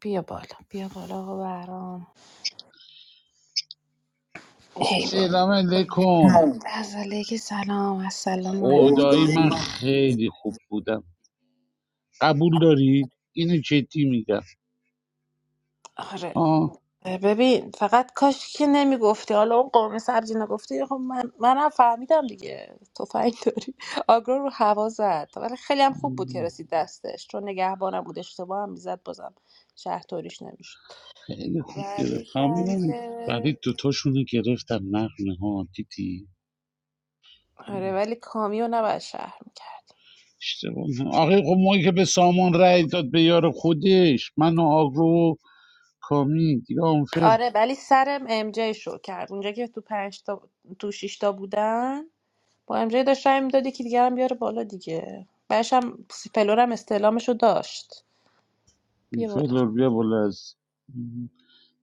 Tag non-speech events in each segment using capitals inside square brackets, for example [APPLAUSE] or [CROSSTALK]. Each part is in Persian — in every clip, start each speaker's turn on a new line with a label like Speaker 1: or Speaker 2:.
Speaker 1: بیا بالا بیا بالا آقا بهرام ای بابا
Speaker 2: سلام علیکم
Speaker 1: از علیک سلام السلام علیکم
Speaker 2: خدایی
Speaker 1: اردوی
Speaker 2: من خیلی خوب بودم قبول داری؟ اینو جدی میگم
Speaker 1: آره
Speaker 2: آه
Speaker 1: ببین فقط کاش که نمیگفتی حالا اون قرمه سبزی نگفتی خب من منم فهمیدم دیگه تفنگ داری آگرو رو هوا زد ولی خیلی هم خوب بود که رسید دستش چون نگهبانم بود اشتباه هم میزد بازم شهر توریش نمیشد
Speaker 2: خیلی خوب گرفت
Speaker 1: ولی
Speaker 2: کامیرم ولی
Speaker 1: که
Speaker 2: دوتاشونو گرفتم نقمه ها دیدی
Speaker 1: آره ولی کامیو نباید شهر میکرد
Speaker 2: اشتباه نه. آخه خب ما که به سامان رأی داد به یار خودش من و آگرو و کامی دیگه آنفر
Speaker 1: آره ولی سرم ام جی شو کرد اونجا که تو پنج تا تو شش تا بودن با ام جی داشت رای میداد یکی دیگه هم بیاره بالا دیگه بعدش هم پلور هم استعلامش رو داشت بیا بالا
Speaker 2: فلور بیا بالا از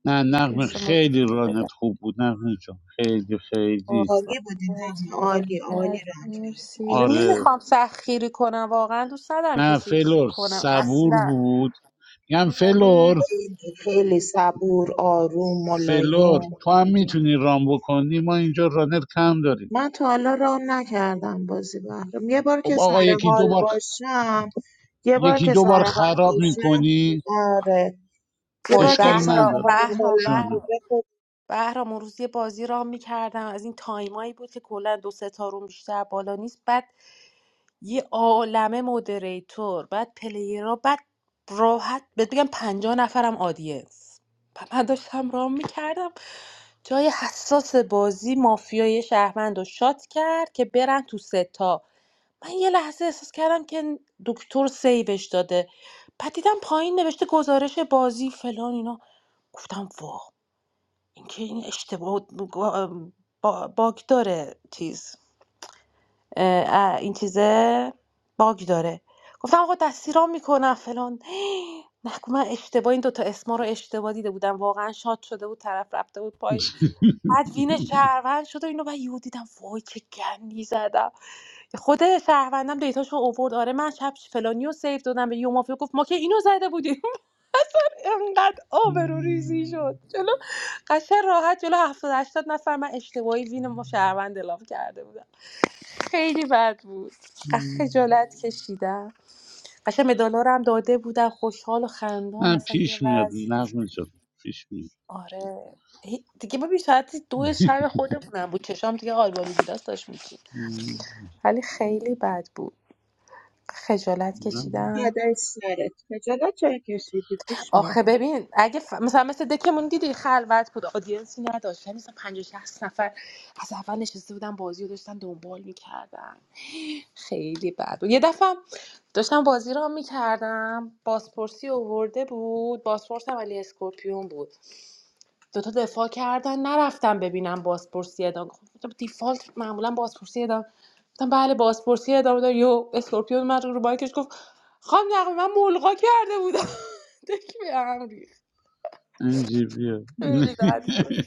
Speaker 2: نه
Speaker 1: بیا
Speaker 2: نقمه
Speaker 1: شما
Speaker 2: خیلی
Speaker 1: رو بده.
Speaker 2: رانت خوب بود نقمه جان خیلی خیلی
Speaker 3: عالی بودین
Speaker 1: قربونت،
Speaker 3: همین عالی عالی
Speaker 1: قربونت.
Speaker 3: رنگ کرده
Speaker 1: مرسی و
Speaker 2: آره
Speaker 3: مرسی.
Speaker 1: نمیخوام سخیری کنم واقعا دوست ندارم
Speaker 2: نه
Speaker 1: کسی رو کیک
Speaker 2: فلور
Speaker 1: کنم
Speaker 2: صبور
Speaker 1: اصلا
Speaker 2: بود میگم
Speaker 1: ولی
Speaker 2: فلور
Speaker 3: خیلی خیلی صبور آروم
Speaker 2: فلور
Speaker 3: ملایم
Speaker 2: تو هم میتونی رام بکنی ما اینجا رانر کم داریم
Speaker 3: من تا حالا راه نکردم بازی بحرم یه بار
Speaker 2: خب
Speaker 3: که
Speaker 2: آقا
Speaker 3: سر
Speaker 2: یکی
Speaker 3: حال
Speaker 2: دو بار
Speaker 3: باشم یه بار
Speaker 2: یکی
Speaker 3: که
Speaker 2: دو بار
Speaker 3: سر حال
Speaker 2: خراب
Speaker 3: باشم
Speaker 2: میکنی
Speaker 3: آره یه
Speaker 1: وای
Speaker 3: بار که
Speaker 2: اشکال
Speaker 3: سر
Speaker 1: بهرام
Speaker 2: نداره
Speaker 3: حال
Speaker 1: بهرام
Speaker 3: حالم
Speaker 2: جان
Speaker 1: بهرام
Speaker 3: خوبه خب
Speaker 1: بهرام اون روز یه بازی را میکردم از این تایمایی بود که کلا دو سه تا روم بیشتر بالا نیست بعد یه عالمه مودریتور بعد پلیرها بعد راحت بهت بگم پنجاه نفرم آدینس و من داشتم رام میکردم جای حساس بازی مافیای شهروند رو شات کرد که برن تو ستا من یه لحظه احساس کردم که دکتر سیوش داده بعد دیدم پایین نوشته گزارش بازی فلان اینا گفتم وا این که این اشتباه بود، با- با- باگ داره چیز اه، اه، این چیزه باگ داره گفتم آقا دستیرام میکنم فلان [GASPS] نکو من اشتباه این دوتا اسما رو اشتباه دیده بودم واقعا شاد شده بود طرف رفته بود پای بعد وین شهروند شد و اینو بعد یهو دیدم وای چه گندی زدم خود شهروندم دیتاشو اوورد آره من شب فلانی رو سیو دادم به یومافیا گفت ما که اینو زده بودیم [LAUGHS] انقدر آبرو ریزی
Speaker 2: [LAUGHS]
Speaker 1: شد جلو قشن راحت جلو هفتاد هشتاد نفر من اشتباهی وین ما شهروند اعلام کرده بودم خیلی بد بود خجالت کشیدم قشنگ مدالارم داده بودن خوشحال و خندان
Speaker 2: نه
Speaker 1: اصلا یه
Speaker 2: پیش میاد
Speaker 1: وضعی
Speaker 2: نقمه جان پیش میاد
Speaker 1: آره هی- دیگه ببین ساعت دو شب خودمونم بود چشام دیگه آلبانی گیلاس داشت میچید ولی خیلی بد بود خجالت
Speaker 2: نه
Speaker 1: کشیدم
Speaker 3: پدر سرت خجالت چرا کشیدی پیش
Speaker 1: آخه
Speaker 3: میاد
Speaker 1: ببین اگه ف... مثلا مثل دکمون دیدی خلوت بود آدینسی نداشت یعنی مثلا 50 60 نفر از اول نشسته بودن بازی رو داشتن دنبال میکردن خیلی بد بود یه دفعه داشتم بازی را میکردم بازپرسی اوورده بود بازپرسم ولی اسکورپیون بود دوتا دفاع کردن نرفتم ببینم بازپرسی ادامه خب، گفتم دیفالت معمولا بازپرسی ادامه گفتم بله بازپرسی ادامه داره یو اسکورپیون من رو بایکش گفت خانم نقمه من ملغا کرده بودم [LAUGHS] دکی به هم ریخت.
Speaker 2: نمی‌شه بیا [LAUGHS]
Speaker 1: خیلی بد بود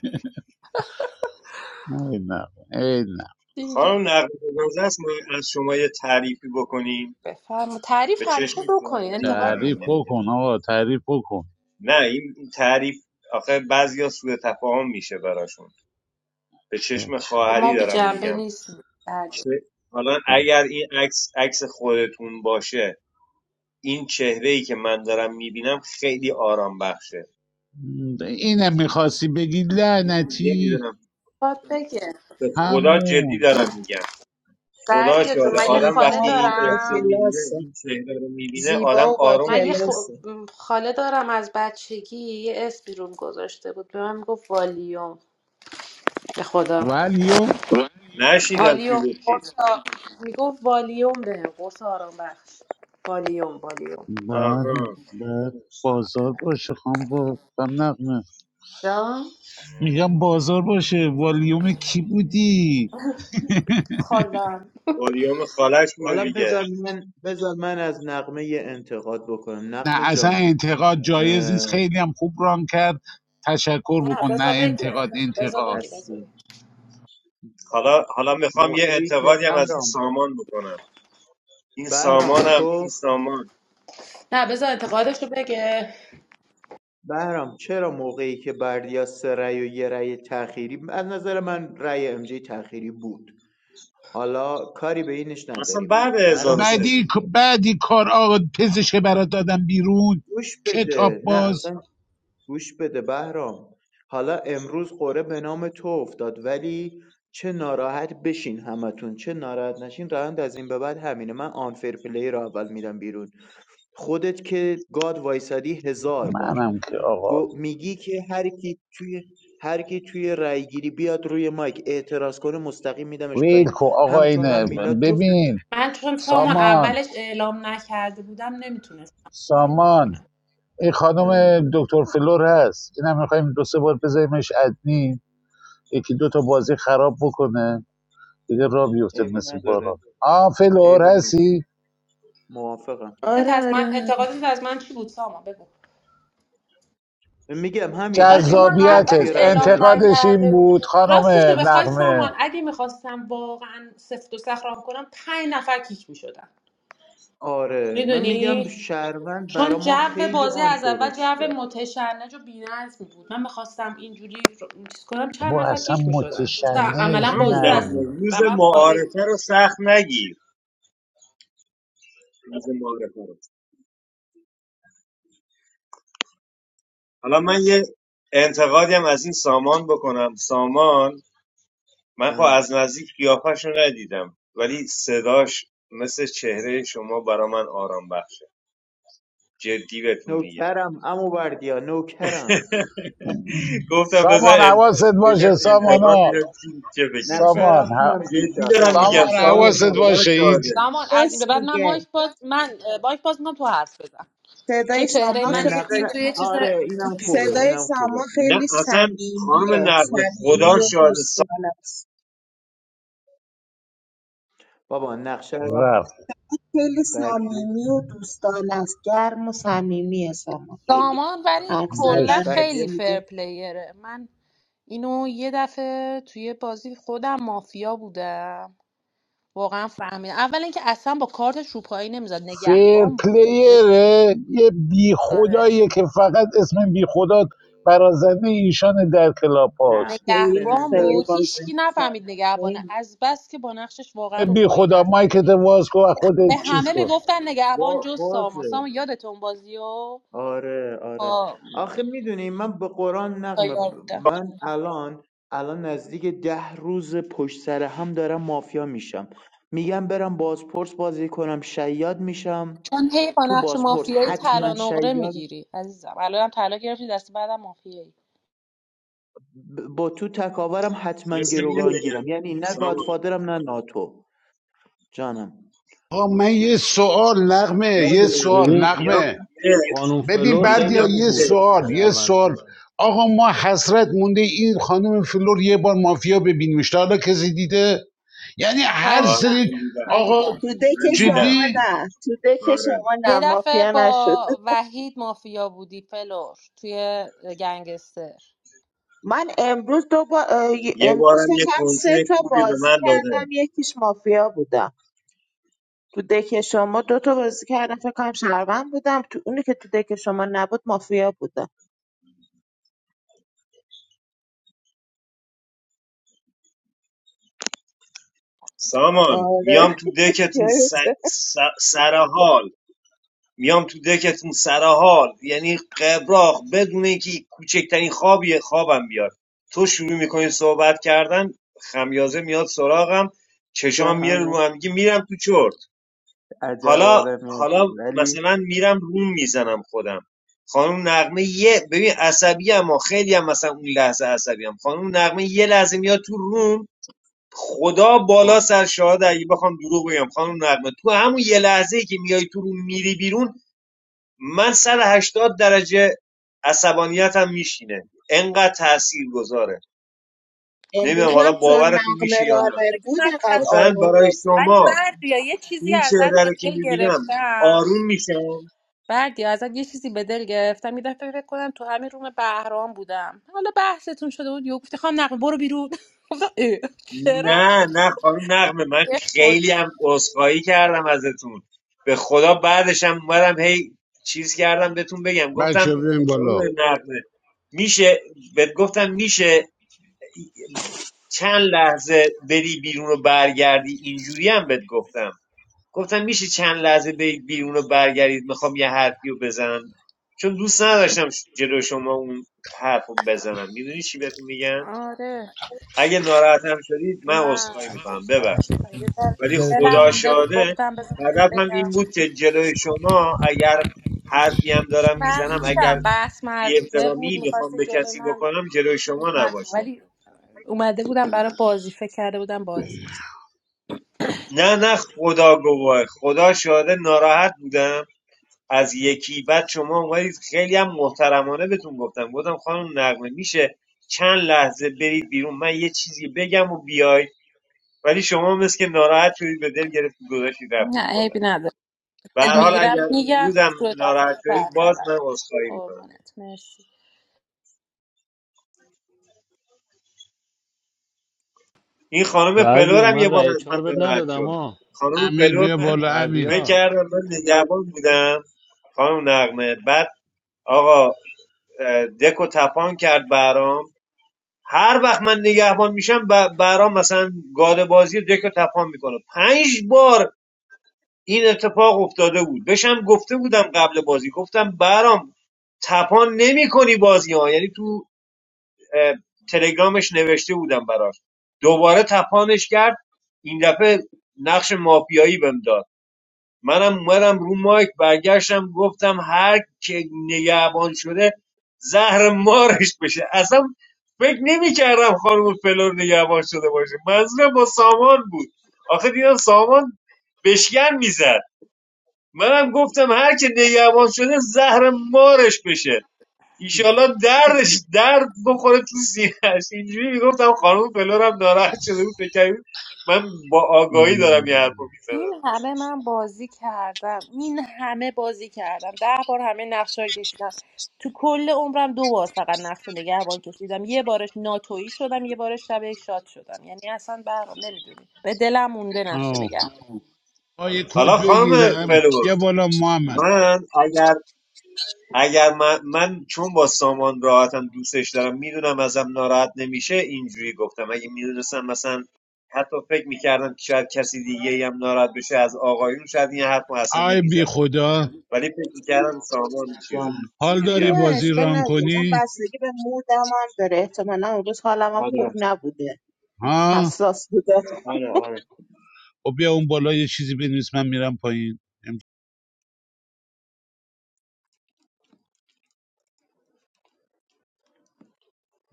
Speaker 2: نه نه ای نه
Speaker 1: دیگه
Speaker 4: خانم نقد گذشته است ما از شما یه تعریفی بکنیم
Speaker 1: بفرما تعریف
Speaker 4: به چشم
Speaker 1: همیشه بکنی
Speaker 4: خواهری
Speaker 1: انتقاد
Speaker 4: میدارم
Speaker 1: نه.
Speaker 2: تعریف
Speaker 4: نمیگه
Speaker 2: بکن آقا تعریف بکن
Speaker 4: نه این این تعریف آخه بعضیا سوء تفاهم میشه براشون به چشم
Speaker 1: خب ما
Speaker 4: خواهری
Speaker 1: بی
Speaker 4: دارم
Speaker 1: جنبه
Speaker 4: میگم
Speaker 1: نیستیم بله.
Speaker 4: چه- حالا اگر این عکس عکس خودتون باشه این چهره ای که من دارم میبینم خیلی آرام بخشه
Speaker 2: اینم میخواستی بگی لعنتی
Speaker 4: نمیدونم
Speaker 1: انتقاد بگه
Speaker 4: به خدا جدی
Speaker 2: همون
Speaker 4: دارم میگم خدا
Speaker 1: بردیا جون
Speaker 4: شاده
Speaker 1: من یه
Speaker 4: آدم
Speaker 3: زیبا
Speaker 1: خاله
Speaker 4: وقتی
Speaker 3: و
Speaker 4: این
Speaker 3: با
Speaker 4: عکس رو
Speaker 1: دارم
Speaker 4: میبینه
Speaker 3: کلاسه
Speaker 4: این چهره رو میبینه
Speaker 3: زیبا
Speaker 4: آدم
Speaker 3: و با
Speaker 4: آروم
Speaker 1: من یه
Speaker 4: میشه
Speaker 1: خ-
Speaker 3: کلاسه
Speaker 1: خاله دارم از بچگی یه اسمی روم گذاشته بود به من گفت والیوم به خدا
Speaker 2: ولیو
Speaker 4: نشیدم چی
Speaker 1: والیوم
Speaker 4: گفتی
Speaker 1: قرص آ- میگفت والیوم به قرص آرام بخش والیوم والیوم
Speaker 2: بعد
Speaker 4: آها
Speaker 2: بعد بازار باشه خام با خانم نقمه
Speaker 1: جان
Speaker 2: میگم بازار باشه والیوم کی بودی
Speaker 1: خالم
Speaker 4: بادیوم خالش بوده
Speaker 5: حالا
Speaker 4: دیگه
Speaker 5: بذار من بذار من از نقمه یه انتقاد بکنم
Speaker 2: نه
Speaker 5: نقمه
Speaker 2: اصلا
Speaker 5: جان
Speaker 2: انتقاد جایز
Speaker 5: اه،
Speaker 2: نیست خیلی هم خوب ران کرد تشکر
Speaker 1: نه
Speaker 2: بکن نه
Speaker 1: بذار بگه
Speaker 2: انتقاد
Speaker 1: بذار
Speaker 2: انتقاد
Speaker 1: بگه
Speaker 5: هستی
Speaker 1: بذار بگه.
Speaker 4: حالا حالا میخوام یه
Speaker 5: موقعی که
Speaker 4: انتقادی هم از این
Speaker 5: بهرام
Speaker 4: سامان بکنم این
Speaker 5: بهرام
Speaker 4: سامانم این
Speaker 5: تو
Speaker 4: سامان
Speaker 1: نه بذار انتقادش رو بگه
Speaker 5: بهرام چرا موقعی که بردیا سه رأی و یه رأی تأخیری از نظر من رأی ام جی تأخیری بود حالا کاری به اینش
Speaker 4: اصلا
Speaker 5: نداریم
Speaker 4: بعد
Speaker 5: بهرام جان
Speaker 4: 1003
Speaker 2: بعدی
Speaker 4: بود
Speaker 2: بعدی کار آقا پزشه برات دادم بیرون
Speaker 5: گوش
Speaker 2: کتاب
Speaker 5: بده نه اصلا
Speaker 2: باز
Speaker 5: گوش بده بهرام حالا امروز قرعه به نام تو افتاد ولی چه ناراحت بشین همتون چه ناراحت نشین روند از این به بعد همینه من آنفر پلی رو اول میرم بیرون خودت که گاد وایسادی هزار بار
Speaker 2: منم که آقا
Speaker 5: گو- میگی که هر کی توی هر کی توی رای گیری بیاد روی مایک اعتراض کنه مستقیم میدمش پایین
Speaker 2: ویل کو آقا
Speaker 5: هم تو هم
Speaker 2: اینه
Speaker 5: میلاد جفتتون
Speaker 2: ببین
Speaker 1: من چون سامان
Speaker 2: سامان
Speaker 1: اولش اعلام نکرده بودم نمیتونستم کارو
Speaker 2: سامان
Speaker 1: بکنم
Speaker 2: این خانم
Speaker 5: جانم
Speaker 2: دکتر فلور هست این هم میخوایم دو سه بار بذاریمش ادمین یکی دو تا بازی خراب بکنه دیگه را بیفته
Speaker 5: عیبی
Speaker 2: مثل باران
Speaker 5: نداره
Speaker 2: آ
Speaker 5: عیبی
Speaker 2: فلور
Speaker 5: نداره
Speaker 2: هستی
Speaker 5: موافقم
Speaker 3: آره
Speaker 1: انتقادت از
Speaker 3: آره
Speaker 1: من
Speaker 3: آره
Speaker 1: انتقادت از من چی بود سامان بگو
Speaker 5: میگم همین
Speaker 1: آره چون
Speaker 5: همین
Speaker 1: من
Speaker 5: میگم
Speaker 1: اولش
Speaker 2: جذابیتت
Speaker 5: توی روند
Speaker 1: اعلام
Speaker 5: رای
Speaker 2: انتقادش این
Speaker 1: نکرده بود
Speaker 2: بود خانم
Speaker 1: راستش رو بخوای سامان
Speaker 2: نقمه
Speaker 1: اگه میخواستم واقعا سفت و سخت رام کنم پنج نفر کیک میشدم
Speaker 5: آره من میگم
Speaker 1: میدونی
Speaker 5: شهروند برا
Speaker 1: چون جو
Speaker 5: ما خیلی
Speaker 1: بازی
Speaker 5: آن
Speaker 1: از اول
Speaker 5: فرش
Speaker 1: جو
Speaker 5: کرد
Speaker 1: متشنج و بی‌نظمی بود من میخواستم اینجوری رو- چیز کنم چند
Speaker 2: بابا
Speaker 1: نفر
Speaker 2: اصلا
Speaker 1: کیک میشدن اصلا
Speaker 2: متشنج
Speaker 1: عملا
Speaker 4: همون
Speaker 1: بازی از
Speaker 4: نقمه
Speaker 2: نبود
Speaker 4: روز
Speaker 1: روند خارج
Speaker 4: معارفه
Speaker 1: می‌شد.
Speaker 4: رو سخت نگیر روز معارفه رو حالا من یه انتقادی هم از این سامان بکنم سامان من خب
Speaker 5: چون
Speaker 4: از نزدیک قیافش رو ندیدم ولی صداش مثل چهره شما برا من آرام بخشه جدی بهتون میگم
Speaker 5: نوکرم امو بردیا نوکرم
Speaker 4: [LAUGHS] گفتم
Speaker 2: سامان
Speaker 4: بذار ان-
Speaker 2: حواست
Speaker 4: بگم
Speaker 2: باشه
Speaker 4: انتقاد
Speaker 2: سامانا
Speaker 4: میرم چی چه فکری
Speaker 5: نقشه
Speaker 4: میکنه
Speaker 2: سامان
Speaker 5: رفتونم
Speaker 2: ه-
Speaker 5: کیش
Speaker 4: جدی
Speaker 5: هست
Speaker 4: دارم
Speaker 5: آقا
Speaker 4: میگم
Speaker 2: سامان
Speaker 5: نقشه
Speaker 4: سامو
Speaker 2: حواست
Speaker 5: رفتونم
Speaker 4: خدا
Speaker 2: باشه این
Speaker 4: شاده
Speaker 1: سامان از این به
Speaker 3: راست
Speaker 1: بعد من مایک
Speaker 3: میگه
Speaker 1: باز من اه، مایک باز می‌کنم تو حرف بزن چون
Speaker 3: صدای
Speaker 1: چهره
Speaker 3: شما
Speaker 5: نه
Speaker 1: من و چیزای
Speaker 5: نقشه
Speaker 3: خیلی
Speaker 1: تو یه چیز
Speaker 5: آره اینم خوبه
Speaker 3: صدای
Speaker 5: اینم خوبه
Speaker 3: سما
Speaker 4: نه
Speaker 3: خیلی
Speaker 4: اصلا خانم
Speaker 3: صمیمیه
Speaker 4: نقمه خدا
Speaker 3: صمیمی و
Speaker 4: شاده سا...
Speaker 3: دوستانه است
Speaker 5: بابا نقشه رفت
Speaker 2: رفت
Speaker 3: خیلی
Speaker 5: بردیا
Speaker 3: صمیمی و دوستانه است گرم و صمیمیه سما خیلی
Speaker 1: سامان ولی
Speaker 3: حرف
Speaker 2: داشت
Speaker 1: کلا
Speaker 3: زدن
Speaker 1: خیلی
Speaker 5: بردیا
Speaker 3: صدا
Speaker 1: فر پلیره من اینو یه دفعه توی بازی خودم مافیا بودم واقعا فهمیدم اولا که اصلا با کارتش رو پایی نمیزد
Speaker 2: فیر
Speaker 1: نگهبان بود
Speaker 2: پلیره یه بی
Speaker 1: آره
Speaker 2: خداییه که فقط اسم بی خدا برازنده ایشان در کلاب
Speaker 5: نه
Speaker 2: هاست
Speaker 5: به
Speaker 3: خیلی
Speaker 1: نگهبان
Speaker 5: نظر
Speaker 3: خیر
Speaker 1: بود
Speaker 3: بازی
Speaker 1: هیچکی نفهمید
Speaker 3: میکنه
Speaker 1: نگهبانه
Speaker 3: خیلی
Speaker 1: از بس که با نقشش واقعا رو
Speaker 2: بی
Speaker 1: پایی
Speaker 2: خدا
Speaker 1: نزد
Speaker 2: مایکت
Speaker 1: یعنی
Speaker 2: واز کن و
Speaker 1: به
Speaker 2: خودت چیز
Speaker 1: همه
Speaker 2: کن
Speaker 1: میگفتن نگهبان جز ساما
Speaker 5: بازه
Speaker 1: ساما یادتون بازیو
Speaker 5: آره آره
Speaker 1: با
Speaker 5: آخه میدونی من به قرآن نقمه
Speaker 1: تایار بودن
Speaker 5: من الان الان نزدیک ده روز پشت سر هم دارم مافیا میشم میگم برم بازپرس بازی کنم شیاد میشم
Speaker 1: چون هی با
Speaker 5: تو
Speaker 1: نقش
Speaker 5: بازپرس
Speaker 1: مافیایی طلا
Speaker 5: حتما
Speaker 1: نقره
Speaker 5: شیاد
Speaker 1: میگیری عزیزم الانم طلا گرفتی دست بعدم مافیایی
Speaker 5: ب- با تو تکاورم حتما
Speaker 4: اصلا میگم
Speaker 5: گروگان گیرم
Speaker 4: بگم
Speaker 5: یعنی نه
Speaker 4: سامو
Speaker 5: گادفادرم نه ناتو جانم
Speaker 2: آقا من یه سوال نقمه
Speaker 4: خانم
Speaker 2: یه
Speaker 4: نقمه
Speaker 2: سوال
Speaker 6: ببین
Speaker 4: میام
Speaker 2: نقمه
Speaker 4: تو دک
Speaker 6: خانم
Speaker 2: ببین
Speaker 6: فلور خیلی
Speaker 2: بردیا
Speaker 4: میام تو
Speaker 6: خوب
Speaker 2: یه
Speaker 6: بود
Speaker 4: دک
Speaker 6: تو
Speaker 2: سوال یه
Speaker 6: شهروندا
Speaker 2: سوال آقا ما حسرت مونده این خانم فلور یه بار مافیا ببینیمش تا حالا کسی دیده یعنی
Speaker 1: من
Speaker 2: هر
Speaker 4: آره
Speaker 1: دیدم
Speaker 2: سری
Speaker 4: من دیدم
Speaker 1: من
Speaker 2: آقا
Speaker 1: دیدم
Speaker 3: تو دک
Speaker 4: من
Speaker 1: آره
Speaker 4: دیدم
Speaker 3: شما
Speaker 2: جدی
Speaker 3: نه تو دک
Speaker 4: آره
Speaker 3: شما نه
Speaker 1: یه دفعه
Speaker 3: مافیا نشد
Speaker 1: با وحید مافیا بودی فلور توی گنگستر
Speaker 3: من امروز دو با... اه،
Speaker 4: یه
Speaker 3: امروز
Speaker 4: بارم یه
Speaker 3: فکرم سه
Speaker 4: کنسه
Speaker 3: تا
Speaker 4: خوبی به
Speaker 3: بازی
Speaker 4: من
Speaker 3: کردم
Speaker 4: داده
Speaker 3: یکیش مافیا بودم تو دک شما دو تا بازی کردم فکر کنم شهروند بودم تو اونی که تو دک شما نبود مافیا بودم
Speaker 4: سامان میام
Speaker 3: آره
Speaker 4: تو دکتون س... س... سر حال میام تو دکتون سر حال یعنی قبراخ بدون اینکه کوچکترین خوابی خوابم بیاد تو شروع میکنی صحبت کردن خمیازه میاد سراغم
Speaker 5: به
Speaker 4: چشام میره
Speaker 5: همه
Speaker 4: رو هم میگه میرم تو چرت
Speaker 5: عجب
Speaker 4: حالا
Speaker 5: آدمی
Speaker 4: حالا
Speaker 5: هستیم ولی
Speaker 4: مثلا میرم روم میزنم خودم خانم نقمه یه ببین عصبی اما خیلی هم مثلا اون لحظه عصبی هم خانم نقمه یه لحظه میاد تو روم خدا بالا
Speaker 5: بابا،
Speaker 4: سر شاهد اگه بخوام دروغ بگم خانم نقمه تو همون یه لحظه که میای تو روم میری بیرون من صد و هشتاد درجه عصبانیتم میشینه انقدر تأثیر گذاره
Speaker 1: خدا
Speaker 4: نمیدونم
Speaker 3: امروز
Speaker 4: حالا
Speaker 3: هم چون
Speaker 4: باورتون
Speaker 3: نقمه
Speaker 4: میشه یا نه
Speaker 3: رانر
Speaker 1: یه
Speaker 3: بود
Speaker 1: نفر
Speaker 3: انقدر
Speaker 1: از
Speaker 4: مثلا
Speaker 3: آروم
Speaker 4: برای
Speaker 3: بازی
Speaker 1: ولی
Speaker 3: کنه
Speaker 4: شما
Speaker 1: بردیا یه چیزی
Speaker 4: این
Speaker 1: ازت
Speaker 4: چهره
Speaker 1: به
Speaker 4: رو که
Speaker 1: دل
Speaker 4: میبینم
Speaker 1: گرفتم
Speaker 4: آروم میشم
Speaker 1: بردی ازت یه چیزی به دل گرفتم یه دفعه فکر کنم تو همین روم بهرام بودم حالا بحثتون شده بود یهو گفتی خانم نقمه برو بیرون [LAUGHS] گفتم اه، چرا
Speaker 4: نه نه خانم نقمه من
Speaker 1: به خود
Speaker 4: خیلی هم عذرخواهی کردم ازتون به خدا بعدش هم اومدم هی چیز کردم بهتون بگم گفتم
Speaker 2: بچه بیم
Speaker 4: خانم
Speaker 2: بالا
Speaker 4: نقمه میشه بهت گفتم میشه چند لحظه بری بیرون و برگردی اینجوری هم بهت گفتم گفتم میشه چند لحظه بری بیرون و برگردید میخوام یه حرفی رو بزنم چون دوست نداشتم جلو شما اون حرف رو بزنم میدونی چی بهتون میگم
Speaker 1: آره
Speaker 4: اگه ناراحتم شدید من
Speaker 1: نه
Speaker 4: عذرخواهی میکنم
Speaker 1: خواهش
Speaker 4: ببخشید
Speaker 1: می‌کنم. یه ذره تو
Speaker 4: ولی
Speaker 7: نظرتو
Speaker 1: دلم
Speaker 4: خدا
Speaker 7: بدون
Speaker 1: مونده بود
Speaker 4: شاده
Speaker 1: گفتم بذار بهت
Speaker 4: هدفم
Speaker 1: بگم
Speaker 4: این بود که جلوی شما اگر حرفی هم دارم میزنم اگر
Speaker 1: فهمیدم بحث
Speaker 4: بی
Speaker 1: مردونه بود
Speaker 4: احترامی بخوام
Speaker 1: میخواستی
Speaker 4: به
Speaker 1: جلوی
Speaker 4: کسی
Speaker 1: من
Speaker 4: بکنم جلوی شما
Speaker 1: نکن.
Speaker 4: نباشه
Speaker 1: ولی اومده بودم برای بازی فکر کرده بودم بازی
Speaker 4: نه نه خدا گواه خدا شاهده ناراحت بودم از یکی بعد شما اومدید خیلی هم محترمانه بهتون گفتم گفتم خانم نقمه میشه چند لحظه برید بیرون من یه چیزی بگم و بیای ولی شما مثل که ناراحت شدید به دل گرفت گذاشتید رفتید
Speaker 1: نه
Speaker 4: کلا
Speaker 1: عیبی نداره
Speaker 4: به
Speaker 1: دل
Speaker 4: هر حال
Speaker 1: میگیرم
Speaker 4: اگر اون
Speaker 1: میگم روی
Speaker 4: ناراحت
Speaker 1: تفاهم
Speaker 4: شدید باز من
Speaker 1: برطرف بشه
Speaker 4: عذرخواهی میکنم
Speaker 1: قربونت مرسی
Speaker 4: این خانم
Speaker 6: بردیا
Speaker 4: فلورم یه
Speaker 6: من
Speaker 4: بار
Speaker 6: رأی
Speaker 4: از من
Speaker 6: چهار بد
Speaker 4: ناراحت
Speaker 6: ندادم
Speaker 4: شد
Speaker 6: ها
Speaker 4: خانم
Speaker 2: امیر
Speaker 4: فلور
Speaker 2: بیا
Speaker 4: من
Speaker 2: بالا امیر
Speaker 4: فکر
Speaker 6: بردیا
Speaker 4: کردم من نگهبان بودم خانم نقمه بعد آقا دکو تپان کرد برام هر وقت من نگهبان میشم ب- برام مثلا گاد بازی دکو تپان میکنه پنج بار این اتفاق افتاده بود بشم گفته بودم قبل بازی گفتم برام تپان نمیکنی بازی ها یعنی تو اه، تلگرامش نوشته بودم براش دوباره تپانش کرد این دفعه نقش مافیایی بهم داد منم اومدم رو مایک برگشتم گفتم هر که نگهبان شده زهر مارش بشه اصلا فکر نمیکردم خانم فلور نگهبان شده باشه منظورم با سامان بود آخه دیدم سامان بشکن میزد منم گفتم هر که نگهبان شده زهر مارش بشه ایشالله دردش درد بخوره تو سینهش اینجوری میگفتم خانم فلورم ناراحت شده بود فکر کرده من با آگاهی دارم یه حرف میزنم
Speaker 1: این همه من بازی کردم این همه بازی کردم ده بار همه نقشه رو کشیدم تو کل عمرم دو بار فقط نقش نگهبان کشیدم یه بارش ناتویی شدم یه بارش شب یک شاد شدم یعنی اصلا برام نمیدونی به دلم مونده نقش
Speaker 2: آه. آقا یه کد
Speaker 4: حالا خانم
Speaker 2: بگیرم
Speaker 4: فلور
Speaker 2: بیا بالا محمد
Speaker 4: من اگر اگر من, من چون با سامان راحتم دوستش دارم میدونم ازم ناراحت نمیشه اینجوری گفتم اگه میدونستم مثلا حتی فکر میکردم که شاید کسی دیگه ای هم ناراحت بشه از آقایون شاید این حرف رو اصلا
Speaker 2: آی بی
Speaker 4: نمیزدم
Speaker 2: خدا
Speaker 4: ولی فکر میکردم سامان چیز
Speaker 5: جانم
Speaker 2: حال داری
Speaker 4: دیگه
Speaker 3: نه
Speaker 4: بود
Speaker 2: بازی
Speaker 3: اشکال
Speaker 2: ران
Speaker 3: نداره من
Speaker 2: کنی
Speaker 3: بستگی به مودم هم داره احتمالا اون روز حالم هم خوب
Speaker 5: آره
Speaker 3: نبوده
Speaker 2: ها
Speaker 3: حساس بوده
Speaker 5: آره آره
Speaker 2: و بیا اون بالا یه چیزی بنویس من میرم پایین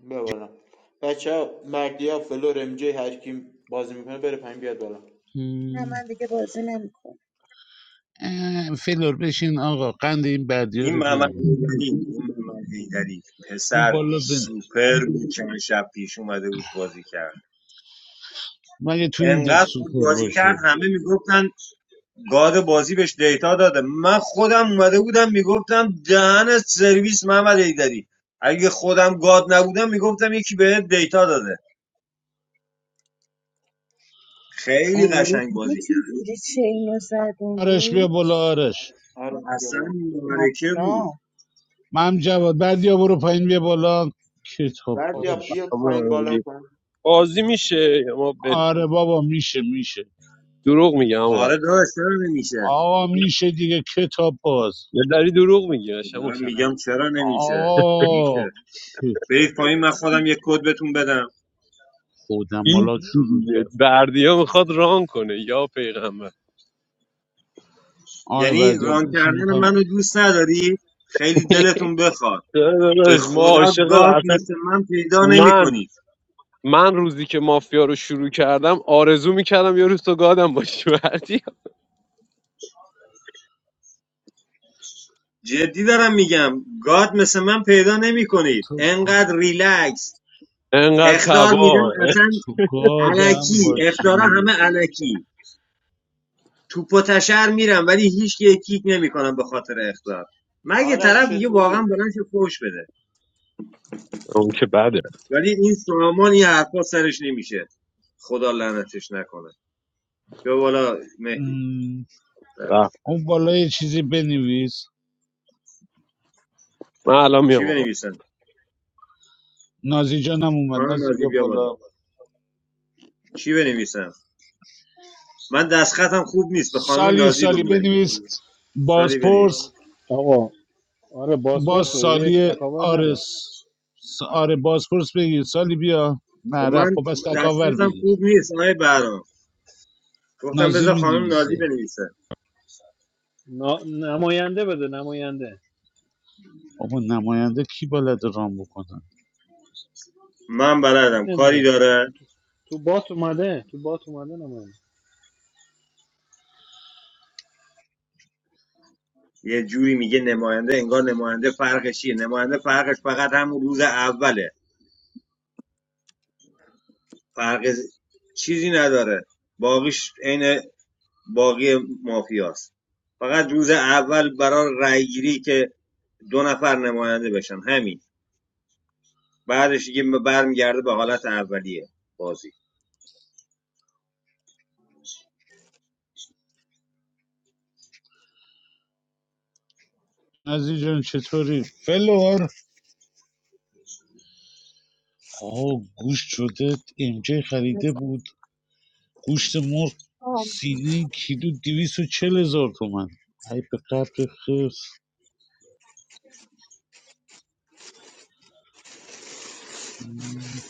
Speaker 5: ببارم بچه ها مردی ها فلور ام جی هر کی بازی میکنه بره پایین بیاد بالا
Speaker 3: نه
Speaker 2: ام.
Speaker 3: من دیگه بازی نمیکنم
Speaker 2: اه، فلور بشین آقا قند این بدی
Speaker 4: این
Speaker 2: رو
Speaker 4: محمد
Speaker 2: بگیر
Speaker 4: حیدری این محمد حیدری
Speaker 2: اون
Speaker 4: پسر
Speaker 2: بالا بن...
Speaker 4: سوپر بود چند شب پیش اومده بود بازی کرد
Speaker 2: مگه تو این دل
Speaker 4: انقدر خوب
Speaker 2: سوپر
Speaker 4: بازی کرد
Speaker 2: باشه
Speaker 4: همه میگفتن گاد بازی بهش دیتا داده من خودم اومده بودم میگفتم دهن سرویس محمد ایدری اگه خودم گاد نبودم میگفتم یکی بهت دیتا داده خیلی
Speaker 3: آره
Speaker 4: قشنگ
Speaker 3: دیدی
Speaker 4: بازی کرد
Speaker 3: چجوری چینو زد اون
Speaker 2: آرش بیا بالا
Speaker 3: روز
Speaker 2: آرش
Speaker 5: آرش بیا
Speaker 4: اصلا
Speaker 5: بالا
Speaker 4: مبارکه بود
Speaker 3: حتما
Speaker 2: من جواد بعدیا برو پایین بیا بالا کتاب
Speaker 8: آقا
Speaker 5: بردیا
Speaker 2: بازش
Speaker 5: بیا پایین بالا
Speaker 8: فرمانگی.
Speaker 5: کن
Speaker 8: بازی میشه یا ما بریم
Speaker 2: آره بابا میشه میشه
Speaker 8: دروغ میگم و
Speaker 4: آره داداش چرا نمیشه
Speaker 2: آقا میشه دیگه کتاب باز
Speaker 8: یه دری دروغ میگی قشنگ
Speaker 4: دارم میگم
Speaker 8: مشخص
Speaker 4: چرا نمیشه
Speaker 2: آه
Speaker 4: میشه
Speaker 2: کتاب
Speaker 4: برید پایین من خودم یک کد بهتون بدم
Speaker 8: هیچ
Speaker 2: خودمالات
Speaker 8: چی
Speaker 2: شروع
Speaker 8: دیگه
Speaker 2: کرد
Speaker 8: بردیا میخواد ران کنه یا پیغمبر
Speaker 2: آی
Speaker 4: یعنی
Speaker 2: بدی
Speaker 4: ران
Speaker 2: بشین
Speaker 4: کردن
Speaker 2: میخوایم
Speaker 4: منو دوست نداری خیلی
Speaker 8: [LAUGHS]
Speaker 4: دلتون بخواد
Speaker 8: چرا
Speaker 4: به
Speaker 8: داداش ما
Speaker 4: خدا
Speaker 8: عاشق
Speaker 4: گاد
Speaker 8: اصلا
Speaker 4: مثل من پیدا
Speaker 8: من
Speaker 4: نمیکنی
Speaker 8: من روزی که مافیا رو شروع کردم آرزو میکردم یه روز تو گادم باشی بردیا
Speaker 4: جدی دارم میگم گاد مثل من پیدا نمیکنید
Speaker 2: تو
Speaker 4: انقدر ریلکس
Speaker 8: انقدر
Speaker 4: اخطار میدم
Speaker 8: تبا
Speaker 4: اصلا
Speaker 2: تو گادم
Speaker 4: علکی اختارا همه
Speaker 2: باشی
Speaker 4: علکی توپ و تشر میرم ولی هیچ کی کیک نمیکنم به خاطر اخطار. مگه
Speaker 5: آرش
Speaker 4: طرف دیگه واقعا
Speaker 5: چطوری
Speaker 4: بلند شه فوش بده
Speaker 8: اون که بده
Speaker 4: ولی این سامان یه حرفا سرش نمیشه خدا لعنتش نکنه بیا بالا مهدی
Speaker 2: ام،
Speaker 4: رفت.
Speaker 8: رفت.
Speaker 2: اون بالا یه چیزی بنویس
Speaker 8: من الان
Speaker 4: چی
Speaker 8: میام آقا
Speaker 4: بنویسم
Speaker 2: نازی جانم اومد
Speaker 4: خانم
Speaker 2: نازی
Speaker 4: نازی
Speaker 2: بیا
Speaker 4: بیا بالا
Speaker 2: بالا
Speaker 4: چی بنویسم من دستخطم خوب نیست به خانم
Speaker 2: سالی
Speaker 4: نازی
Speaker 2: سالی
Speaker 4: بگو بنویسم
Speaker 2: بنویس
Speaker 4: سالی بنویس
Speaker 2: بازپرس
Speaker 6: آقا آره
Speaker 2: باز
Speaker 6: بازپرس بده یه
Speaker 2: سالی
Speaker 6: تکاور
Speaker 2: آره
Speaker 6: نده
Speaker 2: آره بازپرس بگیر سالی بیا نه
Speaker 4: و
Speaker 2: رفت
Speaker 4: من
Speaker 2: خب از تکاور
Speaker 4: دسترسم
Speaker 2: بگیر
Speaker 4: خوب نیست آقای برام گفتم
Speaker 2: نازی
Speaker 4: بذار خانم نازی
Speaker 2: مینویسه
Speaker 4: بنویسه
Speaker 6: نا- نماینده بده نماینده
Speaker 2: بابا نماینده کی بلد رام بکنه
Speaker 4: من
Speaker 6: کاری
Speaker 4: بلدم کاری
Speaker 6: نداره تو
Speaker 4: داره
Speaker 6: تو بات اومده تو بات اومده نماینده
Speaker 4: یه جوری میگه نماینده انگار نماینده فرقش چیه نماینده فرقش فقط همون روز اوله فرق چیزی نداره باقیش عین باقی مافیاست فقط روز اول برای رأیگیری که دو نفر نماینده بشن همین بعدش دیگه برمیگرده به حالت اولیه بازی
Speaker 2: نازی جان چطوری؟ فلور آه گوشت شده امجه خریده
Speaker 9: بس
Speaker 2: بود گوشت مرغ سینه کیلو دیویس و چل هزار تومن ای به قبر خرس مم.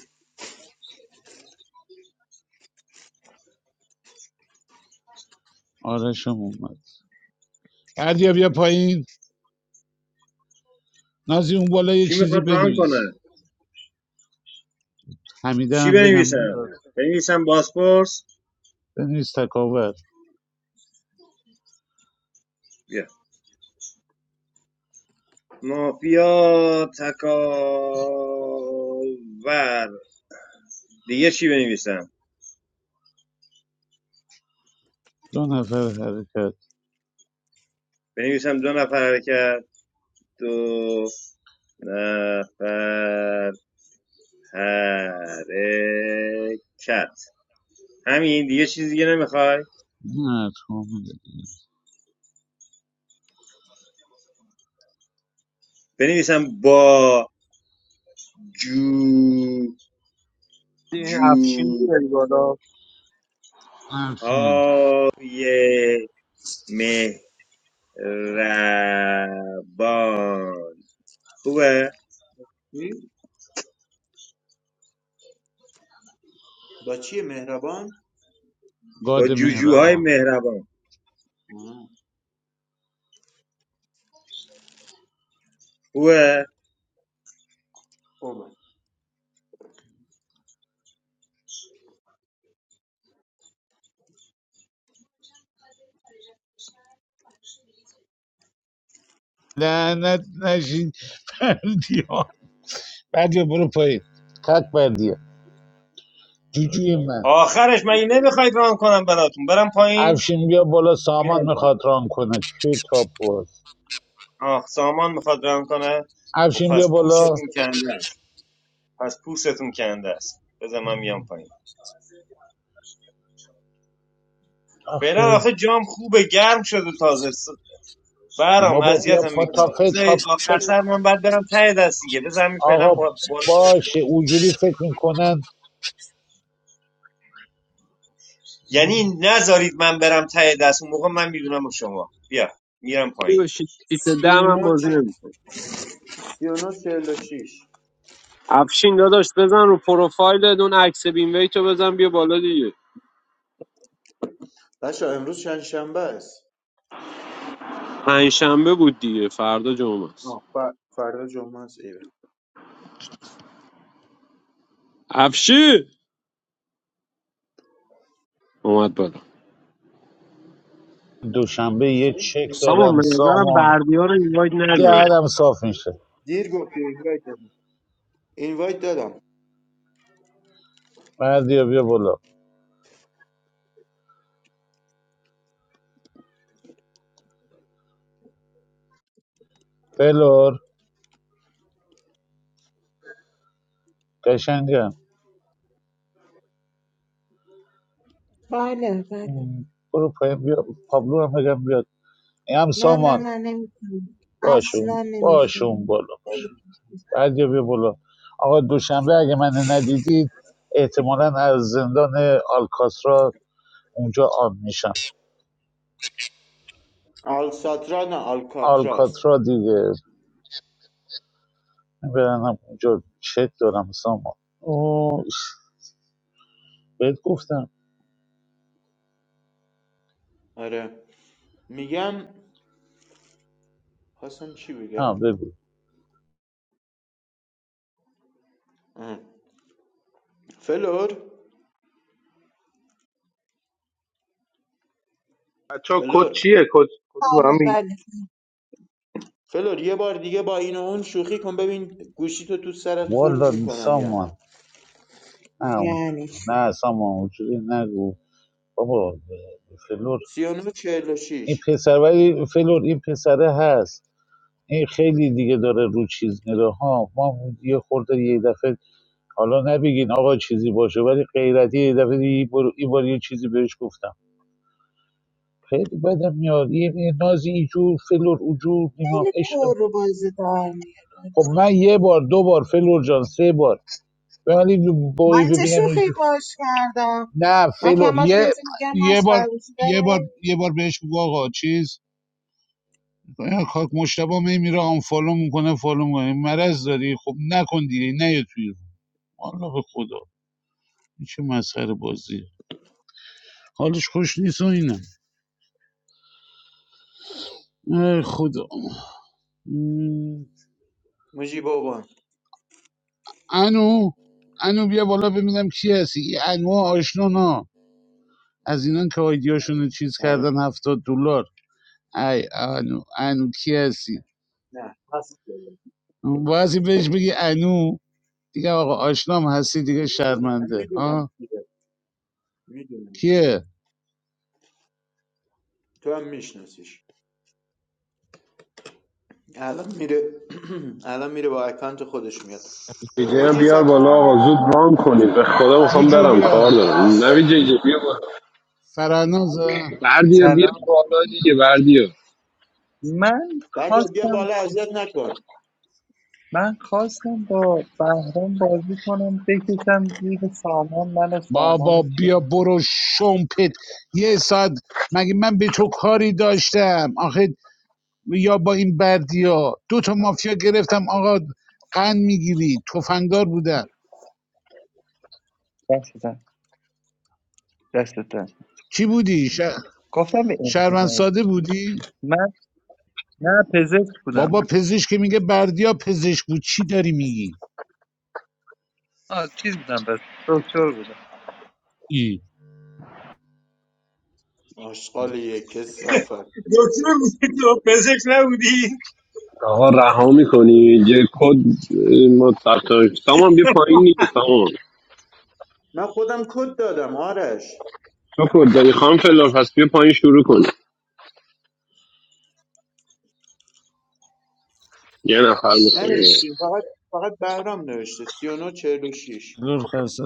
Speaker 2: آرشم اومد عدیا بیا پایین نازی اون بالا یه
Speaker 4: کی
Speaker 2: چیزی
Speaker 4: میخواد ران
Speaker 2: بنویس
Speaker 4: کنه
Speaker 2: حمیده
Speaker 4: چی
Speaker 2: هم بگم
Speaker 4: بنویسم
Speaker 2: بیاد.
Speaker 4: بنویسم بازپرس
Speaker 2: بنویس تکاور
Speaker 4: بیا مافیا تکاور دیگه چی بنویسم
Speaker 2: دو نفر حرکت
Speaker 4: بنویسم دو نفر حرکت دو نفر حرکت همین دیگه چیز دیگه نمیخوای
Speaker 2: نه تو
Speaker 4: بنویسم با جو
Speaker 8: این
Speaker 4: جو
Speaker 8: افشین میاد بالا
Speaker 2: افشین
Speaker 4: های مهربان خوبه
Speaker 5: چی؟ با چیه مهربان
Speaker 4: با
Speaker 2: گاد
Speaker 4: جوجوهای
Speaker 2: مهربان
Speaker 4: مهربان
Speaker 5: آه،
Speaker 4: خوبه
Speaker 5: خوبه
Speaker 2: لعنت نشین پردی بردیا برو پایین تک بردیا جوجوی من
Speaker 4: آخرش من این نمیخواید ران کنم براتون برم پایین
Speaker 2: افشین بیا بالا سامان
Speaker 4: میرم پایین
Speaker 2: میخواد ران کنه توی تاپ باز
Speaker 4: آه سامان میخواد ران کنه خب
Speaker 2: افشین بیا
Speaker 4: پس
Speaker 2: بالا
Speaker 4: پوستتون کنده است پس پوستتون کنده است بذار من میام پایین فعلا
Speaker 2: آخه
Speaker 4: آخه جام خوبه گرم شده تازه س- برام
Speaker 2: بابا بیا
Speaker 4: اذیتم
Speaker 2: پا تا
Speaker 4: میکنی
Speaker 2: فکر
Speaker 4: بذارید آخر سر من بعد برم ته دست دیگه بذار همین فعلا
Speaker 2: آقا
Speaker 4: با- بالا باشم
Speaker 2: باشه اونجوری فکر میکنن
Speaker 4: یعنی نذارید من برم ته دست اون موقع من میدونم شما بیا میرم پایین
Speaker 8: بشید سیت دم هم
Speaker 5: 39
Speaker 8: بازی
Speaker 5: چه-
Speaker 8: نمی‌کنه.
Speaker 5: 39 46
Speaker 8: افشین داداش بزن رو پروفایل اون عکس بینویت رو بزن بیا بالا دیگه
Speaker 5: بچه ها، امروز چند شنبه است
Speaker 8: پنجشنبه بود دیگه فردا جمعه است
Speaker 5: آه، ف- فردا جمعه است ایوه
Speaker 8: افشین اومد بالا
Speaker 2: دوشنبه یه چک
Speaker 8: سامان
Speaker 2: دارم
Speaker 8: به نظرم
Speaker 2: سامان
Speaker 8: بردیا رو اینوایت نده
Speaker 2: دهنم صاف میشه
Speaker 5: دیر گفتی اینوایت دادم اینوایت دادم
Speaker 2: بردیا بیا بالا فلور قشنگم
Speaker 3: بله بله بله.
Speaker 2: برو پایین بیا پابلو هم بگم بیاد این هم
Speaker 3: نه نه
Speaker 2: سامان
Speaker 3: نه نمیتونم اصلا
Speaker 2: باشون باشون
Speaker 3: نمیتونم
Speaker 2: بالا باش.
Speaker 3: خیلی
Speaker 2: بعد یا بیا بالا آقا دوشنبه اگه من ندیدید احتمالاً از زندان آلکاترا اونجا آب میشم
Speaker 5: آلساترا نه آلکاترا است
Speaker 2: آلکاترا دیگه برنم اونجا چک دارم سامان اوه بهت گفتم
Speaker 5: آره میگم خواستم چی
Speaker 2: ها
Speaker 5: بگم
Speaker 2: بگو
Speaker 5: آه. فلور
Speaker 10: بچه ها کد
Speaker 5: فلور
Speaker 10: چیه کد کد رو به هم میگی
Speaker 3: بله
Speaker 5: فلور یه بار دیگه با این و اون شوخی کن ببین گوشیتو تو تو سرت خورد
Speaker 2: والا
Speaker 5: میکنم یا
Speaker 2: سامان
Speaker 5: نه
Speaker 2: نه اون-
Speaker 3: یعنی چی؟
Speaker 2: نه سامان اونجوری نگو بابا فلور
Speaker 5: 39
Speaker 2: این
Speaker 5: 46
Speaker 2: پسر ولی فلور این پسره هست این خیلی دیگه داره رو چیز میره ها ما یه خورده یه دفعه حالا نبگین آقا چیزی باشه ولی غیرتی یه دفعه این بار این بار یه چیزی بهش گفتم خیلی بدم میاد یه نازی ایجور فلور اوجور نمیدونم
Speaker 3: خیلی
Speaker 2: عشق
Speaker 3: پر رو بازی دار
Speaker 2: خب
Speaker 3: میاره
Speaker 2: من یه بار دو بار فلور جان سه بار ولی بایی
Speaker 3: من چه
Speaker 2: ببینم
Speaker 3: شوخی
Speaker 2: ایجور
Speaker 3: باش کردم
Speaker 2: نه
Speaker 3: من که
Speaker 2: فلور
Speaker 3: همش
Speaker 2: یه
Speaker 3: بهش میگم من
Speaker 2: یه
Speaker 3: از
Speaker 2: بار
Speaker 3: فرموزی
Speaker 2: یه بار
Speaker 3: دارم
Speaker 2: یه بار بهش بگو آقا چیز خاک مشتبه میمیره میره آن فالو میکنه فالو میکنه مرض داری خب نکن دیگه نه یه توی رو به خدا این چه مسخره بازیه حالش خوش نیست و اینه ای خدا م،
Speaker 5: مجی بابان
Speaker 2: انو انو بیا بالا ببینم کی هستی این انو آشنونا از اینان که آیدیاشونو چیز
Speaker 5: آره
Speaker 2: کردن هفتاد دلار ای انو انو کی هستی
Speaker 5: نه هست فلور.
Speaker 2: بعضی بهش بگی انو دیگه آقا آشنام هستی دیگه
Speaker 5: من
Speaker 2: شرمنده
Speaker 5: میدونم
Speaker 2: ها
Speaker 5: کیه میدونم کیه
Speaker 2: کیه
Speaker 5: تو هم میشناسیش الان میره [CLEARS THROAT] الان میره با اکانت خودش میاد
Speaker 8: بی جی هم
Speaker 5: مجی
Speaker 8: بیار
Speaker 5: ثبت
Speaker 8: بالا
Speaker 5: نام
Speaker 8: آقا
Speaker 5: بکن
Speaker 8: زود رام کنید به خدا میخوام برم کار
Speaker 2: آه،
Speaker 8: دارم نوی جی جی بیا بالا
Speaker 2: فرناز
Speaker 8: بردیا بیا
Speaker 11: سلام
Speaker 8: بالا دیگه بردیا
Speaker 11: من
Speaker 5: بعد بیا
Speaker 11: خواستم
Speaker 5: بالا اذیت نکن
Speaker 11: من خواستم با بهرام بازی کنم بکشم زیر سامان من و
Speaker 2: بابا
Speaker 11: سامان چه
Speaker 2: بیا برو شمپت یه ساعت مگه من به تو کاری داشتم آخه یا با این بردیا دو تا مافیا گرفتم آقا قند میگیری تفنگدار بودن
Speaker 11: دستتن دستتن
Speaker 2: چی بودی ش-
Speaker 11: گفتم به
Speaker 2: شهروند
Speaker 11: انجینر
Speaker 2: ساده بودی
Speaker 11: من نه پزشک بودم
Speaker 2: بابا پزشک که میگه بردیا پزشک بود چی داری میگی
Speaker 11: آه چیز بودم بس دکتر بودم
Speaker 2: ای
Speaker 5: آشغال کسافت
Speaker 4: دکتر بودی تو پزشک نبودی
Speaker 8: آقا رها میکنی یه کد ما ثبت سامان بیا
Speaker 4: [LAUGHS]
Speaker 8: پایین دیگه سامان
Speaker 5: من خودم کد دادم آرش
Speaker 8: تو کد داری خانم فلان پس بیا پایین شروع کن یه نفر میخوای
Speaker 5: ننویسیم فقط فقط بهرام نوشته 39 46
Speaker 2: لور خسته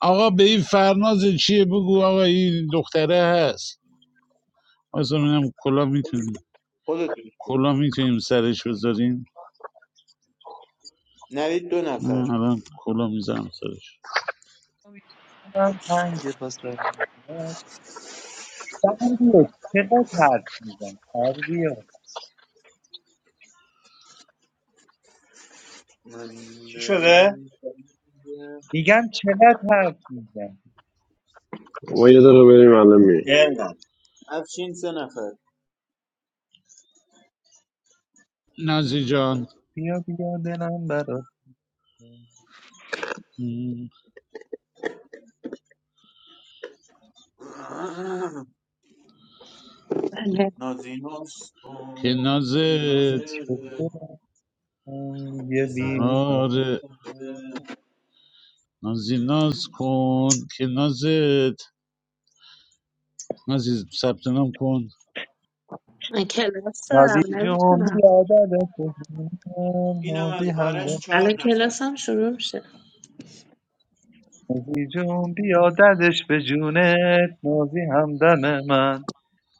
Speaker 2: آقا به این فرناز چیه بگو آقا این دختره هست واسه منم کلا میتونیم
Speaker 5: خودتون نوید دو نفر
Speaker 11: پنج پاس دارم بیا چقدر حرف میزن بیا
Speaker 4: چی شده؟
Speaker 11: میگم چقدر حرف میزن
Speaker 8: ما یه دقیقه بریم الان میایم
Speaker 4: اینقدر
Speaker 5: افشین سه نفر
Speaker 2: نازی جان
Speaker 11: بیا بیا دلم برات
Speaker 2: م،
Speaker 9: بله.
Speaker 5: نازیناست
Speaker 2: که
Speaker 5: کن که نازه
Speaker 2: نازت
Speaker 11: شده. یه
Speaker 5: یه سر به
Speaker 11: بی
Speaker 2: آره
Speaker 5: نازه.
Speaker 2: نازی ناز کن که نازت نازی ثبت نام کن
Speaker 9: من کلاس
Speaker 11: نازی
Speaker 9: دارم
Speaker 11: جون
Speaker 9: نمیتونم
Speaker 11: بیا دادش به جونت
Speaker 5: اینم از
Speaker 11: نازی
Speaker 5: آرش
Speaker 11: همدم
Speaker 5: چهار
Speaker 9: الان
Speaker 5: نفر
Speaker 9: کلاسم شروع میشه.
Speaker 11: نازی جون بیا دادش به جونت نازی همدم من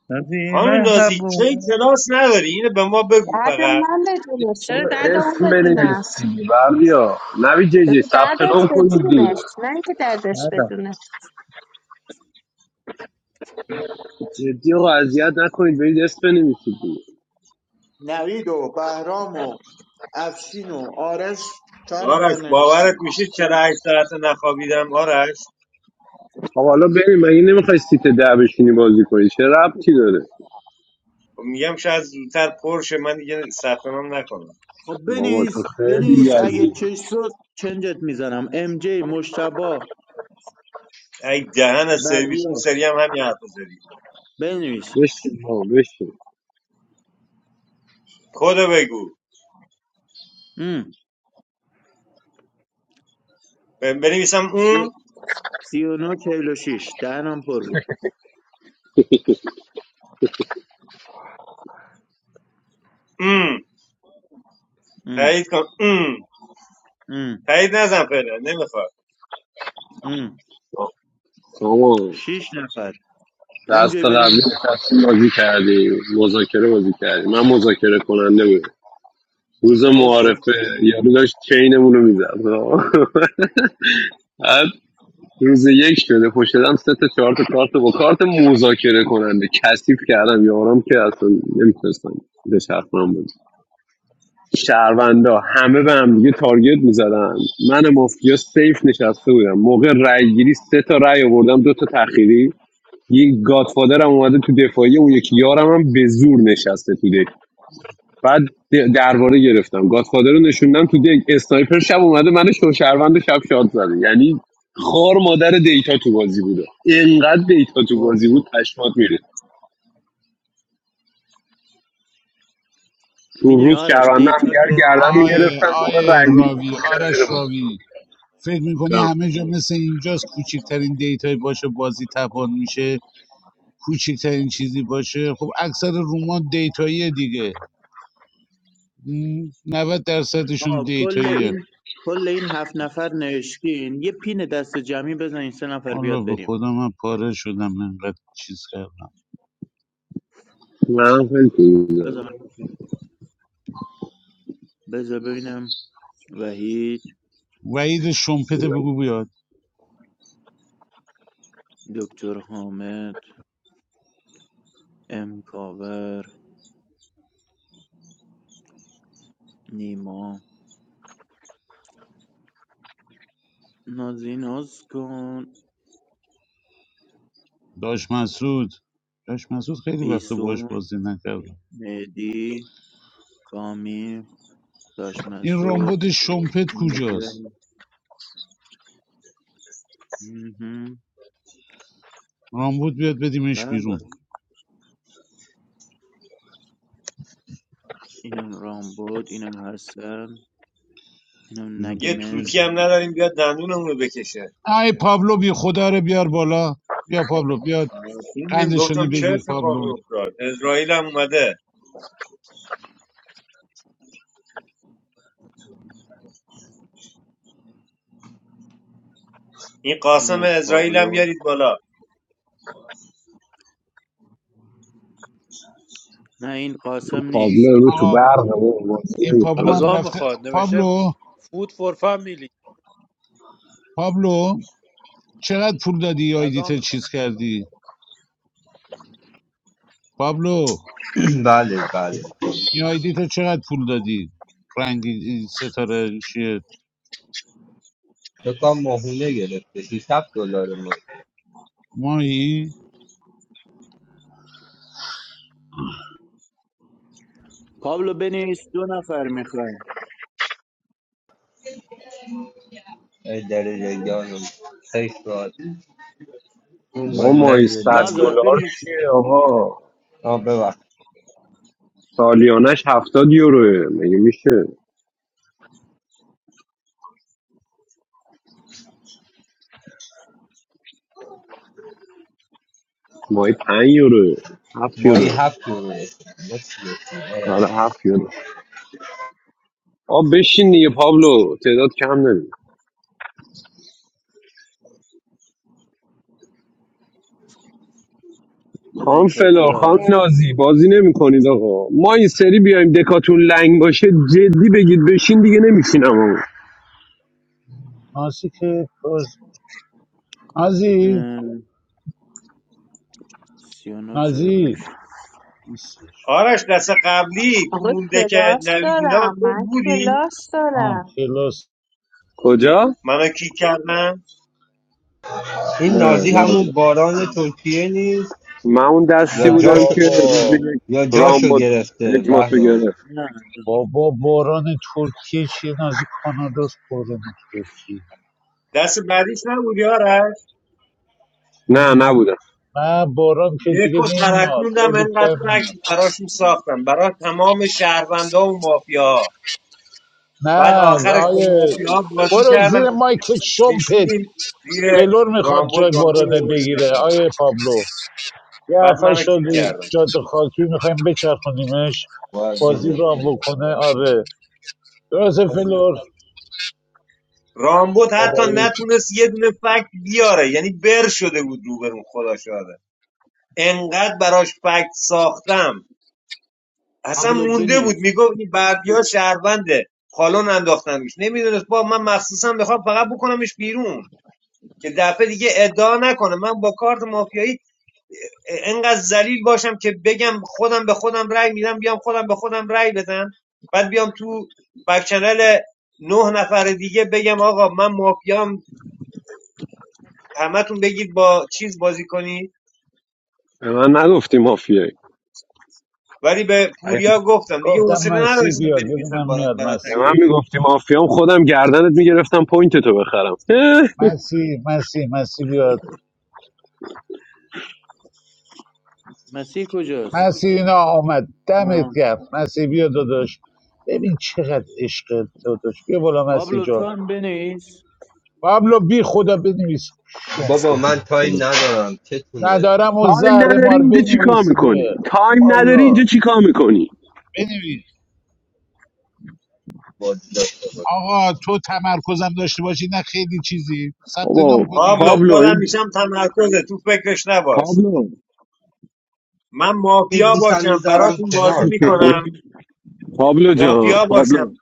Speaker 11: نازی
Speaker 4: خانم نازی
Speaker 11: مهربون
Speaker 4: کی کلاس نداری اینو به ما بگو
Speaker 9: درد
Speaker 4: فقط
Speaker 9: من بدونش، چرا
Speaker 8: اون
Speaker 9: درد اون
Speaker 8: اسم
Speaker 9: بدونم؟
Speaker 8: بنویسی بردیا نوی جی جی
Speaker 9: بگو
Speaker 8: ثبت
Speaker 9: دردت
Speaker 8: نام کنید دیگه
Speaker 9: بدونش، نه اینکه دردش
Speaker 11: هردم
Speaker 9: بدونه.
Speaker 8: جدی آقا اذیت نکنید برید اسم بنویسید دیگه
Speaker 5: نوید و بهرام و افشین و آرش چهار
Speaker 4: آرش
Speaker 5: نفر
Speaker 4: باورت
Speaker 5: نوشتیم
Speaker 4: میشه چرا هشت ساعت نخوابیدم آرش
Speaker 8: خب حالا بریم مگه نمیخوای سیت ده بشینی بازی کنی چه ربطی داره
Speaker 4: خب میگم شاید زودتر پرشه من دیگه سفرم نکنم
Speaker 5: خب
Speaker 8: بابا تو
Speaker 5: بنویس
Speaker 8: خیلی
Speaker 5: بنویس اگه
Speaker 8: یزید
Speaker 5: چش شد چنجت میزنم ام جی مشتبا
Speaker 4: ای دهن از سرویس اون
Speaker 5: بردیا
Speaker 4: سری هم همین حرف زدی
Speaker 5: بنویس
Speaker 8: بشین بابا بشین
Speaker 4: کدو بگو
Speaker 5: ام.
Speaker 4: ب- بنویسم
Speaker 5: سی...
Speaker 4: اون
Speaker 5: 39 46 دهنم پر بود
Speaker 4: ام
Speaker 5: ام.
Speaker 4: تایید کن ام
Speaker 5: ام.
Speaker 4: تایید نزن فعلا نمیخواد
Speaker 5: ام.
Speaker 8: سامان
Speaker 5: شیش نفر ام جی
Speaker 8: دست قبلی
Speaker 5: بنویس
Speaker 8: نشستیم بازی کردیم مذاکره بازی کردیم من مذاکره کننده بودم روز
Speaker 5: خب خب
Speaker 8: معارفه یارو داشت چینمون رو میزد [LAUGHS] روز یک شده پشت دارم سه تا چهار تا کارت با کارت مذاکره کننده کثیف کردم یارم که اصلا نمیتونستم به چرخونم بود شهروندا همه به هم دیگه تارگت میزدن من مافیا سیف نشسته بودم موقع رای گیری سه تا رای آوردم دو تا تأخیری یک گادفادرم اومده تو دفاعی اون یکی یارم هم به زور نشسته تو دک. بعد درباره گرفتم گادفادر رو نشوندم تو دک اسنایپر شب اومده من شوشروند شب شاد زده یعنی خار مادر دیتا تو بازی بوده اینقدر دیتا تو
Speaker 5: خب،
Speaker 8: بازی بود
Speaker 5: خب.
Speaker 8: پشمات میره تو
Speaker 5: میدونی
Speaker 8: روز
Speaker 5: آرش
Speaker 8: شهرونده هم
Speaker 5: دیتا
Speaker 8: دیگر
Speaker 5: که
Speaker 8: گردن
Speaker 2: آقای
Speaker 8: میگرفتن موقع
Speaker 2: آقای
Speaker 8: رأیگیری
Speaker 2: راوی
Speaker 8: میکشیدن زیر
Speaker 2: آرش
Speaker 8: ما
Speaker 2: راوی فکر میکنی
Speaker 8: جان،
Speaker 2: همه جا مثل اینجاست کوچکترین دیتایی باشه بازی تپان میشه کوچکترین چیزی باشه خب اکثر روما دیتایی دیگه م، 90 درصدشون
Speaker 5: آه کل
Speaker 2: دیتاییه
Speaker 5: این کل این هفت نفر نوشتین یه پین دست جمعی بزن این سه نفر بیاد
Speaker 2: الله به
Speaker 5: بریم
Speaker 2: خدا من پاره شدم انقدر چیز کردم
Speaker 8: من خیلی تو می‌ذارم.
Speaker 5: بذار من- بذار ببینم وحید
Speaker 2: وعید شمپت بگو بیاد
Speaker 5: دکتر حامد ام کاور نیما نازیناز کن
Speaker 2: داش مسعود داش مسعود خیلی وقت باش
Speaker 5: ایسون
Speaker 2: بازی نکردم
Speaker 5: مهدی کامی داش
Speaker 2: این
Speaker 5: مسعود،
Speaker 2: رامبد شمپت کجاست
Speaker 5: مدیون مهم.
Speaker 2: رامبد بیاد بدیمش
Speaker 5: بله
Speaker 2: بیرون
Speaker 5: اینم رام بود اینم حسن اینم
Speaker 4: یه
Speaker 5: نگمه
Speaker 4: توتی هم نداریم بیاد دندونمون رو بکشه
Speaker 2: ای پابلو بی خدا رو بیار بالا بیا پابلو بیا
Speaker 4: خوندیم
Speaker 2: قندشونو
Speaker 4: گفتم چه
Speaker 2: بگیر
Speaker 4: اتفاقی
Speaker 2: پابلو
Speaker 4: افتاد اسرائیل هم اومده این
Speaker 5: این
Speaker 4: قاسم
Speaker 5: از
Speaker 4: اسرائیل هم
Speaker 5: پابلو
Speaker 4: بیارید بالا
Speaker 5: نه این قاسم نیست
Speaker 8: تابلو رو تو
Speaker 2: آقا
Speaker 8: برق ما بازی
Speaker 2: این پابلو
Speaker 8: نمی‌کنن.
Speaker 2: هم
Speaker 6: غذا
Speaker 2: رفته
Speaker 6: میخواد نوشته
Speaker 2: پابلو
Speaker 6: فود فور فامیلی
Speaker 2: پابلو چقدر پول دادی یه
Speaker 6: غذا
Speaker 2: آیدیت
Speaker 6: میخواد
Speaker 2: چیز کردی پابلو
Speaker 12: [CLEARS THROAT] بله بله
Speaker 2: این آیدیت چقدر پول دادی رنگی این ستاره چیه
Speaker 12: بکنم ماهونه گرفته 600 دلار ما
Speaker 2: ماهی
Speaker 5: پابلو بنویس دو نفر میخوایم
Speaker 12: ای درجه جانم خیلی سوال اون
Speaker 8: ما
Speaker 12: من
Speaker 8: مای 100
Speaker 12: نزدم از
Speaker 5: نظر
Speaker 8: دلار
Speaker 5: بنویس
Speaker 8: چیه آقا
Speaker 12: آه ببخش
Speaker 8: سالیانش 70 یوروه مگه میشه ماهی 5 یوروه 7
Speaker 12: ماهی
Speaker 8: یورو
Speaker 12: هفت یوروه ما چی گفتیم؟ اه.
Speaker 8: آره 7 آ بشین دیگه پابلو تعداد کم نمی
Speaker 5: از
Speaker 8: خام
Speaker 5: این تایتل
Speaker 8: فلور خام
Speaker 5: هست
Speaker 8: نازی بازی نمی کنید آقا ما این سری بیایم دکاتون لنگ باشه جدی بگید بشین دیگه نمیشینم آقا
Speaker 2: نازی که باز نازی
Speaker 5: اه، سی
Speaker 2: نازی
Speaker 5: چهلوش
Speaker 2: نیستش.
Speaker 4: آرش دست قبلی تو
Speaker 9: آقا
Speaker 4: مونده که
Speaker 9: کلاس
Speaker 4: نوید اینا
Speaker 9: دارم،
Speaker 4: تو
Speaker 9: من
Speaker 4: بودی
Speaker 9: کلاس
Speaker 2: آه
Speaker 9: دارم.
Speaker 2: خلاص
Speaker 8: کجا؟
Speaker 4: منو کی کردم
Speaker 12: این
Speaker 8: نه
Speaker 12: نازی
Speaker 8: نه
Speaker 12: همون
Speaker 8: بودم.
Speaker 12: باران ترکیه نیست
Speaker 8: من اون دستی
Speaker 12: یا
Speaker 2: نه
Speaker 8: بودم
Speaker 12: جاشو
Speaker 8: که روز
Speaker 2: بابا
Speaker 8: یک
Speaker 12: یا
Speaker 8: رام
Speaker 12: جاشو
Speaker 8: بود
Speaker 12: گرفته
Speaker 8: اجماتو
Speaker 12: بهرام
Speaker 8: گرفت
Speaker 5: نه
Speaker 2: بابا باران ترکیه چیه نازی کانادا است باران ترکیه
Speaker 4: دست بعدیش نبودی آرش
Speaker 8: نه نبودم
Speaker 2: نه باران که دیگه
Speaker 4: دکو
Speaker 2: نمیاد
Speaker 4: ترکوندم
Speaker 2: خیلی
Speaker 4: انقدر
Speaker 2: کم میاد
Speaker 4: فکر براشون ساختم برای تمام شهروندا و مافیا بعد
Speaker 2: نه
Speaker 4: آخرش با
Speaker 2: آیه
Speaker 4: مافیا بازی
Speaker 2: برو
Speaker 4: کردم
Speaker 2: زیر مایکت شمپت
Speaker 4: کشیدیم زیر
Speaker 2: فلور میخواد
Speaker 4: رامبود
Speaker 2: جای
Speaker 4: رامبود
Speaker 2: بارانه
Speaker 4: آوردیم
Speaker 2: بگیره
Speaker 4: دفاع.
Speaker 2: آیه پابلو یه
Speaker 4: بعد
Speaker 2: هفته
Speaker 4: منو
Speaker 2: شد
Speaker 4: کی کردم
Speaker 2: جاده خاکی میخوایم بچرخونیمش
Speaker 12: باید
Speaker 2: بازی رو هم
Speaker 12: بگم.
Speaker 2: بکنه آره درست فلور
Speaker 4: رامبود حتی
Speaker 2: بابایی
Speaker 4: نتونست یه دونه فکت بیاره یعنی بر شده بود روبرون خدا شاده انقدر براش فکت ساختم اصلا
Speaker 5: پابلو
Speaker 4: مونده بود
Speaker 5: بنویس
Speaker 4: میگفت این بردی ها شهرونده پالون انداختن نمیدونست با من مخصوصا بخوام فقط بکنمش بیرون که دفعه دیگه ادعا نکنه من با کارت مافیایی انقدر ذلیل باشم که بگم خودم به خودم رأی میدم بیام خودم به خودم رأی بدم بعد بیام تو بک چنل نه نفر دیگه بگم آقا من مافیام همتون بگید با چیز بازی کنی
Speaker 8: به من نگفتی مافیایی
Speaker 4: ولی به
Speaker 8: اگه
Speaker 4: پوریا گفتم دیگه
Speaker 2: گفتم
Speaker 4: حوصله
Speaker 2: مسی
Speaker 4: نداشتم
Speaker 2: بیاد
Speaker 4: بنویسم
Speaker 2: ببینم
Speaker 4: برات
Speaker 2: میاد
Speaker 4: برات
Speaker 8: به
Speaker 4: تک
Speaker 8: من
Speaker 4: تک
Speaker 2: مسی
Speaker 8: میگفتی مافیام خودم گردنت میگرفتم پوینت تو بخرم اه،
Speaker 2: مسی مسی مسی بیاد
Speaker 5: مسیح کجاست
Speaker 2: مسینا آمد دمت
Speaker 5: آه.
Speaker 2: گرم مسی بیا داداش ببین چقدر عشق داداش بیا بالا مسی
Speaker 5: پابلو تو
Speaker 2: جان
Speaker 5: هم بنویس
Speaker 2: پابلو بی خدا بنویس شم
Speaker 12: بابا من
Speaker 13: the
Speaker 12: تایم ندارم چتونه
Speaker 2: ندارم و
Speaker 8: تایم
Speaker 2: زهر
Speaker 8: نداری
Speaker 2: مار
Speaker 8: اینجا چیکار
Speaker 2: بنویس
Speaker 8: میکنی
Speaker 2: دیگه
Speaker 8: تایم نداری
Speaker 2: والا
Speaker 8: اینجا چیکار میکنی
Speaker 2: بنویس
Speaker 12: بازی داشته باشم
Speaker 2: آقا تو تمرکزم داشته باشی نه خیلی چیزی ثبت
Speaker 8: بابا
Speaker 2: نام کن
Speaker 4: پابلو
Speaker 2: دیگه
Speaker 8: پابلو
Speaker 4: خودم
Speaker 8: این
Speaker 4: میشم تمرکزه تو فکرش نباش
Speaker 8: پابلو
Speaker 4: من مافیا
Speaker 12: میبوسم
Speaker 4: باشم
Speaker 12: میذارم
Speaker 4: براتون بازی
Speaker 12: کنار
Speaker 8: [LAUGHS]
Speaker 12: تمام
Speaker 4: میکنم
Speaker 8: پابلو جان
Speaker 4: مافیا
Speaker 8: پابلو
Speaker 4: باشم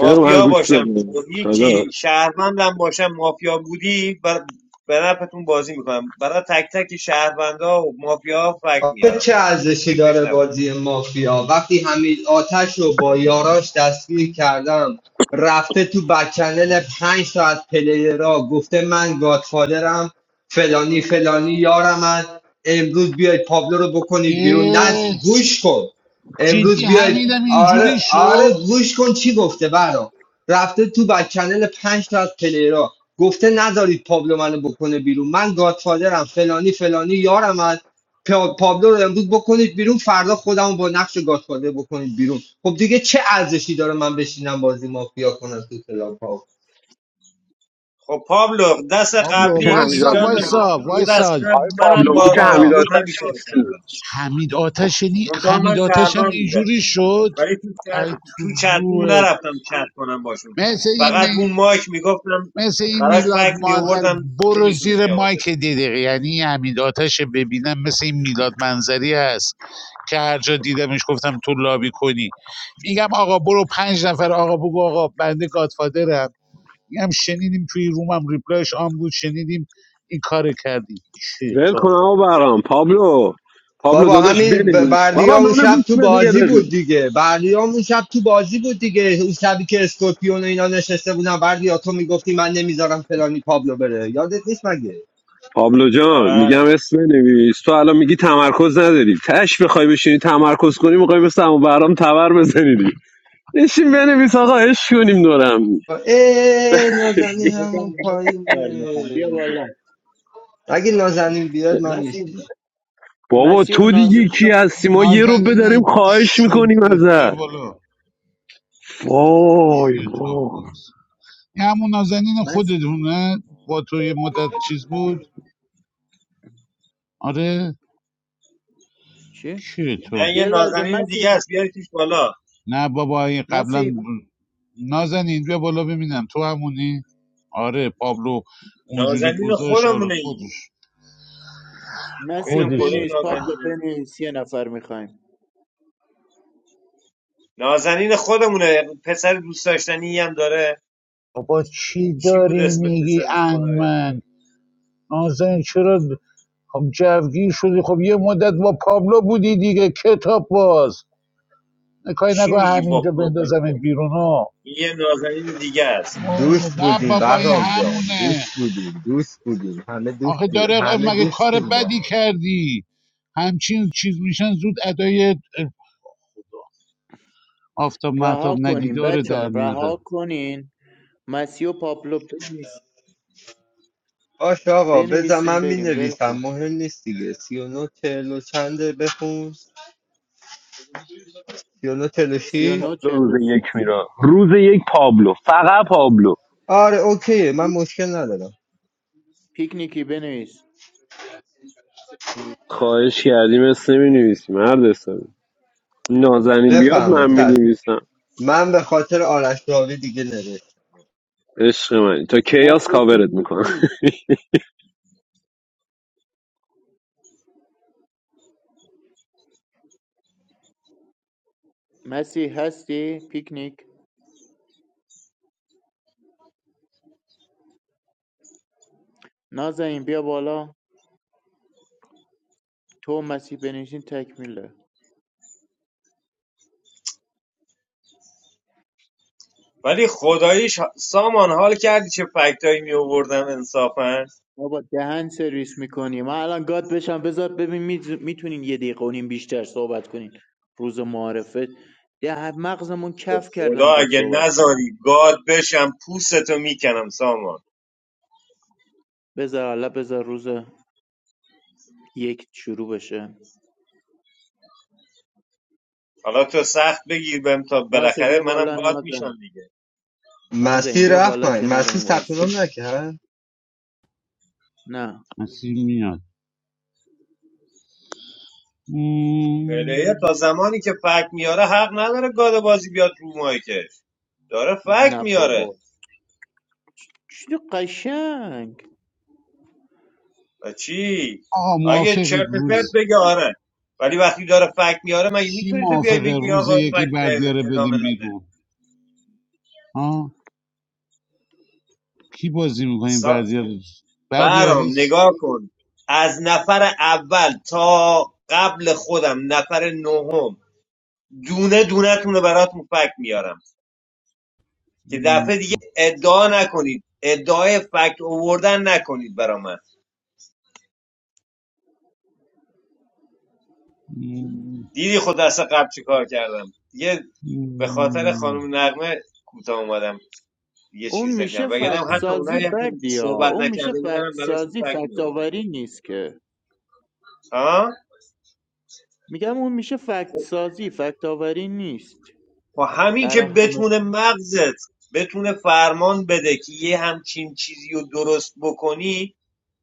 Speaker 8: یه رو من گوش
Speaker 4: باشم
Speaker 8: بده
Speaker 4: و هیچی
Speaker 8: داداش
Speaker 4: شهروندم باشم مافیا بودی و به نفتون بازی میکنم برای تک تک شهروندا و مافیا فکر
Speaker 12: آخه
Speaker 4: میارم
Speaker 12: چه
Speaker 4: تو
Speaker 12: ارزشی
Speaker 4: فکرش
Speaker 12: داره
Speaker 4: نباش
Speaker 12: بازی مافیا وقتی حمید آتش رو با یاراش دستگیر کردم رفته تو بکچنل پنج تا از پلیرها گفته من گادفادرم فلانی فلانی یارم من امروز بیاید پابلو رو بکنید بیرون نه
Speaker 2: اه،
Speaker 12: گوش کن امروز
Speaker 2: جدی
Speaker 12: بیاید
Speaker 2: حمیدم
Speaker 12: آره
Speaker 2: اینجوری
Speaker 12: آره
Speaker 2: شد
Speaker 12: گوش کن چی گفته برا رفته تو بکچنل پنج تا از پلیرها گفته نذارید پابلو منو بکنه بیرون من گادفادرم فلانی فلانی یارم من، پا- پابلو رو امروز بکنید بیرون فردا خودمو با نقش گاتفادر بکنید بیرون خب دیگه چه ارزشی داره من بشینم بازی مافیا کنم تو کلاب ها
Speaker 4: خب پابلو دست
Speaker 8: ما
Speaker 2: پابلو
Speaker 4: قبلی
Speaker 8: که
Speaker 2: وایسا
Speaker 8: همیداد
Speaker 4: اینجا نه
Speaker 2: وایسا
Speaker 4: دو دست
Speaker 2: وایسا
Speaker 4: قبل
Speaker 8: آقای
Speaker 4: منم
Speaker 8: پابلو ما
Speaker 4: با
Speaker 8: که
Speaker 2: بابا
Speaker 4: رامبود همین
Speaker 8: همیداتش
Speaker 4: کار
Speaker 8: نیستیم
Speaker 4: کردم
Speaker 2: حمید آتش نی
Speaker 4: منتها من
Speaker 2: حمید آتش هم
Speaker 4: شهروند بودم
Speaker 2: اینجوری شد
Speaker 4: ولی تو چت
Speaker 2: ای تو
Speaker 4: تو چتون
Speaker 2: روحت
Speaker 4: نرفتم چت کنم باشون
Speaker 2: مثل این
Speaker 4: فقط
Speaker 2: می...
Speaker 4: اون مایک میگفتم
Speaker 2: مثل این
Speaker 4: براش
Speaker 2: میلاد
Speaker 4: فکت
Speaker 2: منظری
Speaker 4: میآوردم
Speaker 2: برو
Speaker 4: نمیتونه
Speaker 2: زیر
Speaker 4: جواب
Speaker 2: مایک
Speaker 4: بده
Speaker 2: دیدی یعنی این حمید آتش ببینم مثل این میلاد منظری هست که هر جا دیدمش گفتم تو لابی کنی میگم آقا برو پنج نفر آقا بگو آقا بنده گادفادرم میگم شنیدیم توی رومم ریپلایش آن بود شنیدیم این کار کردی
Speaker 8: ول
Speaker 2: کتاب
Speaker 8: کن آقا برام پابلو پابلو
Speaker 12: بابا
Speaker 8: داداش
Speaker 12: همین ب-
Speaker 8: بنویس
Speaker 12: بردیا
Speaker 8: بابا
Speaker 12: اون
Speaker 8: منو
Speaker 12: شب
Speaker 8: گوش
Speaker 12: تو
Speaker 8: بده یه
Speaker 12: بازی بود
Speaker 8: دقیقه
Speaker 12: دیگه بردیا اون شب تو بازی بود دیگه اون شبی که اسکورپیون و اینا نشسته بودن بردیا تو میگفتی من نمیذارم فلانی پابلو بره یادت نیست مگه
Speaker 8: پابلو جان میگم
Speaker 4: آره.
Speaker 8: اسم بنویس تو الان میگی تمرکز نداری تش بخوای بشینی تمرکز کنی میخوای مثل همون برام تبر بزنی دیگه. نشین بنویس آقا عشق کنیم دورم
Speaker 12: ای نازنینم
Speaker 5: نازار
Speaker 12: اون
Speaker 5: دو نفر
Speaker 12: پایینه
Speaker 5: میخوام بیا بالا
Speaker 12: اگه نازنین بیاد من میشم
Speaker 5: مسیح
Speaker 8: بابا
Speaker 5: مسیح و
Speaker 8: تو دیگه
Speaker 5: نازنین و
Speaker 8: کی هستی ما یه رو بداریم
Speaker 2: نازنین
Speaker 8: خواهش میکنیم
Speaker 2: شمپت بیا
Speaker 8: ازت
Speaker 2: بالا
Speaker 8: وای
Speaker 2: کتاب
Speaker 8: وای
Speaker 2: بود. این همون نازنین
Speaker 5: مس...
Speaker 2: خودتونه با تو یه مدت چیز بود آره
Speaker 5: چی؟
Speaker 2: کیه تو
Speaker 4: نه یه
Speaker 5: یه لحظه
Speaker 4: نازنین
Speaker 5: مسیح
Speaker 4: دیگه است بیاریدش بالا
Speaker 2: نه بابا این
Speaker 5: مسیح
Speaker 2: قبلا نازنین بیا بالا ببینم تو همونی آره پابلو اونجوری
Speaker 4: نازنین
Speaker 2: گذاشت آره
Speaker 4: خودمونه این
Speaker 2: خودش
Speaker 5: مسی
Speaker 4: ببینم
Speaker 2: خودشه
Speaker 4: کدوم
Speaker 5: بنویس پابلو
Speaker 4: نازنینه
Speaker 5: بنویس یه نفر میخوایم
Speaker 4: نازنین خودمونه پسر دوست داشتنی هم داره
Speaker 2: بابا چی
Speaker 4: چی بود
Speaker 2: داری
Speaker 4: اسم
Speaker 2: میگی
Speaker 4: پسرش خدا یاره.
Speaker 2: انگمن نازنین چرا خب جوگیر شدی خب یه مدت با پابلو بودی دیگه کتاب باز کاری
Speaker 4: چی
Speaker 2: نکن
Speaker 4: میگی با
Speaker 2: همینجا
Speaker 4: پابلو
Speaker 2: بندازم
Speaker 4: بودی
Speaker 2: بیرون ها
Speaker 4: این یه نازنین دیگه است
Speaker 12: دوست
Speaker 2: نه
Speaker 12: بودیم
Speaker 2: بابا این
Speaker 12: بهرام جان
Speaker 2: همونه
Speaker 12: دوست بودیم دوست بودیم همه دوست
Speaker 2: آخه
Speaker 12: بودیم
Speaker 2: داره
Speaker 12: همه
Speaker 2: مگه کار
Speaker 12: دوستیم با
Speaker 2: بدی
Speaker 12: هم.
Speaker 2: کردی همچین چیز میشن زود ادای آفتاب
Speaker 5: رها
Speaker 2: محتاب
Speaker 5: کنیم
Speaker 2: ندیداره
Speaker 5: بچه ها
Speaker 2: در میاره
Speaker 5: رها کنین مسی و پابلو بنویس
Speaker 12: باش آقا بذار
Speaker 5: بنویسیم
Speaker 12: من می
Speaker 5: بریم ول
Speaker 12: نویسم،
Speaker 5: کن
Speaker 12: مهم نیست دیگه سی و نو چهل و چنده بخون سی و نو چهل و
Speaker 5: سی و
Speaker 12: شیش
Speaker 5: نو چهل
Speaker 8: روز
Speaker 5: و
Speaker 8: یک
Speaker 5: شیش
Speaker 8: میرا روز یک پابلو فقط پابلو
Speaker 12: آره اوکیه من مشکل ندارم
Speaker 5: پیکنیکی بنویس
Speaker 8: خواهش کردیم اسم نمی نویسیم هر دستم نازنین بیاد
Speaker 12: بفرما
Speaker 8: من می
Speaker 12: چشم
Speaker 8: نویسم
Speaker 12: من به خاطر آرش راوی دیگه نوشت
Speaker 8: عشق من تا کیاس
Speaker 5: مسی
Speaker 8: کاورت میکنم
Speaker 5: پیکنیکی مسی هستی پیکنیک نازنین بیا بالا تو و مسی بنویسین تکمیله
Speaker 4: ولی خداییش سامان حال کردی چه فکتایی می آوردم انصافا
Speaker 5: بابا دهن سرویس میکنی من الان گاد بشم بذار ببین میتونین یه دقیقه و نیم بیشتر صحبت کنین روز معارفه ده مغزمون کف کرد
Speaker 4: خدا
Speaker 5: انقدر
Speaker 4: اگه
Speaker 5: صحبت کرد
Speaker 4: نذاری گاد بشم پوستتو میکنم سامان
Speaker 5: بذار حالا بذار روز یک شروع بشه
Speaker 4: حالا تو سخت بگیر بهم تا
Speaker 5: باشه
Speaker 4: بالاخره
Speaker 5: بیا
Speaker 4: منم
Speaker 5: بالا
Speaker 4: گاد میشم
Speaker 5: نازن
Speaker 4: دیگه
Speaker 5: نازن بیا
Speaker 12: مسیر رفت
Speaker 5: بالا
Speaker 12: من مسیر
Speaker 5: کنارمون
Speaker 12: ثبت
Speaker 5: وایسه
Speaker 12: نام نکرد
Speaker 5: نه
Speaker 2: مسیح میاد
Speaker 4: پلیر
Speaker 2: مم.
Speaker 4: تا زمانی که فک میاره حق نداره گاد بازی بیاد رو مایکش داره فک
Speaker 5: نه
Speaker 4: میاره
Speaker 5: بابا چی قشنگ
Speaker 4: و چی
Speaker 2: آقا
Speaker 4: اگه
Speaker 2: موافقی
Speaker 4: چرت و پرت
Speaker 2: روز
Speaker 4: بگه آره ولی وقتی داره فک میاره مگه
Speaker 2: کی
Speaker 4: میتونی تو بیای
Speaker 2: موافقه
Speaker 4: بگی
Speaker 2: روز
Speaker 4: آقا
Speaker 2: یکی
Speaker 4: فکت نه-
Speaker 2: بردیاره
Speaker 4: ادامه
Speaker 2: بدیم
Speaker 4: نده
Speaker 2: بیرون ها کی بازی میکنیم
Speaker 4: سا...
Speaker 2: بردیار بردیار
Speaker 4: برام
Speaker 2: حس
Speaker 4: نگاه کن از نفر اول تا قبل خودم نفر نهم دونه دونتون رو براتون فکت میارم که دفعه
Speaker 2: مم.
Speaker 4: دیگه ادعا نکنید ادعای فکت اووردن نکنید برا من
Speaker 2: مم.
Speaker 4: دیدی خود دست قبل چه کار کردم دیگه به خاطر خانم نقمه کوتاه اومدم یه
Speaker 5: اون
Speaker 4: چیز
Speaker 5: میشه
Speaker 4: نکردم وگرنه
Speaker 2: بخوام
Speaker 4: حتی
Speaker 5: فکتسازی
Speaker 4: اونایی هم که
Speaker 5: بردیا
Speaker 4: صحبت
Speaker 5: اون میشه
Speaker 4: نکرده بودن هم براشون
Speaker 5: فکتسازی
Speaker 4: فکت میوردم
Speaker 5: فکتاوری نیست که
Speaker 4: ها
Speaker 5: میگم اون میشه فکت سازی فکت آوری نیست
Speaker 4: با همین که
Speaker 5: برای همه
Speaker 4: بتونه مغزت بتونه فرمان بده که یه همچین چیزی رو درست بکنی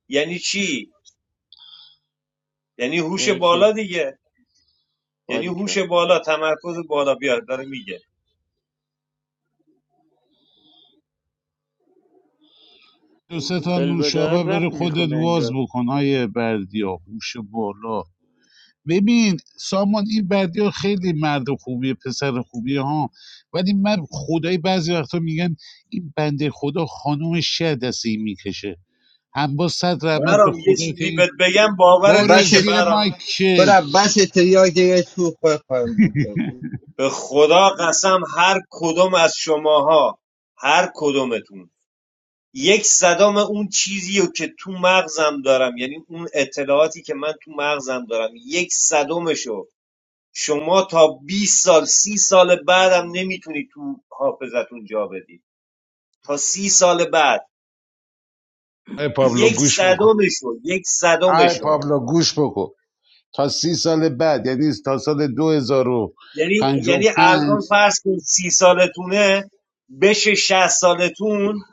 Speaker 4: یعنی چی یعنی هوش
Speaker 5: یعنی
Speaker 4: بالا
Speaker 5: چی
Speaker 4: دیگه یعنی هوش
Speaker 5: باریکلا
Speaker 4: بالا تمرکز بالا بیاد داره میگه
Speaker 2: دو سه تا
Speaker 5: فلبدار
Speaker 2: نوشابه بره
Speaker 5: رپ
Speaker 2: خودت
Speaker 5: میخونه
Speaker 2: واز
Speaker 5: انگار
Speaker 2: بکن های بردیا هوش بالا ببین سامان این بردیا خیلی مرد خوبیه پسر خوبیه ها ولی من خدای بعضی وقتا میگن این بنده خدا خانوم شه دست این میکشه هم با صد رحمت به
Speaker 4: برام یه
Speaker 2: خدا که
Speaker 4: چیزی
Speaker 2: این-
Speaker 4: بهت بگم باورت
Speaker 2: برو
Speaker 12: بس
Speaker 4: میشه
Speaker 2: زیر
Speaker 4: برام
Speaker 2: مایکت
Speaker 12: برا بس تریاک دیگه تو خود پایم بکنم.
Speaker 4: به خدا قسم هر کدوم از شماها هر کدومتون یک صدام اون چیزی رو که تو مغزم دارم یعنی اون اطلاعاتی که من تو مغزم دارم یک صدامشو شما تا 20 سال سی سال بعدم نمیتونی تو حافظتون جا بدی تا سی سال بعد یک
Speaker 2: گوش بکن
Speaker 4: صدامشو یک
Speaker 2: ای
Speaker 4: صدامشو
Speaker 2: پابلو گوش بکن تا سی سال بعد یعنی تا سال دو هزار و
Speaker 4: یعنی
Speaker 2: پنج و
Speaker 4: یعنی
Speaker 2: پنج
Speaker 4: الان فرض کن سی سالتونه بشه شهست سالتون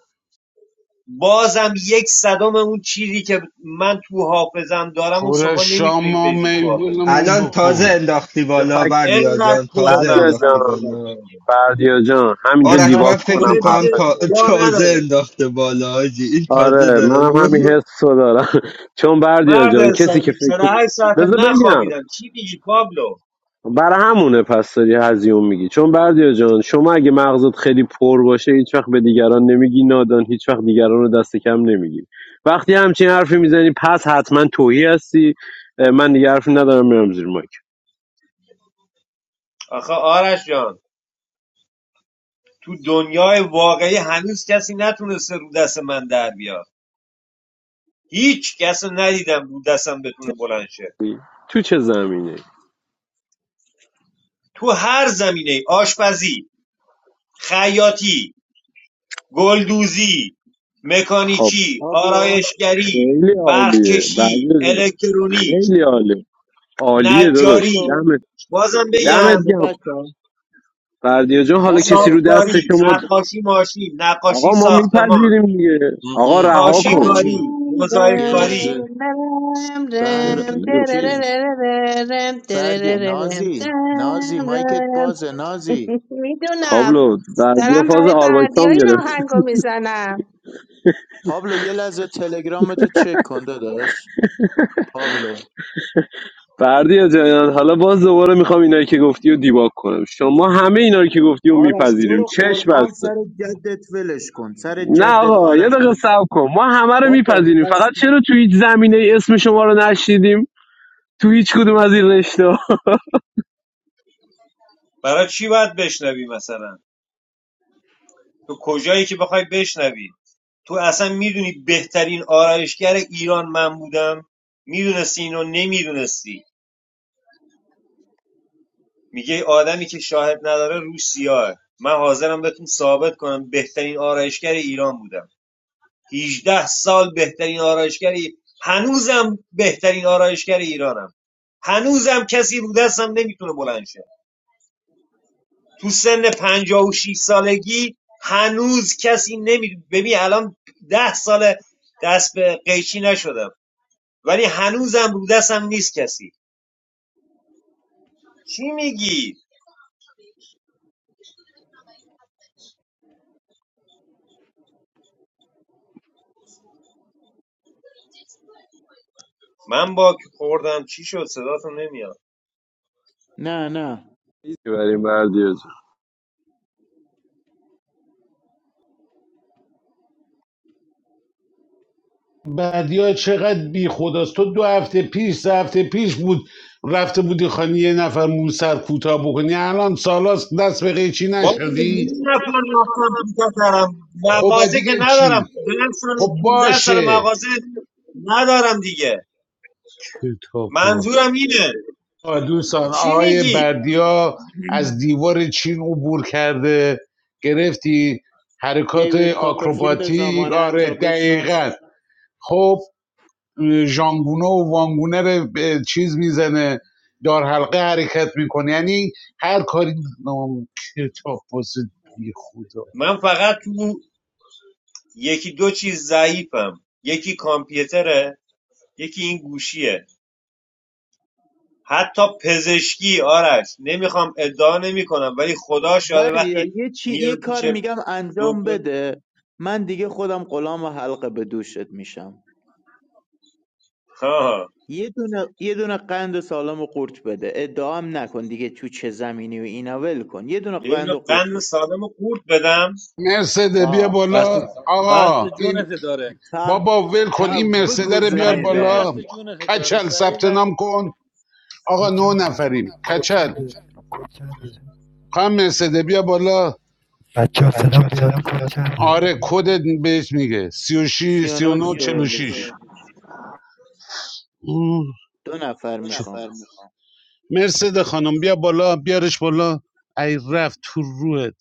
Speaker 4: بازم یک صدام اون چیزی که من تو حافظم دارم و
Speaker 2: پر
Speaker 4: شما
Speaker 2: شام
Speaker 4: نمیتونید
Speaker 2: ما
Speaker 4: بریزید تو حافظم
Speaker 2: میگونمون
Speaker 12: الان تازه
Speaker 2: بکن
Speaker 12: انداختی
Speaker 8: یه
Speaker 12: بالا
Speaker 8: فکر
Speaker 12: بردیا
Speaker 4: انقدر
Speaker 12: جان
Speaker 4: پره
Speaker 12: تازه
Speaker 8: فردیا
Speaker 4: مغزم
Speaker 12: انداختی
Speaker 8: جان
Speaker 4: خدا
Speaker 12: بالا
Speaker 4: کرده
Speaker 8: فردیا جان همینجا
Speaker 12: آرش
Speaker 4: انقدر
Speaker 12: من
Speaker 8: دیواب
Speaker 12: فکر
Speaker 8: کنم
Speaker 4: پره
Speaker 12: میکنم
Speaker 4: دیگه
Speaker 12: تا...
Speaker 8: حرفتو
Speaker 4: جا
Speaker 12: تازه
Speaker 4: نداره
Speaker 12: انداخته بالا آجی این تازه
Speaker 8: آره
Speaker 12: داره [LAUGHS]
Speaker 8: منم همین حس رو دارم [LAUGHS] چون بردیا
Speaker 4: مرد
Speaker 8: جان کسی که
Speaker 4: حسابی
Speaker 8: فکر
Speaker 4: 48 ساعت
Speaker 8: بذار بگم
Speaker 4: نخوابیدم چی میگی پابلو
Speaker 8: برای همونه پس داری هزیون میگی چون بردیا جان شما اگه مغزت خیلی پر باشه هیچ وقت به دیگران نمیگی نادان هیچ وقت دیگران رو دست کم نمیگی وقتی همچین حرفی میزنی پس حتما توهی هستی اه، من دیگه حرفی ندارم میرم زیر مایک
Speaker 4: آخه آرش جان تو دنیای واقعی هنوز کسی نتونسته رو دست من در بیاد هیچ کس رو ندیدم رو دستم بتونه بلند شه
Speaker 8: تو چه زمینه
Speaker 4: تو هر زمینه آشپزی، خیاطی، گلدوزی،
Speaker 8: خب
Speaker 4: مکانیکی،
Speaker 5: پابلو
Speaker 4: آرایشگری،
Speaker 8: خیلی عالیه
Speaker 4: برقکشی،
Speaker 8: بردیا جان
Speaker 4: الکترونیک،
Speaker 8: خیلی عالی عالیه داداش
Speaker 5: پابلو
Speaker 4: نجاری
Speaker 8: دمت
Speaker 4: بازم
Speaker 5: یه
Speaker 8: دمت
Speaker 4: بگم
Speaker 5: لحظه
Speaker 8: گرم
Speaker 5: بچه
Speaker 8: بردیا جان حالا کسی
Speaker 5: پابلو
Speaker 8: رو دست
Speaker 4: سافتکاری،
Speaker 8: شما د-
Speaker 4: نقاشی ماشین، نقاشی
Speaker 8: آقا ما
Speaker 4: ساختمان،
Speaker 8: میپذیریم دیگه آقا
Speaker 5: آقا
Speaker 8: رها کن
Speaker 5: بچه
Speaker 4: کاشیکاری،
Speaker 9: دم
Speaker 5: یه
Speaker 4: مزایکاری
Speaker 5: لحظه
Speaker 9: دم
Speaker 5: بهر
Speaker 9: دم
Speaker 8: آدمگیری افتاده.
Speaker 5: چیز
Speaker 9: دررررررم،
Speaker 5: بردی
Speaker 9: درررررم،
Speaker 5: نازی نازی
Speaker 9: دم
Speaker 5: مایکت
Speaker 9: دم.
Speaker 5: بازه نازی
Speaker 9: [LAUGHS] میدونم،
Speaker 8: پابلو بردیا
Speaker 9: دارم
Speaker 8: فاز
Speaker 9: برای بردی های
Speaker 8: آربایتام
Speaker 9: این
Speaker 8: گرفت
Speaker 9: آهنگو میزنم.
Speaker 5: پابلو یه لحظه تلگرامتو چک کن داداش پابلو
Speaker 8: بردیا جنان حالا باز دوباره میخوام اینایی که گفتی رو دیباک کنم شما همه اینا رو که گفتی رو
Speaker 5: آرش تو
Speaker 8: میپذیریم
Speaker 5: رو
Speaker 8: چش
Speaker 5: قرآن
Speaker 8: بسته
Speaker 5: سر جدت ولش کن سر
Speaker 8: نه
Speaker 5: جدت
Speaker 8: آقا یه
Speaker 5: آرش
Speaker 8: دقیقه صبر کن ما همه رو
Speaker 5: بابا
Speaker 8: میپذیریم فقط
Speaker 5: خسته
Speaker 8: چرا تو هیچ زمینه ای اسم شما رو نشیدیم تو هیچ کدوم از این رشته
Speaker 4: برای چی باید بشنوی مثلا؟ تو کجایی که بخوای بشنوی؟ تو اصلا میدونی بهترین آرایشگر ایران من بودم؟ میدونستی اینو نمیدونستی میگه آدمی که شاهد نداره روش سیاهه من حاضرم بهتون ثابت کنم بهترین آرایشگر ایران بودم هجده سال بهترین آرایشگر هنوزم بهترین آرایشگر ایرانم هنوزم کسی رو دستم نمیتونه بلند شه تو سن 56 سالگی هنوز کسی نمی ببین الان 10 سال دست به قیچی نشدم ولی هنوزم رو دستم نیست کسی چی میگی من با خوردم چی شد صداتون نمیاد
Speaker 5: نه نه
Speaker 8: هیچ برای بردیا جان
Speaker 2: بدیا چقدر بی خداست تو دو هفته پیش سه هفته پیش بود رفته بودی خانی یه نفر مو سر کوتاه بکنی الان سالاست دست به قیچی
Speaker 4: والا یه
Speaker 2: نشدی
Speaker 4: نفر رفتم پیتا دارم
Speaker 2: خب
Speaker 4: مغازه که
Speaker 2: دیگه چی
Speaker 4: ندارم دلم سال
Speaker 2: خب
Speaker 4: 15 سال
Speaker 2: باشه
Speaker 4: مغازه ندارم دیگه
Speaker 2: کتاب باز.
Speaker 4: منظورم اینه
Speaker 2: آه، دوستان
Speaker 4: چی
Speaker 2: آقای
Speaker 4: میگی
Speaker 2: بردیا از دیوار چین عبور کرده گرفتی حرکات
Speaker 5: دیوید کاپرفیلد
Speaker 2: آکروباتیک
Speaker 5: زمانت
Speaker 2: آره
Speaker 5: را بشناس
Speaker 2: دقیقا خب ژانگونه و وانگونه رو چیز میزنه دار حلقه حرکت میکنه یعنی هر کاری نام کتاب بازه بی خدا
Speaker 4: من فقط تو یکی دو چیز ضعیفم یکی کامپیوتره یکی این گوشیه حتی پزشکی آرش نمیخوام ادعا نمی کنم ولی خدا شاده
Speaker 5: بردیا
Speaker 4: وقتی
Speaker 5: یه چی یه
Speaker 4: میرم پیش
Speaker 5: کار میگم انجام
Speaker 4: دکتر
Speaker 5: بده من دیگه خودم غلام و حلقه به دوشت میشم
Speaker 4: ها
Speaker 5: یه دونه یه دونه قند سالم و قورت بده ادعام نکن دیگه تو چه زمینی و اینا ول کن یه دونه
Speaker 4: یه
Speaker 5: قند
Speaker 4: دونه
Speaker 5: و قورت
Speaker 4: قند
Speaker 5: بده
Speaker 4: سالم رو قورت بدم
Speaker 2: مرسده بیا
Speaker 5: آه
Speaker 6: قصد
Speaker 2: بالا آقا
Speaker 6: قصد
Speaker 2: این
Speaker 6: جونت داره
Speaker 5: تا
Speaker 2: بابا ول کن این
Speaker 5: تا
Speaker 2: مرسده رو بیار
Speaker 5: بگوزنه
Speaker 6: بردیا
Speaker 5: در
Speaker 2: بالا
Speaker 6: قصد جونت داره
Speaker 2: کچل
Speaker 6: سری
Speaker 2: ثبت
Speaker 6: رفت
Speaker 2: نام کن آقا نه
Speaker 7: کوچنده
Speaker 2: نفریم کچل
Speaker 7: کوچنده کوچنده
Speaker 2: خواهم مرسده بیا بالا
Speaker 7: بچه ها سلام بیاد کوچنده
Speaker 2: آره کدت بهش میگه سی و شیش سی و
Speaker 5: 39
Speaker 2: نو چل و
Speaker 5: 46
Speaker 2: شیش
Speaker 5: دو نفر میخوام
Speaker 2: مرسده خانم بیا بالا بیارش بالا ای رفت تو روحت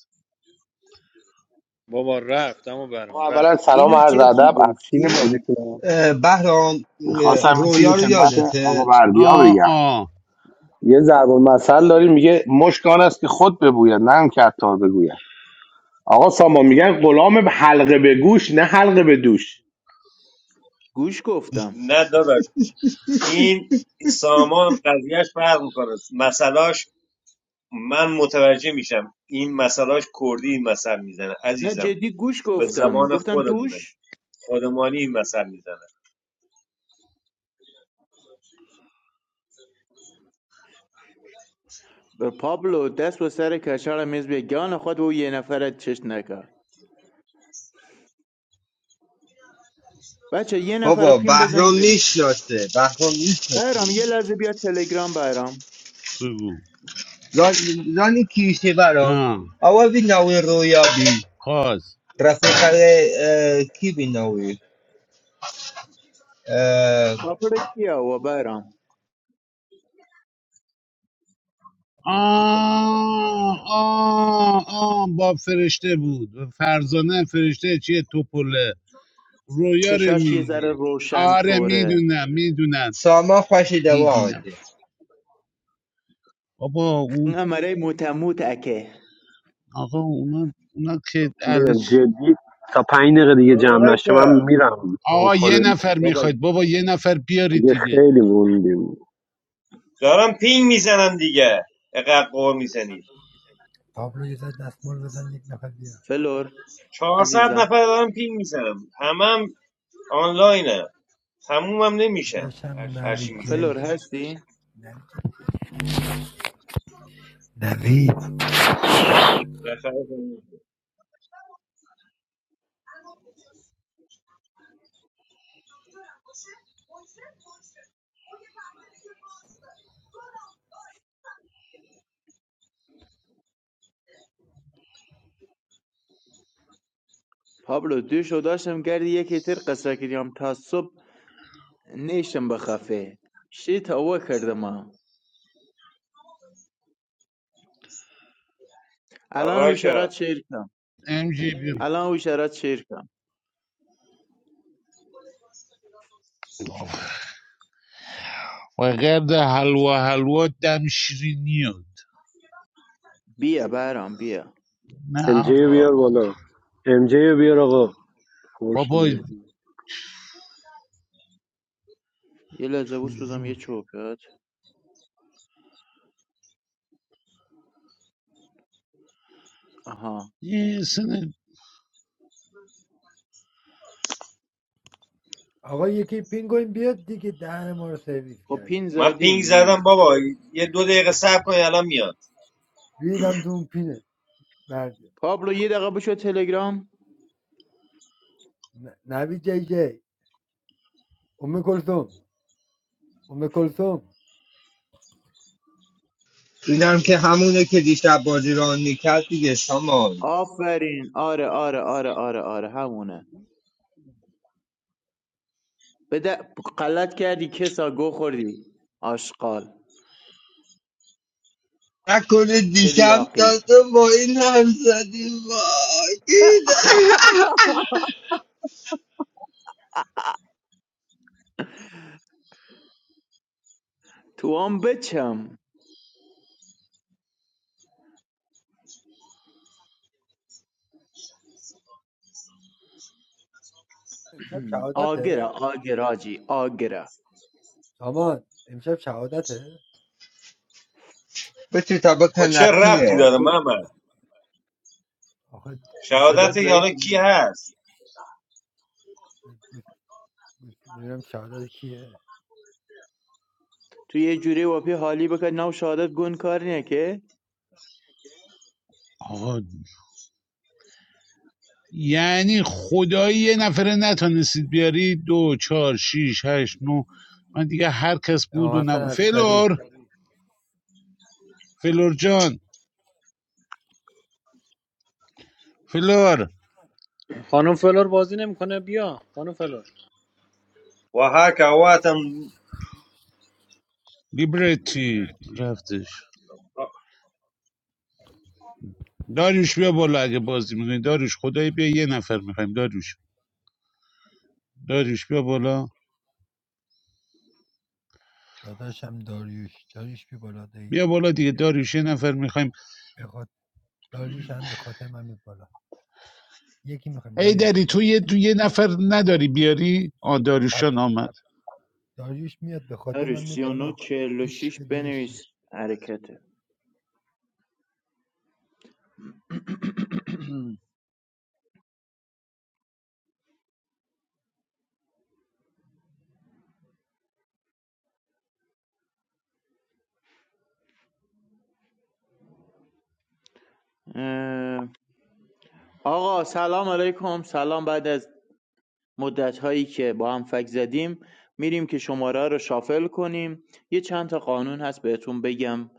Speaker 6: بابا رفت اما برام
Speaker 10: آقا اولا
Speaker 6: رفت
Speaker 10: سلام و
Speaker 5: اینو
Speaker 10: عرض
Speaker 5: جدی
Speaker 10: ادب افشین
Speaker 5: گفتی
Speaker 10: بازیتون
Speaker 12: اه، بهرام اه،
Speaker 10: میخواستم این چیزی
Speaker 12: رویا رو
Speaker 10: خدمت آقا
Speaker 12: یادته
Speaker 2: آ
Speaker 10: بردیا بگم
Speaker 2: آ
Speaker 10: یه ضرب المثل داریم میگه مشکان است که خود ببوید نه هم که عطار بگوید آقا سامان میگن غلام حلقه به گوش نه حلقه به دوش
Speaker 5: گوش گفتم
Speaker 4: نه این سامان قضیهش فرق میکنه مسئلاش من متوجه میشم این مسئلاش کردی این مثل میزنه
Speaker 5: نه
Speaker 4: عزیزم
Speaker 5: جدی گوش
Speaker 4: به
Speaker 5: گفتم
Speaker 4: زبان
Speaker 5: گفتم
Speaker 4: خودمونه
Speaker 5: دوش
Speaker 4: خودمانی این مثل میزنه
Speaker 5: و پابلو دست به سر کچل میز به گان خود و او یه نفر چشم نکرد بچه یه نفر
Speaker 12: بابا
Speaker 5: پیم بزنیم
Speaker 12: بهرام
Speaker 5: بریم
Speaker 12: میشناسه بهرام میشناسه
Speaker 5: بایرام یه لحظه بیا تلگرام بایرام
Speaker 2: بگو
Speaker 12: زان... زانی کیشه برام
Speaker 2: آ
Speaker 12: آوا بی نوی رویا بی
Speaker 2: خواست
Speaker 12: رفیقه اه، کی بی نوی
Speaker 5: کاپر کیا و بایرام
Speaker 2: آ آ آ با فرشته بود فرزانه فرشته چیه توپله رویا رو
Speaker 5: چشاش یه ذره
Speaker 2: میگی
Speaker 5: روشن
Speaker 2: آره
Speaker 5: توره
Speaker 2: میدونم میدونم
Speaker 12: ساما خوشی دوات
Speaker 2: میدونم بابا اون
Speaker 5: نمره متموت اکه
Speaker 2: آقا اونا اونا که اهل
Speaker 8: بگم
Speaker 2: چ-
Speaker 8: جدی تا پنج دقیقه دیگه جمع
Speaker 4: رایفه
Speaker 8: نشه من میرم تو
Speaker 2: آقا یه
Speaker 8: خدا
Speaker 2: نفر
Speaker 5: بابا
Speaker 2: میخواید بابا یه نفر بیارید
Speaker 8: دیگه
Speaker 2: دیگه
Speaker 8: خیلی موندیم
Speaker 4: دارم پینگ میزنم دیگه اقدر قور میزنی
Speaker 7: پابلو یه ذره دستمال بزن یک نفر بیار
Speaker 5: فلور
Speaker 4: چهارصد
Speaker 5: عزیزم
Speaker 4: نفر دارم پینگ میزنم همم آنلاینم تمومم نمیشن
Speaker 7: داشتم
Speaker 4: هرچی
Speaker 7: نوید
Speaker 4: میزنی
Speaker 7: جی
Speaker 5: فلور هستی؟
Speaker 7: جی. نوید
Speaker 5: پابلو دوش و داشتم گردی یکی تر قصه کردیم تا صبح نیشتم بخفه شی تا کردم الان وشرات
Speaker 4: راجا
Speaker 5: شیر کم
Speaker 2: امجی بیا.
Speaker 5: الان وشرات شیر کم
Speaker 2: و گرد حلوا حلوا دم شیرینیات
Speaker 5: بیا بایرام بیا
Speaker 2: نه
Speaker 8: ام جی رو بیار
Speaker 2: آقا
Speaker 8: بالا ام جی رو بیار آقا
Speaker 2: بابا
Speaker 8: خورشیم
Speaker 5: یه لحظه بسپزم یه چوبت آها
Speaker 2: یه سن
Speaker 7: آقا یکی پینگوین بیاد دیگه دهن ما رو سرویس
Speaker 5: خب پین
Speaker 7: کردیم
Speaker 4: من پینگ
Speaker 5: زدیم
Speaker 4: زدم
Speaker 5: نیم
Speaker 4: بابا یه دو دقیقه صبر کنی الان میاد
Speaker 7: ریدم تو اون پینه مرد
Speaker 5: پابلو یه دقیقه بشو تلگرام
Speaker 7: ن- نوید جی جی ام کلثوم ام کلثوم
Speaker 12: اینم که همونه که دیشب بازی ران میکرد دیگه سامان
Speaker 5: آفرین آره آره آره آره آره همونه بده غلط کردی کسا گو خوردی آشقال
Speaker 12: نکنه دیشب
Speaker 5: تلیاقی
Speaker 12: دادم با این هم زدی وای [LAUGHS]
Speaker 5: تو هم بچم
Speaker 7: امشب
Speaker 5: آگره
Speaker 7: شهادته
Speaker 5: آگره آجی آگره
Speaker 7: سامان امشب شهادته
Speaker 12: بچه تابا
Speaker 4: خب چه ربطی
Speaker 5: آه،
Speaker 12: کنقیه
Speaker 4: داره
Speaker 5: تو-
Speaker 4: محمد
Speaker 7: آخه
Speaker 5: صدات
Speaker 4: شهادت
Speaker 7: حسینی
Speaker 5: ضعیف
Speaker 4: حالا کی
Speaker 5: بود.
Speaker 4: هست
Speaker 7: نمیدونم شهادت کیه
Speaker 5: تو یه جوری واپی حالی بکن نو شهادت گون کار نه که
Speaker 2: آقا یعنی خدایی یه نفره نتونستید بیاری دو چهار شیش هشت نو من دیگه هر کس بود و
Speaker 7: امامحسن
Speaker 2: نب...
Speaker 7: عسکری
Speaker 2: فلور فلور جان فلور
Speaker 6: خانم فلور بازی نمیکنه بیا خانم فلور
Speaker 4: و هک عواتم
Speaker 2: لیبرتی رفتش داریوش بیا بالا اگه بازی میکنی داریوش خدایی بیا یه نفر میخوایم داریوش داریوش بیا بالا
Speaker 7: داداشم داریوش داریوش بی بالا دایی
Speaker 2: بیا بالا دیگه داریوش یه نفر میخوایم
Speaker 7: بخاط... داریوش هم به خاطر من میاد بالا یکی میخوایم
Speaker 2: ای دری
Speaker 7: داریوش
Speaker 2: تو یه تو یه نفر نداری بیاری آ داریوش
Speaker 7: صبر
Speaker 2: جان آمد
Speaker 7: داریوش میاد به خاطر
Speaker 5: داری
Speaker 7: من میاد
Speaker 5: سی و نو
Speaker 7: بالا
Speaker 5: چهل و شیش
Speaker 7: عشق داداشی
Speaker 5: بنویس حرکته اه، آقا سلام علیکم سلام بعد از مدت هایی که با هم فک زدیم میریم که شماره رو شافل کنیم یه چند تا قانون هست بهتون بگم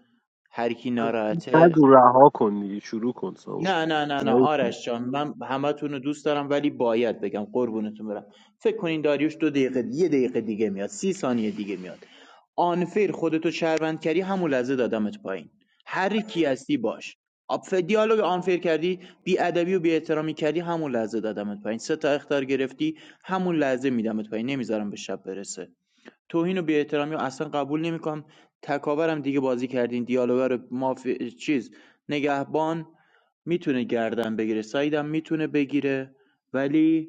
Speaker 5: هر کی ناراحته
Speaker 8: نگو رها کن دیگه شروع کن سامو
Speaker 5: نه نه نه نه آرش جان من همتون رو دوست دارم ولی باید بگم قربونتون برم فکر کنین داریوش دو دقیقه یه دقیقه دیگه میاد سی ثانیه دیگه میاد آنفیر خودتو شهروند کردی همون لحظه دادمت پایین هر کی هستی باش آب دیالوگ آنفیر کردی بی ادبی و بی احترامی کردی همون لحظه دادمت پایین سه تا اختار گرفتی همون لحظه میدمت پایین نمیذارم به شب برسه توهین و بی‌احترامی رو اصلا قبول نمی‌کنم تکاورم دیگه بازی کردین دیالوگا رو ماف... چیز نگهبان میتونه گردن بگیره سایدم میتونه بگیره ولی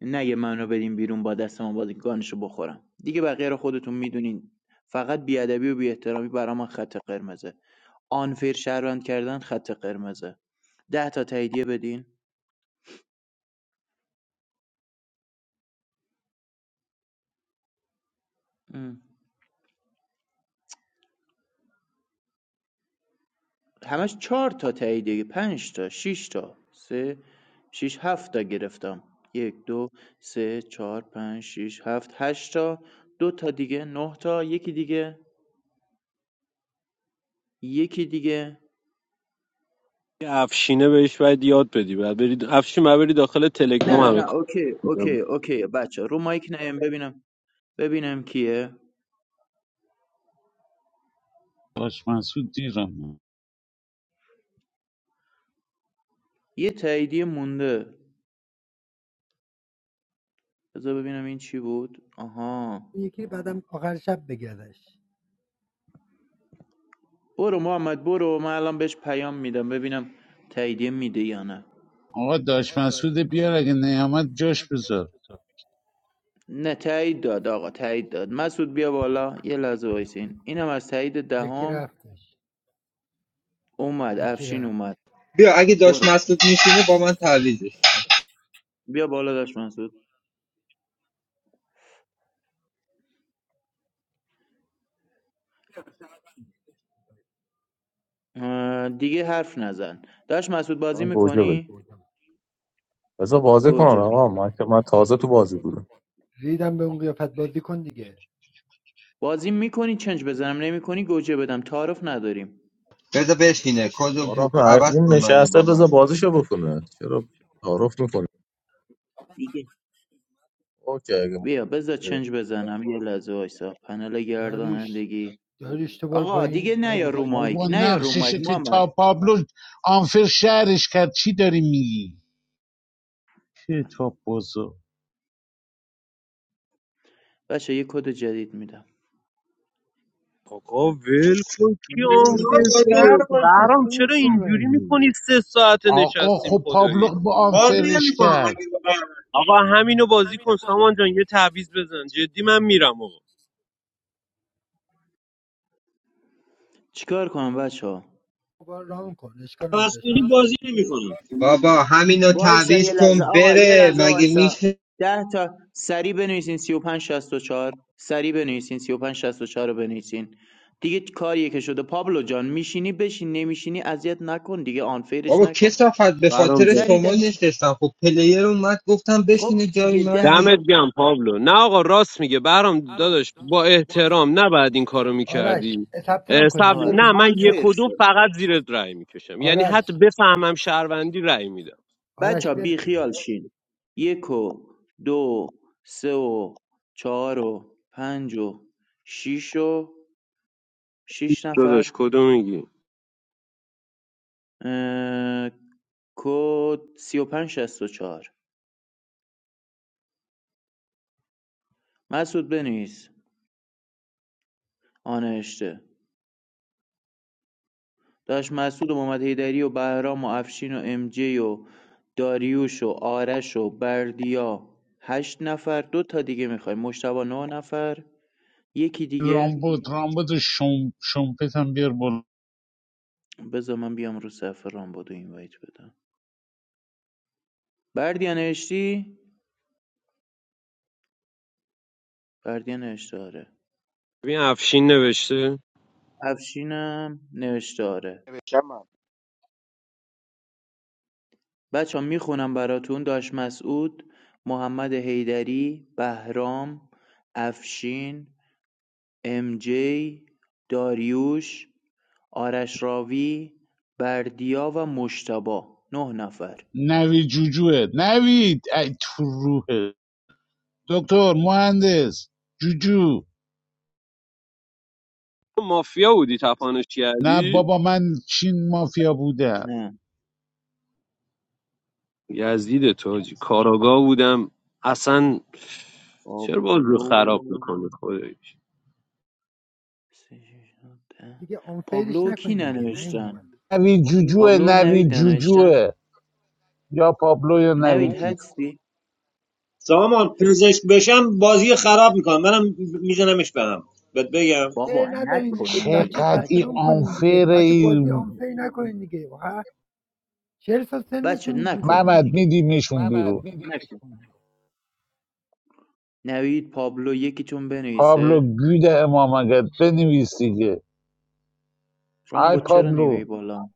Speaker 5: نگه منو بدین بیرون با دست من بازی گانشو بخورم دیگه بقیه رو خودتون میدونین فقط بیادبی و بی‌احترامی برا من خط قرمزه آنفیر شهروند کردن خط قرمزه ده تا تاییدیه بدین همش چهار تا تاییدیه پنج تا شیش تا سه شیش هفت تا گرفتم یک دو سه چهار پنج شیش هفت هشت تا دو تا دیگه نه تا یکی دیگه یکی دیگه
Speaker 8: یه افشینه بهش باید یاد بدی بعد برید افشین من بری داخل
Speaker 5: نه
Speaker 8: تلگرام همه
Speaker 5: نه
Speaker 8: کار
Speaker 5: اوکی
Speaker 8: می‌دم.
Speaker 5: اوکی اوکی بچه رو مایک نیم ببینم ببینم کیه
Speaker 2: داش مسعود دیرم
Speaker 5: یه تاییدیه مونده بذار ببینم این چی بود آها
Speaker 7: یکی رو بعدم آخر شب بگردش
Speaker 5: برو محمد برو من الان بهش پیام میدم ببینم تاییدیه میده یا نه
Speaker 2: آقا داش مسعود بیار اگه نیامد جاش بذار
Speaker 5: نه تایید داد آقا تایید داد مسعود بیا بالا یه لحظه وایسین اینم از تایید
Speaker 7: یکی
Speaker 5: دهم
Speaker 7: رفتش
Speaker 5: اومد
Speaker 7: یکی
Speaker 5: افشین
Speaker 7: رفت
Speaker 5: اومد
Speaker 12: بیا اگه داشت
Speaker 5: برو
Speaker 12: مسعود میشینه با من تعویزش
Speaker 5: بیا بالا داش مسعود اه، دیگه حرف نزن داش مسعود بازی
Speaker 14: من گوجه بده
Speaker 5: میکنی
Speaker 14: بذار بازی کنن
Speaker 5: گوجه می
Speaker 14: آقا من که من تازه تو بازی بودم
Speaker 7: ریدم به اون قیافت بازی کن دیگه
Speaker 5: بازی میکنی چنج بزنم نمیکنی گوجه بدم تعارف نداریم
Speaker 12: بذار بشینه کدو
Speaker 14: آرف
Speaker 12: کو-
Speaker 14: نه،
Speaker 12: عوض
Speaker 14: اون
Speaker 12: کن منو
Speaker 14: نشسته
Speaker 12: با من
Speaker 14: بذار بازیشو بکنه چرا تعارف میکنه
Speaker 5: دیگه
Speaker 14: اوکی اگه-
Speaker 5: بیا بذار چنج بزنم یه لحظه وایسا پنل
Speaker 7: داریوش
Speaker 5: گردانندگی
Speaker 7: داریوش تو بار
Speaker 5: آقا دیگه
Speaker 7: پایین
Speaker 5: نه یا
Speaker 7: داریوش
Speaker 5: رو مایک
Speaker 2: با
Speaker 5: نه یا رو مایک
Speaker 2: نقشش که
Speaker 5: محمد
Speaker 2: تا پابلو آنفر شهرش کرد چی داری میگی کتاب بازار
Speaker 5: بچه یه کد جدید میدم
Speaker 8: آقا ول کن کی آن
Speaker 15: خب
Speaker 8: فرستاده
Speaker 15: سر باشی
Speaker 8: برام
Speaker 15: چی
Speaker 8: چرا
Speaker 15: میشه
Speaker 8: اینجوری
Speaker 15: منی
Speaker 8: میکنی سه ساعت
Speaker 2: آقا
Speaker 8: نشستیم
Speaker 2: خب
Speaker 8: خدایی
Speaker 2: پابلو با
Speaker 4: بازی
Speaker 2: آنفرش
Speaker 4: نمیکنم
Speaker 2: کرد
Speaker 4: مگه با
Speaker 8: آقا همینو بازی کن سامان جان یه تعویض بزن جدی من میرم آقا
Speaker 5: چیکار کنم بچه ها؟
Speaker 7: تو بار رام کن اشکال نداشت
Speaker 4: بازی نمیکنم
Speaker 12: بابا همینو
Speaker 5: وایسا
Speaker 12: تعویز
Speaker 5: یه
Speaker 12: کن
Speaker 5: لحظه آقا یه
Speaker 12: بره
Speaker 5: لحظه
Speaker 12: مگه
Speaker 5: وایسا
Speaker 12: میشه
Speaker 5: ده تا سریع بنویسین 35 64 سریع بنویسین 35 64 رو بنویسین دیگه کاریه که شده پابلو جان میشینی بشین نمیشینی اذیت نکن دیگه آنفیرش
Speaker 12: بابا
Speaker 5: نکن
Speaker 12: کسافت به
Speaker 8: برام
Speaker 12: خاطر
Speaker 5: سریع ده
Speaker 12: شما
Speaker 5: تا-
Speaker 12: نشستم خب پلیر اومد گفتم
Speaker 5: خب
Speaker 12: بشینه جای
Speaker 5: دیگه
Speaker 12: من
Speaker 5: ده
Speaker 12: دیگه.
Speaker 8: دمت
Speaker 5: تا
Speaker 8: گم پابلو نه آقا راست میگه برام داداش با احترام نباید این کارو
Speaker 7: آرش
Speaker 8: میکردی
Speaker 7: ثبت نام کن
Speaker 8: سب...
Speaker 7: دیگه ول
Speaker 5: آره
Speaker 8: نه
Speaker 7: کن
Speaker 8: من یک
Speaker 5: آنفیر
Speaker 8: و دو
Speaker 5: شد
Speaker 8: فقط زیرت رأی میکشم یعنی
Speaker 7: آرش
Speaker 8: حتی بفهمم شهروندی رأی میدم
Speaker 5: بچه ها
Speaker 7: آرش ول
Speaker 5: بی
Speaker 7: کن
Speaker 5: خیال شین یک و دو سه و چهار و پنج و شیش و شیش نفر
Speaker 8: داداش کدو میگی
Speaker 5: اه، کد سی و پنج شست و چهار مسعود بنویس آن اشته داشت مسعود و محمد حیدری و بهرام و افشین و ام جی و داریوش و آرش و بردیا هشت نفر دو تا دیگه میخوای مشتبه نه نفر یکی دیگه
Speaker 2: رامبد رامبد شم شمپت هم بیار بالا
Speaker 5: بذار من بیام رو صفحه رامبد و اینوایت بدم بردیا نوشتی؟ بردیا نوشته آره
Speaker 8: ببین افشین نوشته
Speaker 5: افشینم نوشته آره بچهها میخونم براتون داش مسعود، محمد حیدری، بهرام، افشین، ام جی، داریوش، آرش راوی، بردیا و مشتبه نه نفر
Speaker 2: نوید جوجوه نوید ای تو روحه دکتر مهندس جوجو
Speaker 8: مافیا بودی تپانش
Speaker 2: نه
Speaker 8: کردی
Speaker 2: بابا من چین مافیا بودم
Speaker 5: نه
Speaker 8: یزدید تاجی کاراگاه بودم اصلا چرا باز رو
Speaker 5: پابلو
Speaker 8: خراب میکنه خدایش
Speaker 5: سه، شش، هفت، ده.
Speaker 7: دیگه آنفیلش
Speaker 5: پابلو کی
Speaker 7: نکنین دیگه نه این
Speaker 5: ننوشتن
Speaker 7: من
Speaker 2: نوی جوجوه
Speaker 5: پابلو و
Speaker 2: نوی
Speaker 5: نوید ننوشتن
Speaker 2: جوجوه یا پابلو یا
Speaker 5: نوید
Speaker 2: نوید جوجو
Speaker 5: هستی
Speaker 4: سامان پزشک بشم بازی خراب میکنم منم میزنمش به هم بهت بگم
Speaker 7: سر
Speaker 5: بابا
Speaker 7: نزنین دیگه
Speaker 5: نکنین
Speaker 7: بچه
Speaker 5: دیگه
Speaker 2: چقدر
Speaker 7: ثبت
Speaker 2: این
Speaker 5: بچه
Speaker 7: نام کنین دیگه بچه بازی
Speaker 2: آنفره
Speaker 7: آنفیل نکنین دیگه واقعا چهل سال
Speaker 5: بچه
Speaker 7: سنتون دیگه
Speaker 5: نکنین
Speaker 2: محمد
Speaker 5: دیگه
Speaker 2: میدیمشون بیرون
Speaker 5: نوید پابلو یکی یکیتون
Speaker 2: پابلو
Speaker 5: بنویسه
Speaker 2: گید امامگت بنویس دیگه ای
Speaker 5: رامبو چرا
Speaker 2: پابلو
Speaker 5: نمیای بالا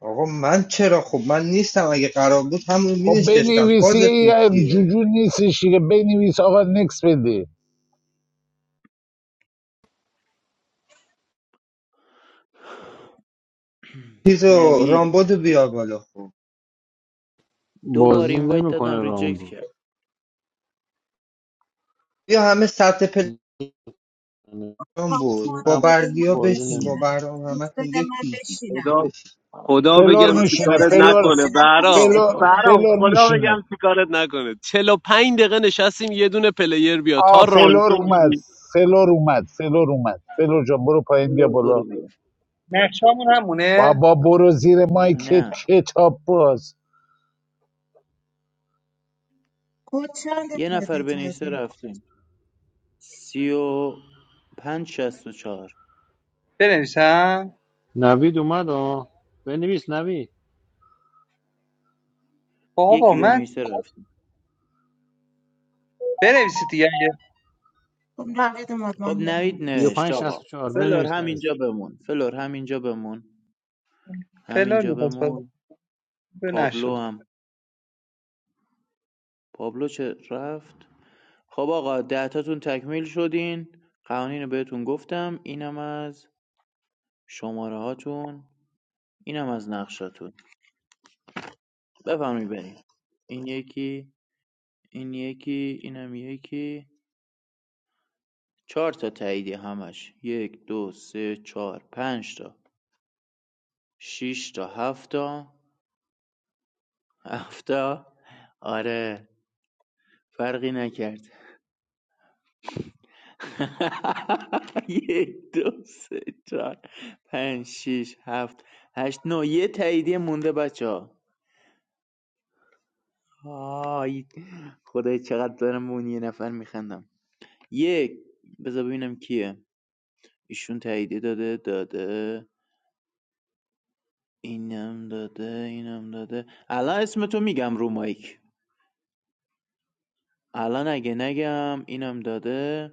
Speaker 12: آقا من چرا خب من نیستم اگه قرار بود همون می
Speaker 2: خب
Speaker 12: نشستم
Speaker 2: بنویس دیگه
Speaker 12: فازتون
Speaker 2: یه
Speaker 12: چیه
Speaker 2: جوجو نیستش دیگه بنویس آقا نکس بده
Speaker 12: چیزو
Speaker 5: نوید
Speaker 12: رامبدو بیار بالا خب
Speaker 5: دو بار
Speaker 6: بازی
Speaker 5: اینوایت
Speaker 6: نمیکنه
Speaker 5: دادم ریجکت
Speaker 6: رامبو
Speaker 5: کرد
Speaker 12: بیا همه سطح پلان
Speaker 3: تا
Speaker 12: بود
Speaker 3: کد
Speaker 12: با
Speaker 6: من
Speaker 3: بده
Speaker 12: بردیا
Speaker 3: من
Speaker 6: بازی
Speaker 12: بشین با
Speaker 6: نمی
Speaker 3: بشینم
Speaker 12: برام
Speaker 3: کد
Speaker 12: همتون
Speaker 3: بده من
Speaker 12: یکی دیگه
Speaker 3: بشینم
Speaker 8: خدا
Speaker 12: بشین.
Speaker 8: خدا
Speaker 2: فلور
Speaker 8: بگم
Speaker 3: آقا کد
Speaker 2: میشینه
Speaker 8: چیکارت
Speaker 3: بده من
Speaker 2: فلور
Speaker 8: نکنه
Speaker 3: بشینم پشت
Speaker 8: برام
Speaker 2: فلور
Speaker 3: خودتون
Speaker 8: برام
Speaker 2: فلور
Speaker 8: خدا
Speaker 2: میشینه
Speaker 8: بگم چیکارت نکنه 45 دقیقه نشستیم یه دونه پلیر بیا تا
Speaker 2: آ فلور
Speaker 8: رانچو تو
Speaker 2: اومد
Speaker 8: بی-
Speaker 2: فلور اومد فلور اومد فلور جان برو پایین بیا
Speaker 5: بلور
Speaker 2: بالا
Speaker 5: برو بیا
Speaker 11: نقشامون همونه
Speaker 2: بابا برو زیر مایکت
Speaker 5: نه
Speaker 2: کتاب باز
Speaker 3: کد چند
Speaker 5: یه
Speaker 3: خود
Speaker 5: نفر بنویسه
Speaker 3: جدید
Speaker 5: رفتیم سی و پنج شست و چهار
Speaker 11: بنویسم
Speaker 6: نوید اومد آه بنویس نوید
Speaker 11: بابا
Speaker 5: یکی
Speaker 11: من
Speaker 5: بنویسه رفتیم
Speaker 11: بنویسید دیگه اگه
Speaker 3: خب نوید اومد من
Speaker 5: خب نوید
Speaker 3: نمیدونم
Speaker 5: نوشت
Speaker 6: 35
Speaker 5: آقا
Speaker 6: 64
Speaker 5: فلور
Speaker 6: بنویس نوید
Speaker 5: همینجا بمون فلور همینجا بمون
Speaker 11: فلان
Speaker 5: همینجا
Speaker 11: میخواست باز
Speaker 5: بمون پابلو
Speaker 11: نشد
Speaker 5: هم پابلو چه رفت خب آقا دهتاتون تکمیل شدین قوانین رو بهتون گفتم اینم از شماره هاتون اینم از نقشاتون بفرمایید بریم این یکی این یکی اینم یکی چهار تا تاییدی همش یک دو سه چهار پنج تا شیش تا هفت تا هفت تا آره فرقی نکرد [LAUGHS] یک دو سه چهار پنج شیش هفت هشت نه. یه تاییدیه مونده بچه ها آی خدای چقدر دارم به اون یه نفر میخندم یک بذار ببینم کیه ایشون تاییدی داده داده اینم داده اینم داده الان اسم تو میگم رو مایک الان اگه نگم اینم داده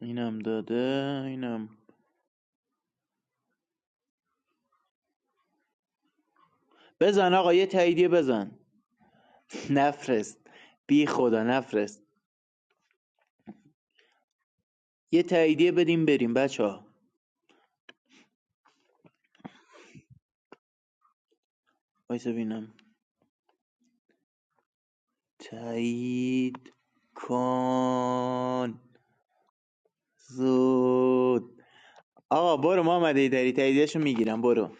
Speaker 5: اینم داده اینم بزن آقا یه تاییدیه بزن [LAUGHS] نفرست بی خدا نفرست یه تاییدیه بدیم بریم بچه ها وایسا ببینم تایید کن زود آقا برو محمد ایدری تاییدیشو میگیرم برو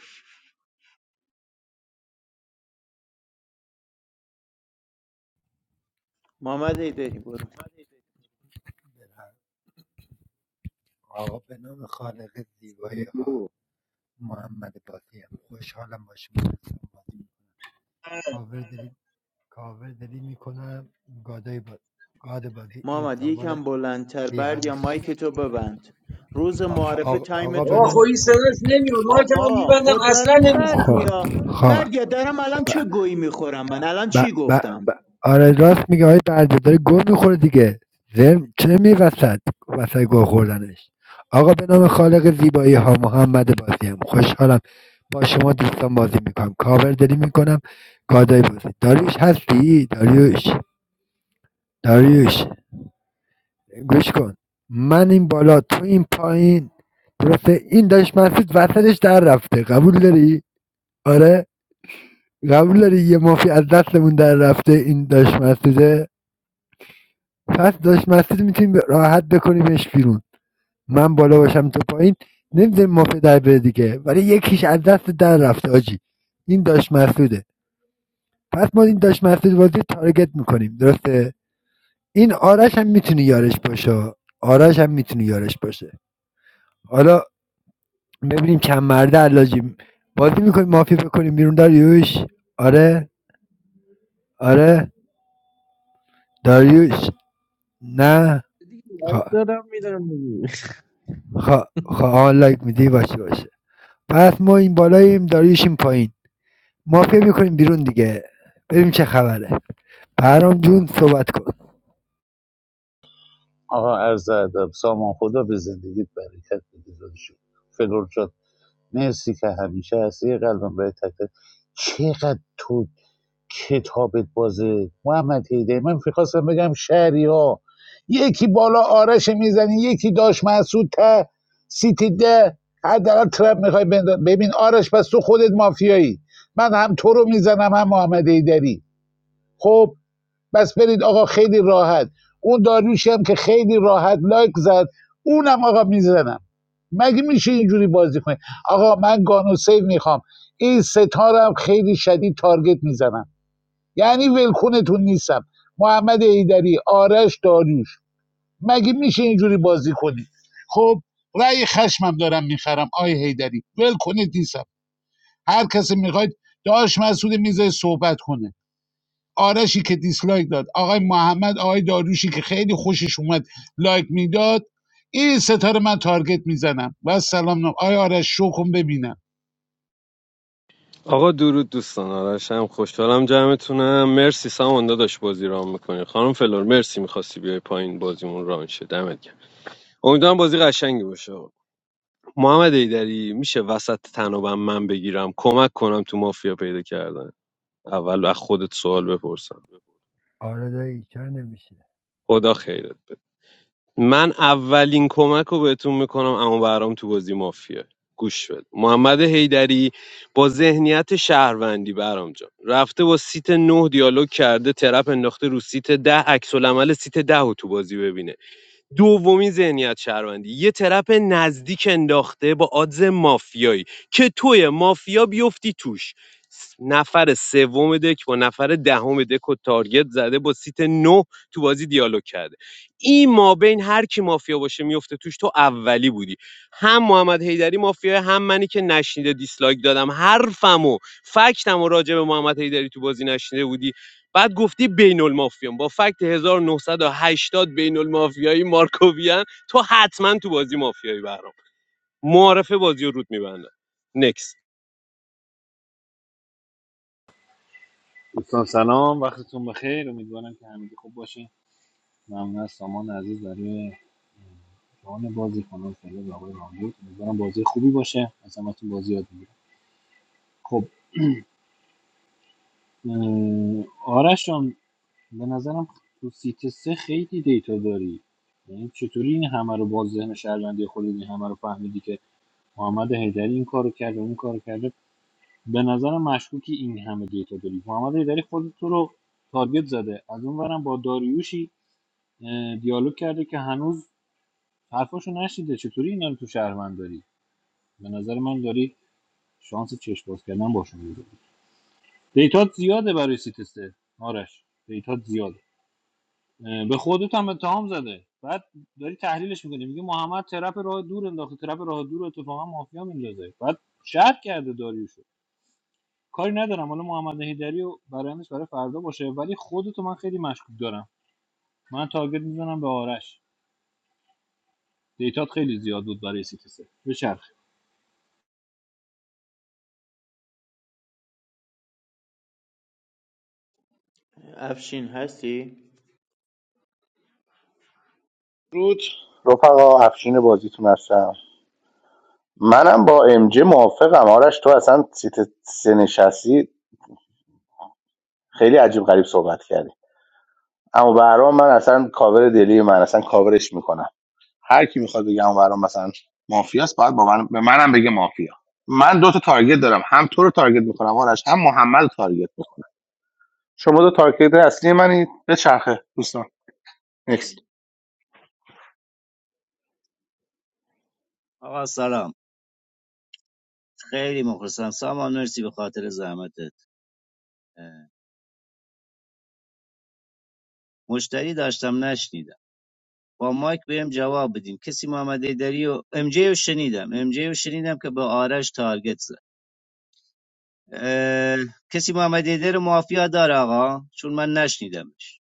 Speaker 5: محمد ایدری برو
Speaker 7: آقا به نام خالق زیبای آ- محمد باقی هم خوشحالم با کاور دلی کاور دلی میکنم گادای با... گاد بازی این
Speaker 5: محمد
Speaker 7: سامان
Speaker 5: یکم بلندتر
Speaker 7: بی
Speaker 5: برد یا
Speaker 7: همه
Speaker 5: مایک تو ببند روز
Speaker 7: آ-
Speaker 5: معارفه
Speaker 7: آقا, آقا به
Speaker 4: آه
Speaker 5: تایمتونه
Speaker 7: نام
Speaker 4: خوری صداش نمیاد ما که من
Speaker 5: آقا
Speaker 4: میبندم
Speaker 5: خود
Speaker 4: اصلا
Speaker 5: دارم
Speaker 4: نمیشنم
Speaker 7: خ...
Speaker 5: بردیا
Speaker 7: خ...
Speaker 5: بردیا دارم الان چه گویی میخورم من الان
Speaker 7: ب...
Speaker 5: چی
Speaker 7: ب...
Speaker 5: گفتم
Speaker 7: ب... آره راست میگه آقای برده داره گل میخوره دیگه زرم چه می وسط وسط گل خوردنش آقا به نام خالق زیبایی ها محمد بازیم خوشحالم با شما دوستان بازی میکنم کاور دلی میکنم کادای بازی داریوش هستی داریوش داریوش گوش کن من این بالا تو این پایین درسته این داشت مسعود وسطش در رفته قبول داری آره قبول داری یه مافی از دستمون در رفته این داشت مسعوده پس داش مسعود میتونیم راحت بکنیمش بیرون من بالا باشم تو پایین نمیذاریم ما پدر بره دیگه ولی یکیش از دست در رفته آجی این داش مسعوده پس ما این داش مسعود بازی رو تارگت میکنیم درسته این آرش هم میتونی یارش باشه آرش هم میتونی یارش باشه حالا ببینیم چند مرده علاجی بازی میکنیم مافی بکنیم بیرون داریوش آره آره داریوش نه
Speaker 15: دیگه لایک
Speaker 7: خا
Speaker 15: دادم میدم دیگه
Speaker 7: خا خا آن لایک میدی باشه باشه پس ما این بالاییم داریوش این پایین مافیا میکنیم بیرون دیگه بریم چه خبره پرام جون صحبت کن
Speaker 2: آقا عرض ادب سامان خدا به زندگیت برکت بده داداشی. فلور جان مرسی که همیشه هستی قلبم برای تک تک. چقدر تو کتابت بازه محمد هیده من میخواستم بگم شهری ها یکی بالا آرش میزنی یکی داش محسود ته سیتی ده حداقل ترپ میخوای بنداز ببین آرش پس تو خودت مافیایی من هم تو رو میزنم هم محمد هیدری خب بس برید آقا خیلی راحت اون داریوشی هم که خیلی راحت لایک زد اونم آقا میزنم مگه میشه اینجوری بازی کنید آقا من گانو سیو میخوام این ستارم خیلی شدید تارگت میزنم یعنی ولکونتون نیستم محمد ایدری آرش داریوش مگه میشه اینجوری بازی کنید خب رأی خشمم دارم میخرم آی هیدری ول کنید نیستم هر کسی میخواید داش مسعود میزه صحبت کنه آرشی که دیسلایک داد آقای محمد آقای داروشی که خیلی خوشش اومد لایک میداد این ستاره من تارگت میزنم و سلام نام آقای آرش شو کن ببینم
Speaker 8: آقا درود دوستان آرشم خوشحالم جمعتونم مرسی سامان داداش بازی رام میکنی خانم فلور مرسی میخواستی بیای پایین بازیمون ران شه دمت گرم امیدوارم بازی قشنگی باشه آقا. محمد ایدری میشه وسط تنابم من بگیرم کمک کنم تو مافیا پیدا کردن اول از خودت سوال بپرسم
Speaker 7: آره دایی چرا نمیشه
Speaker 8: خدا خیرت بده من اولین کمک رو بهتون میکنم اما برام تو بازی مافیا، گوش بده محمد حیدری با ذهنیت شهروندی برام جان رفته با سیت نه دیالوگ کرده ترپ انداخته رو سیت ده عکس العمل سیت ده رو تو بازی ببینه دومین ذهنیت شهروندی یه ترپ نزدیک انداخته با آدز مافیایی که توی مافیا بیفتی توش نفر سوم دک با نفر دهم دک و تارگت زده با سیت نه تو بازی دیالوگ کرده این ما بین هر کی مافیا باشه میفته توش تو اولی بودی هم محمد حیدری مافیا هم منی که نشنیده دیسلایک دادم حرفمو فکتمو راجع به محمد حیدری تو بازی نشنیده بودی بعد گفتی بین المافیان با فکت 1980 بین المافیایی مارکوویان تو حتما تو بازی مافیایی برام معارفه بازی رو رود میبندم نکس
Speaker 6: دوستان سلام وقتتون بخیر امیدوارم که همگی خوب باشه ممنون از سامان عزیز برای جان بازی خانم فعلا به آقای رامبو امیدوارم بازی خوبی باشه از همتون بازی یاد بگیرم خب اه، آرش جان به نظرم تو سیت سه خیلی دیتا داری یعنی چطوری این همه رو باز ذهن شهروندی خودت این همه رو فهمیدی که محمد حیدری این کارو کرده اون کارو کرده به نظر مشکوکی این همه دیتا داری محمد حیدری خود تو رو تارگت زده از اون ورم با داریوشی دیالوگ کرده که هنوز حرفاشو نشیده چطوری اینا رو تو شهروند داری به نظر من داری شانس چشم باز کردن باشون میده دیتا زیاده برای سیتسته آرش دیتا زیاده به خودت هم اتهام زده بعد داری تحلیلش میکنی میگه محمد ترپ راه دور انداخته ترپ راه دور اتفاقا مافیا میندازه بعد شرط کرده داریوشو کاری ندارم حالا محمد هیدری و برندش برای فردا باشه ولی خودتو من خیلی مشکوک دارم من تارگت میزنم به آرش دیتات خیلی زیاد بود برای سیتسه به چرخ
Speaker 5: افشین هستی
Speaker 10: رود رفقا افشین بازیتون هستم منم با ام جی موافقم آرش تو اصلا سیت سه نشستی خیلی عجیب غریب صحبت کردی اما برام من اصلا کاور دلی من اصلا کاورش میکنم هر کی میخواد بگه اون برام مثلا مافیاست باید با من به منم بگه مافیا من دو تا تارگت دارم هم تو رو تارگت میکنم آرش هم محمد رو تارگت میکنم شما دو تارگت اصلی منید به چرخه دوستان نکست
Speaker 16: آقا سلام خیلی مخلصم سامان مرسی به خاطر زحمتت اه، مشتری داشتم نشنیدم با مایک بهم جواب بدین کسی محمد ایدری و ام جی رو شنیدم ام جی رو شنیدم که به آرش تارگت زد اه، کسی محمد ایدری رو مافیا داره آقا چون من نشنیدمش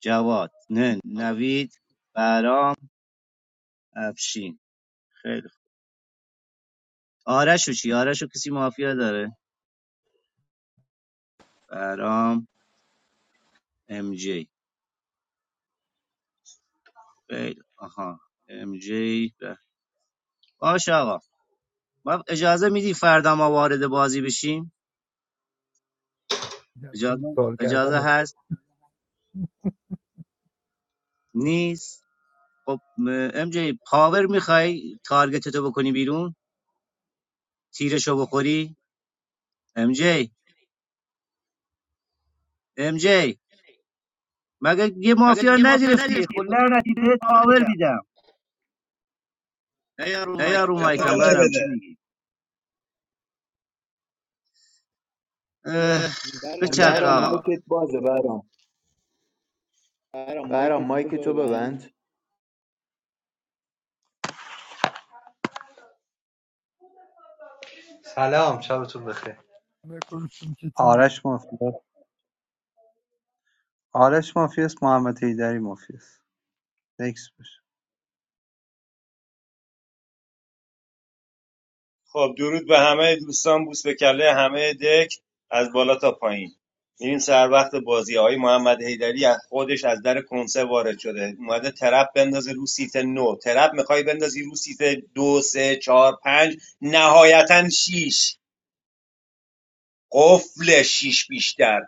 Speaker 16: جواد نه نوید برام افشین خیلی خوب. آرش رو چی آرش رو کسی مافیا داره برام ام جی خیلی خوب. آها ام جی به- باشه آقا ما اجازه میدی فردا ما وارد بازی بشیم
Speaker 7: دیدم تو
Speaker 16: اجازه
Speaker 7: سوال
Speaker 16: اجازه
Speaker 7: کردنه
Speaker 16: هست نیست خب ام جی پاور میخوای تارگت تو بکنی بیرون تیرشو بخوری ام جی ام جی مگه یه مافیا نگرفتی خب لعنتی بهت پاور میدم نه یا رو
Speaker 4: من
Speaker 16: مایکم
Speaker 4: پاور
Speaker 16: برم
Speaker 4: بده
Speaker 16: چی میگی اه، بچرخه
Speaker 5: برام
Speaker 16: آقا
Speaker 5: مایکت بازه برام برام مایک تو ببند
Speaker 11: سلام شبتون بخیر
Speaker 7: میکنستم چطوری
Speaker 11: آرش مافیاس آرش مافیاس محمد هیدری مافیاس نکس باشه
Speaker 4: خب درود به همه دوستان بوس به کله همه دک از بالا تا پایین میریم سر وقت بازی های محمد حیدری از خودش از در کنسه وارد شده اومده ترپ بندازه رو سیت نو ترپ میخوای بندازی رو سیت دو سه چهار پنج نهایتا شیش قفل شیش بیشتر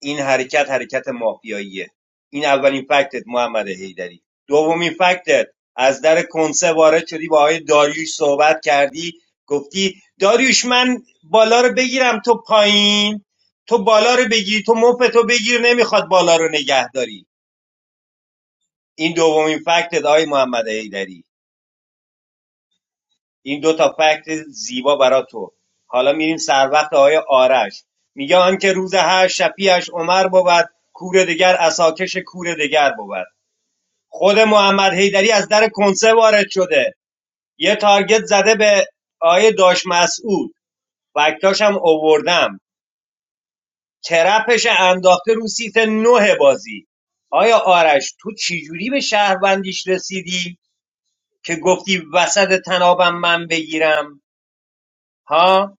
Speaker 4: این حرکت حرکت مافیاییه این اولین فکتت محمد حیدری دومین فکتت از در کنسه وارد شدی با آقای داریوش صحبت کردی گفتی داریوش من بالا رو بگیرم تو پایین تو بالا رو بگیری تو مفتو بگیر نمیخواد بالا رو نگه داری این دومین فکتت آقای محمد حیدری این دو تا فکت زیبا برا تو حالا میریم سر وقت آقای آرش میگه آنکه روز هر شفیعش عمر بود کور دگر اساکش کور دگر بود خود محمد حیدری از در کنسه وارد شده یه تارگت زده به آقای داش مسعود فکتاش هم اووردم ترپش انداخته رو سیت نه بازی آیا آرش تو چجوری به شهروندیش رسیدی که گفتی وسط تنابم من بگیرم ها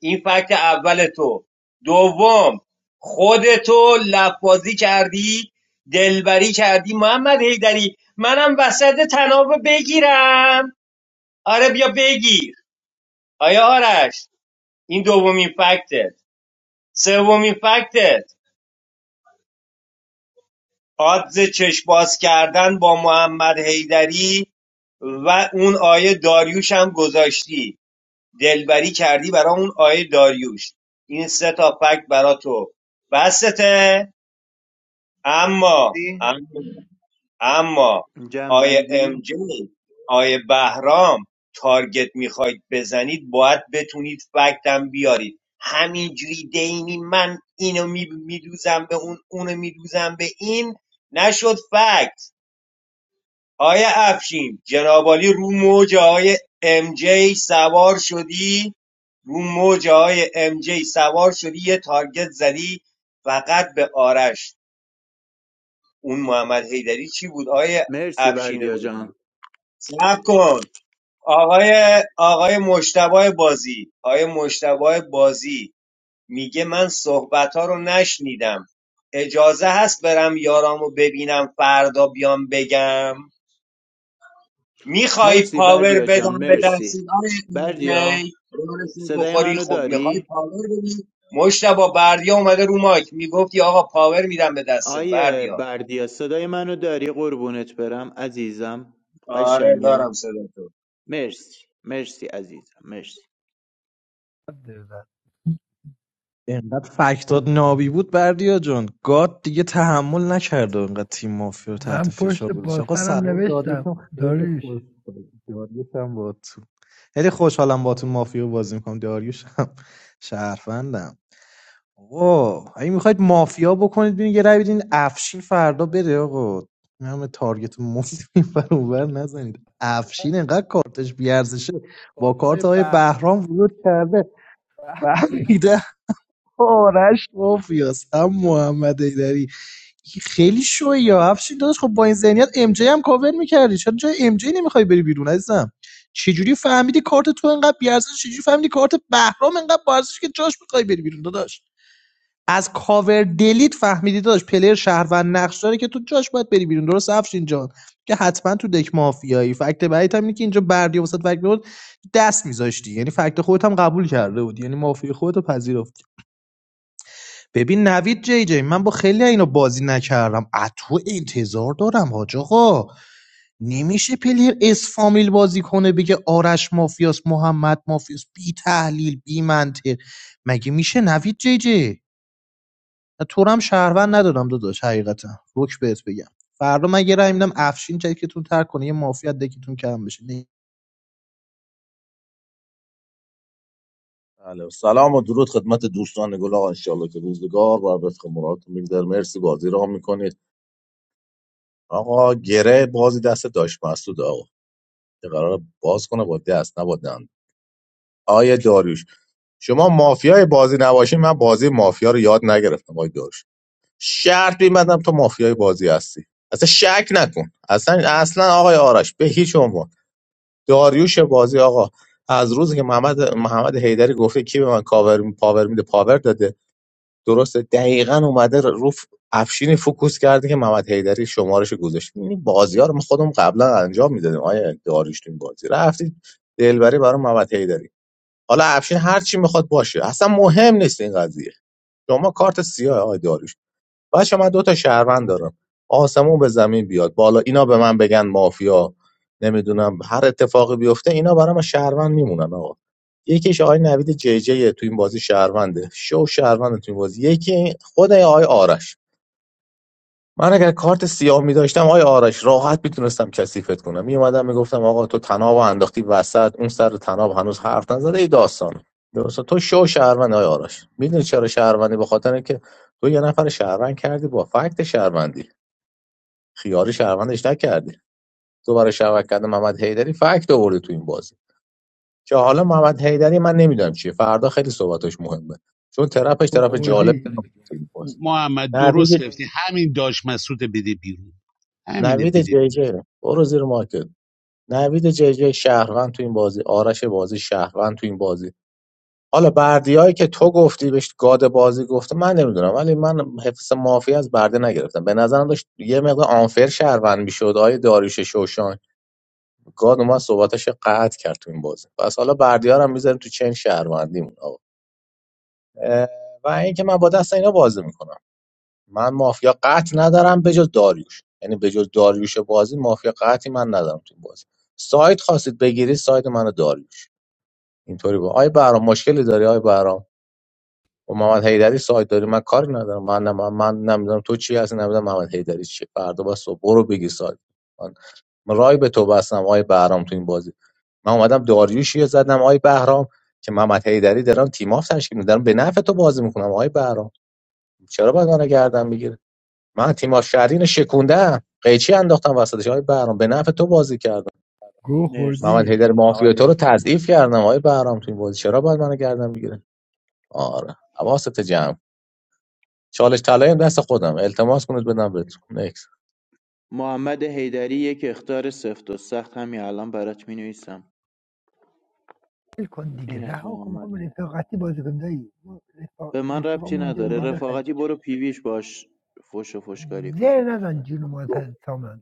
Speaker 4: این فکت اول تو دوم خودتو لفاظی کردی دلبری کردی محمد هیدری منم وسط تناب بگیرم آره بیا بگیر آیا آرش این دومین فکتت سومین فکتت آدز چشم باز کردن با محمد هیدری و اون آیه داریوش هم گذاشتی دلبری کردی برای اون آیه داریوش این سه تا فکت برا تو بستته اما
Speaker 11: بندی
Speaker 4: اما اما آیه
Speaker 5: جنبندی
Speaker 4: ام جی آیه بهرام تارگت میخواید بزنید باید بتونید فکتم بیارید همینجوری دینی من اینو میدوزم به اون اونو میدوزم به این نشد فکت آیه افشین جنابالی رو موج آیه ام جی سوار شدی رو موج آیه ام جی سوار شدی یه تارگت زدی فقط به آرش اون محمد حیدری چی بود آقای
Speaker 5: مرسی
Speaker 4: افشین
Speaker 5: بردیا جان
Speaker 4: بازی صبر کن آقای آقای مشتبه بازی آقای مشتبه بازی میگه من صحبت ها رو نشنیدم اجازه هست برم یارامو ببینم فردا بیام بگم میخوای
Speaker 5: مرسی
Speaker 4: پاور
Speaker 5: بردیا جان
Speaker 4: بدم به
Speaker 5: مرسی
Speaker 4: دستید آقای
Speaker 5: بردیا
Speaker 4: MJ؟ رو
Speaker 5: صدای
Speaker 4: بخوری
Speaker 5: منو
Speaker 4: خب
Speaker 5: داری
Speaker 4: میخوای پاور بدی مشتبه بردیا اومده رو مایک میگفتی آقا پاور میدم به دستت
Speaker 5: آیه
Speaker 4: بردیا
Speaker 5: بردیا صدای منو داری قربونت برم عزیزم
Speaker 4: آره
Speaker 5: قشنگم
Speaker 4: دارم صدا تو.
Speaker 5: مرسی مرسی عزیزم مرسی
Speaker 7: درزد.
Speaker 15: اینقدر فکتات نابی بود بردیا جان گاد دیگه تحمل نکرد و اینقدر تیم مافیا رو
Speaker 7: من
Speaker 15: تحت فشار
Speaker 7: پشت
Speaker 15: گذاشت آقا
Speaker 7: باسرم
Speaker 15: سلام
Speaker 7: نوشتم
Speaker 15: داریوشم خیلی خوش
Speaker 7: داریوش
Speaker 15: بود. داریوشم با تو خیلی خوشحالم با تو مافیا بازی میکنم داریوشم [LAUGHS] شهروندم آقا اگه میخواید مافیا بکنید ببین یه رای بدین افشین فردا بره آقا این همه تارگت مفت این ور اون ور [LAUGHS] نزنید افشین انقدر کارتش بیارزشه با کارت های بهرام ورود کرده فهمیده آرش مافیاس هم محمد ایدری خیلی شوی یا افشین داداش خب با این ذهنیت ام جی هم کاور میکردی چرا جای ام جی نمیخوای بری بیرون عزیزم چجوری فهمیدی کارت تو انقدر بیارزش چجوری فهمیدی کارت بهرام انقدر با ارزشه که جاش میخوای بری بیرون داداش از کاور دلیت فهمیدی داشت پلیر شهروند نقش داره که تو جاش باید بری بیرون درست افشین جان که حتما تو دک مافیایی فکت بعدی هم اینه که اینجا بردی وسط فکت بود دست میذاشتی یعنی فکت خودت هم قبول کرده بودی یعنی مافیای خودت رو پذیرفتی ببین نوید جی جی من با خیلی اینو بازی نکردم از تو انتظار دارم حاج آقا نمیشه پلیر اسفامیل بازی کنه بگه آرش مافیاس محمد مافیاس بی تحلیل بی منطق مگه میشه نوید جی جی تو رو هم شهروند ندادم داداش حقیقتا روک بهت بگم فردا من یه رای میدم افشین چکتون ترک کنه یه مافیا دکتون کم بشه نه.
Speaker 14: بله. سلام و درود خدمت دوستان گل آقا انشالله که روزگار بر وفق مرادتون میگذره مرسی بازی را میکنید آقا گره بازی دست داشت مسعود آقا که قرار باز کنه با دست نه با دند آیه داریوش شما مافیای بازی نباشین من بازی مافیا رو یاد نگرفتم آیه داریوش شرط میبندم تو مافیای بازی هستی اصلا شک نکن اصلا اصلا آقای آرش به هیچ عنوان داریوش بازی آقا از روزی که محمد محمد حیدری گفته کی به من کاور می- پاور میده پاور داده درسته دقیقا اومده رو ف- افشین فوکوس کرده که محمد حیدری شمارش گذاشت این بازی ها رو ما خودم قبلا انجام میدادیم آیا داریوش تو این بازی رفتید دلبری برای محمد حیدری حالا افشین هر چی میخواد باشه اصلا مهم نیست این قضیه شما کارت سیاه آقای داریوش بچه من دو تا شهروند دارم آسمون به زمین بیاد بالا اینا به من بگن مافیا نمیدونم هر اتفاقی بیفته اینا برام شهروند میمونن آقا یکیش آقای نوید جی جی توی این بازی شهرونده شو شهرونده توی این بازی یکی خود آقای آرش من اگر کارت سیاه می داشتم آیا آرش راحت میتونستم کثیفت کنم میومدم میگفتم آقا تو تناب انداختی وسط اون سر تناب هنوز حرف نزده ای داستان درسته تو شو شهروند آیا آرش میدونی چرا شهروندی به خاطر اینکه تو یه نفر شهروند کردی با فکت شهروندی خیاری شهروندش نکردی تو برای شهروند کردن محمد حیدری فکت آوردی تو این بازی که حالا محمد حیدری من نمیدونم چیه فردا خیلی صحبتش مهمه چون طرفش
Speaker 7: گو
Speaker 14: طرف جالب
Speaker 7: خوردی
Speaker 14: نبود
Speaker 2: محمد درست
Speaker 14: نوید
Speaker 2: گرفتی همین داشت مسعود بده بیرون همینه
Speaker 14: نوید
Speaker 2: بده
Speaker 14: جی
Speaker 2: بیرون
Speaker 14: جی برو زیر مارکت نوید جی جی شهروند تو این بازی آرش بازی شهروند تو این بازی حالا بردیایی که تو گفتی بهش گاد بازی گفته من نمیدونم ولی من حفظ مافی از برده نگرفتم به نظرم داشت یه مقدار آنفر شهروند میشد آیه داریوش شوشان گاد اومد صحبتش رو قطع کرد تو این بازی پس حالا بردیا رو هم میذاریم تو چین شهروندیمون آقا اه، و اینکه من با دست اینا بازی میکنم من مافیا قطع ندارم به جز داریوش یعنی به جز داریوش بازی مافیا قطعی من ندارم تو این بازی سایت خواستید بگیرید سایت منو داریوش اینطوری بود آی بهرام مشکلی داری آی بهرام با محمد حیدری سایت داری من کاری ندارم من من, من نمیدونم تو چی هستی نمیدونم محمد حیدری چیه فردا بس صبح برو بگی سایت من, من رای به تو بستم آی بهرام تو این بازی من اومدم داریوشی رو زدم آی بهرام که محمد حیدری دارم تیم آف تشکیل میدارم به نفع تو بازی میکنم آی بهرام چرا باید منو گردن میگیره من تیم آف شهرین شکوندم قیچی انداختم وسطش آی بهرام به نفع تو بازی کردم
Speaker 7: گو
Speaker 14: محمد
Speaker 7: خوردی
Speaker 5: مرسی
Speaker 14: حیدر مافیا تو رو تضعیف کردم آی بهرام تو این بازی چرا باید منو گردن میگیره آره حواست جمع چالش طلایی هم دست خودم التماس کنید بدم بهتون نکس
Speaker 5: محمد حیدری یک اختار سفت و سخت همین الان برات می نویسم.
Speaker 7: ول کن دیگه
Speaker 5: این از
Speaker 7: رها کن
Speaker 5: محمد
Speaker 7: میخوام رفاقتی بازی کنیم دایی ما رفاق-
Speaker 5: به من ربطی
Speaker 7: رفیقامون اونجا
Speaker 5: نداره
Speaker 7: میخوام بخریم
Speaker 5: رفاقتی برو پیویش باش فش و فشکاری کن
Speaker 7: زر نزن جون ما سامن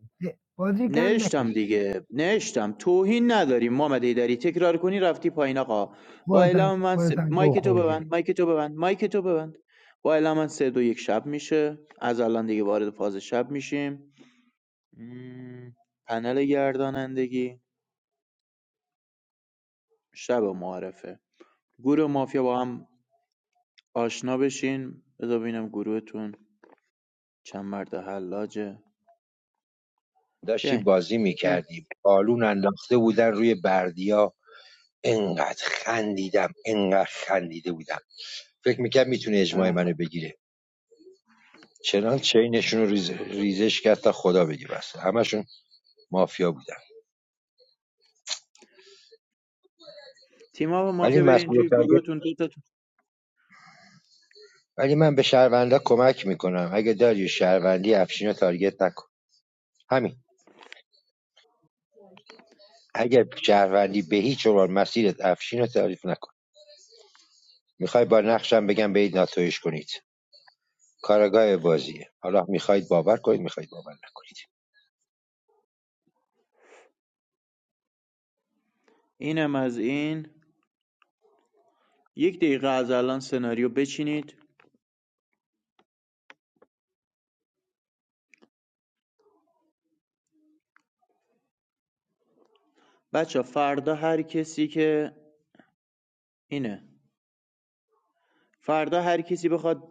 Speaker 7: بازی کم
Speaker 5: نوشتم
Speaker 7: نکش دیگه
Speaker 5: دیگه نوشتم توهین نداری محمد ایدری تکرار کنی رفتی پایین آقا با
Speaker 7: خودت
Speaker 5: اعلام من س...
Speaker 7: خودت هم گو
Speaker 5: مایک تو
Speaker 7: خوردی
Speaker 5: ببند مایک تو ببند مایک تو ببند با اعلام من سه دو یک شب میشه از الان دیگه وارد فاز شب میشیم مم، پنل گردانندگی شب معرفه گروه مافیا با هم آشنا بشین بذار ببینم گروهتون چند مرد حلاجه
Speaker 17: داشتیم
Speaker 5: بیاین
Speaker 17: بازی
Speaker 5: بیاین.
Speaker 17: میکردیم بالون انداخته بودن روی بردیا انقدر خندیدم انقدر خندیده بودم فکر میکرد میتونه اجماع منو
Speaker 5: اه.
Speaker 17: بگیره چنان چینشون رو ریز- ریزش کرد تا خدا بگی بس همشون مافیا بودن
Speaker 5: تیم ها
Speaker 17: ولی
Speaker 5: مافیا برین
Speaker 17: مسئول
Speaker 5: توی
Speaker 17: تارگت
Speaker 5: گروهتون دو تا-
Speaker 17: ولی من به شهروندا کمک میکنم اگه داری شهروندی افشین رو تارگت نکن همین اگر شهروندی به هیچ عنوان مسیرت افشین رو تعریف نکن میخوای با نقشم بگم به این ناتویش کنید کارگاه بازیه حالا میخواید باور کنید میخواید باور نکنید
Speaker 5: اینم از این یک دقیقه از الان سناریو بچینید بچه فردا هر کسی که اینه فردا هر کسی بخواد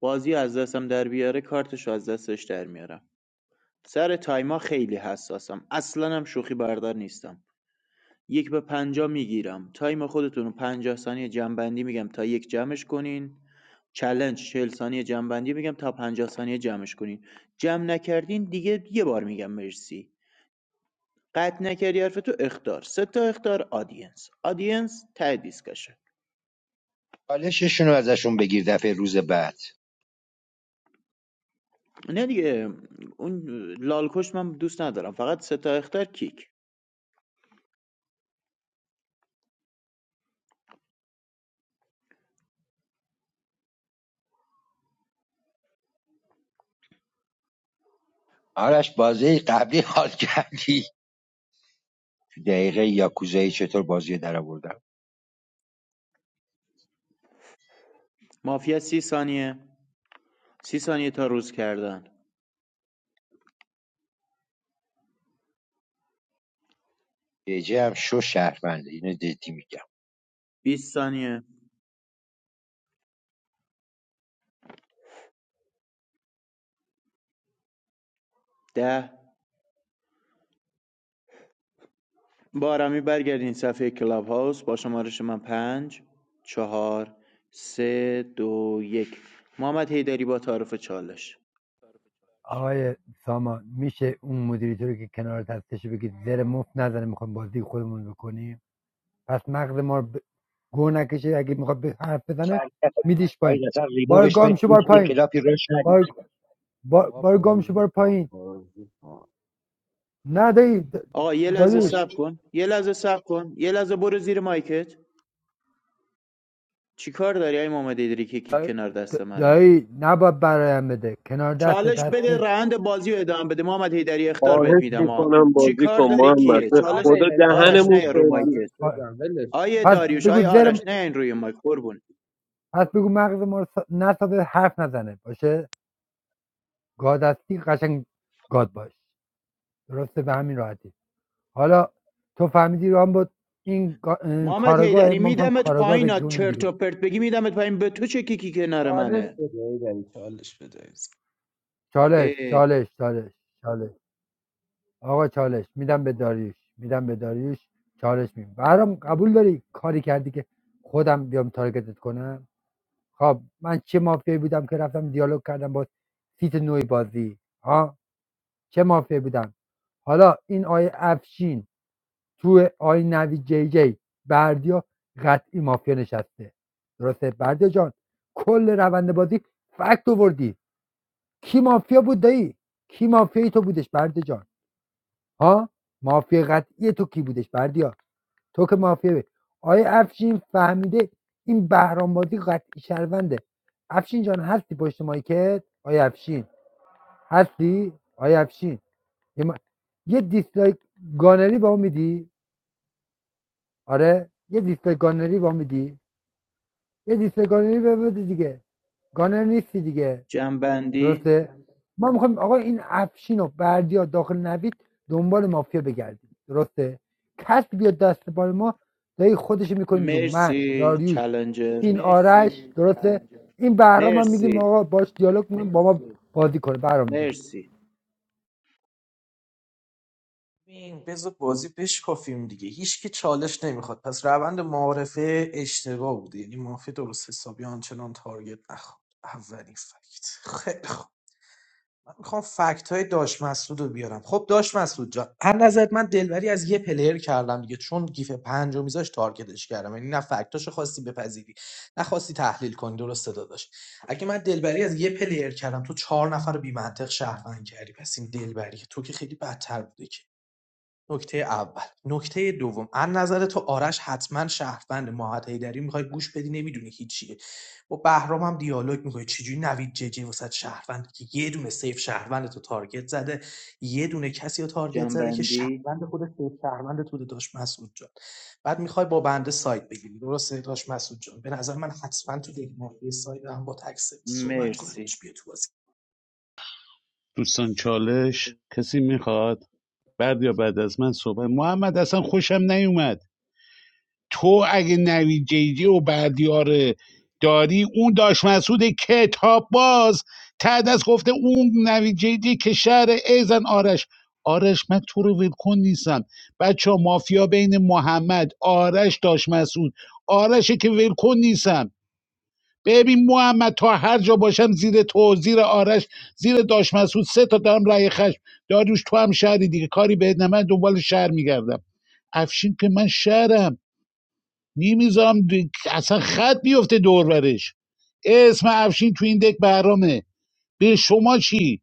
Speaker 5: بازی از دستم در بیاره کارتشو از دستش در میارم سر تایما خیلی حساسم اصلا هم شوخی بردار نیستم یک به پنجاه میگیرم تایم خودتون رو پنجاه ثانیه جنبندی میگم تا یک جمعش کنین چلنج 40 ثانیه جنبندی میگم تا پنجاه ثانیه جمعش کنین جمع نکردین دیگه یه بار میگم مرسی قطع نکردی حرف تو اختار سه تا اختار آدینس آدینس ته دیسکشن
Speaker 17: چالششون رو ازشون بگیر دفعه روز بعد
Speaker 5: نه دیگه اون لالکش من دوست ندارم فقط سه تا اختار کیک
Speaker 17: آرش بازی قبلی حال کردی دقیقه یاکوزایی چطور بازی در آوردم
Speaker 5: مافیا سی ثانیه سی ثانیه تا روز کردن
Speaker 17: جه هم شو شهرمنده اینو جدی میگم
Speaker 5: 20 ثانیه ده بارمی برگردین صفحه کلاب هاوس با شمارش من پنج چهار سه دو یک محمد هیدری با تعارف چالش
Speaker 7: آقای سامان میشه اون مدیریتور رو که کنارت هستش بگید زر مفت نزنه میخوایم بازی خودمون رو بکنیم پس مغز ما رو ب... گو نکشه اگه میخواد به حرف بزنه میدیش
Speaker 17: آید
Speaker 7: پایین
Speaker 17: اصلا
Speaker 7: بار
Speaker 17: ریمووش
Speaker 7: گام
Speaker 17: کنید
Speaker 7: شو
Speaker 17: هیچ
Speaker 7: بار
Speaker 17: یه
Speaker 7: پایین
Speaker 17: کلاپی روش ندید
Speaker 7: بار, بار,
Speaker 15: آقا
Speaker 7: بار گام شو بار
Speaker 15: بازی کن
Speaker 7: پایین
Speaker 15: بازی کن
Speaker 7: نه دایی د-
Speaker 5: آقا یه لحظه
Speaker 7: دایی
Speaker 5: صبر کن یه لحظه صبر کن یه لحظه برو زیر مایکت چیکار داری ای محمد هیدری که کیک
Speaker 7: دایی
Speaker 5: کنار دست منه
Speaker 7: دایی نباید برایم بده کنار دستت
Speaker 5: چالش بده
Speaker 7: هستش
Speaker 5: روند بازی رو ادامه بده محمد هیدری اختار بهت
Speaker 8: خواهش
Speaker 5: میدم ها
Speaker 8: میکنم بازی
Speaker 5: چیکار
Speaker 8: کن
Speaker 5: داری
Speaker 8: محمد
Speaker 5: کیه
Speaker 8: به
Speaker 5: چالش
Speaker 15: آره
Speaker 8: خدا
Speaker 15: ایداری
Speaker 7: نه
Speaker 5: آرش
Speaker 15: بازی
Speaker 5: نه
Speaker 8: دهنمون
Speaker 5: یا رو
Speaker 15: کن
Speaker 8: سرویس
Speaker 15: چالش
Speaker 5: مایکت
Speaker 15: بدم ولش
Speaker 5: آیه
Speaker 15: کن
Speaker 7: پس
Speaker 5: داریوش
Speaker 15: آره.
Speaker 7: بگو
Speaker 5: آیه
Speaker 7: زر
Speaker 5: آرش نه این روی مایک قربون
Speaker 7: پس بگو مغز ما رو سا- نسازه حرف نزنه باشه گاد هستی قشنگ گاد باش درسته به همین راحتی حالا تو فهمیدی رام بود این کارگاه اه،
Speaker 5: محمد
Speaker 7: کاراگاه
Speaker 5: هیدری
Speaker 7: ما میخوایم
Speaker 5: میدمت
Speaker 7: کاراگاه
Speaker 5: پایین
Speaker 7: بکنیم
Speaker 5: چرت و
Speaker 7: بیرون
Speaker 5: پرت بگی میدمت پایین به تو چه کیکی کنار
Speaker 15: چالش
Speaker 5: منه
Speaker 15: بده ایداری چالش بده
Speaker 7: چالش
Speaker 5: اه
Speaker 7: چالش چالش چالش آقا چالش میدم به داریوش میدم به داریوش چالش میدم برام قبول داری کاری کردی که خودم بیام تارگتت کنم خب من چه مافیایی بودم که رفتم دیالوگ کردم با سیت نوعی بازی ها چه مافیایی بودم حالا این آیه افشین تو آی نوی جی جی بردیا قطعی مافیا نشسته درسته بردیا جان کل روند بازی فکت آوردی کی مافیا بود دایی کی مافیای تو بودش بردیا جان ها مافیا قطعی تو کی بودش بردیا تو که مافیا بود آیا افشین فهمیده این بهرام بازی قطعی شرونده افشین جان هستی پشت مایکت آیا افشین هستی آیا افشین یه, ما... یه دیسلایک گانری با میدی آره یه دیسلایک گانری با میدی یه دیسگانری بده دیگه گانر نیستی دیگه
Speaker 5: جنبندی
Speaker 7: درسته ما میخوایم آقا این افشین و بردیا داخل نوید دنبال مافیا بگردیم درسته کس بیاد دست بال ما دایی خودش میکنیم بیرون من
Speaker 5: مرسی
Speaker 7: داریوش
Speaker 5: چالنجر
Speaker 7: این آرش درسته این بهرام هم میگیم
Speaker 5: مرسی
Speaker 7: آقا باش دیالوگ میکنیم با ما بازی کنه بهرام جان
Speaker 5: مرسی
Speaker 15: ببین بذار بازی بشکافیم دیگه هیچ که چالش نمیخواد پس روند معارفه اشتباه بوده یعنی معافی درست حسابی آنچنان تارگت نخورد اولین فکت خیلی خوب. من میخوام فکت های داش مسعود رو بیارم خب داش مسعود جان هر نظرت من دلبری از یه پلیر کردم دیگه چون گیف پنج رو میذاش تارگتش کردم یعنی نه فکتاشو خواستی بپذیری نه خواستی تحلیل کنی درسته داداش اگه من دلبری از یه پلیر کردم تو چهار نفر رو بی منطق شهروند کردی پس این دلبری تو که خیلی بدتر بوده که نکته اول نکته دوم از نظر تو آرش حتما شهروند ماهد هیدری میخوای گوش بدی نمیدونی هیچیه با بهرام هم دیالوگ میکنی چجوری نوید ججی وسط شهروند که یه دونه سیف شهروند تو تارگت زده یه دونه کسی رو تارگت زده که
Speaker 5: جنبندی
Speaker 15: شهروند خود سیف شهروند تو داشت مسعود جان بعد میخوای با بنده سایت بگیری درسته داشت مسعود جان به نظر من حتما تو دیگه مافیا سایت هم با تکس صحبت کن
Speaker 5: مرسی
Speaker 15: داداش بیا تو بازی
Speaker 2: دوستان چالش کسی میخواد بعد یا بعد از من صحبت محمد اصلا خوشم نیومد تو اگه نوی جیجی و بردیاره داری اون داش مسعود کتاب باز ته دست گفته اون نوی جیجی که شهر ایزن آرش آرش من تو رو ولکن نیستم بچه ها. مافیا بین محمد آرش داش مسعود آرشه که ولکن نیستم ببین محمد تا هر جا باشم زیر تو زیر آرش زیر داش مسعود سه تا دارم رأی خشم داریوش تو هم شهری دیگه کاری بهت نه من دنبال شهر میگردم افشین که من شهرم میمیزم اصلا خط بیفته دورورش اسم افشین تو این دک برامه به شما چی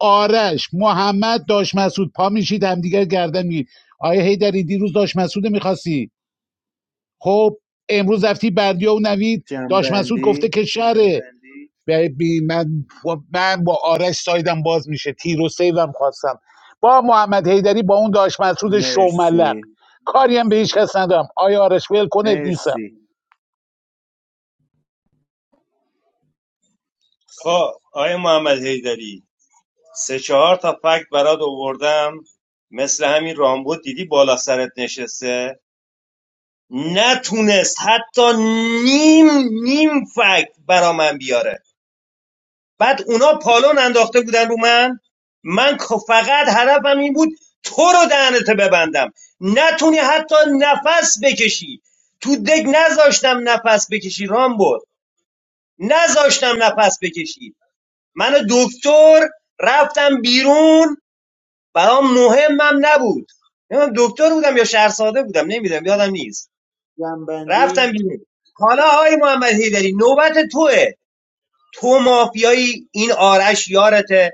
Speaker 2: آرش محمد داش مسعود پا میشید همدیگر گردن میگید آیا هیدری دیروز داش مسعود میخواستی خب امروز رفتی بردیا و نوید داش مسعود گفته
Speaker 5: جنبندی
Speaker 2: که شره به- بی- من, من با آرش سایدم باز میشه تیر و سیوم خواستم با محمد هیدری با اون داش مسعود شوملق
Speaker 5: مرسی
Speaker 2: کاری هم به هیچ کس ندارم آیا آرش ول کنت
Speaker 5: مرسی
Speaker 4: خب آقای محمد حیدری سه چهار تا فکت برات آوردم مثل همین رامبو دیدی بالا سرت نشسته نتونست حتی نیم نیم فکت برا من بیاره بعد اونا پالون انداخته بودن رو من من که فقط هدفم این بود تو رو دهنت ببندم نتونی حتی نفس بکشی تو دک نذاشتم نفس بکشی رامبو نذاشتم نفس بکشی من دکتر رفتم بیرون برام مهمم نبود نمیدونم دکتر بودم یا شهرساده بودم نمیدونم یادم نیست رفتم
Speaker 5: جنبندی
Speaker 4: بیرون حالا آقای محمد هیدری نوبت توه تو مافیایی این آرش یارته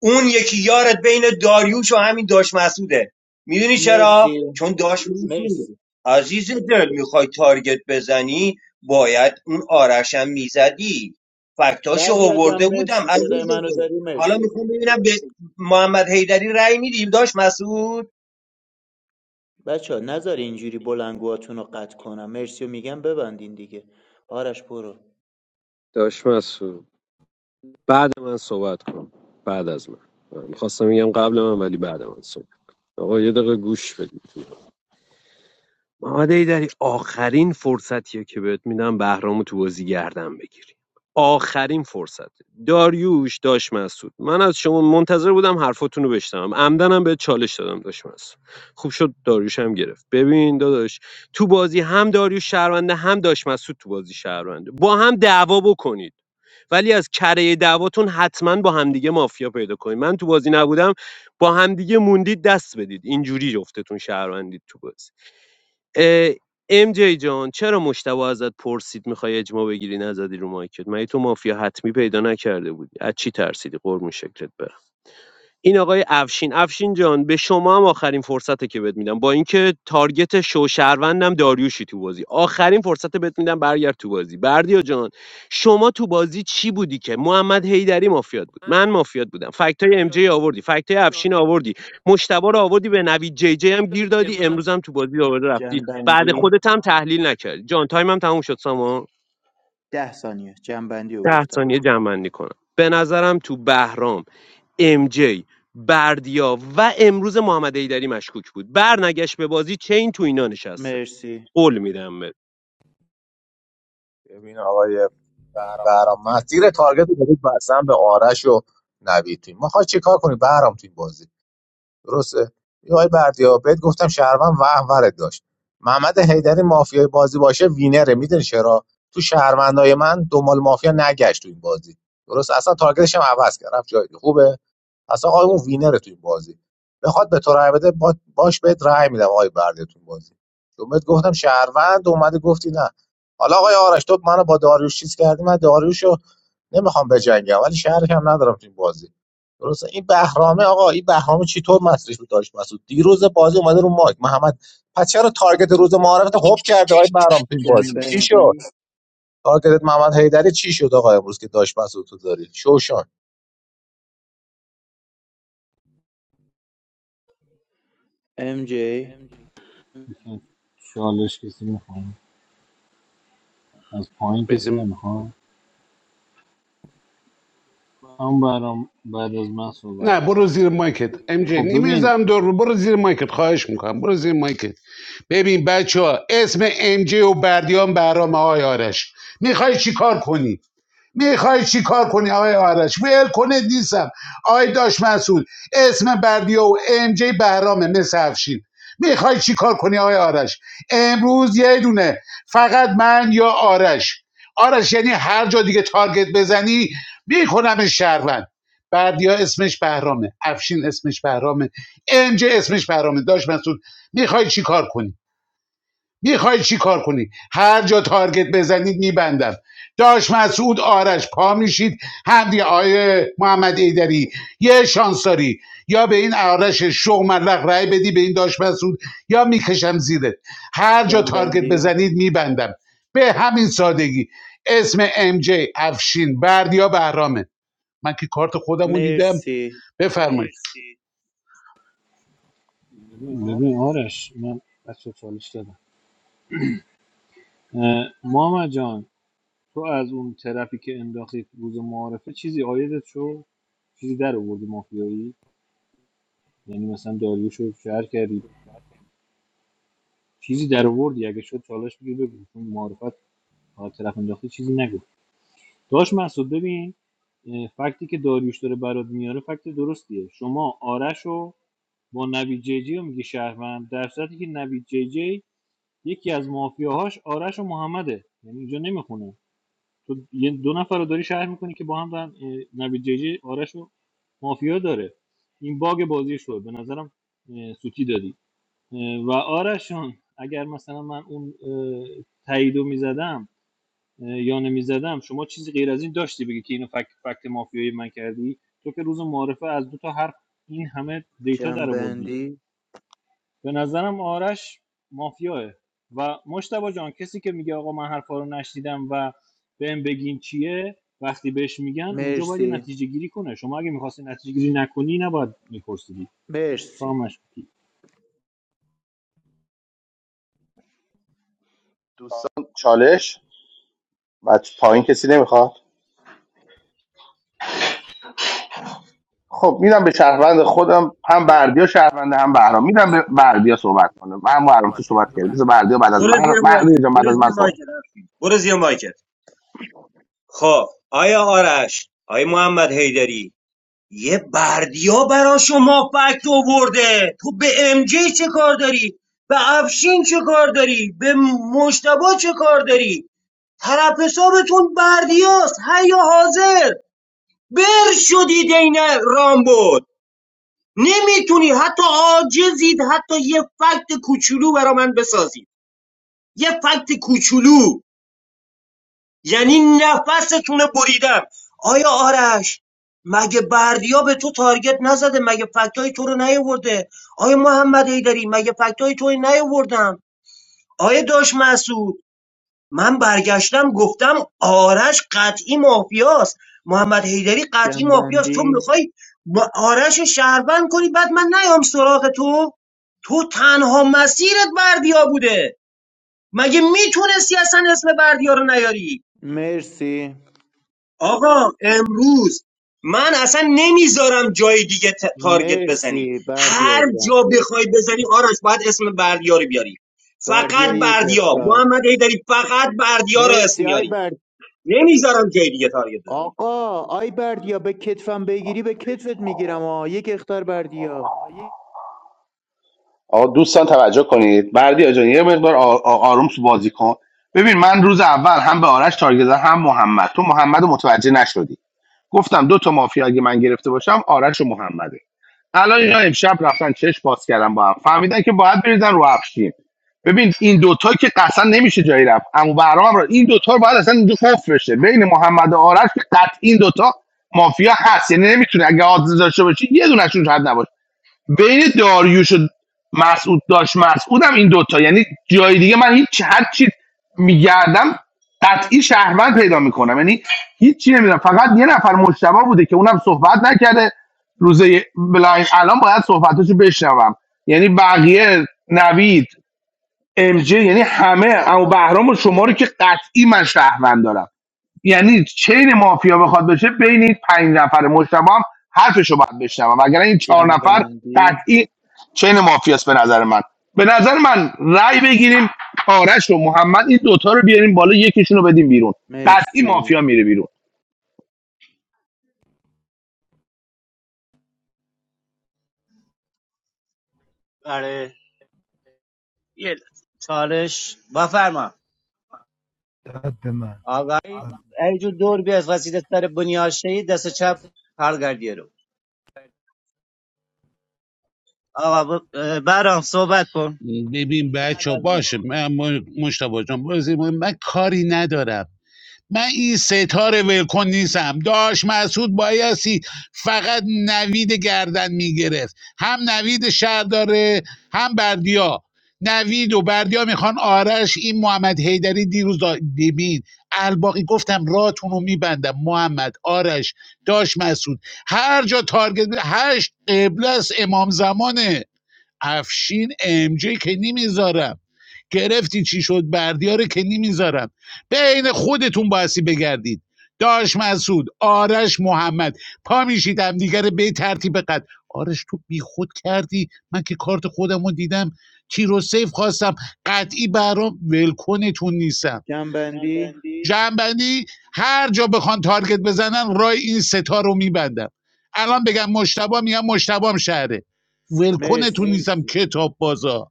Speaker 4: اون یکی یارت بین داریوش و همین داش مسعوده میدونی چرا
Speaker 5: مرسی
Speaker 4: چون داش مسعود
Speaker 5: مرسی
Speaker 4: عزیز دل میخوای تارگت بزنی باید اون آرشم میزدی فکتاشو
Speaker 5: بردیا جان
Speaker 4: آورده بودم
Speaker 5: مرسی صدای
Speaker 4: عزیز
Speaker 5: منو
Speaker 4: دل
Speaker 5: داری
Speaker 4: حالا
Speaker 5: مرسی
Speaker 4: میخوام ببینم به محمد حیدری رأی میدیم داش مسعود
Speaker 5: بچه ها نذار اینجوری بلنگوهاتون رو قطع کنم مرسی و میگم ببندین دیگه آرش برو
Speaker 8: داش مسعود بعد من صحبت کن بعد از من میخواستم بگم قبل من ولی بعد من صحبت آقا یه دقیقه گوش بدید محمد ایدری آخرین فرصتیه که بهت میدم بهرامو تو بازی گردن بگیری آخرین فرصت داریوش داش مسعود من از شما منتظر بودم حرفاتون رو بشنوم عمدنم به چالش دادم داش مسعود خوب شد داریوش هم گرفت ببین داداش تو بازی هم داریوش شهرونده هم داش مسعود تو بازی شهرونده با هم دعوا بکنید ولی از کره دعواتون حتما با همدیگه مافیا پیدا کنید من تو بازی نبودم با همدیگه موندید دست بدید اینجوری جفتتون شهروندید تو بازی اه، ام جی جان چرا مشتبه ازت پرسید میخوای اجماع بگیری نزدی رو مایکت مگه تو مافیا حتمی پیدا نکرده بودی از چی ترسیدی قربون شکلت برم این آقای افشین افشین جان به شما هم آخرین فرصته که بهت میدم با اینکه تارگت شو شهروندم داریوشی تو بازی آخرین فرصت بهت میدم برگرد تو بازی بردیا جان شما تو بازی چی بودی که محمد حیدری مافیات بود من مافیات بودم فکتای ام جی آوردی فکتای افشین آوردی مشتبه رو آوردی به نوید جی جی هم گیر دادی امروز هم تو بازی آورده رفتی بعد
Speaker 5: جنبندی
Speaker 8: خودت هم تحلیل نکردی جان تایم هم تموم شد سامان
Speaker 5: ده ثانیه جنبندی رو
Speaker 8: ده
Speaker 5: گفتم
Speaker 8: ثانیه جمع کنم به نظرم تو بهرام MJ بردیا و امروز محمد ایدری مشکوک بود برنگشت به بازی چین تو اینا نشسته
Speaker 5: مرسی
Speaker 8: قول میدم به
Speaker 14: ببین آقای بهرام من زیر تارگت رو دادید بستم به آرش و نوید تیم میخوای چیکار کنی بهرام تیم بازی درسته یه آقای بردیا بهت گفتم شهروند وهورت داشت محمد حیدری مافیای بازی باشه وینره میدونی چرا تو شهروندای من دنبال مافیا نگشت تو این بازی درست اصلا تارگتش هم عوض کرد رفت جای دیگه. خوبه اصلا آقای اون وینره تو این بازی بخواد به تو رای بده با- باش بهت رای میدم آقای برده تو این بازی چون بهت گفتم شهروند اومدی گفتی نه حالا آقای آرش تو منو با داریوش چیز کردی من داریوشو نمیخوام بجنگم ولی شهرش هم ندارم تو این بازی درسته این بهرامه آقا این بهرامه چطور مصریش بود داشت مسعود دیروز بازی اومده رو مایک محمد پس چرا تارگت روز معارفت خوب کرده آقای بهرام تو این بازی چی شد
Speaker 5: جنبندی
Speaker 14: تارگتت محمد حیدری چی شد آقا امروز که داشت مسعود تو داری شوشان
Speaker 5: ام جی
Speaker 6: چالش کسی میخوام از پایین کسی
Speaker 2: نیستم
Speaker 6: نمیخوام هم برام بعد از من صحبت
Speaker 2: نه
Speaker 6: کن
Speaker 2: برو زیر مایکت ام جی
Speaker 6: خب ببین
Speaker 2: نمیزم دور رو برو زیر مایکت خواهش میکنم برو زیر مایکت ببین بچه ها اسم ام جی و بردیان برام آقای آرش میخوای چیکار کنی میخوای چی کار کنی آقای آرش ول کنه نیستم آقای داش مسعود اسم بردیا و ام جی بهرامه مثل افشین میخوای چی کار کنی آقای آرش امروز یه دونه فقط من یا آرش آرش یعنی هر جا دیگه تارگت بزنی میکنم شهروند بردیا اسمش بهرامه افشین اسمش بهرامه انج اسمش بهرامه داش مسعود میخوای چی کار کنی میخوای چی کار کنی هر جا تارگت بزنید میبندم داش مسعود آرش پا میشید همدی آیه محمد ایدری یه شانس داری یا به این آرش شوملق رای بدی به این داش مسعود یا میکشم زیرت هر جا تارگت
Speaker 5: جنبندی
Speaker 2: بزنید میبندم به همین سادگی اسم ام جی افشین بردیا بهرامه من که کارت خودم دیدم
Speaker 5: مرسی
Speaker 2: بفرمایید
Speaker 6: ببین آرش من بچه چالش دادم اه، محمد جان تو از اون طرفی که انداختی روز معارفه چیزی آیدت شد چیزی در آوردی مافیایی یعنی مثلا داریوشو شهر کردی چیزی در آوردی اگه شد چالش بگیر بگو چون معرفت فقط طرف انداختی چیزی نگو داش مسعود ببین اه، فکتی که داریوش داره برات میاره فکت درستیه شما آرش رو با نوید جی جی رو میگی شهروند در صورتی که نوید جی جی یکی از مافیاهاش آرش و محمده یعنی اینجا نمیخونه تو یه دو نفر رو داری شهر میکنی که با هم دارن اه، نوید جی جی آرش و مافیا داره این باگ بازی شد به نظرم اه، سوتی دادی و آرشون اگر مثلا من اون اه، تاییدو میزدم یا نمیزدم شما چیزی غیر از این داشتی بگی که اینو فکت فکت مافیایی من کردی تو که روز معارفه از دو تا حرف این همه دیتا در آوردی
Speaker 5: جنبندی
Speaker 6: به نظرم آرش مافیاه و مشتبه جان کسی که میگه آقا من حرفا رو نشنیدم و بهم بگین چیه وقتی بهش میگن اونجا باید یه
Speaker 5: مرسی
Speaker 6: نتیجه گیری کنه شما اگه میخواستی نتیجه گیری نکنی نباید میپرسیدی تو هم
Speaker 5: مرسی
Speaker 6: مشکوکی
Speaker 10: دوستان چالش بعد پایین کسی نمیخواد خب میدم به شهروند خودم هم بردیا شهروند هم بهرام میدم به بردیا صحبت کنه من بهرام تو صحبت کردم بذار بردیا بعد از
Speaker 4: برو
Speaker 10: من
Speaker 4: زیر
Speaker 10: بردیا
Speaker 4: مایکت
Speaker 10: جان بعد
Speaker 4: برو
Speaker 10: از
Speaker 4: زیر
Speaker 10: من صحبت
Speaker 4: مایکت افشین. برو زیر مایکت خب آیا آرش آیا محمد حیدری یه بردیا برا شما فکت آورده تو به ام جی چه کار داری به افشین چه کار داری به مشتبا چه کار داری طرف حسابتون بردیاست هیا حاضر بر شدید این رام بود نمیتونی حتی عاجزید حتی یه فکت کوچولو برا من بسازید یه فکت کوچولو یعنی نفستون بریدم آیا آرش مگه بردیا به تو تارگت نزده مگه فکتای تو رو نیاورده آیا محمد ایدری مگه فکتای تو رو نیاوردم آیا داش مسعود من برگشتم گفتم آرش قطعی مافیاست محمد حیدری قطعی مافیاست تو
Speaker 5: جنبندی
Speaker 4: میخوای با آرش شهروند کنی بعد من نیام سراغ تو تو تنها مسیرت بردیا بوده مگه میتونستی اصلا اسم بردیا رو نیاری
Speaker 5: مرسی
Speaker 4: آقا امروز من اصلا نمیذارم جای دیگه ت- تارگت بزنی
Speaker 5: مرسی بردیا
Speaker 4: هر
Speaker 5: جان
Speaker 4: جا بخوای بزنی آرش باید اسم بردیا رو بیاری
Speaker 5: بردیا
Speaker 4: فقط
Speaker 5: یک
Speaker 4: بردیا
Speaker 5: اختار
Speaker 4: محمد داری فقط بردیا رو اسم
Speaker 5: مرسی آی
Speaker 4: میاری
Speaker 5: برد
Speaker 4: نمیذارم جای دیگه تارگت بزنی
Speaker 5: آقا آی بردیا به کتفم بگیری به کتفت میگیرم آ یک اختار بردیا
Speaker 10: آقا دوستان توجه کنید بردیا جان یه مقدار آ- آ- آروم تو بازی کن ببین من روز اول هم به آرش تارگت زدم، هم محمد تو محمد رو متوجه نشدی گفتم دو تا مافیا اگه من گرفته باشم آرش و محمده الان اینا امشب رفتن چش باز کردن با هم فهمیدن که باید بریزن رو افشین ببین این دوتا که قصلا نمیشه جایی رفت اما برام را این دوتا رو باید اصلا اینجا خوف بشه بین محمد و آرش که قطع این دوتا مافیا هست یعنی نمیتونه اگه آدز داشته باشی یه دونشون حد نباشه بین داریوش و مسعود داشت مسعودم این دوتا یعنی جای دیگه من هیچ هر چی میگردم قطعی شهروند پیدا میکنم یعنی هیچی نمیدونم فقط یه نفر مشتبه بوده که اونم صحبت نکرده روزه بلاین الان باید صحبتاشو بشنوم یعنی بقیه نوید ام جی، یعنی همه اما بهرام و شما رو که قطعی من شهروند دارم یعنی چین مافیا بخواد بشه بین این پنج نفر مجتمع هم حرفشو باید بشنوم وگرنه این چهار نفر
Speaker 5: جنبندی
Speaker 10: قطعی چین مافیاست به نظر من به نظر من رأی بگیریم آرش و محمد این دوتا رو بیاریم بالا یکیشون رو بدیم بیرون قطعی مافیا
Speaker 5: مرسی
Speaker 10: میره بیرون
Speaker 16: آره یه لحظه. چالش بفرما
Speaker 7: داد به من
Speaker 16: آقا
Speaker 7: داد.
Speaker 16: ایجور دور بیاد وسیله سر بنیاشتی دست چپ پرگردیه رو آقا ب- برام صحبت کن
Speaker 2: ببین
Speaker 16: بعد
Speaker 2: بچه
Speaker 16: از من
Speaker 2: باشه من مشتبه جان بازی مهم- من کاری ندارم من این ستاره ولکن نیستم داش مسعود بایستی فقط نوید گردن میگرفت هم نوید شهر داره هم بردیا نوید و بردیا میخوان آرش این محمد حیدری دیروز دا- ببین الباقی گفتم راتون رو میبندم محمد آرش داش مسعود هر جا تارگت هشت قبله است امام زمانه افشین ام جی که نمیذارم گرفتی چی شد بردیاره که نمیذارم بین خودتون باسی بگردید داش مسعود آرش محمد پا میشید همدیگه رو به ترتیب قد آرش تو بی خود کردی من که کارت خودم رو دیدم تیرو سیف خواستم قطعی برام ولکنتون نیستم
Speaker 5: جنبندی
Speaker 2: جنبندی جنبندی هر جا بخوان تارگت بزنن رای این ستا رو میبندم الان بگم مشتبا میگم مشتبام شهره ولکنتون
Speaker 5: مرسی
Speaker 2: نیستم کتاب بازا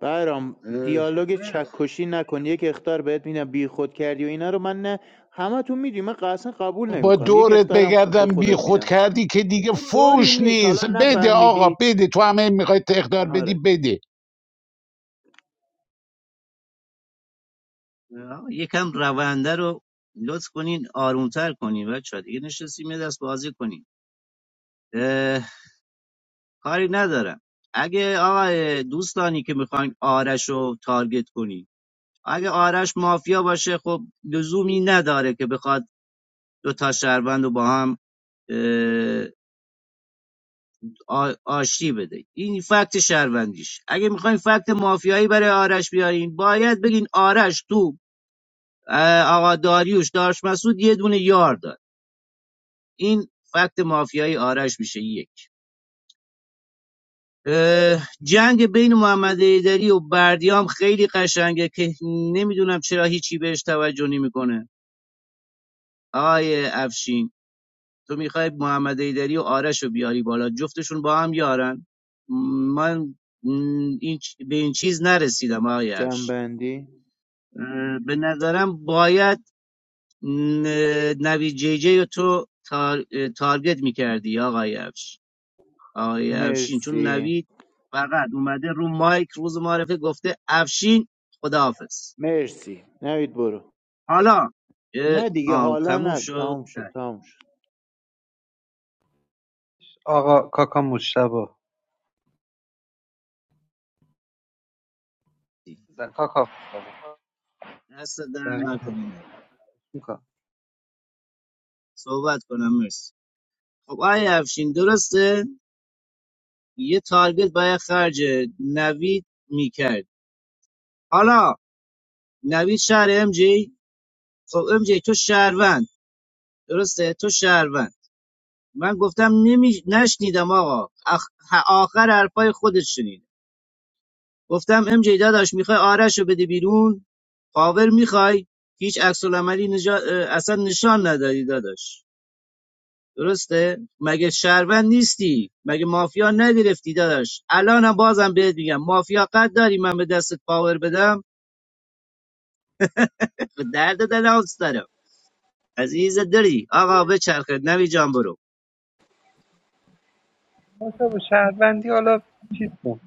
Speaker 5: برام
Speaker 16: اه،
Speaker 5: دیالوگ چکشی نکن یک اختار بهت میدم بی خود کردی و اینا رو من نه همه تو میدونی من اصلا قبول
Speaker 2: با
Speaker 5: نمیکنم یک
Speaker 2: دورت
Speaker 5: اختارم خب به
Speaker 2: بگردم بی
Speaker 5: خودت
Speaker 2: خود
Speaker 5: میدم
Speaker 2: کردی که دیگه
Speaker 5: طوری
Speaker 2: فوش
Speaker 5: نیست
Speaker 2: نیست
Speaker 5: حالا
Speaker 2: بده آقا
Speaker 5: نفهمیدی
Speaker 2: بده تو همه میخوای تقدار بدی
Speaker 5: آره
Speaker 2: بده
Speaker 16: آقا یکم رونده رو لطف کنین آرومتر کنین بچه دیگه نشستیم یه دست بازی کنین اه، کاری ندارم اگه آقا دوستانی که میخواین آرش رو تارگت کنین اگه آرش مافیا باشه خب لزومی نداره که بخواد دو تا شهروند رو با هم اه، آ- آشتی بده این فکت شهروندیش اگه میخواین فکت مافیایی برای آرش بیارین باید بگین آرش تو اه، آقا داریوش دارش مسعود یه دونه یار داد این فکت مافیای آرش میشه یک جنگ بین محمد ایدری و بردیام خیلی قشنگه که نمیدونم چرا هیچی بهش توجه نمیکنه آقای افشین تو میخوای محمد ایدری و آرش رو بیاری بالا جفتشون با هم یارن من این به این چیز نرسیدم آقای افشین
Speaker 5: جنبندی
Speaker 16: به نظرم باید نوی نوید جی جی تو تار... تارگت میکردی آقای افش آقای افشین چون
Speaker 5: مرسی
Speaker 16: نوید فقط اومده رو مایک روز معرفه گفته افشین خداحافظ
Speaker 5: مرسی نوید برو
Speaker 16: حالا اه،
Speaker 5: نه دیگه
Speaker 16: آه
Speaker 5: حالا
Speaker 16: تموم
Speaker 5: نه
Speaker 16: شد
Speaker 5: تمام شد تمام شد
Speaker 11: آقا کاکا مشتبا
Speaker 16: چشتی
Speaker 11: بزن، کاکا
Speaker 16: دست در
Speaker 11: مجتبی.
Speaker 16: نکنه نوید صحبت کنم مرسی خب آقای افشین درسته یه تارگت باید خرج نوید میکرد حالا نوید شهر ام جی خب ام جی تو شهروند درسته تو شهروند من گفتم نمی... نشنیدم آقا اخ... آخر حرفای خودت شنیدم گفتم ام جی داداش میخوای آرش رو بده بیرون پاور میخوای هیچ عکس العملی نجا... اصلا نشان نداری داداش درسته مگه شهروند نیستی مگه مافیا نگرفتی داداش الانم بازم بهت میگم مافیا قد داری من به دستت پاور بدم به درد دلانس دارم عزیز دری آقا بچرخه نوی جان برو
Speaker 11: بابا شهروندی حالا چیز کن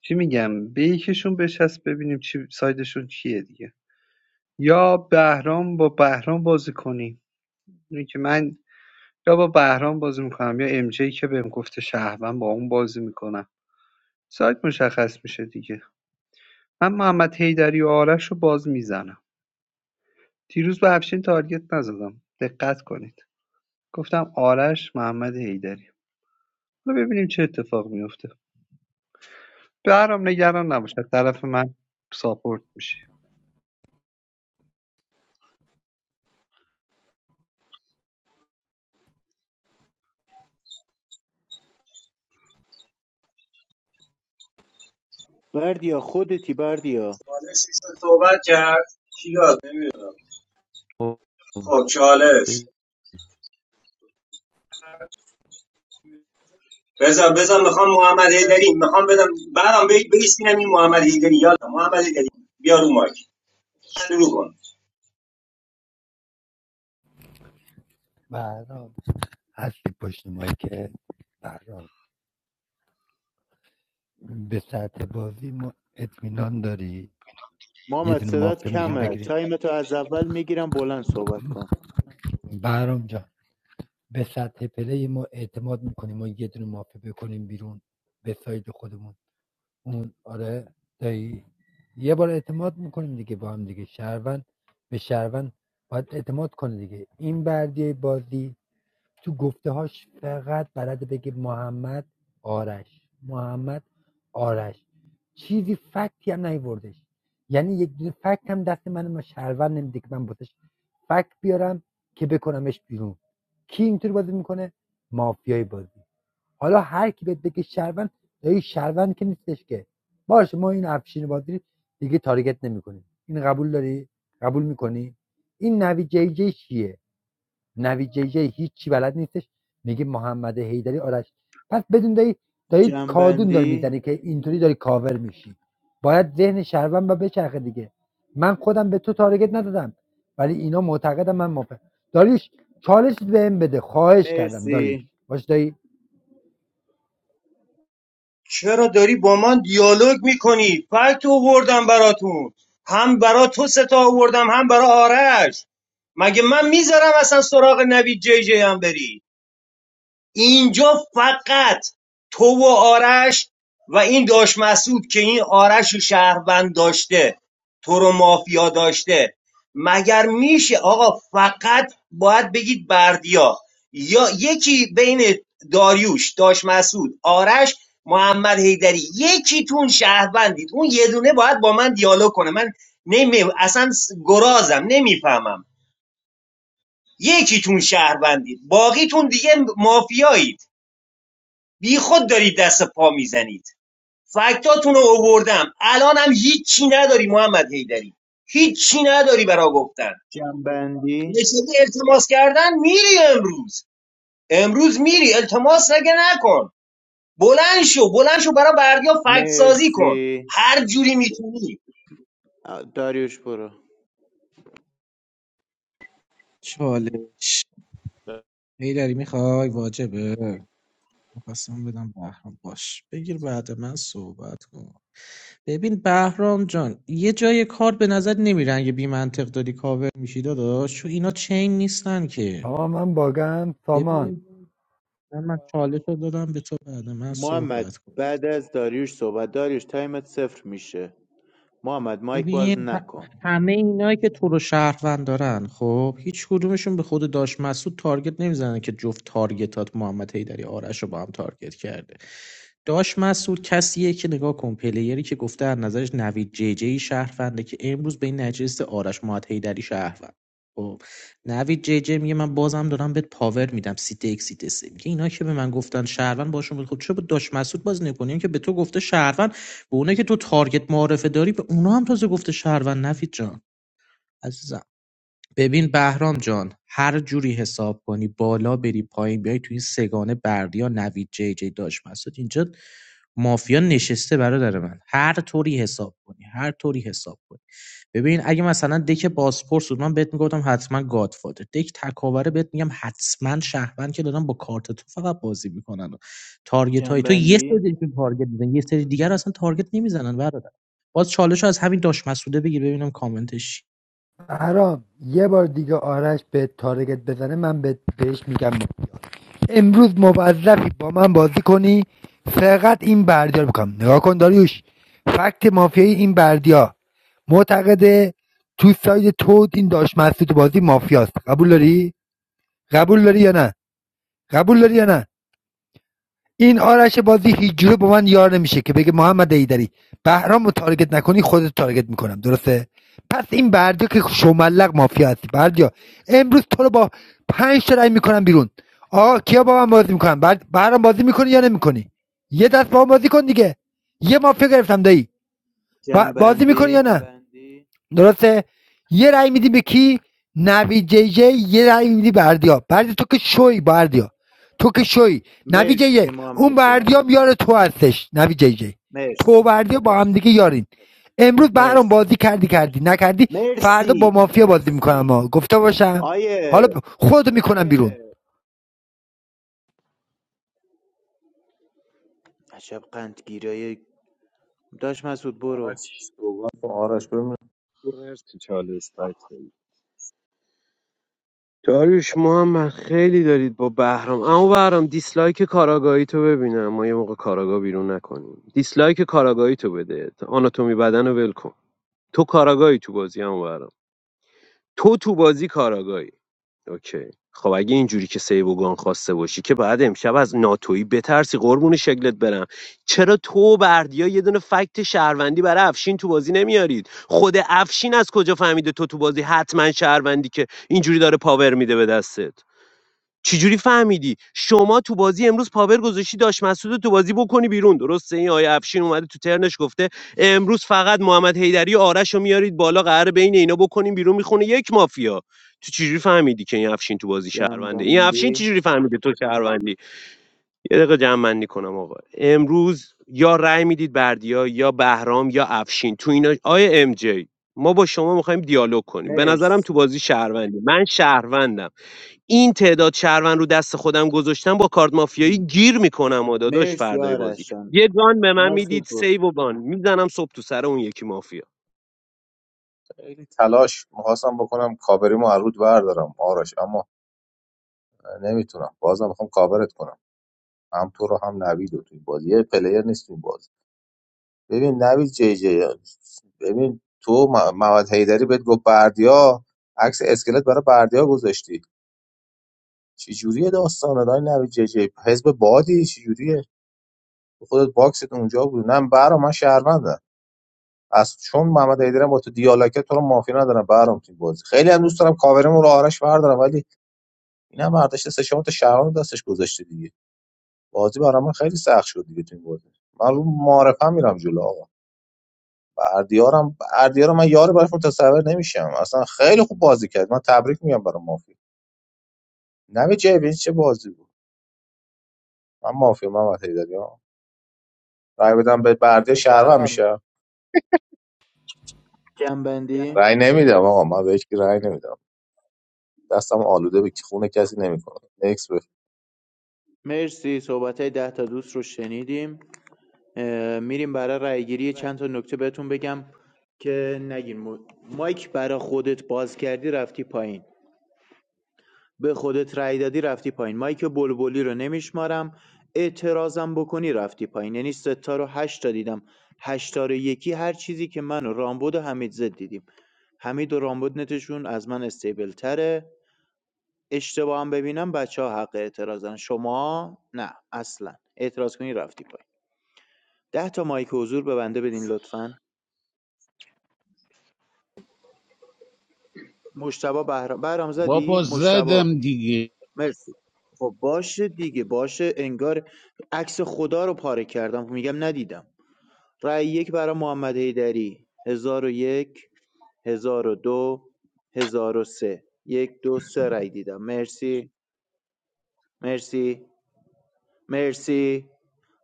Speaker 11: چی میگم به یکیشون بچسب ببینیم چی سایدشون چیه دیگه یا بهرام با بهرام بازی کنیم اینه که من یا با بهرام بازی میکنم یا ام جی که بهم گفته شهروند با اون بازی میکنم سایت مشخص میشه دیگه من محمد حیدری و آرش رو باز میزنم دیروز به افشین تارگت نزدم دقت کنید گفتم آرش محمد حیدری حالا ببینیم چه اتفاق میفته بهرام نگران نباشه طرف من ساپورت میشه
Speaker 5: بردیا خودتی بردیا
Speaker 4: چالش میشه صحبت کرد کی یاد نمیدونم خب چالش
Speaker 2: بده.
Speaker 4: بزن بزن میخوام محمد هیدری میخوام بدم برام بی- بریسپینم این محمد هیدری یالا محمد هیدری بیا رو مایک شروع کن
Speaker 7: بهرام هستی پشت مایی که بهرام به سطح بازی ما اطمینان داری یه
Speaker 5: محمد
Speaker 7: دونه
Speaker 5: صدات
Speaker 7: مافیا
Speaker 5: کمه
Speaker 7: میتونیم
Speaker 5: تایم تو از اول میگیرم بلند صحبت کن
Speaker 7: بهرام جان به سطح پلی ما اعتماد میکنیم ما یه دونه مافیا بکنیم بیرون به سایت خودمون اون آره دایی یه بار اعتماد میکنیم دیگه با هم دیگه شهروند به شهروند باید اعتماد کنه دیگه این بردیه بازی تو گفته‌هاش فقط بلده بگه محمد آرش محمد آرش چیزی فکتی هم نیوردش یعنی یک دونه فکت هم دست من ما شهرور نمیده که من واسش فکت بیارم که بکنمش بیرون کی اینطور بازی میکنه مافیای بازی حالا هر کی بهت بگه شهروند دایی شهروند که نیستش که باشه ما این افشین بازی دیگه تارگت نمیکنیم این قبول داری قبول میکنی این نوی جی جی چیه نویجیه هیچی بلد نیستش میگه محمد حیدری آرش پس بدون دایی دایی کادون داری
Speaker 5: جنبندی
Speaker 7: میزنی که اینطوری داری کاور میشی باید ذهن شهروند با بچرخه دیگه من خودم به تو تارگت ندادم ولی اینا معتقدم من موافق داریش چالش بهم بده خواهش کردم داریش
Speaker 5: مرسی
Speaker 7: باش دایی
Speaker 4: چرا داری با من دیالوگ میکنی فکت آوردم براتون هم برا تو ستا آوردم هم برا آرش مگه من میذارم اصلا سراغ نوید جی جی هم بری اینجا فقط تو و آرش و این داش مسعود که این آرش و شهروند داشته تو رو مافیا داشته مگر میشه آقا فقط باید بگید بردیا یا یکی بین داریوش داش مسعود آرش محمد حیدری یکی تون شهروندید اون یه دونه باید با من دیالوگ کنه من نمی اصلا گرازم نمیفهمم یکی تون شهروندید باقیتون دیگه مافیایید بی خود دارید دست پا میزنید فکتاتون رو اووردم الانم هیچی نداری محمد هیدری هیچی نداری برا گفتن
Speaker 5: جنبندی
Speaker 4: نشدی التماس کردن میری امروز امروز میری التماس نگه نکن بلند شو بلند شو برا بردیا فکت سازی کن
Speaker 5: مرسی
Speaker 4: هر جوری میتونی
Speaker 5: داریوش برو
Speaker 15: چالش هیدری میخوای واجبه بهرام جان یه جای کار به نظر نمیرن یه بیمنطق داری کاور میشی داداش چون اینا چین نیستن که
Speaker 7: سامان من باگم
Speaker 15: ببین
Speaker 7: سامان
Speaker 15: من چالش رو دادم به عدم
Speaker 5: محمد
Speaker 15: صحبت کن
Speaker 5: بعد از داریوش صحبت داریوش تایمت صفر میشه محمد مایک باز
Speaker 15: ببین ه-
Speaker 5: نکن
Speaker 15: همه اینایی که تو رو شهروند دارن خب هیچ کدومشون به خود داش مسعود تارگت نمیزنن که جفت تارگتات محمد حیدری آرش رو با هم تارگت کرده داش مسعود کسیه که نگاه کن پلیری که گفته از نظرش نوید جی جی شهرونده که امروز به این نجست آرش محمد حیدری شهروند خب نوید جی جی میگه من بازم دارم بهت پاور میدم سیت یک سیت سه میگه اینا که به من گفتن شهروند باشون بود خب چرا با داش مسعود باز نکنیم که به تو گفته شهروند به اونایی که تو تارگت معارفه داری به اونا هم تازه گفته شهروند نوید جان عزیزم ببین بهرام جان هر جوری حساب کنی بالا بری پایین بیای توی این سگانه بردیا نوید جی جی داش مسعود اینجا مافیا نشسته برادر من هر طوری حساب کنی هر طوری حساب کنی ببین اگه مثلا دک بازپرس بود من بهت میگفتم حتما گادفادر دک تکاوره بهت میگم حتما شهروند که دارن با کارت تو فقط بازی میکنن تارگت های تو یه
Speaker 5: جنبندی
Speaker 15: سریشون تارگت میزنن یه سری دیگر اصلا تارگت نمیزنن برادر باز چالش رو از همین داش مسعوده بگیر ببینم کامنتش چی.
Speaker 7: هرام یه بار دیگه آرش به تارگت بزنه من به بهش میگم مافیا. امروز موظفی با من بازی کنی فقط این بردیا رو بکنم نگاه کن داریوش فکت مافیایی این بردیا معتقده تو ساید تو این داشت مسعود بازی مافیاست قبول داری قبول داری یا نه قبول داری یا نه این آرش بازی هیچجوره با من یار نمیشه که بگه محمد حیدری بهرام رو تارگت نکنی خودت تارگت میکنم درسته پس این بردیا که شملق مافیا هستی بردیا امروز تو رو با پنج تا رای میکنم بیرون آقا کیا با من بازی میکنم بعد بهرام بازی میکنی یا نمیکنی یه دست با من بازی کن دیگه یه مافیا گرفتم دایی با- بازی میکنی یا
Speaker 5: جنبندی
Speaker 7: نه درسته یه رای میدی به کی نوی جی جی یه رای میدی به اردیا بردیا تو که شوی با اردیا تو که شوی نوی جی جی
Speaker 5: مرسی
Speaker 7: اون
Speaker 5: محمد جان
Speaker 7: بردیام یار تو هستش نوی جی جی تو و
Speaker 5: مرسی
Speaker 7: بردیا با
Speaker 5: مرسی
Speaker 7: هم دیگه یارین امروز برام
Speaker 5: مرسی
Speaker 7: بازی کردی کردی نکردی فردا با
Speaker 5: مرسی
Speaker 7: مافیا بازی میکنم ما گفته باشم
Speaker 5: آیه
Speaker 7: حالا ب- خودتو میکنم بیرون
Speaker 5: عجب قندگیرایی داشت مسعود برو
Speaker 14: آرش صحبت با آرش ببینم
Speaker 8: مرسی چالش بکتری داریوش محمد خیلی دارید با بهرام اما بهرام دیسلایک کاراگاهی تو ببینم ما یه موقع کاراگاه بیرون نکنیم دیسلایک کاراگاهی تو بده آناتومی بدن رو ول کن تو کاراگاهی تو بازی اما بهرام تو تو بازی کاراگاهی اوکی خب اگه اینجوری که سیو و گان خواسته باشی که باید امشب از ناتویی بترسی قربون شکلت برم چرا تو و بردیا یه دونه فکت شهروندی برای افشین تو بازی نمیارید خود افشین از کجا فهمیده تو تو بازی حتما شهروندی که اینجوری داره پاور میده به دستت چجوری فهمیدی شما تو بازی امروز پاور گذاشتی داش مسعود رو تو بازی بکنی بیرون درسته این آیه افشین اومده تو ترنش گفته امروز فقط محمد حیدری و آرش رو میارید بالا قرار بین اینا بکنیم بیرون میخونه یک مافیا تو چجوری فهمیدی که این افشین تو بازی شهرونده این افشین
Speaker 5: جنبندی
Speaker 8: چجوری فهمیده تو شهروندی یه دقیقه جمع بندی کنم آقا امروز یا رأی میدید بردیا یا بهرام یا افشین تو اینا آیه ام جی ما با شما میخوایم دیالوگ کنیم به نظرم تو
Speaker 5: مرسی
Speaker 8: بازی شهروندی من شهروندم این تعداد شهروند رو دست خودم گذاشتم با کارت مافیایی گیر میکنم و داداش
Speaker 5: مرسی
Speaker 8: فردای بازی
Speaker 5: آرش جان
Speaker 8: یه گان به من میدید
Speaker 5: مسعود برو
Speaker 8: سیو و بان میزنم صبح تو سر اون یکی مافیا
Speaker 14: خیلی تلاش میخواستم بکنم کاوریمو از رود بردارم آرش اما نمیتونم بازم میخوام کاورت کنم هم تو رو هم نوید رو توی بازی یه پلیر نیست توی بازی ببین نوید جی جی ببین تو م- محمد حیدری بهت گفت بردیا عکس اسکلت برای بردیا گذاشتی چی جوریه داستان دای نوید جی جی حزب بادی چی جوریه تو خودت باکست اونجا بود نه برا من شهروندم از چون محمد حیدری با تو دیالکت تو رو مافی ندارم برام توی بازی خیلی هم دوست دارم کاوریمو رو آرش بردارم ولی این هم برداشته سه چهار تا شهروند دستش گذاشته دیگه بازی برام خیلی سخت شد دیگه تو این بازی من رو معرفه میرم جلو آقا بردیارم بردیارم من یار براش متصور نمیشم اصلا خیلی خوب بازی کرد من تبریک میگم برای مافیا نوی جیبین چه بازی بود من مافیا من وقتی ها رای بدم به بردیا شهروند میشه
Speaker 5: جنبندی
Speaker 14: رای نمیدم آقا من به هیچ کی رای نمیدم دستم آلوده به خون کسی نمیکنه نکس
Speaker 5: مرسی صحبت های ده تا دوست رو شنیدیم اه، میریم برای رأیگیری چند تا نکته بهتون بگم که نگین مو- مایک برا خودت باز کردی رفتی پایین به خودت رای دادی رفتی پایین مایک بلبلی رو نمیشمارم اعتراضم بکنی رفتی پایین یعنی ستا رو هشتا دیدم هشتا رو یکی هر چیزی که من و رامبد و حمید زد دیدیم حمید و رامبد نتشون از من استیبل تره اشتباه هم ببینم بچه ها حق اعتراضن شما نه اصلا اعتراض کنی رفتی پایین ده تا مایک حضور به بنده بدین لطفا مشتبه بهرام بهرام زدی
Speaker 2: بابا
Speaker 5: مشتبه
Speaker 2: زدم دیگه
Speaker 5: مرسی خب باشه دیگه باشه انگار عکس خدا رو پاره کردم میگم ندیدم رأی یک برای محمد حیدری هزار و یک هزار و دو هزار و سه یک دو سه رأی دیدم مرسی مرسی مرسی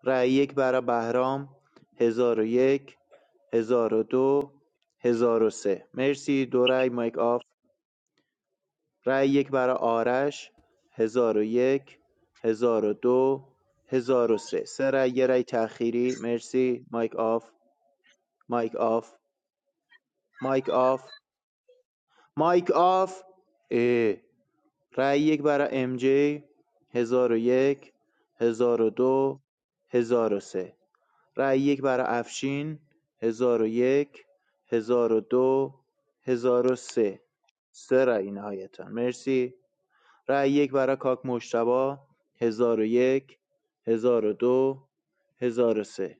Speaker 5: رأی یک برای بهرام هزار و یک هزار و دو هزار و سه مرسی دو رأی مایک آف رای یک برای آرش هزار هزار و و یک هزار و دو هزار و سه سه رای یه رای تأخیری مرسی مایک آف مایک آف مایک آف مایک آف اه. رای یک برای ام جی هزار و یک، هزار و دو، هزار و سه رای یک برای افشین هزار هزار و و یک هزار و دو هزار و سه سه رای نهایتا مرسی رای یک برای کاک مجتبی، هزار و یک مشتبا 1001 1002 سه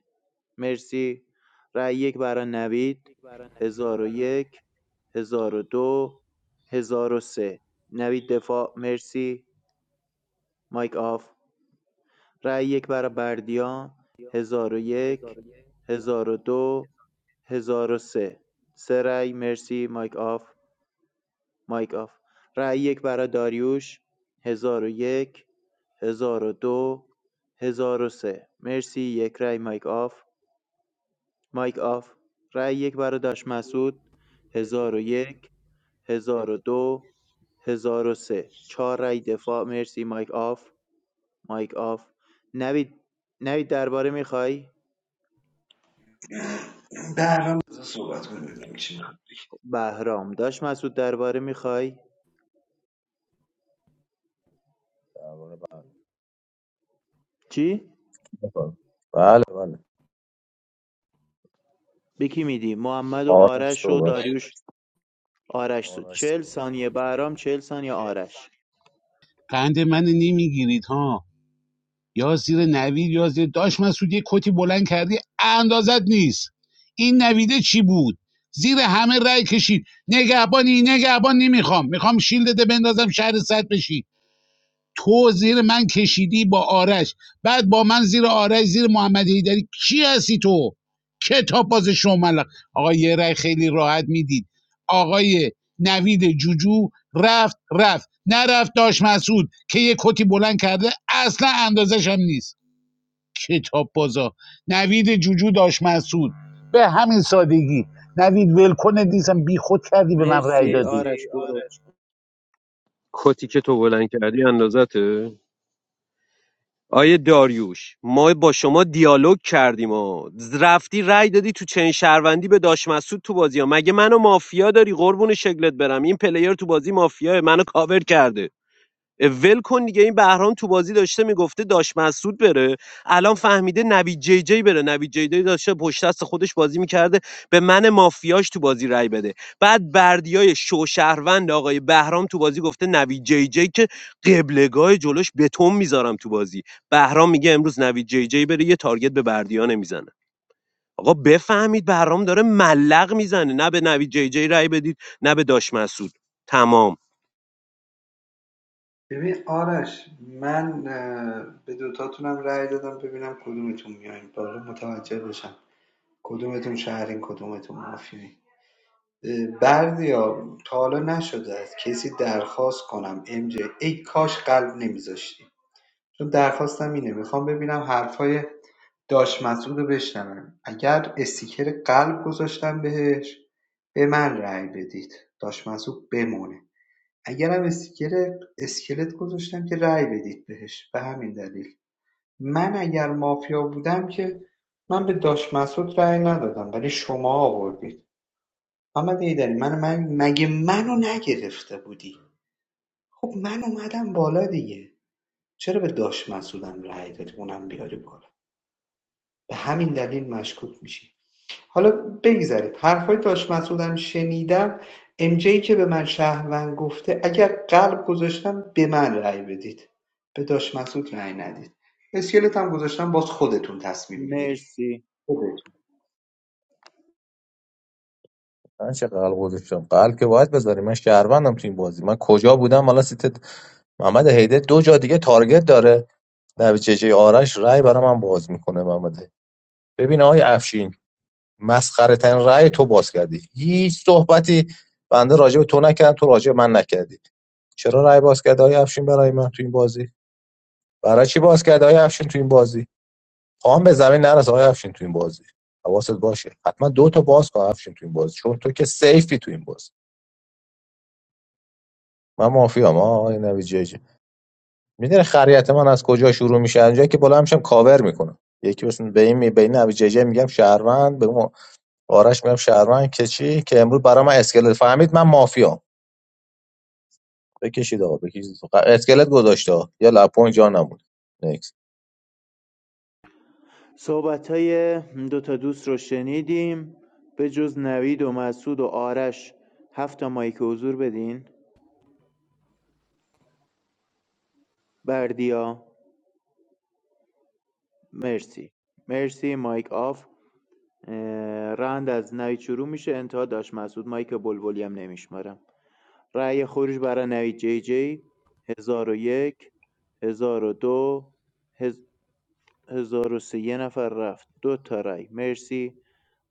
Speaker 5: مرسی رای یک برای نوید 1001 1002 سه نوید دفاع مرسی مایک آف رای یک برای بردیان 1001 1002 1003 سه سه رای مرسی مایک آف مایک آف رأی یک برای داریوش هزار هزار و و یک هزار و دو هزار و سه مرسی یک رأی مایک آف مایک آف رأی یک برای داش مسعود هزار هزار و و یک هزار و دو هزار و سه چهار رأی دفاع مرسی مایک آف مایک آف نوید نوید درباره میخوای
Speaker 11: درم بذار صحبت کنیم ببینیم چی
Speaker 5: بهرام داش مسعود درباره میخوای
Speaker 14: بفرمایید
Speaker 5: چی
Speaker 14: بله بله بله.
Speaker 5: به کی میدی محمد و
Speaker 14: آرش
Speaker 5: آرش و
Speaker 14: صحبت
Speaker 5: داریوش آرش سو
Speaker 14: آرش
Speaker 5: چهل ثانیه برام چهل ثانیه آرش
Speaker 2: قند من نمیگیرید ها یا زیر نوید یا زیر داشت مسعود یه کتی بلند کردی اندازت نیست این نویده چی بود زیر همه رأی کشید نگهبانی نگهبان نمیخوام میخوام شیلدت بندازم شهر صد بشی تو زیر من کشیدی با آرش بعد با من زیر آرش زیر محمد هیدری کی هستی تو کتاب باز شمال آقا یه رای خیلی راحت میدید آقای نوید جوجو رفت رفت نرفت داش مسعود که یه کتی بلند کرده اصلا اندازش هم نیست کتاب بازا نوید جوجو داش مسعود به همین سادگی نوید ولکن دیزم بی خود کردی به من رای
Speaker 5: مرسی
Speaker 2: دادی
Speaker 5: آرش برو
Speaker 8: کتی که تو بلند کردی اندازته آیه داریوش ما با شما دیالوگ کردیم و رفتی رأی دادی تو چین شهروندی به داش مسعود تو بازی ها مگه منو مافیا داری قربون شکلت برم این پلیر تو بازی مافیاه منو کاور کرده ول کن دیگه این بهرام تو بازی داشته میگفته داش مسعود بره الان فهمیده نوید جی جی بره نوید جی جی داشته پشت دست خودش بازی میکرده به من مافیاش تو بازی رای بده بعد بردیای شو شهروند آقای بهرام تو بازی گفته نوید جی جی که قبلگاه جلوش بتون میذارم تو بازی بهرام میگه امروز نوید جی جی بره یه تارگت به بردیا نمیزنه آقا بفهمید بهرام داره ملق میزنه نه به نوید جی جی رای بدید نه به داش مسعود تمام
Speaker 11: ببین آرش من اه، به دوتاتونم رأی دادم ببینم کدومتون میایین بالا متوجه بشم کدومتون شهرین کدومتون مافیایی بردیا تا حالا نشده از کسی درخواست کنم ام جی ای کاش قلب نمیذاشتی چون درخواستم اینه میخوام ببینم حرفای داش مسعود رو بشنوم اگر استیکر قلب گذاشتم بهش به من رأی بدید داش مسعود بمونه اگرم استیکر اسکلت گذاشتم که رأی بدید بهش به همین دلیل من اگر مافیا بودم که من به داش مسعود رأی ندادم ولی شما آوردید محمد ایدری من من مگه منو نگرفته بودی خب من اومدم بالا دیگه چرا به داش مسعودم رأی دادی اونم بیاری بالا به همین دلیل مشکوک میشی حالا بگذرید حرفهای داش مسعودم شنیدم ام جی که به من شهروند گفته اگر قلب گذاشتم به من رأی بدید به داش مسعود رأی ندید اسکلت هم گذاشتم باز خودتون تصمیم میگیرید
Speaker 5: مرسی
Speaker 14: من چه قلب گذاشتم قلب که باید بذاری من شهروندم تو این بازی من کجا بودم حالا سیت محمد هیده دو جا دیگه تارگت داره نویچه جی آرش رای برای من باز میکنه محمد ببین آقای افشین مسخره ترین رای تو باز کردی هیچ صحبتی بنده راجع به تو نکردم تو راجع به من نکردی چرا رای باز کرد آقای افشین برای من تو این بازی برای چی باز کرد آقای افشین تو این بازی خواهم به زمین نرس آقای افشین تو این بازی حواست باشه حتما دو تا باز کن افشین تو این بازی چون تو که سیفی تو این بازی من مافیام آقای نوید جی جی میدونی خریت من از کجا شروع میشه از اونجایی که بالا همشم کاور میکنم یکی مثلا به این می- به این نوید جی میگم شهروند به اون آرش میگم شهروند که چی که امروز برای من اسکلت فهمید من مافیام بکشید آقا بکشید اسکلت گذاشته یا لپون جا نمون نکس
Speaker 5: صحبت های دو تا دوست رو شنیدیم به جز نوید و مسعود و آرش هفت تا مایک حضور بدین بردیا مرسی مرسی مایک آف اه، از نوید شروع میشه انتها داشت مسعود مایک بلبلی هم نمیشمارم رأی خروج برای نوید جی جی هزار و یک هزار و دو هز... هزار و سه یه نفر رفت دو تا رای مرسی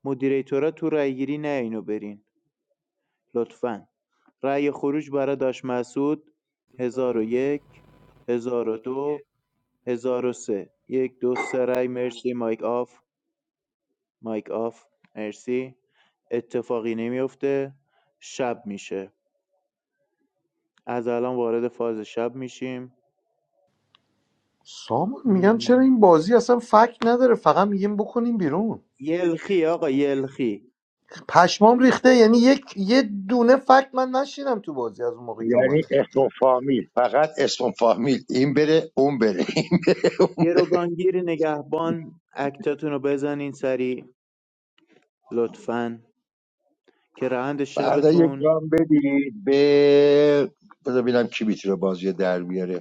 Speaker 5: مدیریتورا تو رایگیری نه اینو برین لطفا رای خروج برای داش مسعود هزار و یک، هزار و دو، هزار و سه یک دو سه رای مرسی مایک آف مایک آف مرسی اتفاقی نمیفته شب میشه از الان وارد فاز شب میشیم
Speaker 18: سامان میگم
Speaker 5: م،
Speaker 18: چرا این بازی اصلا فکت نداره فقط میگیم بکنیم بیرون
Speaker 5: یلخی آقا یلخی
Speaker 18: پشمام ریخته یعنی یک یه دونه فکت من نشیدم تو بازی از اون موقعی که
Speaker 17: یعنی
Speaker 18: اومدم
Speaker 17: اسم فامیل فقط اسم فامیل این بره اون بره این بره اون.
Speaker 5: گروگانگیر نگهبان اکتاتون رو بزنین سریع لطفاً که روند
Speaker 17: فردا یک
Speaker 5: شبتون
Speaker 17: گام بدید به بذار ببینم کی میتونه بازی در بیاره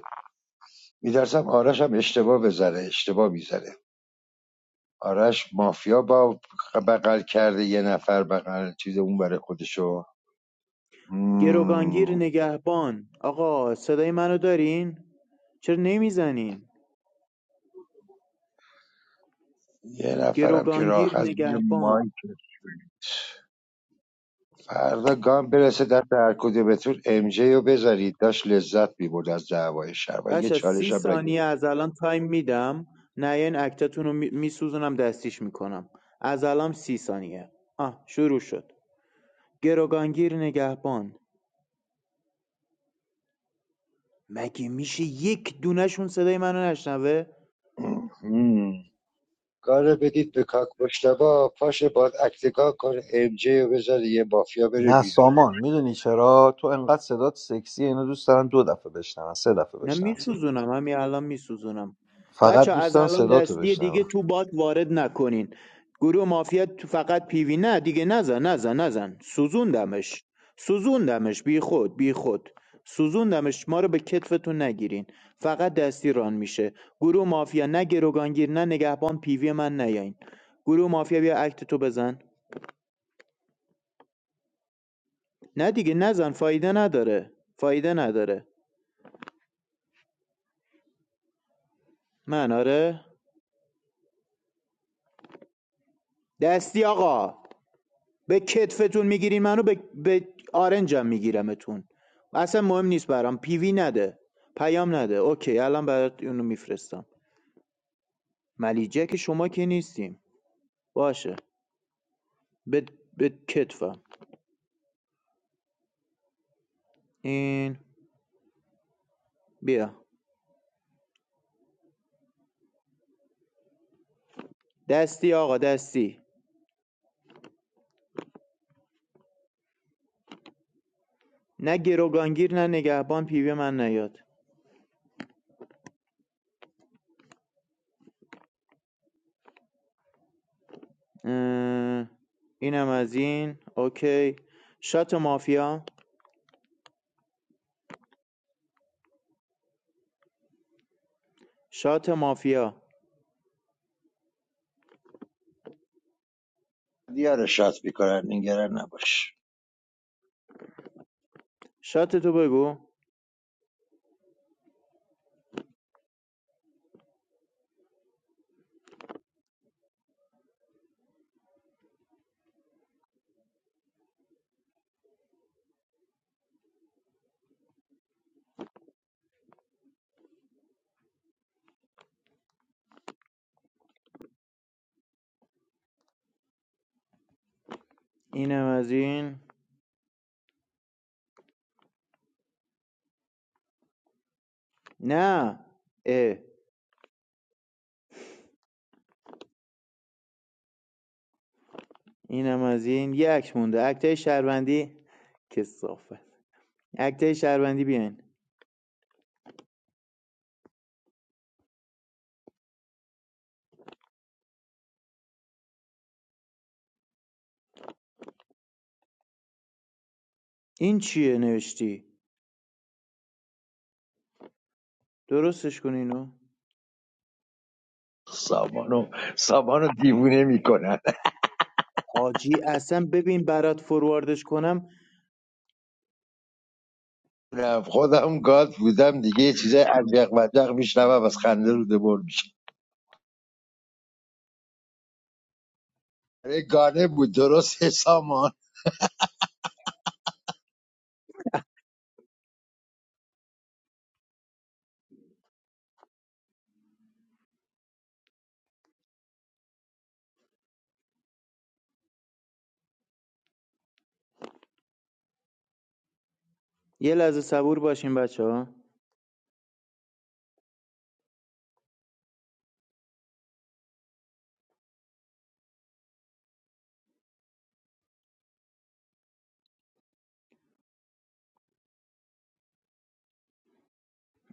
Speaker 17: میترسم آرش هم اشتباه بزنه اشتباه میزنه آرش مافیا با بغل کرده یه نفر بغل چیز اون برای خودشو
Speaker 5: گروگانگیر
Speaker 17: مم.
Speaker 5: نگهبان آقا صدای منو دارین؟ چرا نمیزنین؟
Speaker 17: یه نفرم که
Speaker 5: گروگانگیر
Speaker 17: راحت زیر
Speaker 5: نگهبان
Speaker 17: مایک فردا گام برسه دست هر کدومتون ام جی رو بذارید داشت لذت میبرد از دعوای شهر و یه
Speaker 5: بچه سی
Speaker 17: چالش هم نگه
Speaker 5: ثانیه از الان تایم میدم نه این اکتتون رو میسوزونم دستیش میکنم از الان سی ثانیه آه شروع شد گروگانگیر نگهبان مگه میشه یک دونشون صدای منو نشنوه؟
Speaker 17: کار بدید به کاک مشتبا پاش باد اکتگاه کنه ام جی رو بذاره یه مافیا بره
Speaker 18: نه
Speaker 17: بیرون
Speaker 18: سامان میدونی چرا تو انقدر صدات سکسی اینو دوست دارم دو دفعه بشنوم سه دفعه
Speaker 5: نه
Speaker 18: بشنوم صدا.
Speaker 5: میسوزونم همین الان میسوزونم بچه
Speaker 18: فقط دوست
Speaker 5: از
Speaker 18: دارم
Speaker 5: الان
Speaker 18: صداتو
Speaker 5: دستی دیگه
Speaker 18: بشنوم
Speaker 5: تو باد وارد نکنین گروه مافیا تو فقط پیوی نه دیگه نزن نزن نزن سوزوندمش سوزوندمش بی خود بی خود سوزوندمش ما رو به کتفتون نگیرین فقط دستی ران میشه گروه مافیا نه گروگانگیر نه نگهبان پیوی من نیاین گروه مافیا بیا اکت تو بزن نه دیگه نزن فایده نداره فایده نداره من آره دستی آقا به کتفتون میگیرین منو به, به آرنجم میگیرمتون اصلا مهم نیست برام پیوی نده پیام نده اوکی الان برات اونو میفرستم ملیجه که شما که نیستیم باشه به, به کتفم این بیا دستی آقا دستی نه گروگانگیر نه نگهبان پیوی من نیاد اه، اینم از این اوکی شات مافیا شات مافیا
Speaker 17: دیار شات میکنن نگران نباش
Speaker 5: شات تو بگو اینم از این نه اه اینم از این یه اکت مونده اکتای شهروندی کثافت اکتای شهروندی بیاین این چیه نوشتی درستش کن اینو
Speaker 17: سامانو سامانو دیوونه میکنن
Speaker 5: حاجی اصلا ببین برات فورواردش کنم
Speaker 17: خودم گاد بودم دیگه یه چیزای عجق وجق میشنوم از خنده رو دبر میشه آره گانه بود درسته سامان
Speaker 5: یه لحظه صبور باشین بچه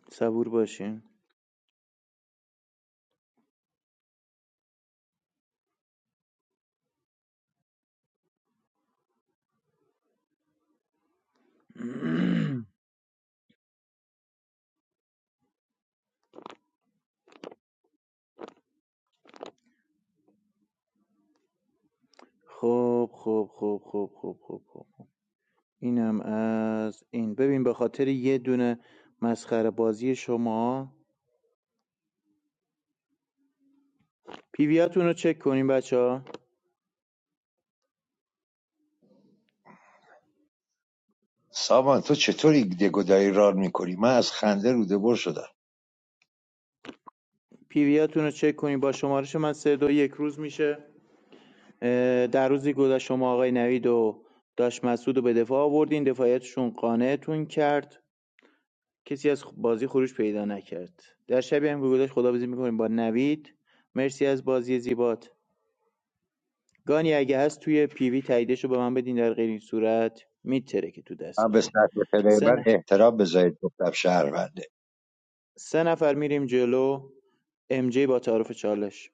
Speaker 5: صبور باشین خب خب خب خب خب خب خب خب. اینم از این ببین به خاطر یه دونه مسخره بازی شما پیویاتون رو چک کنین بچه ها
Speaker 17: سامان تو چطوری دگودایی رار میکنی من از خنده رو دبر شدم
Speaker 5: پیویاتون رو چک کنین با شمارش من سه دو یک روز میشه در روزی گذشت شما آقای نوید و داش مسعود رو به دفاع آوردین دفاعیتشون قانعتون کرد کسی از بازی خروج پیدا نکرد در شبیه هم که گذشت خداحافظی میکنیم با نوید مرسی از بازی زیبات گانی اگه هست توی پیوی تاییدش رو به من بدین در غیر این صورت میتره که تو
Speaker 17: من به
Speaker 5: دستتون
Speaker 17: سطح پلی
Speaker 5: سه,
Speaker 17: من
Speaker 5: نف-
Speaker 17: احترام بذارید گفتم شهرونده
Speaker 5: سه نفر میریم جلو ام جی با تعارف چالش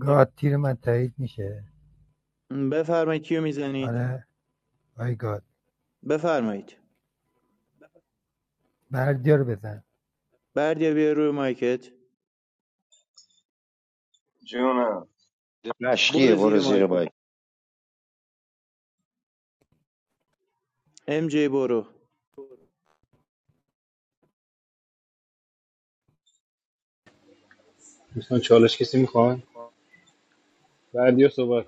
Speaker 7: گاد تیر من تایید میشه
Speaker 5: بفرمایید کیو میزنید
Speaker 7: آره آی گاد
Speaker 5: بفرمایید
Speaker 7: بردیا رو بزن
Speaker 5: بردیا بیا روی مایکت
Speaker 4: جونم
Speaker 17: مشقیه
Speaker 5: برو
Speaker 17: برو
Speaker 5: زیر
Speaker 17: زیر
Speaker 5: مایکت
Speaker 17: باید
Speaker 5: ام جی برو
Speaker 6: دوستان چالش کسی میخوان بردیا صحبت کن.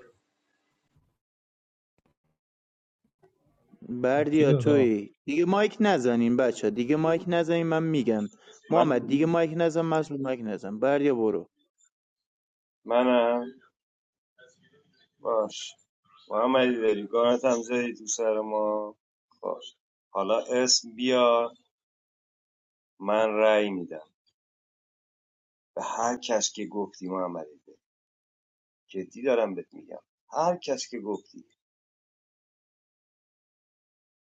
Speaker 14: کی
Speaker 5: بردیا
Speaker 14: داد آقا
Speaker 5: توی دیگه مایک نزنین بچه دیگه مایک نزنین من میگم
Speaker 4: من
Speaker 5: محمد دیگه مایک نزن مسعود مایک نزن بردیا برو
Speaker 4: منم باش محمدی داری گارت هم زدی تو سر ما باش حالا اسم بیا من رأی میدم به هر کس که گفتی محمد ایده. جدی دارم بهت میگم هر کس که گفتی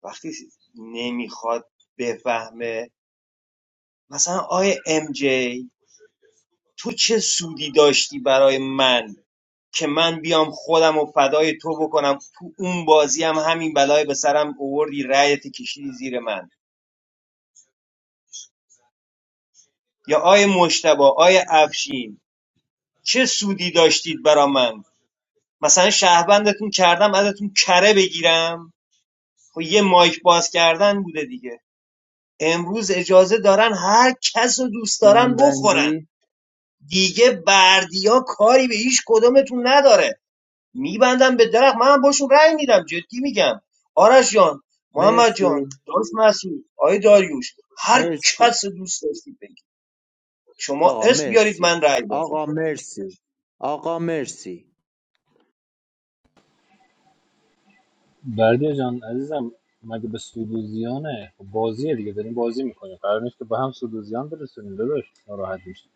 Speaker 4: وقتی نمیخواد بفهمه مثلا آی ام جی تو چه سودی داشتی برای من که من بیام خودم و فدای تو بکنم تو اون بازی هم همین بلای به سرم اووردی رایت کشیدی زیر من یا آی مشتبا آی افشین چه سودی داشتید برا من مثلا شهروندتون کردم ازتون کره بگیرم خب یه مایک باز کردن بوده دیگه امروز اجازه دارن هر کس رو دوست دارن بخورن
Speaker 5: جنبندی
Speaker 4: دیگه بردیا کاری به هیچ کدومتون نداره میبندم به درخت منم باشون رأی میدم جدی میگم آرش جان محمد جان
Speaker 5: مرسی
Speaker 4: داشت مسعود آی داریوش هر
Speaker 5: مرسی
Speaker 4: کس رو دوست داشتید بگید شما
Speaker 5: آقا
Speaker 4: اسم بیارید
Speaker 5: مرسی
Speaker 4: من رأی بازی
Speaker 5: آقا
Speaker 4: کنم
Speaker 5: مرسی آقا مرسی
Speaker 6: بردیا جان عزیزم مگه به سودوزیانه خب بازیه دیگه داریم بازی میکنیم قرار نیست که به هم سودوزیان برسونیم داداش ناراحت میشه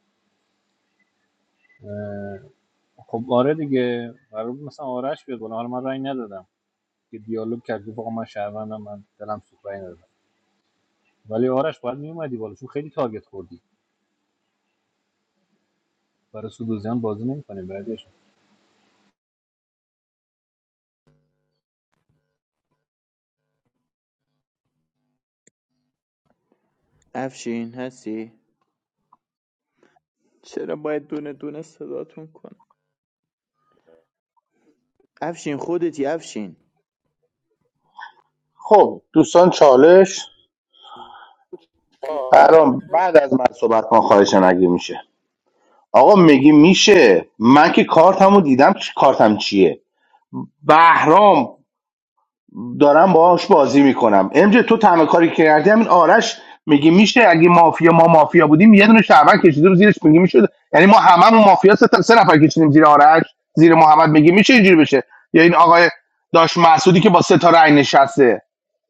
Speaker 6: خب آره دیگه قرار بود مثلا آرش بیاد بالا حالا من رأی ندادم که دیالوگ کرد گفت آقا من شهروندم من دلم سوخت رأی ندادم ولی آرش باید میومدی بالا چون خیلی تارگت خوردی برای سودوزیان بازی نمیکنیم بردیا جان
Speaker 5: افشین هستی چرا باید دونه دونه صداتون کنم افشین خودتی افشین
Speaker 10: خب دوستان چالش برام بعد از من صحبت کن خواهشن اگه میشه آقا میگی میشه من که کارتمو دیدم چ- کارتم چیه بهرام دارم باهاش بازی میکنم امجه تو تنها کاری که کردی همین آرش میگی میشه اگه مافیا ما مافیا بودیم یه دونه شعبان کشیدیم زیرش میگی میشد یعنی ما هممون مافیا سه, تا- سه نفر کشیدیم زیر آرش زیر محمد میگی میشه اینجوری بشه یا این آقای داش محسودی که با سه تا رأی نشسته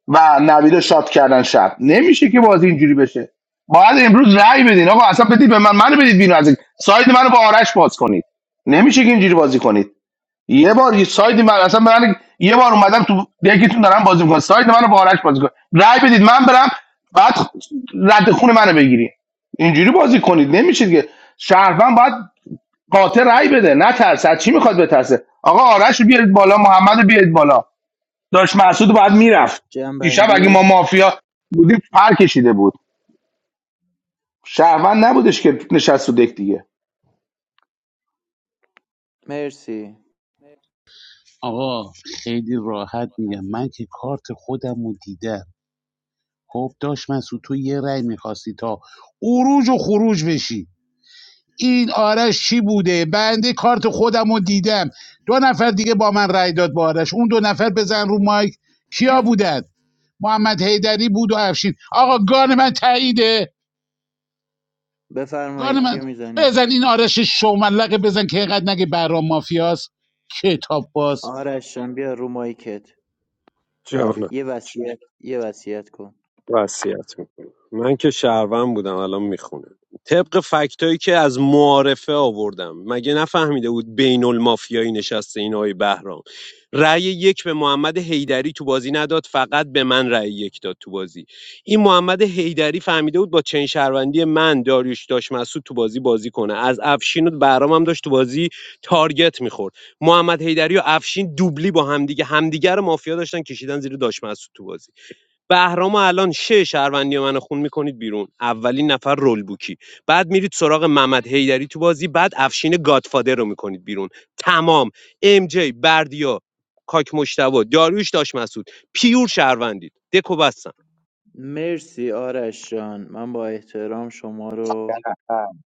Speaker 10: و نوید رو شات کردن شب نمیشه که بازی اینجوری بشه باید امروز رأی بدین آقا اصلا بدید به من منو بدید بیرون از این. ساید منو با آرش باز کنید نمیشه که اینجوری بازی کنید یه بار یه ساید من اصلا من یه بار اومدم تو یکیتون دارم بازی میکنم ساید منو با آرش بازی کن رای بدید من برم بعد رد خون منو بگیرید اینجوری بازی کنید نمیشید که شهروند باید قاطع رای بده نه ترس از چی میخواد بترسه آقا آرش رو بیارید بالا محمد رو بیارید بالا داشت محسود باید میرفت دیشب اگه ما
Speaker 5: جنبندی
Speaker 10: مافیا بودیم پر کشیده بود شهروند نبودش که نشست تو دک دیگه
Speaker 5: مرسی
Speaker 2: آقا خیلی راحت میگم من که کارت خودم رو دیدم خب داشت من تو یه رأی میخواستی تا اروج و خروج بشی این آرش چی بوده بنده کارت خودم رو دیدم دو نفر دیگه با من رأی داد با آرش اون دو نفر بزن رو مایک کیا بودن محمد حیدری بود و افشین آقا گان من تاییده گان
Speaker 5: بفرمایید کیو
Speaker 2: من
Speaker 5: میزنیم
Speaker 2: بزن این آرش شوملقه بزن که اینقدر نگه برام مافیاست کتاب باز
Speaker 5: آرش جان بیا رو مایکت
Speaker 17: حرف
Speaker 5: یه وصیت یه وصیت کن
Speaker 8: وصیت میکنه من که شهروند بودم الان میخونه طبق فکتایی که از معارفه آوردم مگه نفهمیده بود بین المافیایی نشسته این آقای بهرام رأی یک به محمد حیدری تو بازی نداد فقط به من رأی یک داد تو بازی این محمد حیدری فهمیده بود با چین شهروندی من داریوش داش مسعود تو بازی بازی کنه از افشین و بهرام هم داشت تو بازی تارگت میخورد محمد حیدری و افشین دوبلی با همدیگه همدیگه رو مافیا داشتن کشیدن زیر داش مسعود تو بازی بهرام الان شه شهروندی منو خون میکنید بیرون اولین نفر رول بوکی بعد میرید سراغ محمد حیدری تو بازی بعد افشین گادفادر رو میکنید بیرون تمام ام جی بردیا کاک مشتبا داریوش داش مسعود پیور شهروندید دکو بستم
Speaker 5: مرسی آرش جان من با احترام شما رو
Speaker 17: کلفند.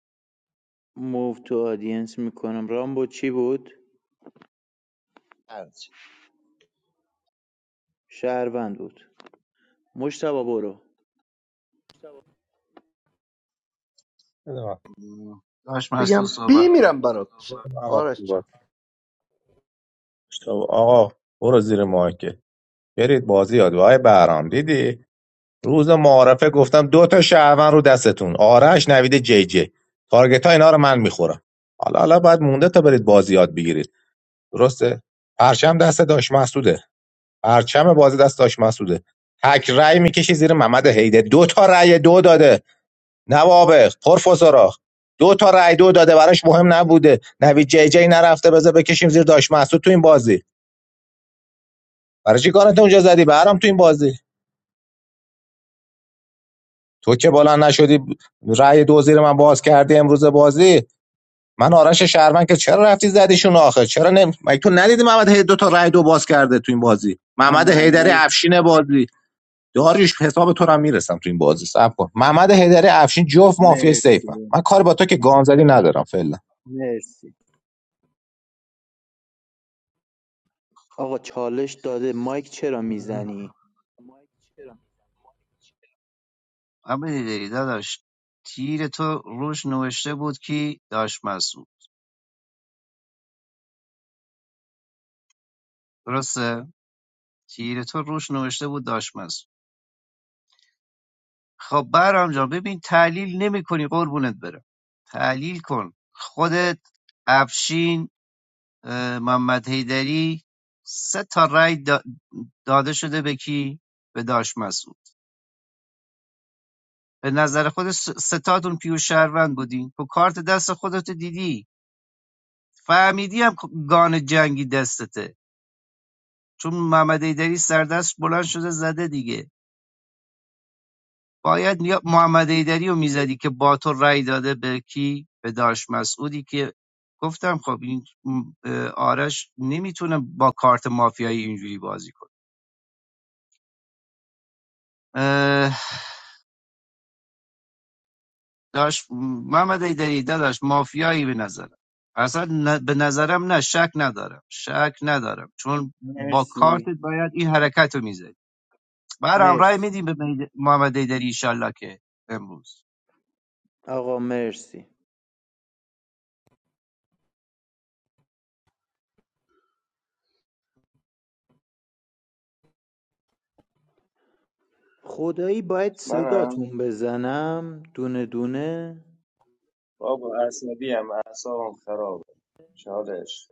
Speaker 5: موو تو آدینس میکنم رامبو چی بود؟ شهروند بود مشتبا برو
Speaker 14: بده من.
Speaker 16: داشت مسعود
Speaker 18: بگم بی
Speaker 16: صحبت
Speaker 18: میرم برات چ-
Speaker 14: آقا
Speaker 18: آرش جان
Speaker 14: آقا برو زیر مایکل برید بازی یاد وای بهرام دیدی روز معارفه گفتم دو تا شهروند رو دستتون آرش نوید جی جی تارگت ها اینا رو من میخورم حالا حالا باید مونده تا برید بازی یاد بگیرید درسته پرچم دست داش مسعوده پرچم بازی دست داش مسعوده تک رأی میکشی زیر محمد هیده دو تا رأی دو داده نوابق پرفسورا دو تا رأی دو داده براش مهم نبوده نوید جی جی نرفته بذار بکشیم زیر داش مسعود تو این بازی برای چی کارت اونجا زدی برام تو این بازی تو که بالا نشدی رأی دو زیر من باز کردی امروز بازی من آرش شهرمن که چرا رفتی زدیشون آخه چرا نمی... مگه تو ندیدی محمد هی دو تا رای دو باز کرده تو این بازی
Speaker 5: من
Speaker 14: محمد هیدری
Speaker 5: بندی
Speaker 14: افشین بازی داریش حساب تو رو هم میرسم تو این بازی صبر کن محمد هیدری افشین جفت مافیا سیفم
Speaker 5: مرسی
Speaker 14: من کار با تو که گانزدی ندارم فعلا
Speaker 5: مرسی آقا چالش داده مایک چرا
Speaker 16: کن
Speaker 5: میزنی؟
Speaker 16: عملی داری داداش تیر تو روش نوشته بود کی داش مسعود درسته تیر تو روش نوشته بود داش مسعود خب برام جان ببین تحلیل نمی کنی قربونت برم تحلیل کن خودت افشین اه، محمد حیدری سه تا رای دا- داده شده به کی به داش مسعود به نظر خود س- ستاتون پیو شهروند بودین تو کارت دست خودت دیدی فهمیدی هم خب گان جنگی دستته چون محمد حیدری سردست بلند شده زده دیگه باید یا محمد حیدری رو میزدی که با تو رأی داده به کی به داش مسعودی که گفتم خب این آرش نمیتونه با کارت مافیایی اینجوری بازی کنه داش محمد حیدری داداش مافیایی به نظرم اصلا به نظرم نه شک ندارم شک ندارم چون با
Speaker 5: مرسی
Speaker 16: کارتت باید این حرکت رو میزدی برام رأی
Speaker 5: مرسی
Speaker 16: میدیم به محمد حیدری ایشالله که امروز
Speaker 5: آقا مرسی خدایی باید
Speaker 4: منم
Speaker 5: صداتون بزنم دونه دونه
Speaker 4: بابا عصبی هم اعصابم خرابه چالش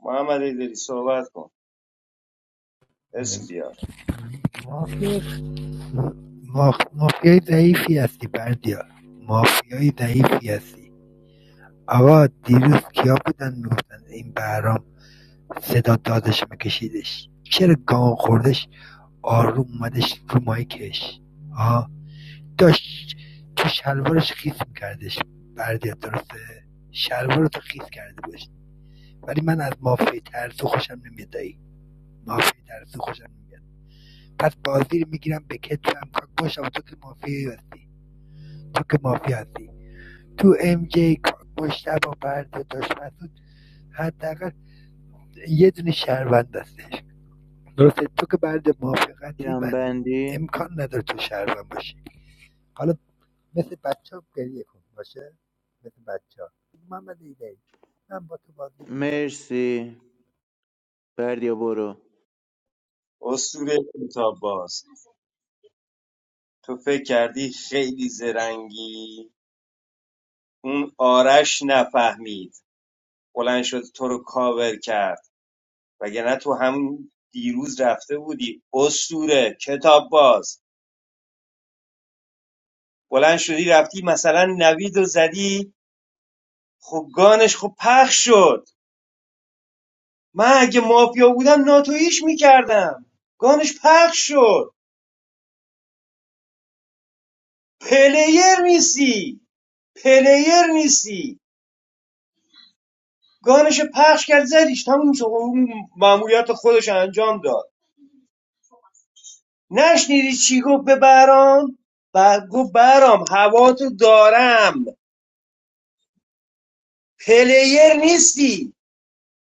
Speaker 4: محمد ایدری صحبت کن اسم بیار
Speaker 7: مافیا مافیای ضعیفی هستی بردیا مافیای ضعیفی هستی آقا دیروز کیا بودن میگفتن این بهرام صدا دادش میکشیدش چرا گام خوردش آروم اومدش رو مایکش آه داشت تو شلوارش خیس میکردش بردیا درسته شلوار تو خیس کرده باش ولی من از مافیای ترسو خوشم نمیاد دایی مافیای ترسو خوشم نمیاد پس بازی رو میگیرم به کتفم کاک باشم تو که مافیایی هستی تو که مافیا هستی تو ام جی مشتبه برد دشمن بود حداقل یه دونه شهروند هستش درسته تو که برد موافقتی منی
Speaker 5: جنبندی
Speaker 7: امکان نداره تو شهروند باشی حالا مثل بچه ها گریه کن باشه مثل بچه ها محمد ایدهی من با تو بازی میکنم
Speaker 5: مرسی بردیا برو
Speaker 4: اسطوره کتاب باز تو فکر کردی خیلی زرنگی اون آرش نفهمید بلند شد تو رو کاور کرد وگرنه تو همون دیروز رفته بودی اسطوره کتاب باز بلند شدی رفتی مثلا نوید و زدی خب گانش خب پخش شد من اگه مافیا بودم ناتویش میکردم گانش پخش شد پلیر نیستی پلیر نیستی گانش پخش کرد زدیش تموم شد اون معمولیت خودش انجام داد نشنیدی چی گفت به برام بعد گفت برام هوا دارم پلیر نیستی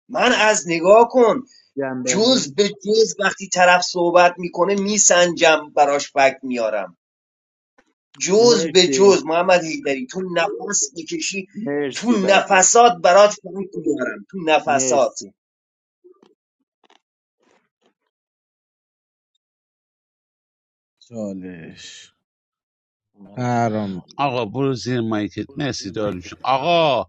Speaker 4: من از نگاه کن
Speaker 5: جنبندی
Speaker 4: جز به جز وقتی طرف صحبت میکنه میسنجم براش فکت میارم جز به
Speaker 5: مرسی
Speaker 4: جز محمد هیدری تو نفس میکشی تو
Speaker 5: مرسی بردیا جان
Speaker 4: نفسات برات فکت میارم تو نفسات
Speaker 5: مرسی
Speaker 15: بله.
Speaker 14: منم
Speaker 2: آقا برو زیر مایکت مرسی
Speaker 7: حالا
Speaker 2: داروش آقا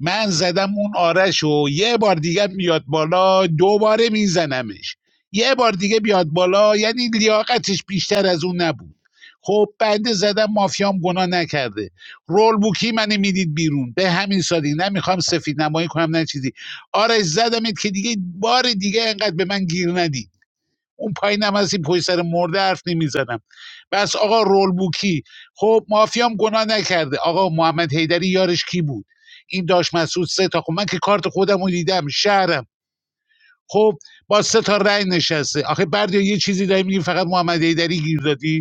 Speaker 2: من زدم اون آرشو یه بار دیگه بیاد بالا دوباره میزنمش یه بار دیگه بیاد بالا یعنی لیاقتش بیشتر از اون نبود خب بنده زدم مافیام گناه نکرده رول بوکی منو میدید بیرون به همین سادی نمیخوام سفید نمایی کنم نه چیزی آرش زدمت که دیگه بار دیگه انقدر به من گیر ندی اون پایینم از این پشت سر مرده حرف نمیزدم بس آقا رول بوکی خب مافیام گناه نکرده آقا محمد حیدری یارش کی بود این داش مسعود سه تا خب من که کارت خودم رو دیدم شهرم خب با سه تا رأی نشسته آخه بردیا یه چیزی داری میگی فقط محمد حیدری گیر دادی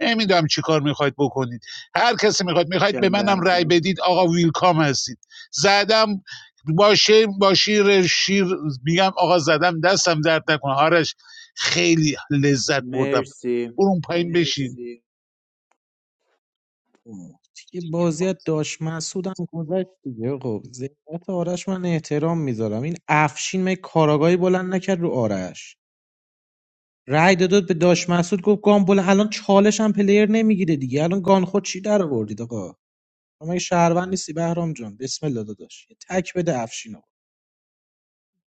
Speaker 2: نمیدونم چی کار میخواید بکنید هر کسی میخواید میخواید به منم رأی
Speaker 5: جنبندی
Speaker 2: بدید آقا ویلکام هستید زدم با شیر با شیر شیر میگم آقا زدم دستم درد نکنه آرش خیلی لذت بردم
Speaker 5: مرسی
Speaker 2: برون پایین بشین
Speaker 15: دیگه بازی از داش مسعودم گذشت دیگه خب ذهنیت آرش من احترام میذارم این افشین می کاراگاهی بلند نکرد رو آرش رأی داد به داش مسعود گفت گامبل الان چالش هم پلیر نمیگیره دیگه الان گان خود چی در آوردید آقا شما مگه شهروند نیستی بهرام جان بسم الله داداش یه تک بده افشین آقا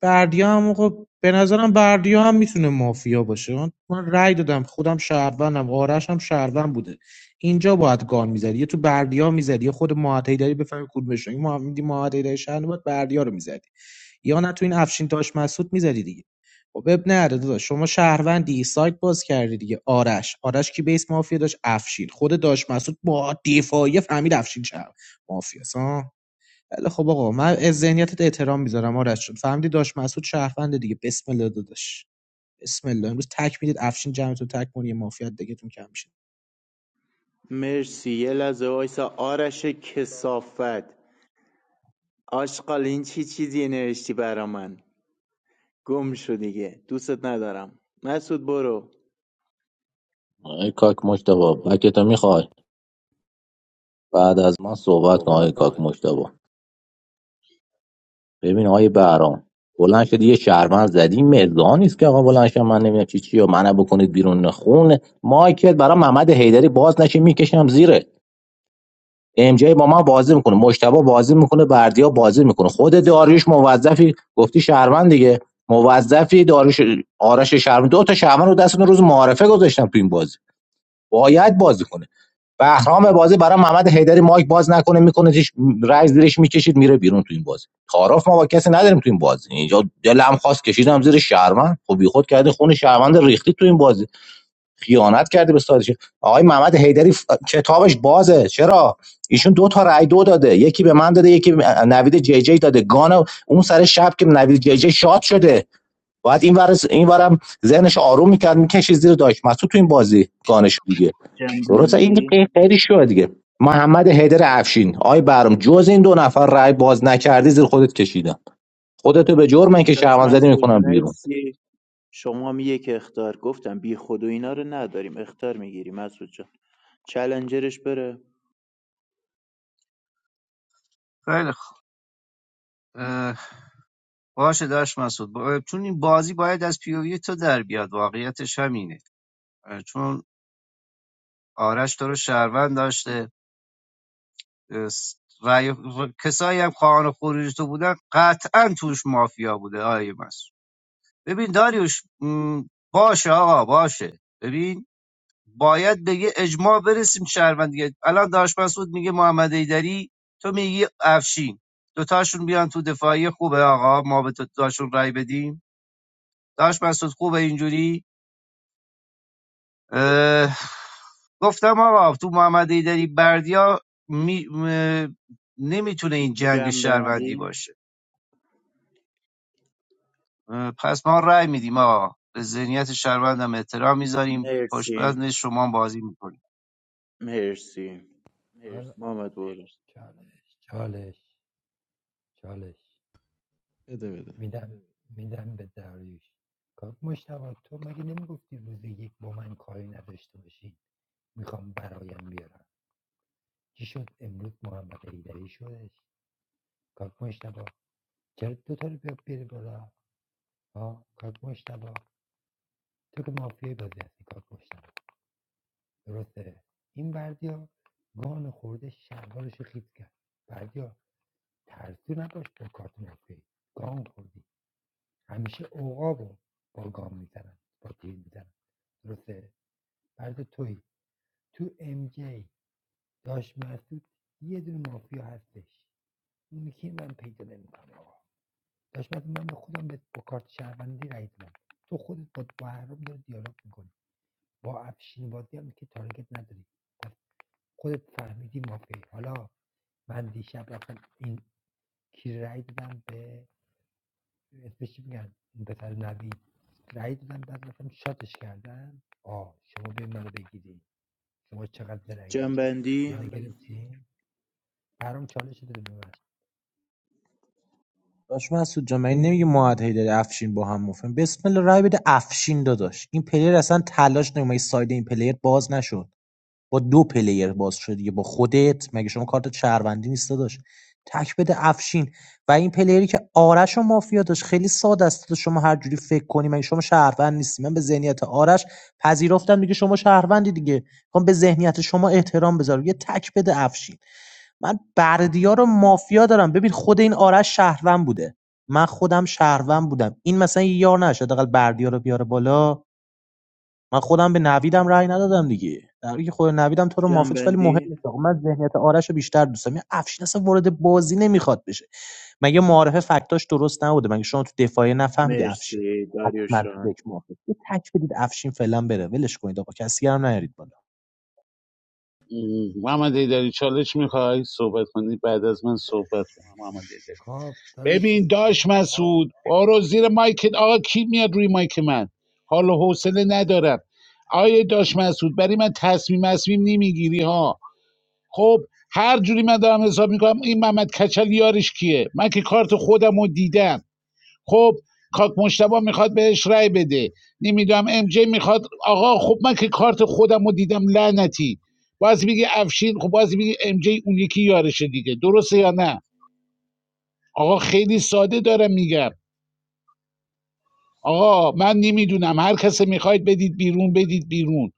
Speaker 15: بردیا هم آقا به نظرم بردیا هم میتونه مافیا باشه من من رأی دادم خودم شهروندم آرش هم شهروند بوده اینجا باید گان میزدی یه تو بردیا میزدی یه خود معتیدری بفهمی کدومش این معتیدری شهر باید بردیا رو میزدی یا نه تو این افشین داش مسعود میذاری دیگه خب اب نره داداش شما شهروندی سایت باز کردی دیگه آرش آرش کی بیس مافیا داشت افشین خود داش مسعود با دفاعی فهمید افشین شهر مافیاس ها بله خب آقا من از ذهنیتت احترام میذارم آرش جون فهمیدی داش مسعود شهروند دیگه بسم الله داداش بسم الله امروز تک میدید افشین جمعتون تک کنه یه مافیا دگتون کم میشه
Speaker 5: مرسی یه لحظه وایسا آرش کسافت آشقال این چی چیزی نوشتی برا من گم شو دیگه دوستت ندارم مسعود برو
Speaker 14: آقای کاک مشتبا بکتو میخوای بعد از من صحبت کن آقای کاک مشتبا ببین آقای بهرام بلند شدی یه شهروند زدی مرزا نیست که آقا بلند شم من نمیدونم چی چی و منو بکنید بیرون خون مایکل برای محمد حیدری باز نشه میکشم زیره ام جی با من بازی میکنه مشتبه بازی میکنه بردیا بازی میکنه خود داریوش موظفی گفتی شهروند دیگه موظفی داریوش آرش شهروند دو تا شهروند رو دستون روز معارفه گذاشتم تو این بازی باید بازی کنه بهرام بازی برای محمد حیدری مایک باز نکنه میکنه زیرش رای زیرش میکشید میره بیرون تو این بازی تعارف ما با کسی نداریم تو این بازی اینجا دلم خواست کشیدم زیر شهروند خب بیخود کردی خون شهروند ریختی تو این بازی خیانت کرده به سادش آقای محمد حیدری ف- کتابش بازه چرا ایشون دو تا رای دو داده یکی به من داده یکی به نوید جی جی داده گان اون سر شب که نوید جی جی شاد شده باید این ور این ورم ذهنش آروم میکرد میکشید زیر داش مسعود تو این بازی گانش دیگه درسته این
Speaker 5: جنبندی
Speaker 14: که خیلی شوه دیگه محمد حیدر افشین آی برام جز این دو نفر رای باز نکردی زیر خودت کشیدم خودتو به جرم من که
Speaker 5: داشت
Speaker 14: شهروند زدی
Speaker 5: مسعود
Speaker 14: میکنم بیرون
Speaker 5: مرسی شما هم یک اختار گفتم بی خود و اینا رو نداریم اختار میگیری مسعود جان چلنجرش بره
Speaker 16: خیلی باشه داشت مسعود با- چون این بازی باید از پیووی تو در بیاد واقعیتش همینه چون آرش تو رو شهروند داشته اه، س- و کسایی هم خواهان خروج تو بودن قطعا توش مافیا بوده آیه مسعود ببین داریوش باشه آقا باشه ببین باید به اجماع برسیم شهروند دیگه الان داشت مسعود میگه محمد ایدری تو میگی افشین دوتاشون بیان تو دفاعی خوبه آقا ما به تو- دوتاشون رأی بدیم داشت مسعود خوبه اینجوری گفتم آقا تو محمد ایدری بردیا می... م... نمیتونه این جنگ شهروندی
Speaker 5: جنبندی
Speaker 16: باشه پس ما رأی میدیم آقا به ذهنیت شهروندم احترام میذاریم پشت
Speaker 5: مرسی
Speaker 16: شما بازی میکنیم
Speaker 5: مرسی محمد برو
Speaker 7: چالش چالش چالش
Speaker 15: بده بده
Speaker 7: میدم میدم به داریوش کاک مشتبه تو مگه نمیگفتی روز یک با من کاری نداشته باشی میخوام برایم بیارم چی شد امروز محمد حیدری شدش کاک مشتبا چرا دو تا رو بیار بیاری بالا ها کاک مشتبا تو که مافیای بازی هستی کاک مشتبا درسته این بردیا گان خورده شلوارش رو کرد بردیا ترسو نباش با کارت مافیایی گان خوردی همیشه عقابو با گام میزنن با تیر میزنن درسته بردیا توی تو ام جی داش مسعود یه دونه مافیا هستش اونی که من پیدا نمیکنم داشتم من به خودم به کارت شهروندی رای دادم تو خودت با محرم داری دیالوگ میکنی با افشین بازی هم که تارگت نداری پس خودت فهمیدی مافیایی حالا من دیشب رفتم این کی رای دادم به اسمش چی میگن اون پسر نوید رای دادم بعد رفتم شاتش کردم آه شما به منو بگیری شما چقدر درنگی منو
Speaker 5: جنبندی
Speaker 7: چالش داده به من
Speaker 15: داش مسعود جان من نمیگه معاد هیدری افشین با هم مفهم بسم الله رای بده افشین داداش این پلیر اصلا تلاش نمیکنه ساید این پلیر باز نشد با دو پلیر باز شده دیگه با خودت مگه شما کارت شهروندی نیست داشت تک بده افشین و این پلیری که آرش و مافیا داشت خیلی ساده است شما هر جوری فکر کنی مگه شما شهروند نیستی من به ذهنیت آرش پذیرفتم دیگه شما شهروندی دیگه میخوام به ذهنیت شما احترام بذارم یه تک بده افشین من بردیا رو مافیا دارم ببین خود این آرش شهروند بوده من خودم شهروند بودم این مثلا یه یار نشه حداقل بردیا رو بیاره بالا من خودم به نویدم رأی ندادم دیگه در حالی که خود نویدم تو رو موافق ولی مهم
Speaker 5: جنبندی
Speaker 15: نیست آقا من ذهنیت آرش رو بیشتر دوست دارم این افشین اصلا وارد بازی نمیخواد بشه مگه معارف فکتاش درست نبوده مگه شما تو دفاعی نفهمیدی افشین
Speaker 5: مرسی
Speaker 15: حتما تو
Speaker 5: داریوشان
Speaker 15: دک موافق یه تک بدید افشین فعلا بره ولش کنید آقا کسی هم نیارید بالا
Speaker 2: م، محمد ایدری چالش میخوای صحبت کنی بعد از من صحبت کن محمد ایدری.
Speaker 7: خب
Speaker 2: ببین
Speaker 7: داداش
Speaker 2: داش مسعود برو زیر مایکت آقا کی میاد روی مایک من حال و حوصله ندارم آیه داش مسعود برای من تصمیم تصمیم نمیگیری ها خب هر جوری من دارم حساب میکنم این محمد کچل یارش کیه من که کارت خودم رو دیدم خب کاک مشتبا میخواد بهش رأی بده نمیدونم ام جی میخواد آقا خب من که کارت خودم رو دیدم لعنتی باز میگه افشین خب باز میگه ام جی اون یکی یارشه دیگه درسته یا نه آقا خیلی ساده دارم میگم آقا من نمیدونم هر کسی میخواید بدید بیرون بدید بیرون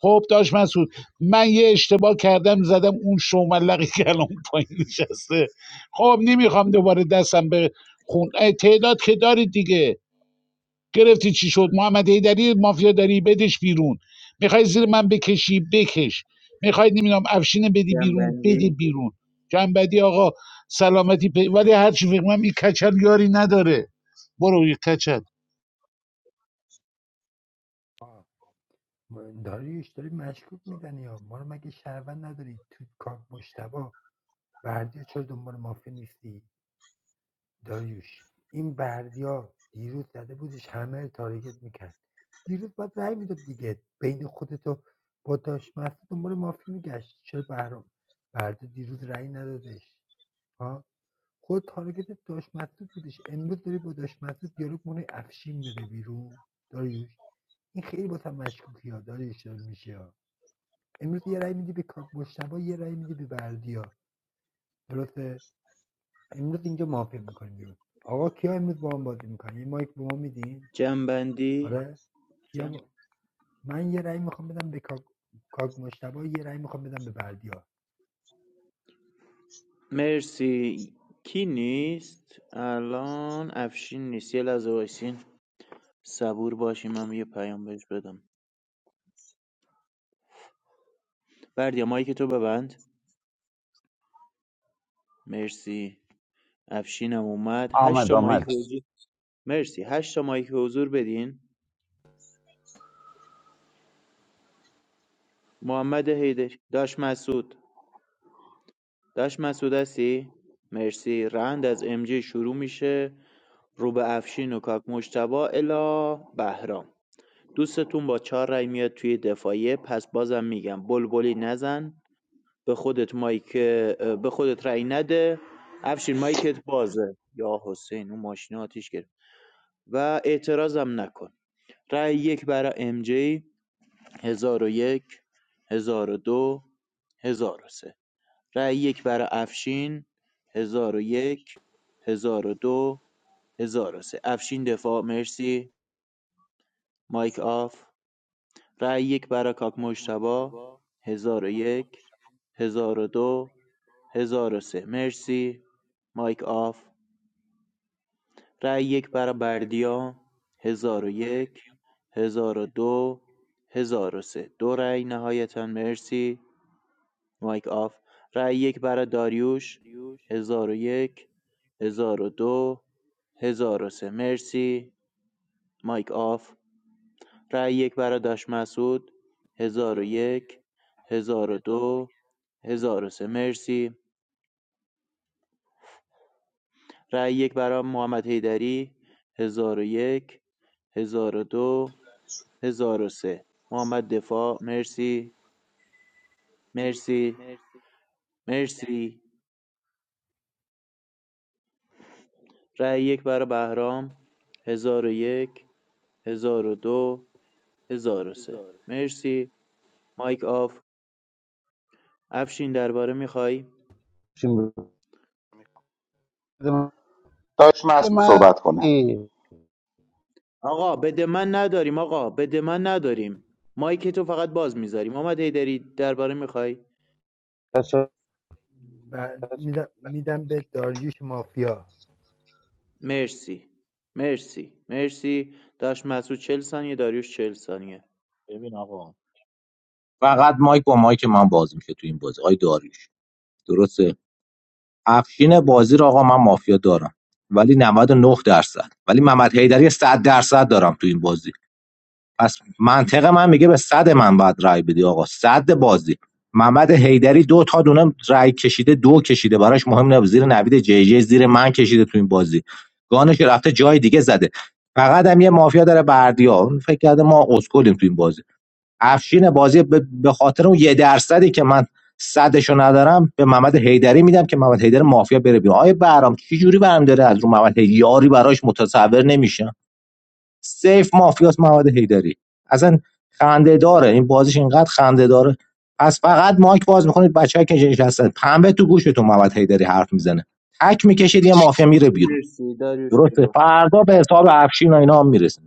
Speaker 2: خب داشت مسعود من یه اشتباه کردم زدم اون شوملقی که الان پایین نشسته خب نمیخوام دوباره دستم به خون اه، تعداد که دارید دیگه گرفتی چی شد محمد هیدری مافیا داری بدش بیرون میخوای زیر من بکشی بکش میخوای نمیدونم افشین بدی بیرون بده
Speaker 5: جنبندی
Speaker 2: بیرون جنبدی آقا سلامتی پی... ولی هرچی فکر کنم این کچل یاری نداره برو یه کچل
Speaker 7: داریوش داری مشکوک میدنی یا ما رو مگه شهروند نداری تو کاک مشتبا بردیا چرا دنبال مافیا نیستی داریوش این بردیا دیروز زده بودش همه رو تارگت میکرد دیروز باید رأی میداد دیگه بین خودتو با داشت مسعود دنبال مافیا میگشت چرا برام بردیا دیروز رای ندادش ها خود تارگت داشت مسعود بودش امروز داری با داشت مسعود دیالوگ مونه افشین میره بیرون داریوش این خیلی با هم مشکوکی ها داریوش داره میشه امروز یه رأی میدی به کا- مجتبی یه رأی میدی به بردیا درسته امروز اینجا مافیا میکنیم بیرون آقا کیا امروز با هم بازی میکنن یه مایک به ما میدین
Speaker 5: جنبندی
Speaker 7: آره کیا م- من یه رأی میخوام بدم به کاک کاک مجتبی یه رأی میخوام بدم به بردیا
Speaker 5: مرسی کی نیست الان افشین نیست یه لحظه وایسین صبور باشیم من یه پیام بهش بدم بردیا مایک تو ببند مرسی افشینم اومد هشت
Speaker 2: آمد
Speaker 5: تا
Speaker 2: آمد
Speaker 5: مایک حضور مرسی هشت تا مایک حضور بدین محمد حیدر داش مسعود داش مسعود هستی مرسی رند از ام جی شروع میشه روبه افشین و کاک مجتبی الی بهرام دوستتون با چهار رای میاد توی دفاعیه پس بازم میگم بلبلی نزن به خودت مایک به خودت رای نده افشین مایکت بازه یا حسین اون ماشین آتیش گرفت و اعتراضم نکن رای یک برای ام جی هزار و یک هزار و دو هزار و سه رای یک برای افشین هزار و یک هزار و دو هزار و سه افشین دفاع مرسی مایک آف رای یک برای کاک مشتبا هزار و یک هزار و دو هزار و سه مرسی مایک آف رای یک برای بردیا هزار و یک هزار و دو هزار و سه دو رای نهایتا مرسی مایک آف رای یک برای داریوش هزار و یک هزار و دو هزار و سه مرسی مایک آف رای یک برای داش مسعود هزار و یک، هزار و دو، هزار و یک 1001 1002 سه مرسی رای یک برای محمد حیدری 1001 1002 سه محمد دفاع مرسی مرسی مرسی رای یک برای بهرام هزار و یک، هزار و دو، هزار و یک 1001 1002 سه مرسی مایک آف افشین درباره میخوای
Speaker 2: چی بود؟
Speaker 10: داشت محسود
Speaker 2: من
Speaker 10: صحبت کنه
Speaker 5: آقا بده من نداریم آقا بده من نداریم مایک تو فقط باز میذاریم آمد هیدری درباره میخوای
Speaker 7: و میدم میدم به داریوش مافیا
Speaker 5: مرسی مرسی مرسی داش مسعود چل ثانیه داریوش چل ثانیه
Speaker 14: ببین آقا فقط مایک با مایک من باز میشه تو این بازی آی داریش درسته افشین بازی رو آقا من مافیا دارم ولی 99 درصد ولی محمد حیدری 100 درصد دارم تو این بازی پس منطق من میگه به صد من باید رای بدی آقا صد بازی محمد حیدری دو تا دونه رای کشیده دو کشیده براش مهم نه زیر نوید جی جی زیر من کشیده تو این بازی گانش رفته جای دیگه زده فقط هم یه مافیا داره بردیا اون فکر کرده ما اسکلیم تو این بازی افشین بازی به خاطر اون یه درصدی که من صدشو ندارم به محمد حیدری میدم که محمد حیدری مافیا بره بیرون آیه برام چی جوری برام داره از رو محمد حیدری یاری براش متصور نمیشم سیف مافیاس محمد حیدری اصلا خنده داره این بازیش اینقدر خنده داره پس فقط مایک باز میکنید بچه‌ها که نشستن پنبه تو گوشتون محمد حیدری حرف میزنه تک میکشید یه مافیا میره بیرون
Speaker 5: مرسی داریوش
Speaker 14: درسته
Speaker 5: برو
Speaker 14: فردا به حساب افشین و اینا هم میرسه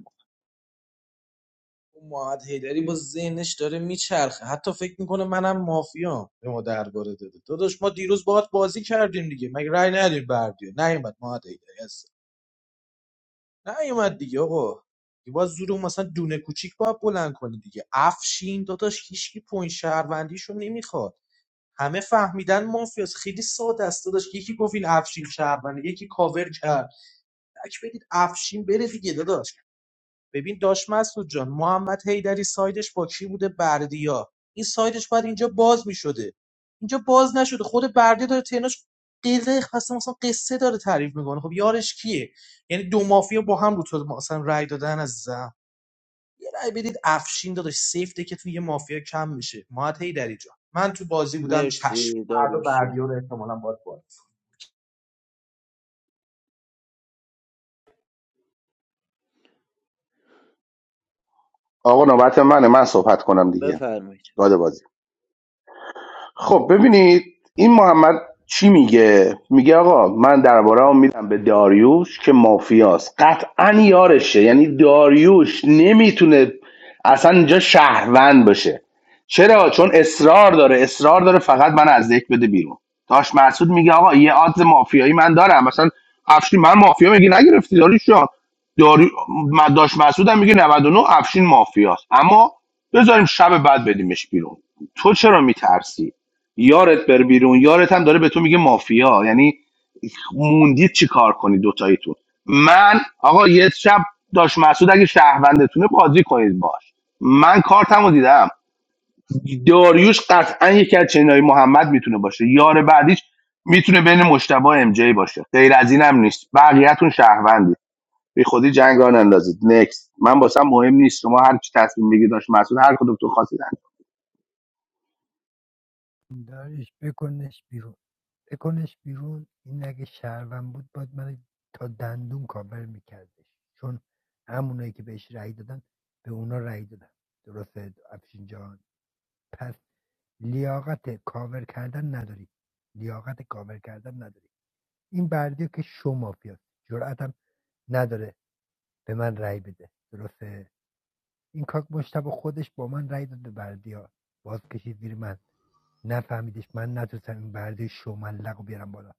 Speaker 15: اون محمد حیدری با ذهنش داره میچرخه حتی فکر میکنه منم مافیام به ما درباره داده داداش ما دیروز باهات بازی کردیم دیگه مگه رأی ندیم بردی نیومد محمد حیدری نه نیومد دیگه آقا دیگه باید زور اون مثلا دونه کوچیک باید بلند کنه دیگه افشین داداش هیچکی پوین شهروندیشو نمیخواد همه فهمیدن مافیاس خیلی ساده است داداش یکی گفت این افشین شهروند یکی کاور کرد تک بدید افشین بره دیگه داداش ببین داش مسعود جان محمد حیدری سایدش با کی بوده بردیا این سایدش باید اینجا باز میشده اینجا باز نشده خود بردیا داره تناش قصه مثلا مثلا قصه داره تعریف میکنه خب یارش کیه یعنی دو مافیا با هم رو تو مثلا رای دادن عزیزم یه رای بدید افشین داداش سیفته که توی یه مافیا کم میشه محمد حیدری جان من تو بازی بودم چشم
Speaker 5: مرسی
Speaker 15: فردا
Speaker 5: داریوش جان.
Speaker 15: بردیا رو احتمالا باید باز
Speaker 10: آقا نوبت منه من صحبت کنم دیگه
Speaker 5: بفرمایید
Speaker 10: داد بازی خب ببینید این محمد چی میگه میگه آقا من درباره هم میدم به داریوش که مافیاست قطعا یارشه یعنی داریوش نمیتونه اصلا اینجا شهروند باشه چرا چون اصرار داره اصرار داره فقط من از یک بده بیرون داش مسعود میگه آقا یه آدز مافیایی من دارم مثلا افشین من مافیا میگه نگرفتی داریوش جان داری... من- داش مسعود هم میگه 99 افشین مافیاست اما بذاریم شب بعد بدیمش بیرون تو چرا میترسی یارت بر بیرون یارت هم داره به تو میگه مافیا یعنی موندید چی کار کنید دوتاییتون من آقا یه شب داشت مسعود اگه شهروندتونه بازی کنید باش من کارتمو دیدم داریوش قطعا یکی از چنای محمد میتونه باشه یار بعدیش میتونه بین مشتبه ام جی باشه غیر از اینم نیست بقیه‌تون شهروندید به خودی جنگ را نندازید نکست من واسم مهم نیست شما هر چی تصمیم بگیرید داشت مسعود هر کدوم تو خواستید
Speaker 7: داریوش بکنش بیرون بکنش بیرون این اگه شهروند بود باید من تا دندون کاور میکردش چون همونایی که بهش رأی دادن به اونا رأی دادن درسته افشین جان پس لیاقت کاور کردن نداری لیاقت کاور کردن نداری این بردی که شو مافیاست جرأتم نداره به من رأی بده درسته این کاک مشتبه خودش با من رأی داد به بردیا باز کشید زیر من نفهمیدش من نتونستم این بردی شو ملق بیارم بالا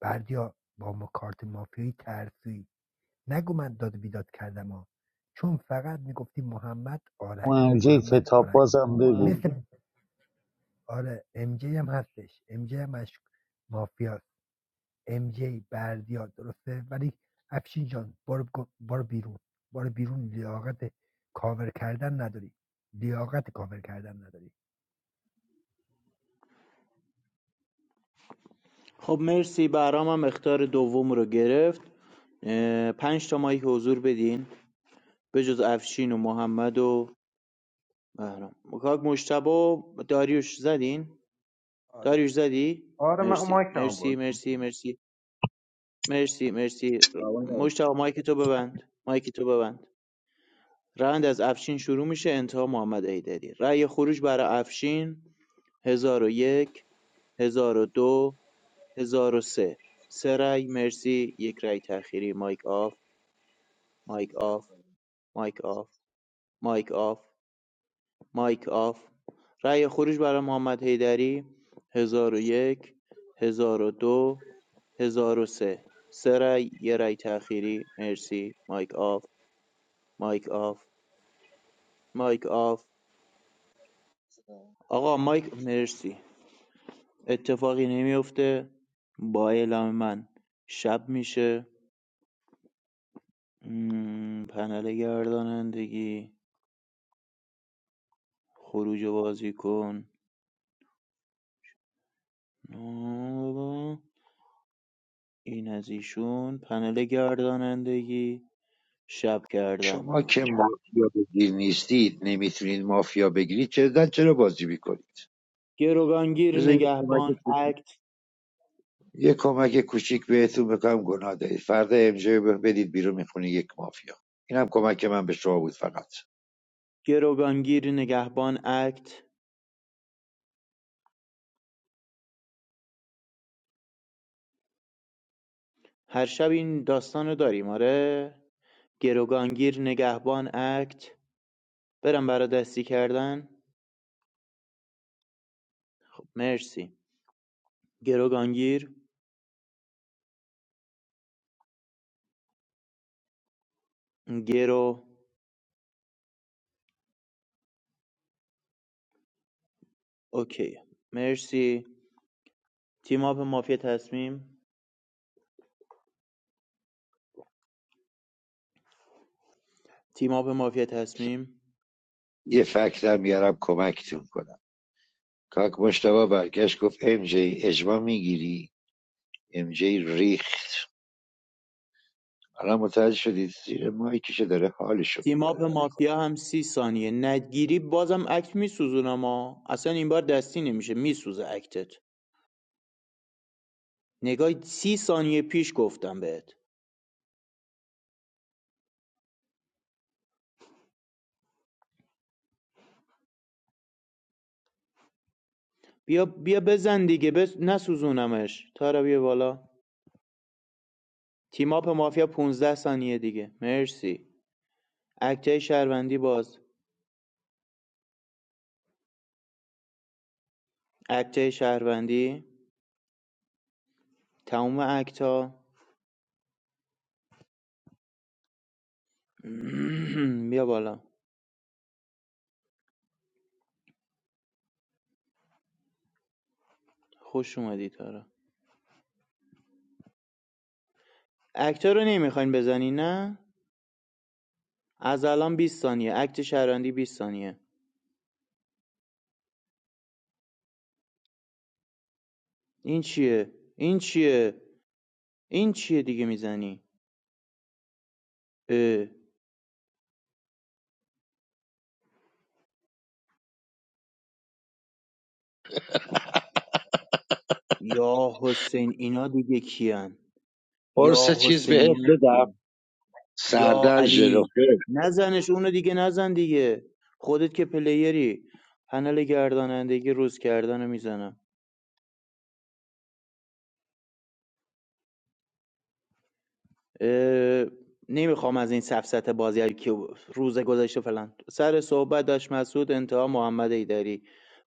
Speaker 7: بردیا با ما کارت مافیایی ترسویی نگو من داد بیداد کردم ها چون فقط میگفتی محمد آرش
Speaker 2: یه
Speaker 7: محمد
Speaker 2: کتاب
Speaker 7: آرش
Speaker 2: بازم بگو
Speaker 7: مثل آره ام جی هم هستش ام جی هم مش... مافیاست ام جی بردیا درسته ولی افشین جان برو, گ- بیرون بار بیرون لیاقت کاور کردن نداری لیاقت کاور کردن نداری
Speaker 5: خب مرسی برام هم اختار دوم رو گرفت اه، پنج تا مایک حضور بدین به جز افشین و محمد و بهرام کاک مشتبه و داریوش زدین
Speaker 15: آره
Speaker 5: داریوش زدی؟
Speaker 15: آره من
Speaker 5: مرسی
Speaker 15: مایکم
Speaker 5: مرسی
Speaker 15: باید
Speaker 5: مرسی مرسی مرسی مرسی
Speaker 16: آقا نه.
Speaker 5: مشتاق مایک تو ببند مایک تو ببند روند از افشین شروع میشه انتها محمد ایدری رأی خروج برای افشین هزار و یک هزار و دو هزار و سه سه رأی مرسی یک رأی تأخیری مایک آف مایک آف مایک آف مایک آف مایک آف رأی خروج برای محمد حیدری 1001 1002 1003 سه سه رأی یه رأی تأخیری مرسی مایک آف مایک آف مایک آف آقا مایک مرسی اتفاقی نمیفته با اعلام من شب میشه مم، پنل گردانندگی خروج بازی کن این از ایشون پنل گردانندگی شب کردن
Speaker 17: شما که مافیا بگیر نیستید نمیتونید مافیا بگیرید چرا چرا بازی میکنید
Speaker 5: گروگانگیر
Speaker 17: بذار یه
Speaker 5: نگهبان
Speaker 17: کمک
Speaker 5: اکت
Speaker 17: یه کمک کوچیک بهتون بکنم گناه دارید فردا امجای بدید بیرون میخونه یک مافیا اینم کمک من به شما بود فقط
Speaker 5: گروگانگیر نگهبان اکت هر شب این داستان رو داریم آره گروگانگیر نگهبان اکت برم برا دستی کردن مرسی گروگانگیر گرو اوکی مرسی تیم اپ مافیا تصمیم تیم اپ مافیا تصمیم
Speaker 17: یه فکتم میارم کمکتون کنم کاک مشتبه برگشت گفت امجی اجماع میگیری امجی ریخت الان متوجه شدید زیر مایکشه داره حالشو
Speaker 5: تیم
Speaker 17: میبره
Speaker 5: اپ مافیا هم سی ثانیه ندگیری بازم اکت میسوزونم اما اصلا این بار دستی نمیشه میسوزه اکتت نگاه سی ثانیه پیش گفتم بهت بیا بیا بزن دیگه بس نسوزونمش تارا بیا بالا تیم اپ مافیا پونزده ثانیه دیگه مرسی اکتای شهروندی باز اکتای شهروندی تموم اکتا [CLEARS THROAT] بیا بالا خوش اومدی تارا اکتا رو نمیخواین بزنی نه از الان 20 ثانیه اکت شهروندی 20 ثانیه این چیه این چیه این چیه دیگه میزنی اه. یا حسین اینا دیگه کیان
Speaker 17: قرص
Speaker 5: یا
Speaker 17: چیز
Speaker 5: حسین
Speaker 17: بهت
Speaker 5: اینا
Speaker 17: بدم
Speaker 5: کیان یا
Speaker 17: سردر
Speaker 5: علی
Speaker 17: ژلوفر
Speaker 5: نزنش اونو دیگه نزن دیگه خودت که پلیری پنل گردانندگی روز کردن رو میزنم نمیخوام از این سفسته بازی که روز گذشته فلان سر صحبت داشت مسعود انتها محمد ایدری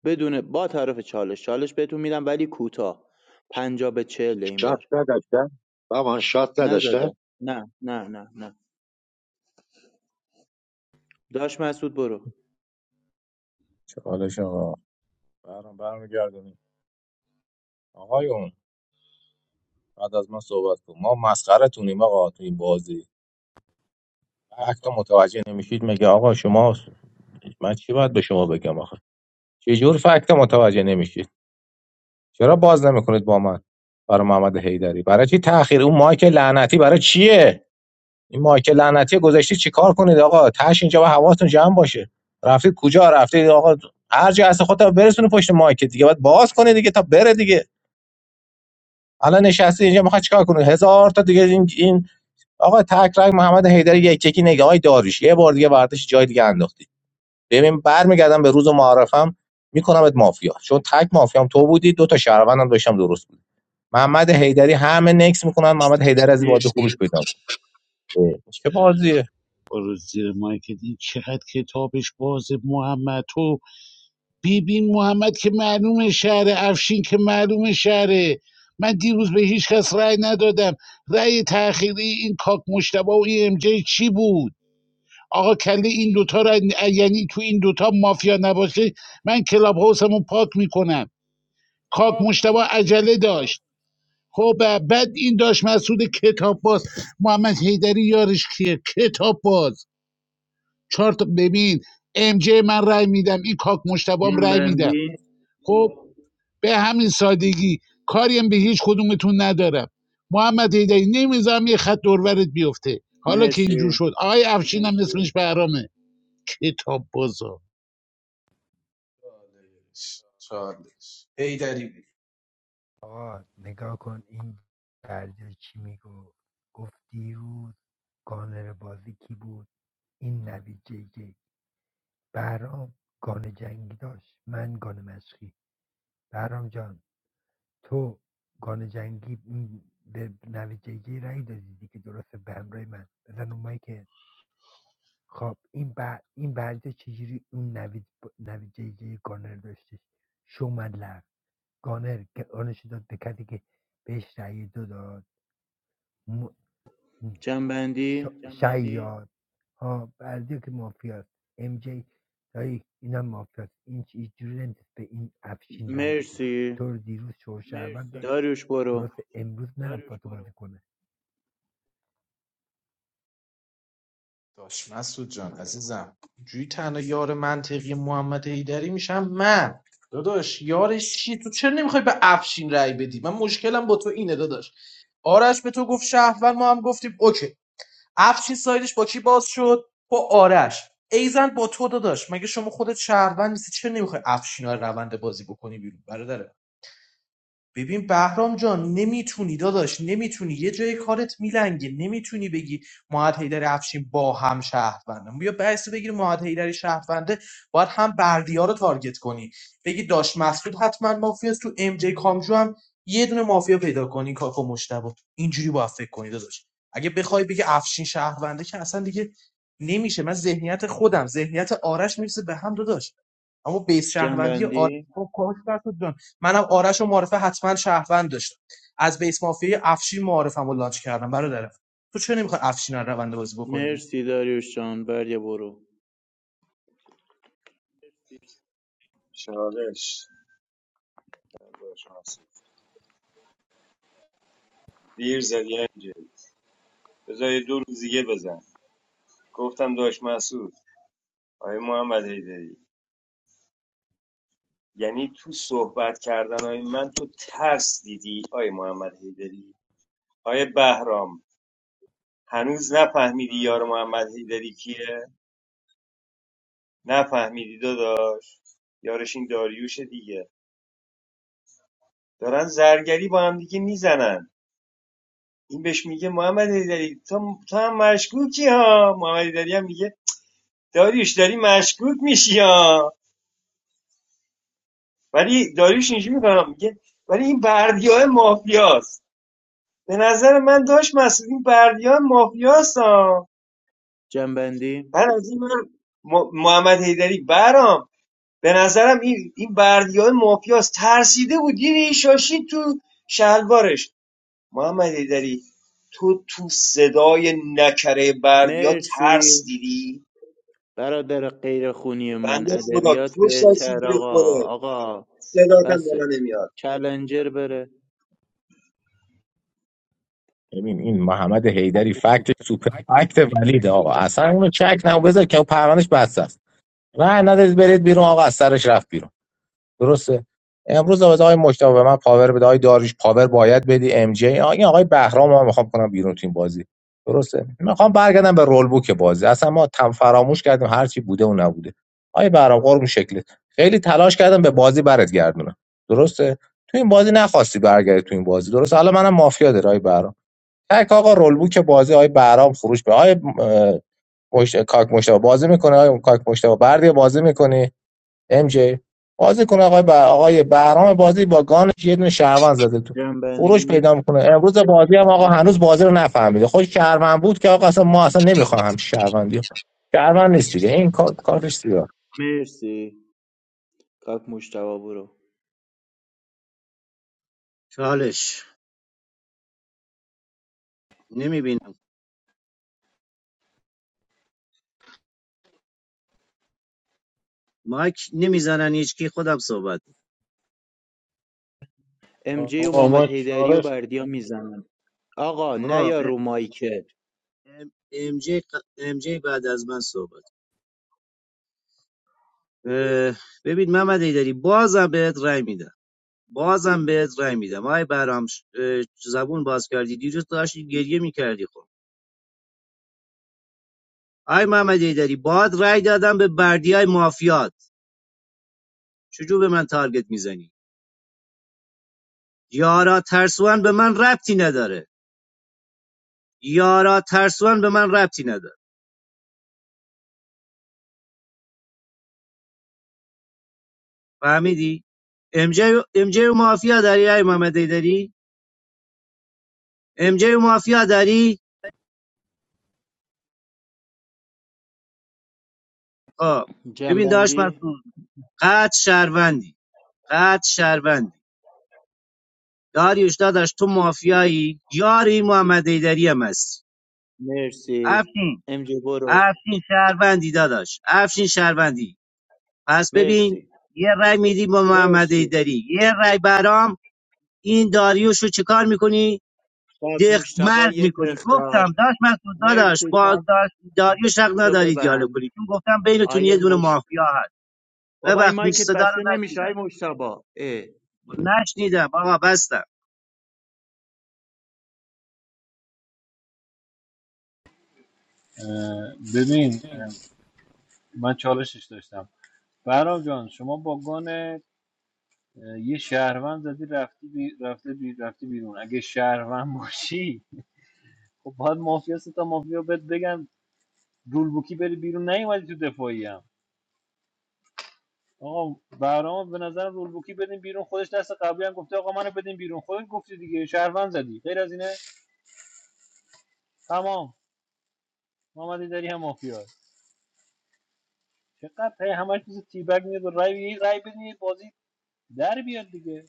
Speaker 5: بدون با طرف چالش چالش بهتون میدم ولی کوتاه پنجا به چهل این
Speaker 17: شات
Speaker 5: بار
Speaker 17: نداشتن مامان شات نداشتن
Speaker 5: نزده نه نه نه نه داشت مسعود برو
Speaker 14: فکت رو متوجه نمیشید میگه آقا شما من چی باید به شما بگم آخه چه جور فکت رو متوجه نمیشید چرا باز نمیکنید با من برای محمد حیدری برای چی تاخیر اون مایک لعنتی برای چیه این مایکل لعنتی گذاشتی چیکار کنید آقا تاش اینجا با حواستون جمع باشه رفیق کجا رفته آقا هر جا هست خودت برسونه پشت مایک دیگه باید باز کنه دیگه تا بره دیگه الان نشستی اینجا میخواد چیکار کنه هزار تا دیگه این این آقا تک رنگ محمد حیدری یک یکی نگاه های داریش یه بار دیگه برداشت جای دیگه انداختی ببین برمیگردم به روز معرفم میکنمت مافیا چون تک مافیام تو بودی دو تا شهروندم داشتم درست بود محمد حیدری همه نکس میکنن محمد حیدری از بازی خروج پیدا کنه. چه بازیه
Speaker 2: برو زیر مایکت این چقدر کتابش بازه محمد تو بیبین محمد که معلوم شهره افشین که معلوم شهره من دیروز به هیچ کس رأی ندادم رأی تأخیری این کاک مشتبه و این ام جی چی بود آقا کله این دوتا را یعنی تو این دوتا مافیا نباشه من کلاب هاوسمو پاک میکنم کاک مشتبه عجله داشت خب بعد این داشت مسعود کتاب باز محمد حیدری یارش کیه کتاب باز چهار تا ببین ام جی من رای میدم این کاک مشتبام رای میدم
Speaker 5: جنبندی
Speaker 2: خب به همین سادگی کاریم به هیچ کدومتون ندارم محمد حیدری نمیذارم یه خط دورورت بیفته حالا که اینجور
Speaker 5: مرسی
Speaker 2: شد آقای افشین هم اسمش برامه کتاب باز
Speaker 15: چالش حیدری بگو.
Speaker 7: آقا نگاه کن این بردیا چی میگو گفت دیروز گانر بازی کی بود این نوید جی جی برام گان جنگی داشت من گان مشقی برام جان تو گان جنگی م، به نوید رای دادی دیگه درسته به همراه من بزن اون که خب این بر این برده چجوری اون نوید ب... نوید جیجی گانر داشتش شومدلر گانر که آنش داد به کسی که بهش رای دو داد م... ش...
Speaker 5: جنبندی
Speaker 7: شیاد ها برده که مافیاست ام جی دایی اینم مافیاست این چجوری نمیتونست به این افشین رای بده
Speaker 5: مرسی
Speaker 7: تو رو دیروز شور شهروند داشت
Speaker 5: داریوش برو
Speaker 7: درست امروز نه با تو بازی کنه
Speaker 15: داش مسعود جان عزیزم جوی تنها یار منطقی محمد حیدری میشم من داداش یارش چی تو چرا نمیخوای به افشین رأی بدی من مشکلم با تو اینه داداش آرش به تو گفت شهروند ما هم گفتیم اوکی افشین سایدش با کی باز شد با آرش ایزن با تو داداش مگه شما خودت شهروند نیستی چرا نمیخوای افشین رو از روند بازی بکنی بیرون برادر؟ ببین بهرام جان نمیتونی داداش نمیتونی یه جای کارت میلنگه نمیتونی بگی معهد حیدر افشین با هم شهروندم بیا بحث بگیر معهد حیدر شهرونده باید هم بردیا رو تارگت کنی بگی داش مسعود حتما مافیاست تو ام جی کامجو هم یه دونه مافیا پیدا کنی کاکو مشتبه اینجوری باید فکر کنی داداش اگه بخوای بگی افشین شهرونده که اصلا دیگه نمیشه من ذهنیت خودم ذهنیت آرش میرسه به هم داداش اما بیس شهروندی آرش
Speaker 5: جنبندی
Speaker 15: خب کاش نشد جان منم آرش و معرفه حتما شهروند داشتم از بیس مافیای افشین معارفم رو لانچ کردم برادر تو چرا نمیخوای افشین رو روند بازی بکنی
Speaker 5: مرسی داریوش جان بریا برو
Speaker 4: چالش داشت مسعود دیر زدی انجل بذار یه دو روز دیگه بزن گفتم داشت مسعود آقای محمد حیدری یعنی تو صحبت کردن من تو ترس دیدی آی محمد حیدری آی بهرام هنوز نفهمیدی یار محمد حیدری کیه نفهمیدی داداش یارش این داریوش دیگه دارن زرگری با هم دیگه میزنن این بهش میگه محمد حیدری تو, تو هم مشکوکی ها محمد حیدری هم میگه داریوش داری مشکوک میشی ها ولی داریوش اینجوری میکنم میگه ولی این بردی مافیاست به نظر من داش مسئولین این های مافیاست
Speaker 5: جنبندی
Speaker 4: بعد از این من م- محمد حیدری برام به نظرم این این بردیا مافیاس ترسیده بود یه شاشی تو شلوارش محمد حیدری تو تو صدای نکره بردیا ترس
Speaker 5: مرسی
Speaker 4: دیدی
Speaker 5: برادر غیر من
Speaker 4: بنده خدا
Speaker 5: ادبیات
Speaker 4: تو
Speaker 5: بهتر
Speaker 4: شاشیدی به
Speaker 5: آقا
Speaker 4: خوده
Speaker 5: آقا
Speaker 4: صداتم بالا
Speaker 5: بسه
Speaker 4: نمیاد
Speaker 5: چلنجر بره
Speaker 14: ببین این محمد حیدری فکت سوپر فکت ولیده آقا اصلا اونو چک نمو بذار که اون پروندهش بس است نه ندارید برید بیرون آقا از سرش رفت بیرون درسته امروز آقا آقای مشتاق به من پاور بده آقای داریش پاور باید بدی ام جی این آقای بهرام رو من میخوام کنم بیرون تو این بازی درسته میخوام برگردم به رول بوک بازی اصلا ما تم فراموش کردیم هر چی بوده و نبوده آقای بهرام قربون شکلت خیلی تلاش کردم به بازی برات گردونم درسته تو این بازی نخواستی برگردی تو این بازی درسته حالا منم مافیا داره آقای بهرام تک آقا رولبوک بازی های برام فروش به های مشت... کاک مشتبه بازی میکنه های کاک مشتبه بردی بازی میکنه ام جی بازی کنه آقای بر... آقای بهرام بازی با گانش یه دونه شهروند زده تو خروش
Speaker 5: جنبندی
Speaker 14: پیدا میکنه امروز بازی هم آقا هنوز بازی رو نفهمیده خوش شهروند بود که آقا اصلا ما اصلا نمیخوام همچین شهروندی شهروند نیست دیگه این کار... کارتش سیاه
Speaker 5: مرسی کاک مشتوا برو
Speaker 16: چالش نمیبینم مایک نمیزنن هیچکی خودم صحبت می‌کنم.
Speaker 5: ام جی و
Speaker 6: آقا
Speaker 5: محمد
Speaker 6: ما
Speaker 5: حیدری و
Speaker 6: چالش
Speaker 5: بردیا میزنن آقا
Speaker 16: خب
Speaker 5: نیا رو مایکت
Speaker 16: ام جی ام جی بعد از من صحبت اه، ببین محمد ایدری بازم بهت رأی میدم بازم بهت رأی میدم آی برام ش- اه، زبون باز کردی دیروز داشتی گریه میکردی خب آی محمد ایدری باد رای دادم به بردی های مافیات چجور به من تارگت میزنی یارا ترسوان به من ربطی نداره یارا ترسوان به من ربطی نداره فهمیدی امجه و MJ و مافیا داری ای محمد ایدری امجه و مافیا داری خب ببین داش
Speaker 5: جنبندی
Speaker 16: مسعود قد شهروندی قد شهروندی داریوش داداش تو مافیایی یاری محمد ایدری هم هستی
Speaker 5: مرسی
Speaker 16: افشین
Speaker 5: ام جی برو
Speaker 16: افشین شهروندی داداش افشین شهروندی پس ببین
Speaker 5: مرسی
Speaker 16: یه رای میدی با محمد
Speaker 5: مرسی
Speaker 16: ایدری یه رای برام این داریوشو چیکار میکنی
Speaker 5: خاک
Speaker 16: دق
Speaker 5: مشتبا
Speaker 16: مرد
Speaker 5: یک
Speaker 16: میکنی
Speaker 5: اختار
Speaker 16: گفتم داش مسعود داداش
Speaker 5: مرسی
Speaker 16: با
Speaker 5: کاپ
Speaker 16: داش داریوش حق
Speaker 5: تو
Speaker 16: نداری دیالوگ
Speaker 5: ببند
Speaker 16: کنی چون گفتم بینتون یه
Speaker 5: آیه
Speaker 16: دونه
Speaker 5: مش
Speaker 16: مافیا هست
Speaker 5: بابا این
Speaker 16: ببخشید
Speaker 5: مایکت
Speaker 16: صدا رو
Speaker 5: بسته نمیشه آیه
Speaker 16: نشنیدم
Speaker 5: مشتبا اه.
Speaker 16: خب نشنیدم آقا بستم
Speaker 6: اه، ببین اه، من چالشش داشتم برام جان شما با گان یه شهروند زدی رفتی بی... رفته بی... رفتی بیرون اگه شهروند باشی خب باید مافیا سه تا مافیا بهت بگن رولبوکی بری بیرون نیومدی تو دفاعی هم آقا برام به نظر رولبوکی بدین بیرون خودش دست قبلی هم گفته آقا منو بدین بیرون خودت گفتی دیگه شهروند زدی غیر از اینه تمام محمدی داری هم مافیا چقدر هی همش چیز تیبگ میاد رای یه رای بدین یه بازی در بیاد دیگه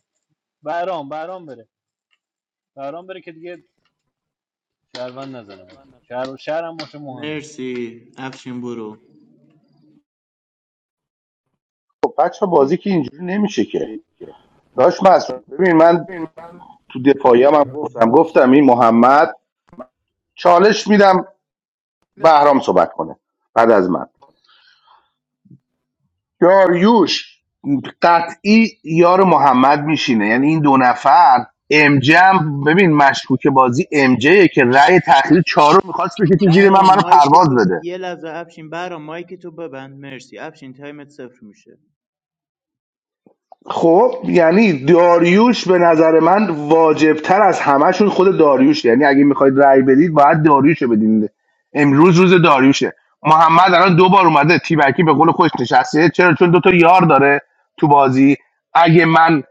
Speaker 6: برام برام بره برام بره که دیگه شهروند نزنه بچه شهر شهر هم باشه مهم
Speaker 5: مرسی افشین برو
Speaker 10: خب بچه بازی که اینجوری نمیشه که داشت مسعود ببین من تو دفاعیم هم گفتم
Speaker 7: چالش
Speaker 10: گفتم این محمد چالش میدم بهرام صحبت کنه بعد از من داریوش قطعی یار محمد میشینه یعنی این دو نفر امجم ببین مشکوک بازی امجه که رأی تخریب چهار رو میخواست بکشه زیر من
Speaker 5: بهرام
Speaker 10: منو
Speaker 5: مایکتو
Speaker 10: پرواز
Speaker 5: ب...
Speaker 10: بده
Speaker 5: یه لحظه افشین بهرام مایکتو ببند مرسی افشین تایمت صفر میشه
Speaker 10: خب یعنی داریوش به نظر من واجبتر از همهشون خود داریوش یعنی اگه میخواید رأی بدید باید داریوش رو بدین امروز روز داریوشه محمد الان دو بار اومده تیبکی به قول خودش نشسته چرا چون دو تا یار داره تو بازی اگه من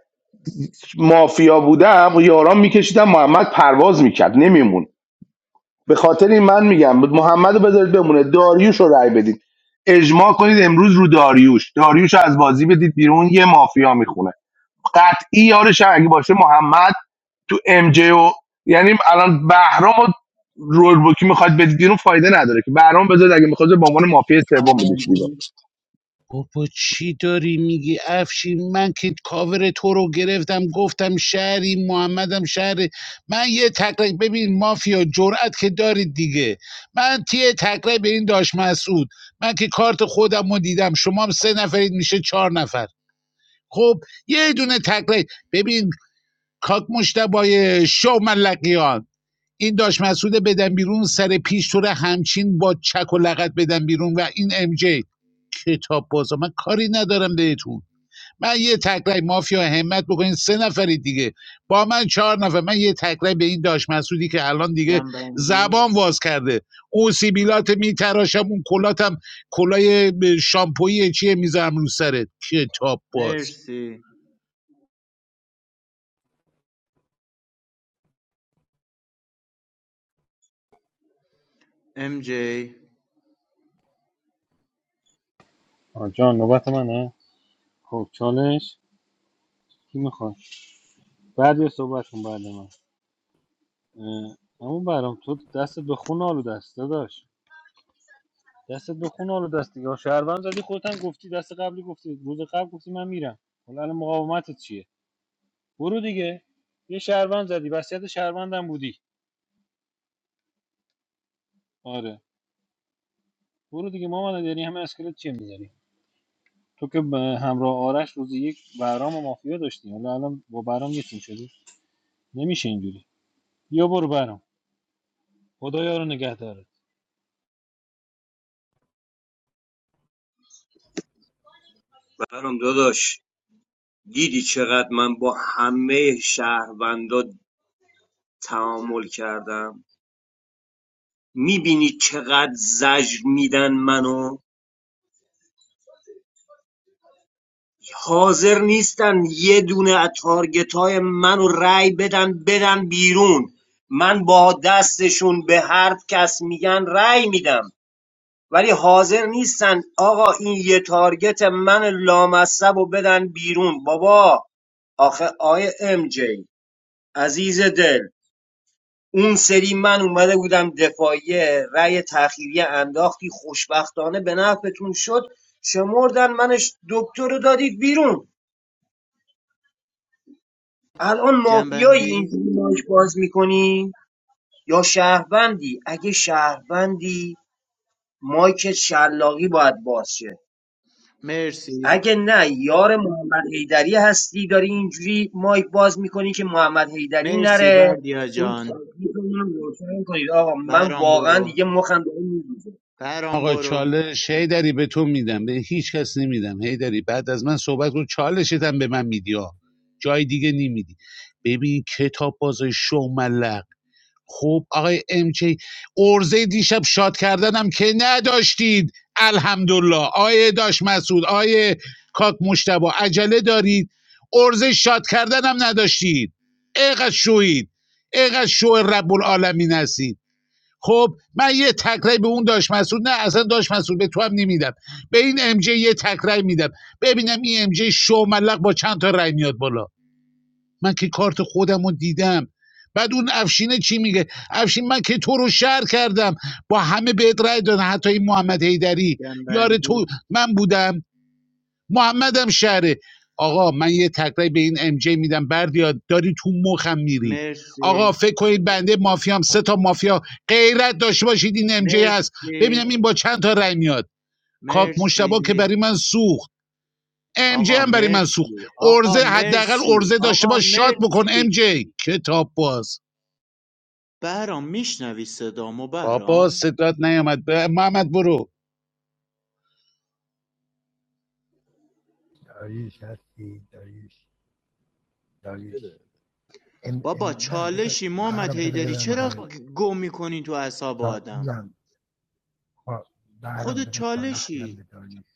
Speaker 10: مافیا بودم و یاران میکشیدم محمد پرواز میکرد نمیمون به خاطر این من میگم محمد رو بذارید بمونه داریوش رو رأی بدید اجماع کنید امروز رو داریوش داریوش رو از بازی بدید بیرون یه مافیا میخونه قطعی یارش هم اگه باشه محمد تو ام جی و یعنی الان بهرام و رول بوکی میخواد بدید بیرون فایده نداره که بهرام بذارید اگه میخواد به عنوان مافیا سوم بدیش بیرون
Speaker 5: جنبندی
Speaker 2: بابا چی داری میگی افشین من که کاور تو رو گرفتم گفتم شهری محمدم شهر من یه تکرک ببین مافیا جرأت که دارید دیگه من تیه تکرک به این داشت مسعود من که کارت خودم رو دیدم شما هم سه نفرید میشه چهار نفر خب یه دونه تکرک ببین کاک مشتبای شو ملقیان این داش مسعود بدن بیرون سر پیش تو رو همچین با چک و لغت بدن بیرون و این ام جی کتاب بازا من کاری ندارم بهتون من یه تکرای مافیا همت بکنین سه نفری دیگه با من چهار نفر من یه تکرای به این داش مسعودی که الان دیگه
Speaker 5: جنبندی
Speaker 2: زبان واز کرده اون سیبیلات میتراشم اون کلاتم کلای شامپویی چیه میذارم رو سرت کتاب باز
Speaker 5: مرسی ام جی
Speaker 6: آه، جان نوبت منه خب چالش کی میخواد بعد یه صحبت کن بعد من اه، اما برام تو دست به خون آلو دست داشت دست به خون آلو دست دیگه شهروند زدی خودت هم گفتی دست قبلی گفتی روز قبل گفتی من میرم حالا الان مقاومتت چیه برو دیگه یه شهروند زدی وصیت شهروندم بودی آره برو دیگه مامان داری همه اسکلت چیه میذاری تو که به همراه آرش روز یک برام و مافیا داشتی حالا الان با برام یتیم شدی نمیشه اینجوری بیا برو برام خدا یارو نگهدارت
Speaker 4: برام داداش دیدی چقدر من با همه شهروندا تعامل کردم میبینی چقدر زجر میدن منو حاضر نیستن یه دونه از تارگتای منو رأی بدن بدن بیرون من با دستشون به هر کس میگن رأی میدم ولی حاضر نیستن آقا این یه تارگت من لامصب و بدن بیرون بابا آخه آیه ام جی عزیز دل اون سری من اومده بودم دفاعیه رأی تأخیری انداختی خوشبختانه به نفعتون شد شمردن منش دکتر رو دادید بیرون الان مافیایی
Speaker 5: جنبندی
Speaker 4: اینجوری مایک باز میکنی یا شهروندی اگه شهروندی مایک شلاقی باید باز شه
Speaker 5: مرسی
Speaker 4: اگه نه یار محمد حیدری هستی داری اینجوری مایک باز میکنی که محمد حیدری
Speaker 5: مرسی
Speaker 4: نره
Speaker 5: بردیا
Speaker 4: اون
Speaker 5: جان
Speaker 4: تکلیف رو اونم روشن کنید آقا من
Speaker 5: بهرام
Speaker 4: واقعا
Speaker 5: برو
Speaker 4: دیگه مخم داره می‌ریزه.
Speaker 5: بهرام
Speaker 2: آقا
Speaker 5: برو
Speaker 2: چالش هیدری به تو میدم به هیچ کس نمیدم هیدری بعد از من صحبت کن چالشتم به من میدی ها. جای دیگه نمیدی ببین کتاب باز شوملق خب آقای ام کی ارزه دیشب شاد کردنم که نداشتید الحمدلله آیه داش مسعود آیه کاک مشتبه، عجله دارید ارزه شاد کردنم نداشتید اینقدر شوید اینقدر شو رب العالمین هستید خب من یه تکرای به اون داش مسعود نه اصلا داش مسعود به تو هم نمیدم به این ام جی یه تکرای میدم ببینم این ام جی شو ملق با چند تا رای میاد بالا من که کارت خودم رو دیدم بعد اون افشینه چی میگه افشین من که تو رو شهر کردم با همه بهت رای دادن حتی این محمد حیدری یار تو
Speaker 5: جنبندی
Speaker 2: من بودم محمدم شهره آقا من یه تکرای به این ام جی میدم بردیا داری تو مخم میری
Speaker 5: مرسی
Speaker 2: آقا فکر کنید بنده مافیام سه تا مافیا غیرت داشته باشید این ام جی هست ببینم
Speaker 5: مرسی
Speaker 2: این با چند تا رای میاد کاک مشتبا که
Speaker 5: مرسی
Speaker 2: برای من سوخت ام جی
Speaker 5: آقا
Speaker 2: هم برای من سوخت
Speaker 5: مرسی آقا
Speaker 2: ارزه حداقل
Speaker 5: مرسی
Speaker 2: ارزه داشته
Speaker 5: آقا
Speaker 2: باش شات بکن ام
Speaker 5: مرسی
Speaker 2: جی کتاب باز
Speaker 5: بهرام میشنوی صدامو
Speaker 2: بابا
Speaker 5: بهرام
Speaker 2: صدات نیامد ب- محمد برو
Speaker 7: داریش هستی داریش داریش ام
Speaker 5: بابا
Speaker 7: ام نه بذار
Speaker 5: چالشی محمد
Speaker 7: بهرام بذار
Speaker 5: هیدری
Speaker 7: بدم
Speaker 5: چرا
Speaker 7: بابا داریش
Speaker 5: گم میکنی تو اعصاب
Speaker 7: چال
Speaker 5: آدم
Speaker 7: میگم بهرام
Speaker 5: خودت
Speaker 7: بذار چالش بدم
Speaker 5: چالشی
Speaker 7: به داریش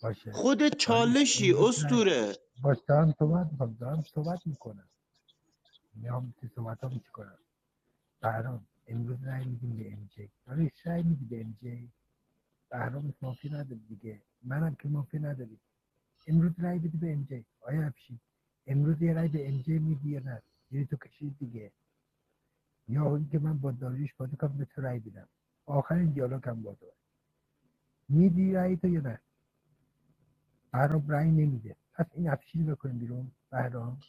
Speaker 7: باشه
Speaker 5: خودت
Speaker 7: داریش
Speaker 5: چالشی
Speaker 7: امروز نه
Speaker 5: استوره
Speaker 7: باش دارم صحبت میکنم دارم صحبت میکنم میام که صحبت هم کنم بهرام امروز رای میدیم به ام جی داریش رای میدی به ام جی بهرام اسم مافی نداری دیگه منم که مافی نداری امروز رای بده به ام جی آیا افشین امروز یه رای به ام جی میدی یا نه میری تو کشید دیگه یا اینکه من با داریوش پادوکان به تو رای بدم آخرین دیالوگم با تو میدی رای تو یا نه بهرام رای نمیده پس این افشین بکنیم بیرون بهرام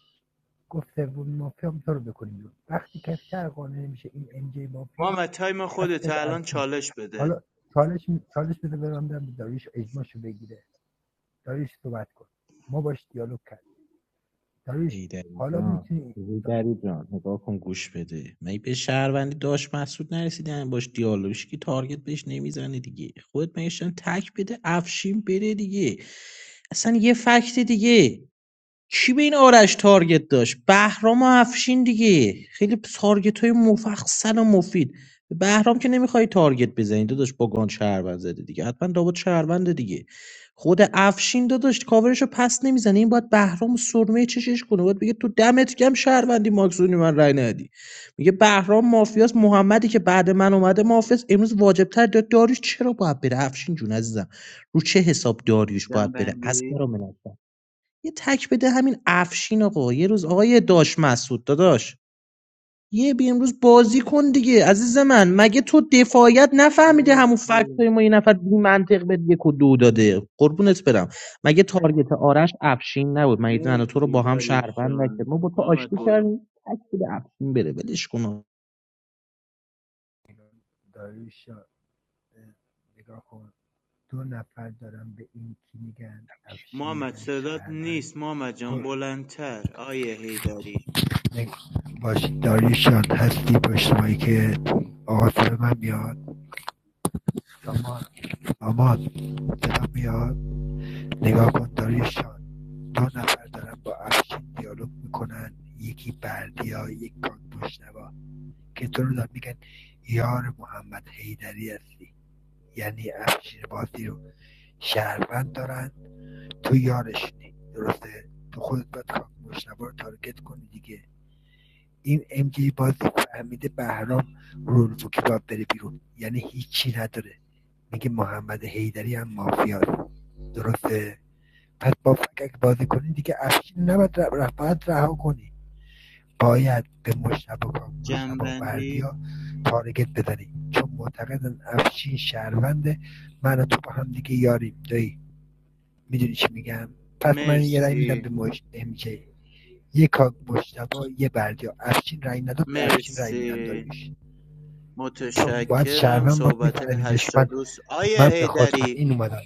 Speaker 7: گفت سوم مافیا هم تو رو بکنیم بیرون وقتی که شهر قانع نمیشه این ام جی مافیاست
Speaker 5: محمد تایم
Speaker 7: پس
Speaker 5: خودت
Speaker 7: خود
Speaker 5: الان
Speaker 7: افشین
Speaker 5: چالش بده
Speaker 7: حالا چالش می- چالش بده برم دارم داریوش اجماشو بگیره داریوش صحبت کن ما باش دیالوگ کرد داریوش
Speaker 15: هیدری
Speaker 7: حالا
Speaker 15: جان
Speaker 7: میتونی
Speaker 15: هیدری جان نگاه کن گوش بده می به شهروندی داشت مسعود نرسیدن باش دیالوگش که تارگت بهش نمیزنه دیگه خودت میشن تک بده افشین بره دیگه اصلا یه فکت دیگه کی به این آرش تارگت داشت بهرام و افشین دیگه خیلی تارگت های مفصل و مفید به بهرام که نمیخوای تارگت بزنی داداش با گان شهروند زده دیگه حتما دابد شهرونده دیگه خود افشین داداش کاورش رو پس نمیزنه این باید بهرام و سرمه چشش کنه باید بگه تو دمت گم شهروندی ماکسونی من رای ندی میگه بهرام مافیاس محمدی که بعد من اومده مافیاس امروز واجبتر داد داریوش چرا باید بره افشین جون عزیزم رو چه حساب داریوش باید بره از
Speaker 5: جنبندی
Speaker 15: من یه تک بده همین افشین آقا یه روز آقای داش مسعود داداش یه بی امروز بازی کن دیگه عزیز من مگه تو دفاعیت نفهمیده
Speaker 5: مرسی
Speaker 15: همون فکت ما یه نفر بی منطق به یک و دو داده قربونت برم مگه تارگت آرش افشین نبود مگه من و تو رو
Speaker 5: مرسی
Speaker 15: با هم
Speaker 5: داریوش
Speaker 15: شهروند نکرد
Speaker 5: جان
Speaker 15: ما با تو
Speaker 5: محمد
Speaker 15: آشتی
Speaker 5: برو
Speaker 15: کردیم تک بده افشین بره ولش کن آقا.
Speaker 7: داریوش نگاه کن دو نفر دارن به این کی میگن افشین
Speaker 5: محمد
Speaker 7: میگن
Speaker 5: صدات
Speaker 7: شهروند
Speaker 5: نیست محمد جان بلندتر آیه
Speaker 7: باش
Speaker 5: هیداری
Speaker 7: نگ- داریوش جان هستی پشت که آقا صدا من میاد داماد داماد صدا میاد نگاه کن داریوش جان دو نفر دارن با افشین دیالوگ میکنن یکی بردیا یک کان پشتوا که تو رو دارن میگن یار محمد حیدری هستی یعنی افشین بازی رو شهروند دارن تو یارش یارشونی درسته تو خودت باید کاک مشتبه رو تارگت کنی دیگه این ام جی بازی فهمیده بهرام رولفوکی باید بره بیرون یعنی هیچی نداره میگه محمد حیدری هم مافیاست درسته پس با فکک بازی کنی دیگه افشین نباید ر- ر- رها کنی باید به مشتبه کاک مشتبه
Speaker 5: جنبندی
Speaker 7: بردیا تارگت بزنی چون معتقدن افشین شهرونده من و تو با هم دیگه یاریم دایی میدونی چی میگم پس من یه رأی میدم به
Speaker 5: مرسی
Speaker 7: مجتهمی که یه کاگ مشتبا یه بردیا افشین رأی نداد به افشین رأی میدم
Speaker 5: مرسی
Speaker 7: داریش چون باید
Speaker 5: متشکرم
Speaker 7: شهروند باید
Speaker 5: صحبت های
Speaker 7: میفهمیدش
Speaker 5: هشتا
Speaker 7: من
Speaker 5: دوست آیه
Speaker 7: من به خاطر
Speaker 5: هیدری
Speaker 7: این اومدم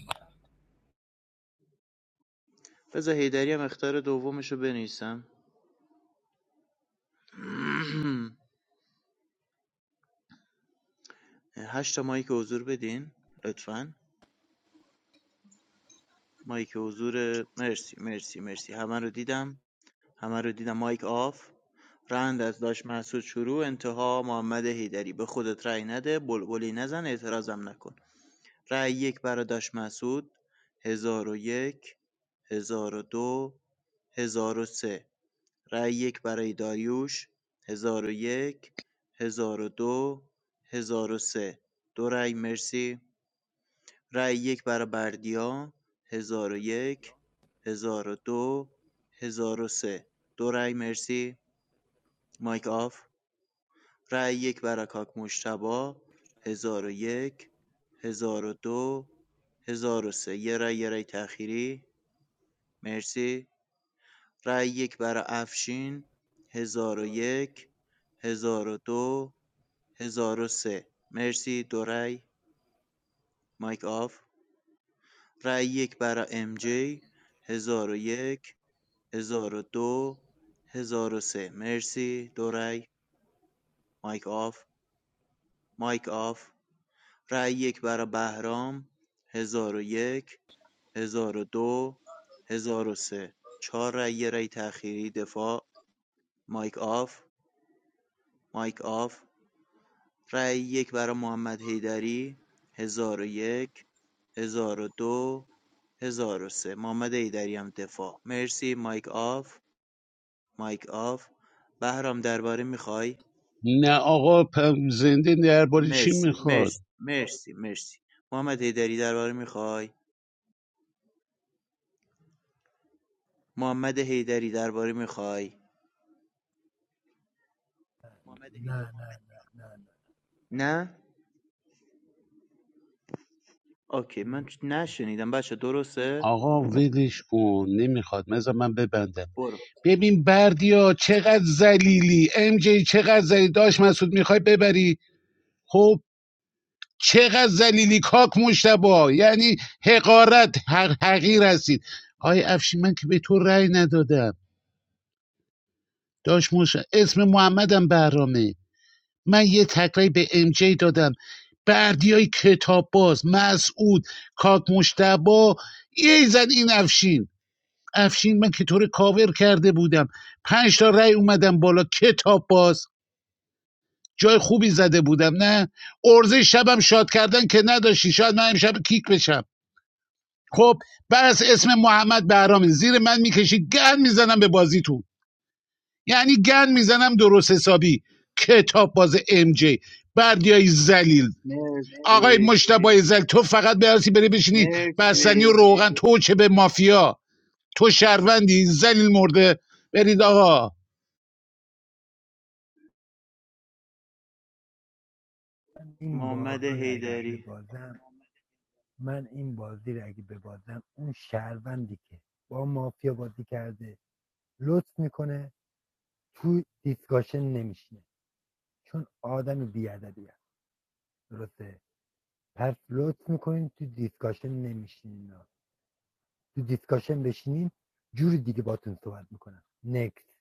Speaker 5: بذار هیدری هم اختار دومش رو بنویسم [CLEARS THROAT] هشتا مایک حضور بدین لطفا مایک حضور مرسی مرسی مرسی همه رو دیدم همه رو دیدم مایک آف رند از داش محسود شروع انتها محمد حیدری به خودت رأی نده بلبلی نزن اعتراضم نکن رأی یک برای داش محسود هزار و یک هزار و دو هزار و سه رأی یک برای داریوش هزار و یک هزار و دو هزار و سه دو رأی مرسی رأی یک برای بردیا هزار و یک هزار و دو هزار و سه دو رأی مرسی مایک آف رای یک برای کاک مشتبا 1001 1002 سه یه رای یه رای تأخیری مرسی رای یک برای افشین 1001 1002 سه مرسی دو رای مایک آف رای یک برای ام جی 1001 1002 سه مرسی دو رای مایک آف مایک آف رای یک برای بهرام ۱۰۰۱ ۱۰۰۲ سه چهار رای یه رای تأخیری دفاع مایک آف مایک آف رای یک برای محمد حیدری ۱۰۰۱ ۱۰۰۲ سه محمد حیدری هم دفاع مرسی مایک آف مایک آف بهرام درباره میخوای
Speaker 2: نه آقا پ- زنده
Speaker 5: خب
Speaker 2: درباره چی
Speaker 5: مرسی
Speaker 2: میخواد
Speaker 5: مرسی مرسی مرسی محمد حیدری درباره میخوای محمد حیدری درباره میخوای
Speaker 7: نه نه نه نه
Speaker 5: نه اوکی من
Speaker 7: نه
Speaker 5: چ- نشنیدم بچه درسته
Speaker 2: آقا ولش کن نمیخواد مثلا من ببندم
Speaker 5: برو
Speaker 2: ببین بردیا چقدر زلیلی ام جی چقدر زلیلی داشت مسعود میخوای ببری خب چقدر زلیلی کاک مشتبا یعنی حقارت حق حقیر هستید آی افشین من که به تو رأی ندادم داش موش اسم محمدم برامه من یه تکرهی به ام جی دادم بردیای کتاب باز مسعود کاک مشتبا یه زن این افشین افشین من که تو کاور کرده بودم پنج تا رای اومدم بالا کتاب باز جای خوبی زده بودم نه ارزه شبم شاد کردن که نداشتی شاید من امشب کیک بشم خب بس اسم محمد بهرامی زیر من میکشی گن میزنم به بازیتون یعنی گن میزنم درست حسابی کتاب باز ام جی بردیای زلیل آقای
Speaker 5: مرسی
Speaker 2: مشتبای زل تو فقط برسی بری بشینی
Speaker 5: مرسی
Speaker 2: بستنی و روغن تو چه به مافیا تو شهروندی زلیل مرده برید آقا
Speaker 7: من این
Speaker 5: محمد
Speaker 7: بازی رو اگه
Speaker 5: هیدری
Speaker 7: ببازم من این بازی رو اگه ببازم اون شهروندی که با مافیا بازی کرده لطف میکنه تو دیسکاشن نمیشینه چون آدم بیادبی هست درسته پس لطف میکنین تو دیسکاشن نمیشین تو دیسکاشن بشینین جور دیگه باتون صحبت میکنن نکست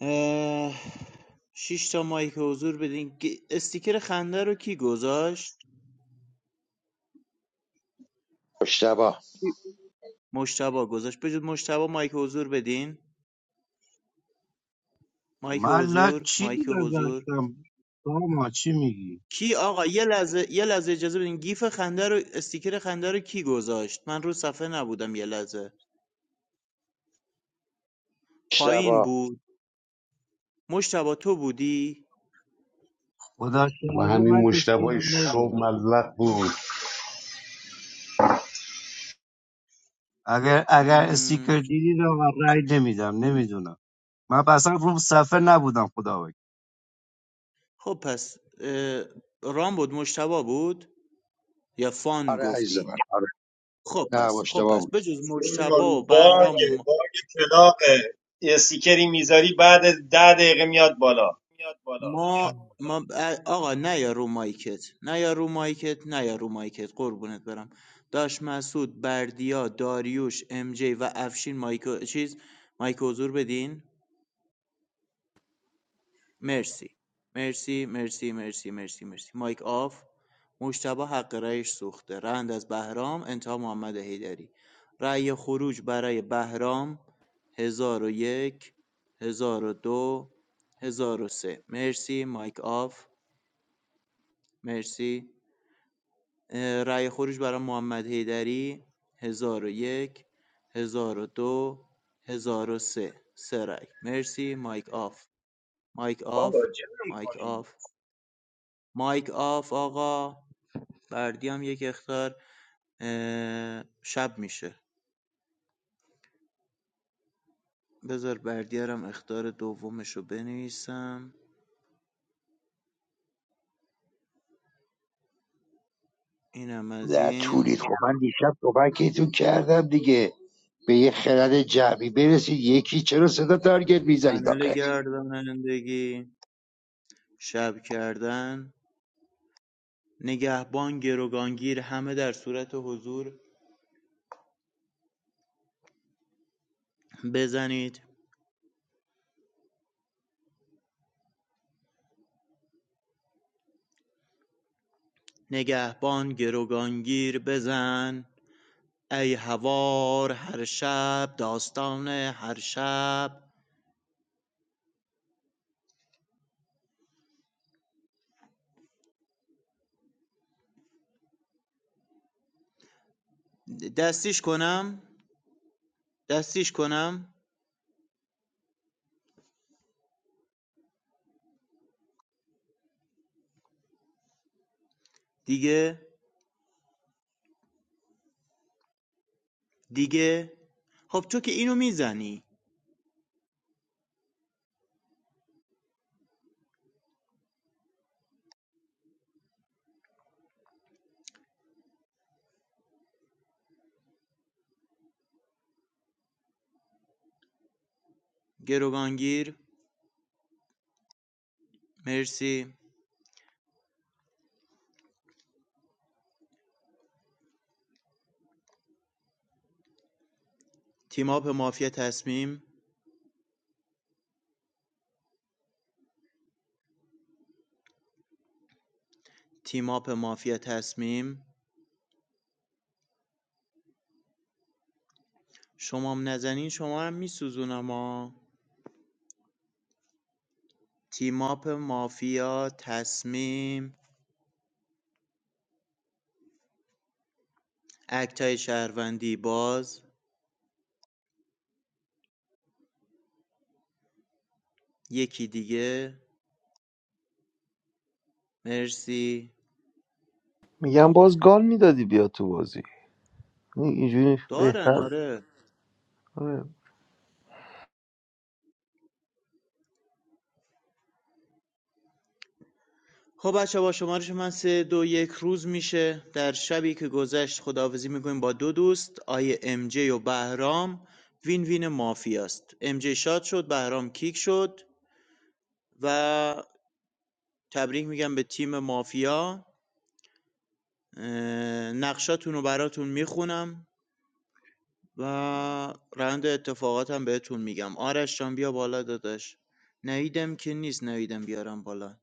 Speaker 5: اه، شش تا مایک حضور بدین گ- استیکر خنده رو کی گذاشت
Speaker 17: مشتبه.
Speaker 5: کی- مشتبا گذاشت بجود مشتبا مایک حضور بدین مایک
Speaker 16: من نه
Speaker 5: حضور
Speaker 16: چیزی
Speaker 5: مایک حضور
Speaker 16: گذاشتم ما چی میگی
Speaker 5: کی آقا یه لحظه یه لحظه اجازه بدین گیف خنده رو استیکر خنده رو کی گذاشت من رو صفحه نبودم یه لحظه پایین
Speaker 17: مشتبه.
Speaker 5: بود مشتبا تو بودی
Speaker 16: خدا شاهده من تو چیزی نگوش اگر اگر استیکر دیدی رو من رای نمیدم نمیدونم من اصلا روم صفحه نبودم خدا وکیل
Speaker 5: خب پس اه، رام بود مشتبا بود یا فان
Speaker 17: آره عزیز من
Speaker 5: گفتی
Speaker 17: آره
Speaker 5: خب
Speaker 17: نه
Speaker 5: پس خب
Speaker 17: مشتبا
Speaker 5: پس بجز مشتبا
Speaker 4: سویل،
Speaker 5: و بهرام و
Speaker 4: باگه
Speaker 5: ما
Speaker 4: باگ کلاقه یه سیکری میذاری بعد ده دقیقه میاد بالا
Speaker 5: ما ما- آقا نه یا رو مایکت نه یا رو مایکت نه یا رو مایکت قربونت برم داش مسعود بردیا داریوش ام جی و افشین مایک چیز مایک حضور بدین مرسی مرسی مرسی مرسی مرسی مرسی مایک آف مشتبه حق رأیش سوخته رند از بهرام انتها محمد حیدری رأی خروج برای بهرام هزار و یک هزار و دو هزار و سه مرسی مایک آف مرسی اه، رأی خروج برای محمد حیدری هزار و یک هزار و دو هزار و سه سه رأی مرسی مایک آف مایک
Speaker 4: بابا
Speaker 5: آف
Speaker 4: جمع
Speaker 5: مایک
Speaker 4: کنی
Speaker 5: آف مایک آف آقا بردی هم یک اختار شب میشه بذار بردیارم اختار دومش رو بنویسم اینم از
Speaker 17: در
Speaker 5: این
Speaker 17: طولید خب من دیشب صحبتتون کردم دیگه به یه خرد جمعی برسید یکی چرا صدا تارگت میزنید
Speaker 5: پنل
Speaker 17: آقه
Speaker 5: گردانندگی شب کردن نگهبان گروگانگیر همه در صورت حضور بزنید نگهبان گروگانگیر بزن ای هوار هر شب داستان هر شب دستیش کنم دستیش کنم دیگه؟ دیگه؟ خب تو که اینو میزنی گروگانگیر مرسی تیماپ مافیا تصمیم تیماپ مافیا تصمیم شمام نزنین شما هم میسوزونم ها تیماپ مافیا تصمیم اکتای شهروندی باز یکی دیگه مرسی
Speaker 18: میگم باز گال میدادی بیا تو بازی این- اینجوری
Speaker 5: دارن
Speaker 18: بهتر
Speaker 5: آره
Speaker 18: آره.
Speaker 5: خب بچه با شمارش من سه دو یک روز میشه در شبی که گذشت خداحافظی میکنیم با دو دوست آیه ام جی و بهرام وین وین مافیاست ام جی شاد شد بهرام کیک شد و تبریک میگم به تیم مافیا اه، نقشاتون رو براتون میخونم و روند اتفاقاتم بهتون میگم آرش جان بیا بالا داداش نویدم که نیست نویدم بیارم بالا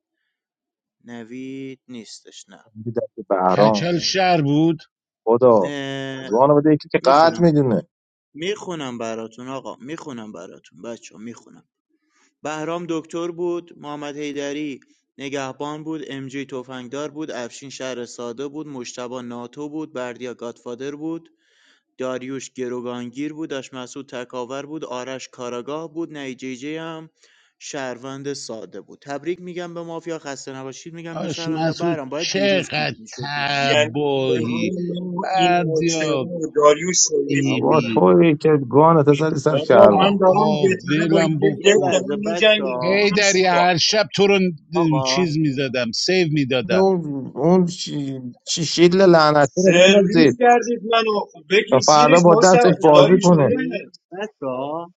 Speaker 5: نوید نیستش
Speaker 14: میگه دست بهرام
Speaker 2: کچل شهر بود
Speaker 14: خدا
Speaker 5: نه
Speaker 14: گانو بده یکی که
Speaker 5: میخونم
Speaker 14: قد میدونه
Speaker 5: میخونم براتون آقا میخونم براتون بچه میخونم بهرام دکتر بود محمد حیدری نگهبان بود امجی تفنگدار بود افشین شهر ساده بود مشتبا ناتو بود بردیا گادفادر بود داریوش گروگانگیر بود داشت مسعود تکاور بود آرش کاراگاه بود نیجیجی هم شهروند ساده بود تبریک میگم به مافیا خسته نباشید میگم به
Speaker 2: آش
Speaker 5: شهروندا
Speaker 2: مسعود
Speaker 5: برام باید دیروز کیک
Speaker 2: چقدر
Speaker 5: میشدی
Speaker 4: یعنی
Speaker 2: تباهی
Speaker 4: جهان ما این مجتمع
Speaker 2: بردیا
Speaker 4: و داریوش سرویس
Speaker 14: اما
Speaker 2: بیبی
Speaker 4: کردن
Speaker 14: تویی که گانت زدی سر
Speaker 4: بابا
Speaker 14: شهر
Speaker 4: من دارم
Speaker 2: آقا
Speaker 4: یه تنه با
Speaker 2: ولم
Speaker 4: یه
Speaker 5: یه
Speaker 4: دف
Speaker 2: بکن
Speaker 5: لحظه
Speaker 4: دارم
Speaker 5: بچه
Speaker 4: میجنگم
Speaker 2: هی
Speaker 4: دارم من
Speaker 2: دری
Speaker 4: سبا
Speaker 2: هر شب تو رو
Speaker 5: آقا
Speaker 2: چیز میزدم سیو میدادم
Speaker 14: اون اون شی- شیشیل لعنتی رو
Speaker 4: سرویس
Speaker 14: بندازید
Speaker 4: کردید منو خب
Speaker 14: تا
Speaker 4: بکش
Speaker 14: فردا
Speaker 4: زیرش
Speaker 14: با
Speaker 4: مشت
Speaker 14: دستش
Speaker 5: اجازه
Speaker 14: بازی
Speaker 4: داریوش
Speaker 14: کنه
Speaker 4: بره
Speaker 5: میدید بچه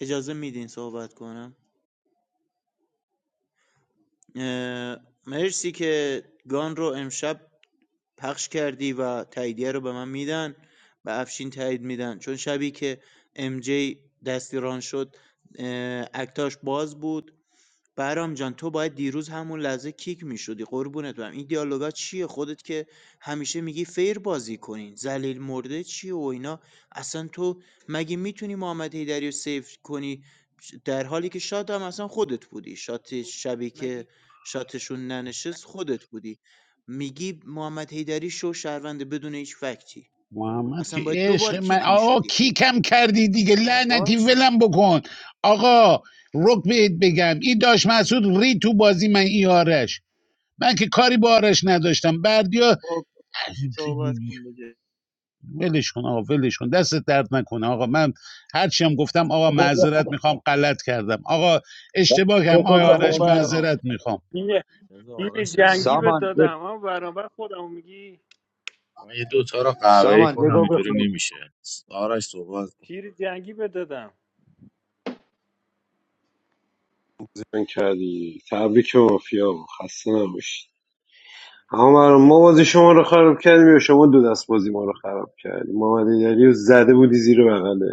Speaker 5: اجازه میدین صحبت کنم اه، مرسی که گان رو امشب پخش کردی و تاییدیه رو به من میدن به افشین تایید میدن چون شبی که ام جی دستیران شد اه، اکتاش باز بود برام جان تو باید دیروز همون لحظه کیک میشدی قربونت برم این دیالوگا چیه خودت که همیشه میگی فیر بازی کنین ذلیل مرده چیه و اینا اصلا تو مگه میتونی محمد حیدری رو سیف کنی در حالی که شات هم اصلا خودت بودی شات شبی که شاتشون ننشست خودت بودی میگی محمد حیدری شو شهرونده بدون هیچ فکتی
Speaker 2: محمد
Speaker 5: اصلا
Speaker 2: که
Speaker 5: باید
Speaker 2: عشق
Speaker 5: دوبار
Speaker 2: من
Speaker 5: کیک
Speaker 2: آقا
Speaker 5: میشدی
Speaker 2: کیکم کردی دیگه لعنتی
Speaker 5: باش
Speaker 2: ولم بکن آقا رک بهت بگم این داش مسعود ری تو بازی من ای آرش من که کاری با آرش نداشتم بردیا
Speaker 5: خب، صحبت کن بجای
Speaker 2: ولش کن آقا ولش کن دستت درد نکنه آقا من هرچی هم گفتم آقا معذرت میخوام غلط کردم آقا اشتباه کردم آقا
Speaker 6: همون
Speaker 2: آرش
Speaker 6: برام
Speaker 2: معذرت میخوام
Speaker 6: تیم تیم جنگی به
Speaker 17: سامان
Speaker 6: دادم همون برام بعد خودمو میگی
Speaker 17: سامان بگو بخون
Speaker 6: تیر جنگی به دادم
Speaker 8: زن کردی تبریک به مافیا خسته نباشید اما برام ما بازی شما رو خراب کردیم یا شما دو دست بازی ما رو خراب کردیم محمد ایدری رو زده بودی زیر بغله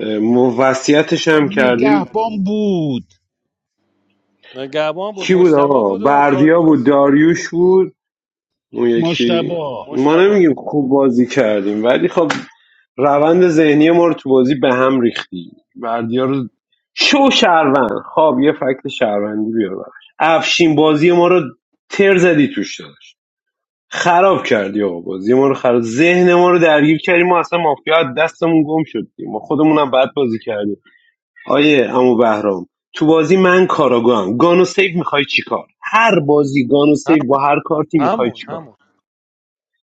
Speaker 8: اه، ما وصیتش
Speaker 2: خب
Speaker 8: هم کردیم
Speaker 2: نگهبان بود
Speaker 6: نگهبان بود
Speaker 8: کی بود
Speaker 6: مشتبا
Speaker 8: آقا
Speaker 6: بود و
Speaker 8: بردیا
Speaker 6: داریوش
Speaker 8: بود داریوش بود اون یکی
Speaker 2: مشتبه
Speaker 8: ما
Speaker 6: مشتبا
Speaker 8: نمیگیم خوب بازی کردیم ولی خب روند ذهنی ما رو تو بازی به هم ریختی بردیا رو شو شهروند خب یه فکت شهروندی بیار براش افشین بازی ما رو تر زدی توش داشت خراب کردی آقا بازی ما رو خراب ذهن ما رو درگیر کردی ما اصلا مافیا از دستمون گم شد ما خودمون هم بد بازی کردیم آیه عمو بهرام تو بازی من کاراگام گانو سیو میخوای چیکار هر بازی گانو
Speaker 6: هم
Speaker 8: سیو با هر کارتی میخوای
Speaker 6: همون
Speaker 8: چیکار
Speaker 6: همون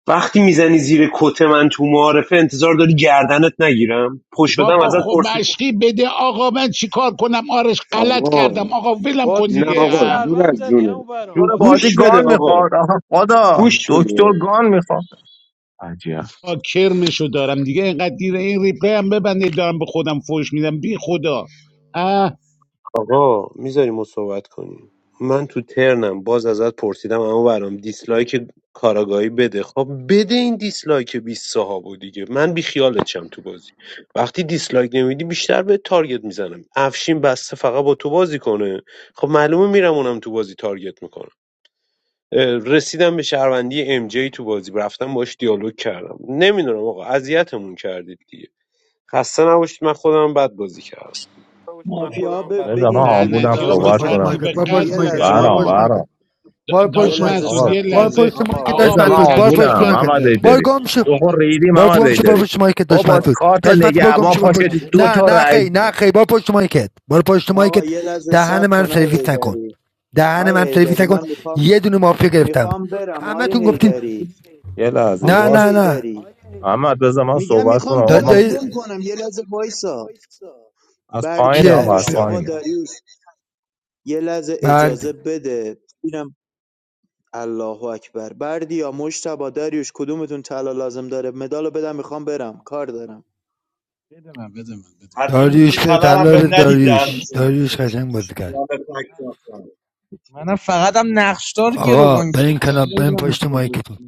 Speaker 8: وقتی میزنی زیر کت من تو معارفه انتظار داری گردنت نگیرم پشت شدم
Speaker 2: بابا
Speaker 8: ازت
Speaker 2: خب
Speaker 8: پرسید
Speaker 2: مشقی بده آقا من چیکار کنم آرش غلط
Speaker 8: آقا
Speaker 2: کردم آقا ولم
Speaker 6: با
Speaker 2: کن
Speaker 8: نه
Speaker 2: دیگه
Speaker 6: تیر
Speaker 8: آقا
Speaker 2: اه،
Speaker 8: دور
Speaker 6: شهروند
Speaker 8: از
Speaker 6: زدی
Speaker 8: جونه
Speaker 6: همون برام
Speaker 8: جو-
Speaker 14: دکتر
Speaker 6: با تیر
Speaker 14: بازی
Speaker 8: گوش
Speaker 6: شهر
Speaker 8: بده
Speaker 14: گان
Speaker 6: زدی
Speaker 8: آقا
Speaker 14: میخواد آها خدا
Speaker 8: گوش بده
Speaker 14: دکتر گان میخواد عجیب
Speaker 2: آه، کرمشو دارم دیگه اینقدر دیره این ریپلی هم ببنده دارم به خودم فوش میدم بی خدا اه
Speaker 8: آقا میذاری ما صحبت کنیم من تو ترنم باز ازت پرسیدم اما برام دیسلایک کاراگاهی بده خب بده این دیسلایک بیست صحابو دیگه من بیخیالت شم تو بازی وقتی دیسلایک نمیدی بیشتر به تارگت میزنم افشین بسته فقط با تو بازی کنه خب معلومه میرم اونم تو بازی تارگت میکنم رسیدم به شهروندی ام جی تو بازی رفتم باش دیالوگ کردم نمیدونم آقا اذیتمون کردید دیگه خسته نباشید من خودم بد بازی کردم
Speaker 5: مافیا ب-
Speaker 14: بذار من
Speaker 5: بگین کی
Speaker 14: آمبولم
Speaker 2: لعنتی
Speaker 7: آقا
Speaker 2: ها
Speaker 5: مدال
Speaker 2: به
Speaker 7: بار
Speaker 14: صحبت
Speaker 5: میخواد
Speaker 7: پشت
Speaker 14: کنم
Speaker 2: ترتیب
Speaker 7: مایکت بار
Speaker 2: قد
Speaker 5: [CLEARS THROAT]
Speaker 7: پشت
Speaker 5: یه
Speaker 7: مایکت
Speaker 2: بودن
Speaker 7: بار
Speaker 5: لحظه
Speaker 14: برام
Speaker 7: پشت
Speaker 2: ها
Speaker 7: مایکت
Speaker 14: برام
Speaker 7: بار
Speaker 5: یه
Speaker 7: پشت
Speaker 2: داشت
Speaker 7: مایک
Speaker 5: لحظه
Speaker 2: منسود
Speaker 14: آقا
Speaker 5: سب
Speaker 2: یه
Speaker 7: بار
Speaker 5: کنین
Speaker 2: لحظه
Speaker 7: پشت مایکت
Speaker 5: آقا
Speaker 7: داشت
Speaker 2: آقا
Speaker 14: بذار من
Speaker 2: به
Speaker 7: مسعود بار
Speaker 2: ترتیب
Speaker 7: پشت
Speaker 14: آمبولم
Speaker 2: قد
Speaker 7: مایکت
Speaker 14: محمد
Speaker 2: بودن
Speaker 7: بار
Speaker 14: ایدری
Speaker 7: گم شو
Speaker 14: تو خود ریدی
Speaker 7: بار
Speaker 14: محمد
Speaker 7: گم شو بار
Speaker 14: ایدری
Speaker 7: پشت مایکت
Speaker 14: با
Speaker 7: داشت
Speaker 14: با
Speaker 7: مسعود
Speaker 14: کارت
Speaker 7: داشت مسعود بار گم
Speaker 14: نگهبان
Speaker 7: شو بار
Speaker 14: پاشدی
Speaker 7: پشت
Speaker 14: دو
Speaker 7: نه
Speaker 14: تا
Speaker 7: نه
Speaker 14: رای
Speaker 7: خی نه خی بار پشت مایکت بار پشت
Speaker 5: آقا
Speaker 7: مایکت
Speaker 5: یه لحظه
Speaker 7: دهن
Speaker 5: سب
Speaker 7: من
Speaker 5: کن آی
Speaker 7: سرویس نکن
Speaker 5: هیدری
Speaker 7: دهن
Speaker 5: آی
Speaker 7: من سرویس
Speaker 5: هیدری
Speaker 7: نکن
Speaker 5: من میخوام
Speaker 7: یه دونه مافیا گرفتم
Speaker 5: میخوام برم
Speaker 7: همه
Speaker 5: آی
Speaker 7: تون گفتین
Speaker 5: هیدری
Speaker 7: نه
Speaker 5: آی
Speaker 7: نه نه
Speaker 5: هیدری میگم میخوام گورم
Speaker 7: داده
Speaker 5: گم کنم یه لحظه وایسا بردیا
Speaker 7: کیه ب-
Speaker 5: مشتبا داریوش یه لحظه اجازه
Speaker 7: برد
Speaker 5: بده اینم الله اکبر بردیا مشتبا داریوش کدومتون طلا لازم داره مدالو بدم میخوام برم کار دارم
Speaker 15: بده من
Speaker 4: حتی اینکه
Speaker 7: داریوش به
Speaker 4: تلالم
Speaker 7: طلا به
Speaker 4: بهم ندید دهنم
Speaker 7: داریوش
Speaker 4: سرویس
Speaker 7: داریوش
Speaker 4: شده
Speaker 7: قشنگ بازی کرد
Speaker 4: یا به فک رفتم.
Speaker 15: منم ف...
Speaker 7: آقا به این کنار به این پشت مایکتون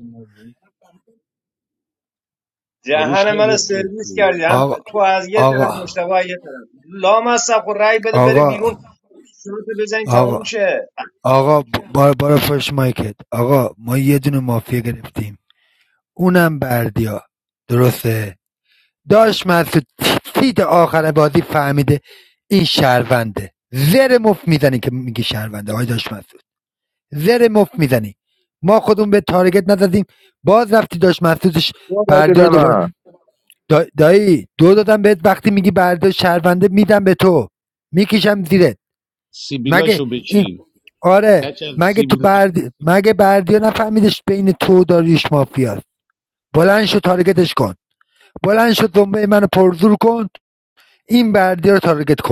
Speaker 2: آروش
Speaker 4: جهان من
Speaker 2: خیلی خوب
Speaker 4: سرویس
Speaker 2: بود
Speaker 4: کردی هم
Speaker 7: آقا
Speaker 4: تو از یه
Speaker 7: آقا
Speaker 4: طرف مشتبه از یه طرف لام از سب خود رای بده بره
Speaker 7: آقا
Speaker 4: بیرون صورت بزنی تموم
Speaker 7: آقا
Speaker 4: شه
Speaker 7: آقا ب- بار بار پشت مایکت آقا ما یه دونه مافیا گرفتیم اونم بردیا درسته داش مسعود تیت آخر بازی فهمیده این شهرونده زر مفت میزنه که میگه شهرونده آقا داش مسعود زر مفت میزنی ما خودمون به تارگت نزدیم باز رفتی داشت محسوسش
Speaker 14: دو دادی
Speaker 7: بردی
Speaker 14: به
Speaker 7: رو دوباره
Speaker 14: من
Speaker 7: دا- دایی دو دادم بهت وقتی میگی بردی شهرونده میدم به تو میکشم زیرت مگه
Speaker 2: سیبیلاشو
Speaker 7: این
Speaker 2: بچین
Speaker 7: آره
Speaker 2: کچل
Speaker 7: مگه تو
Speaker 2: سیبیل
Speaker 7: بردی مگه بردیا نفهمیدش بین تو و داریوش مافیاست بلند شو تارگتش کن بلند شو دنبه منو پرزور کن این بردیا رو تارگت کن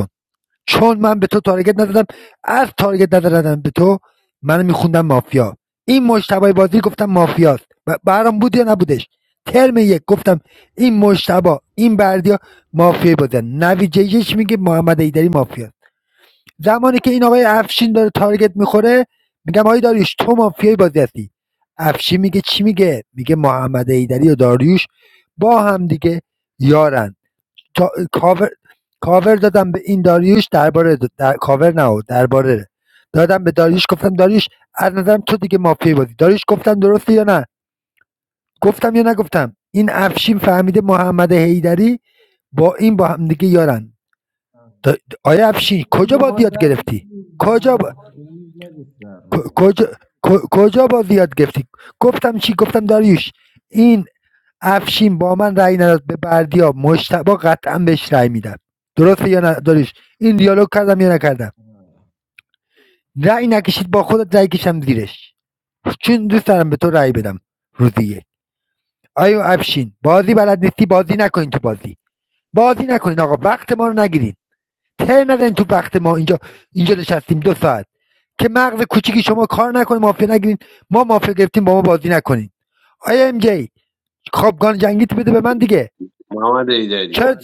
Speaker 7: چون من به تو تارگت نزدم از تارگت نزدم به تو من میخوندم مافیا این مشتبه بازی گفتم مافیاست و برام بود یا نبودش ترم یک گفتم این مشتبه این بردیا مافیا بودن نویجه یک میگه محمد ایدری مافیاست زمانی که این آقای افشین داره تارگت میخوره میگم آقای داریوش تو مافیای بازی هستی افشین میگه چی میگه میگه محمد ایدری و داریوش با هم دیگه یارن تا... کاور کاور دادم به این داریوش درباره در... کاور نه درباره دادم به داریوش گفتم داریوش از نظرم تو دیگه مافیای بازی داریوش گفتم درسته یا نه گفتم یا نگفتم این افشین فهمیده محمد حیدری با این با هم دیگه یارن دا... آیا افشین کجا بازی
Speaker 15: یهو
Speaker 7: یاد
Speaker 15: زدی که
Speaker 7: گرفتی
Speaker 15: دیر
Speaker 7: کجا با...
Speaker 15: محمد خیلی زدی سر رو.
Speaker 7: کجا کجا بازی یاد گرفتی گفتم چی گفتم داریوش این افشین با من رأی نداد به بردیا مجتبی قطعا بهش رأی میدم درسته یا نه داریوش این دیالوگ کردم یا نکردم رأی نکشید با خودت رأی کشم زیرش چون دوست دارم به تو رأی بدم روزیه. آیا افشین بازی بلد نیستی بازی نکنین تو بازی بازی نکنین آقا وقت ما رو نگیرین تر نزن تو وقت ما اینجا اینجا نشستیم دو ساعت که مغز کوچیکی شما کار نکنین مافیا نگیرین ما مافیا گرفتیم با ما بازی نکنین آیا ام جی خوابگان جنگیت بده به من دیگه
Speaker 8: محمد ایدری
Speaker 7: چرا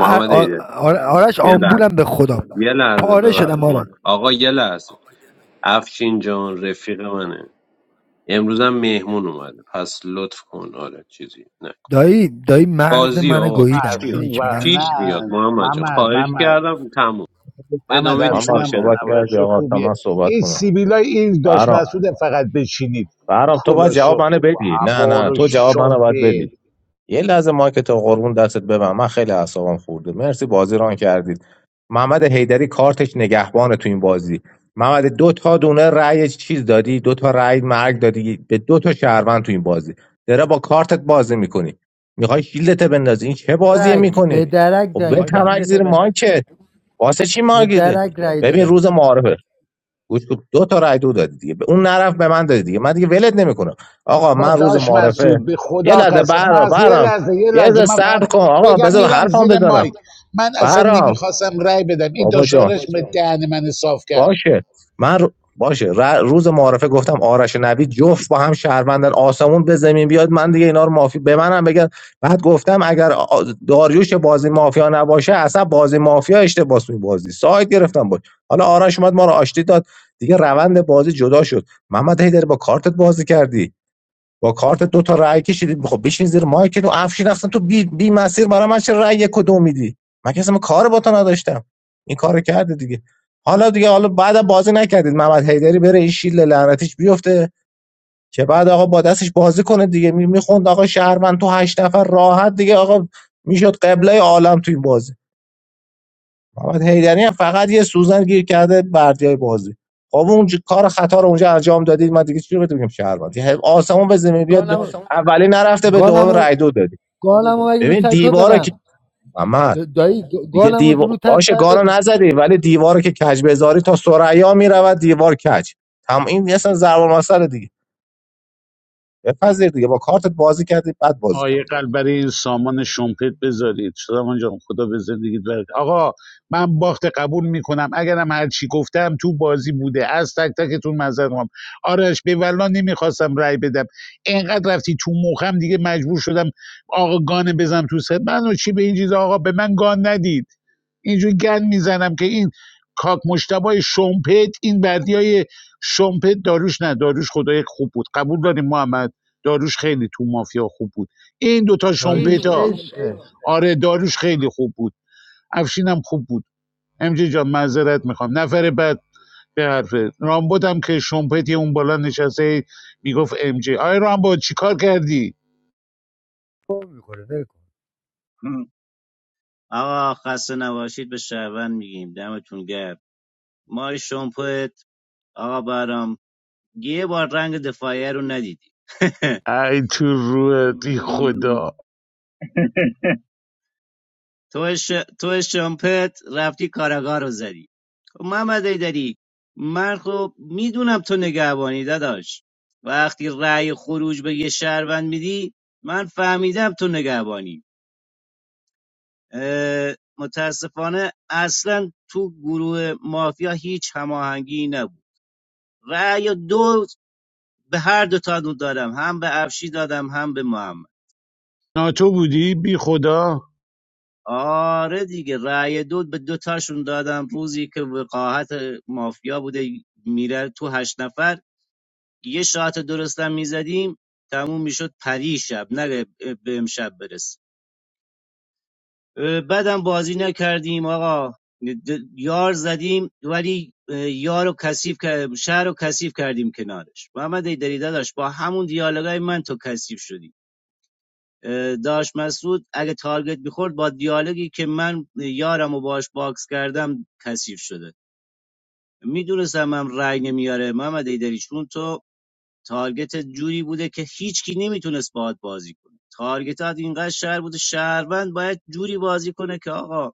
Speaker 7: آ-
Speaker 8: ایده
Speaker 7: آ- آرش
Speaker 8: یه لحظه
Speaker 7: آمبولم به خدا
Speaker 8: یه لحظه
Speaker 7: پاره
Speaker 8: ببخش
Speaker 7: شدم
Speaker 8: من
Speaker 7: آرش
Speaker 8: آقا یه لحظه افشین جان رفیق منه امروزم مهمون اومده پس لطف کن آره چیزی نه
Speaker 7: دایی دایی مغز
Speaker 8: بازی
Speaker 7: منو
Speaker 8: آقا پیش
Speaker 7: گوییدن
Speaker 8: میاد
Speaker 7: میدونی
Speaker 2: افشین
Speaker 7: چی
Speaker 2: و
Speaker 7: میگم
Speaker 2: نه
Speaker 8: پیش میاد محمد جان
Speaker 2: محمد
Speaker 8: خواهش
Speaker 2: محمد
Speaker 8: کردم تموم
Speaker 2: محمد
Speaker 8: ادامه
Speaker 2: افشینم
Speaker 8: دیسکاشن تو بده.
Speaker 14: کردی
Speaker 2: اولش
Speaker 14: آقا تا
Speaker 2: خوبیه
Speaker 14: من صحبت
Speaker 2: این
Speaker 14: کنم
Speaker 2: سیبیلای این داشت
Speaker 14: برام
Speaker 2: مسعود فقط بچینید
Speaker 14: برام تو باید
Speaker 2: کلا
Speaker 14: جواب
Speaker 2: شف
Speaker 14: منو بدی نه
Speaker 2: عبار
Speaker 14: نه
Speaker 2: و
Speaker 14: تو جواب منو باید بدی
Speaker 2: شمپید
Speaker 14: یه لحظه مایکتو قربون دستت ببن من خیلی اعصابم خورده مرسی بازی ران کردید محمد حیدری کارتش نگهبانه تو این بازی محمد دو تا دونه رأی چیز دادی دو تا رأی مرگ دادی به دو تا شهروند تو این بازی داره با کارتت بازی میکنی میخوای شیلدت بندازی این چه بازی
Speaker 7: درک
Speaker 14: میکنی
Speaker 7: به میکنی درک
Speaker 14: خب
Speaker 7: رای
Speaker 14: به
Speaker 7: دادن
Speaker 14: تمک زیر مایکت واسه چی
Speaker 7: به
Speaker 14: مایکت
Speaker 7: درک رای
Speaker 14: ببین
Speaker 7: دادن
Speaker 14: روز معارفه گوش کن دو تا رای دو دادی دیگه به اون نرف به من دادی دیگه من دیگه ولت نمیکنم آقا
Speaker 2: با
Speaker 14: من روز
Speaker 2: داش
Speaker 14: معارفه
Speaker 2: مسعود به
Speaker 14: یه
Speaker 2: خدا
Speaker 14: لحظه
Speaker 2: قسم من
Speaker 14: برام
Speaker 2: یه
Speaker 14: برام
Speaker 2: لحظه یه
Speaker 14: یه
Speaker 2: لحظه
Speaker 14: لحظه
Speaker 2: من فقط
Speaker 14: صبر کن آقا
Speaker 2: بگم
Speaker 14: بذار
Speaker 2: میرم
Speaker 14: حرفام
Speaker 2: زیر
Speaker 14: بزنم
Speaker 2: مایک من اصلا
Speaker 14: برام
Speaker 2: نمیخواستم رای بدم این
Speaker 14: بابا جان
Speaker 2: داشارش به دهن من صاف کرد
Speaker 14: باشه من رو- باشه ر- روز معارفه گفتم آرش و نوید جفت با هم شهروندن آسمون به زمین بیاد من دیگه اینا رو مافی به منم بگن بعد گفتم اگر آ- داریوش بازی مافیا نباشه اصلا بازی مافیا اشتباه توی بازی سایت گرفتم باش حالا آرش اومد ما رو آشتی داد دیگه روند بازی جدا شد محمد هیدر با کارتت بازی کردی با کارت دو تا رأی کشیدی خب بشین زیر مایکت و افشین اصلا تو بی, بی مسیر برای من چه رأی کدوم میدی من که اصلا کار با تو نداشتم این کارو کرده دیگه حالا دیگه حالا بعد بازی نکردید محمد حیدری بره این شیل لعنتیش بیفته که بعد آقا با دستش بازی کنه دیگه می- میخوند آقا شهرمن تو هشت نفر راحت دیگه آقا میشد قبله عالم تو این بازی محمد حیدری هم فقط یه سوزن گیر کرده بردیای بازی خب اون کار خطا رو اونجا انجام دادید من دیگه چی رو بهتون بگم شهروند یه آسمون به زمین بیاد
Speaker 7: گانم
Speaker 14: اولی نرفته به
Speaker 7: گانم
Speaker 14: دوم رای دو دادی
Speaker 7: گانم اگه رو
Speaker 14: ببین
Speaker 7: سایت تو
Speaker 14: دیوارو که
Speaker 7: دادم
Speaker 14: محمد
Speaker 7: دا- دایی
Speaker 14: میگه
Speaker 7: گانم
Speaker 14: دیوار
Speaker 7: رو تست
Speaker 14: باشه
Speaker 7: سایت تو
Speaker 14: گانو
Speaker 7: دادم.
Speaker 14: نزدی ولی دیوارو که کج بذاری تا ها میرود دیوار کج تم این اصلا ضرب مسئله دیگه بپذیر دیگه با کارتت بازی کردی بعد بازی
Speaker 2: آقای
Speaker 14: کردی
Speaker 2: قلب برای این سامان شومپت بذارید سامان جان خدا به زندگیت برکت آقا من باخت قبول میکنم اگرم هر چی گفتم تو بازی بوده از تک تکتون معذرت میخوام آرش به والله نمیخواستم رأی بدم اینقدر رفتی تو مخم دیگه مجبور شدم آقا گانه بزنم تو سر من و چی به این چیز آقا به من گان ندید اینجوری گند میزنم که این کاک مشتبای شومپت این بدیای های شومپت داروش نه داروش خدای خوب بود قبول داریم محمد داروش خیلی تو مافیا خوب بود این دوتا
Speaker 7: داریوش
Speaker 2: شومپت ها
Speaker 7: عشقه
Speaker 2: آره داروش خیلی خوب بود افشینم خوب بود امجی جان معذرت میخوام نفر بعد به حرف رامبد هم که شومپت یه اون بالا نشسته میگفت ام جی آی رامبد چیکار کردی
Speaker 7: پر میکنه ول کن.
Speaker 16: هم. آقا خسته نباشید به شهروند میگیم دمتون گرم ماری شمپت آقا برام یه بار رنگ دفاعیه رو ندیدی
Speaker 2: ای تو روح بی
Speaker 16: [LAUGHS]
Speaker 2: خدا
Speaker 16: تو ش... تو شامپت رفتی کاراگاه رو زدی خب محمد ایدری من خب میدونم تو نگهبانی داداش وقتی رأی خروج به یه شهروند میدی من فهمیدم تو نگهبانی اه، متاسفانه اصلا تو گروه مافیا هیچ هماهنگی نبود رأی دو به هر دو تا دادم هم به افشی دادم هم به محمد
Speaker 2: ناتو بودی بی خدا
Speaker 16: آره دیگه رأی دو به دوتاشون دادم روزی که وقاحت مافیا بوده میره تو هشت نفر یه شات درستم میزدیم تموم میشد پری شب نه به امشب برس بعدم بازی نکردیم آقا د- یار زدیم ولی اه، یار رو کثیف کر- شهر رو کثیف کردیم کنارش محمد ایدری داداش با همون دیالوگای من تو کثیف شدی داش مسعود اگه تارگت میخورد با دیالوگی که من یارمو باش باکس کردم کثیف شده میدونستم هم رأی نمیاره محمد ایدری چون تو تارگت جوری بوده که هیچکی نمیتونست باهات بازی کنه تارگتات اینقدر شهر بوده شهروند باید جوری بازی کنه که آقا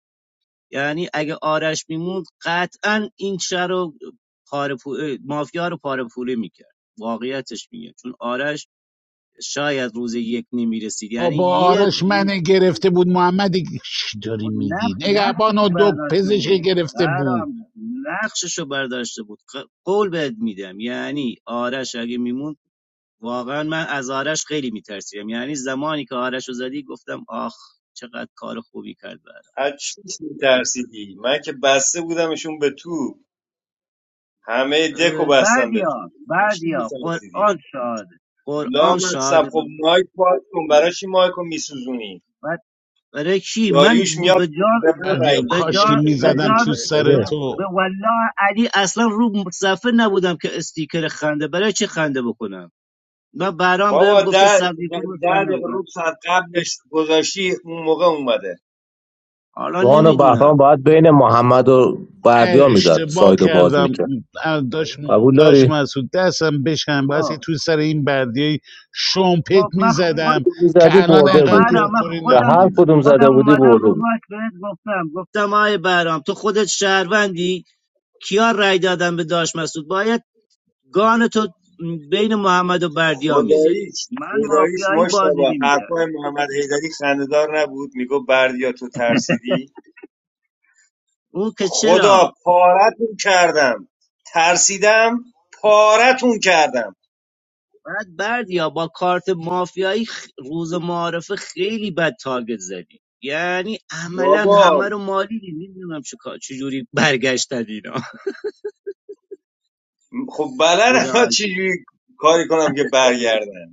Speaker 16: یعنی اگه آرش میموند قطعا این شهر رو پاره پو- مافیا رو پاره پوره میکرد واقعیتش میگه چون آرش شاید روز یک نمیرسید یعنی
Speaker 2: با
Speaker 16: یک
Speaker 2: آرش من گرفته بود محمدی چی داری
Speaker 16: خود
Speaker 2: میگی
Speaker 16: نقش
Speaker 2: نگهبان
Speaker 16: نقششو
Speaker 2: و دو
Speaker 16: برداشته
Speaker 2: پزشک
Speaker 16: بودی
Speaker 2: گرفته بود
Speaker 16: برام نقششو برداشته بود ق- قول بهت میدم یعنی آرش اگه میمون واقعا من از آرش خیلی میترسیم یعنی زمانی که آرشو زدی گفتم آخ چقدر کار خوبی کرد برام
Speaker 4: از چیش میترسیدی من که بسته بودمشون به تو همه دکو
Speaker 16: اه،
Speaker 4: بستم به
Speaker 16: بردیا
Speaker 4: تو از چی
Speaker 16: بردیا
Speaker 4: میترسیدی
Speaker 16: قرآن شاهده قرآن
Speaker 4: لامصب
Speaker 16: شاهده
Speaker 4: خب مایک باز کن برای چی مایک میسوزونی
Speaker 16: برای کی من
Speaker 4: داریوش میاد
Speaker 16: به جان
Speaker 4: به من
Speaker 2: بردیا
Speaker 4: رای میده
Speaker 16: به
Speaker 4: به
Speaker 2: کاش
Speaker 4: جای
Speaker 2: که
Speaker 16: جان
Speaker 4: اینکه
Speaker 16: به
Speaker 4: رای
Speaker 2: میزدم
Speaker 4: بده
Speaker 2: تو
Speaker 16: جان
Speaker 4: به
Speaker 2: سر
Speaker 16: به
Speaker 14: ببین
Speaker 4: مردم.
Speaker 16: به
Speaker 2: تو
Speaker 16: والله علی اصلا رو صفحه نبودم که استیکر خنده برای چه خنده بکنم و برام
Speaker 4: بابا
Speaker 16: بهم گفته
Speaker 4: ده ده
Speaker 16: سبزی فروش
Speaker 4: ده
Speaker 16: خنده
Speaker 4: دقیقه روب
Speaker 16: بکنم
Speaker 4: ساعت قبلش گذاشتی اون موقع اومده
Speaker 16: حالا
Speaker 14: گان و
Speaker 16: نمیدونم
Speaker 14: بهرام باید بین محمد و بردیا میزد
Speaker 2: اشتباه
Speaker 14: سایدو باز
Speaker 2: کردم
Speaker 14: میکرد
Speaker 2: اه، داشت
Speaker 14: قبول
Speaker 2: داشت
Speaker 14: داری
Speaker 2: مسعود دستم بشن بسی
Speaker 16: خب
Speaker 2: تو سر این بردیای شومپت
Speaker 16: خب من خود
Speaker 2: میزدم که
Speaker 14: میزدی
Speaker 2: الان
Speaker 16: خب
Speaker 14: برده
Speaker 2: انقدر
Speaker 14: بودی
Speaker 16: برام من
Speaker 2: کرکری
Speaker 14: و
Speaker 16: خودم
Speaker 14: هر
Speaker 2: نخوندم
Speaker 14: کدوم
Speaker 16: خودم
Speaker 14: زده بودی
Speaker 16: اومدم
Speaker 14: برده
Speaker 16: رو
Speaker 14: بود
Speaker 16: ماک بهت گفتم گفتم آی برام تو خودت شهروندی کیا رای دادن به داش مسعود باید گان تو بین محمد و بردیا میزدی
Speaker 4: خداییش
Speaker 16: من
Speaker 4: خداییش
Speaker 16: مافیایی بازی
Speaker 4: مشتبه
Speaker 16: نمیکردم
Speaker 4: حرفای محمد حیدری خندهدار نبود میگو بردیا تو ترسیدی
Speaker 16: اون که
Speaker 4: خدا
Speaker 16: چرا
Speaker 4: پارتون کردم ترسیدم پارتون کردم
Speaker 16: بعد بردیا با کارت مافیایی خ- روز معارفه خیلی بد تارگت زدی یعنی عملا
Speaker 4: بابا
Speaker 16: همه رو مالیدی نمیدونم چه کار- چه جوری برگشتن اینا [LAUGHS]
Speaker 4: خب
Speaker 16: خدا
Speaker 4: بلدم
Speaker 16: وکیل.
Speaker 4: چجوری کاری کنم که برگردن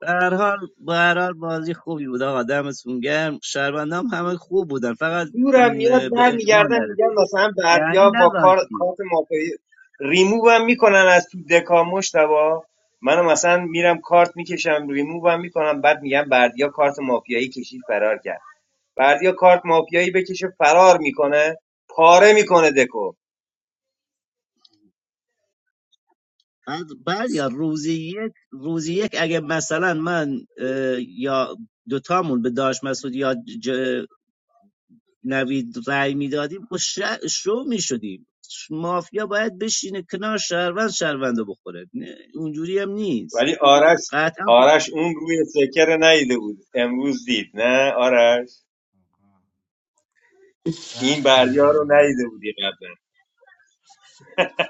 Speaker 16: به هر حال به هر حال بازی خوبی بود آقا دمتون گرم شهروندام همه خوب بودن فقط
Speaker 4: زورم
Speaker 16: م،
Speaker 4: میاد
Speaker 16: به اجماع
Speaker 4: برمیگردم میگم
Speaker 16: نرسید
Speaker 4: مثلا
Speaker 16: یعنی
Speaker 4: بردیا با کار
Speaker 16: نذاشتی
Speaker 4: کارت مافی ریمووم میکنن از تو دکا مشتبا منو مثلا میرم کارت میکشم ریمووم میکنم بعد میگم بردیا کارت مافیایی کشید فرار کرد بردیا کارت مافیایی بکشه فرار میکنه پاره میکنه دکو
Speaker 16: بعد بعد یا روزی یک روزی یک اگه مثلا من اه، یا دوتامون به داش مسعود یا نوید رأی میدادیم خب شو میشدیم مافیا باید بشینه کنار شهروند شهرونده بخوره نه اونجوری هم نیست
Speaker 4: ولی آرش
Speaker 16: قطعا خب-
Speaker 4: آرش اون روی سکه رو ندیده بود امروز دید نه آرش این
Speaker 15: اه،
Speaker 4: بریا رو ندیده بودی قبلا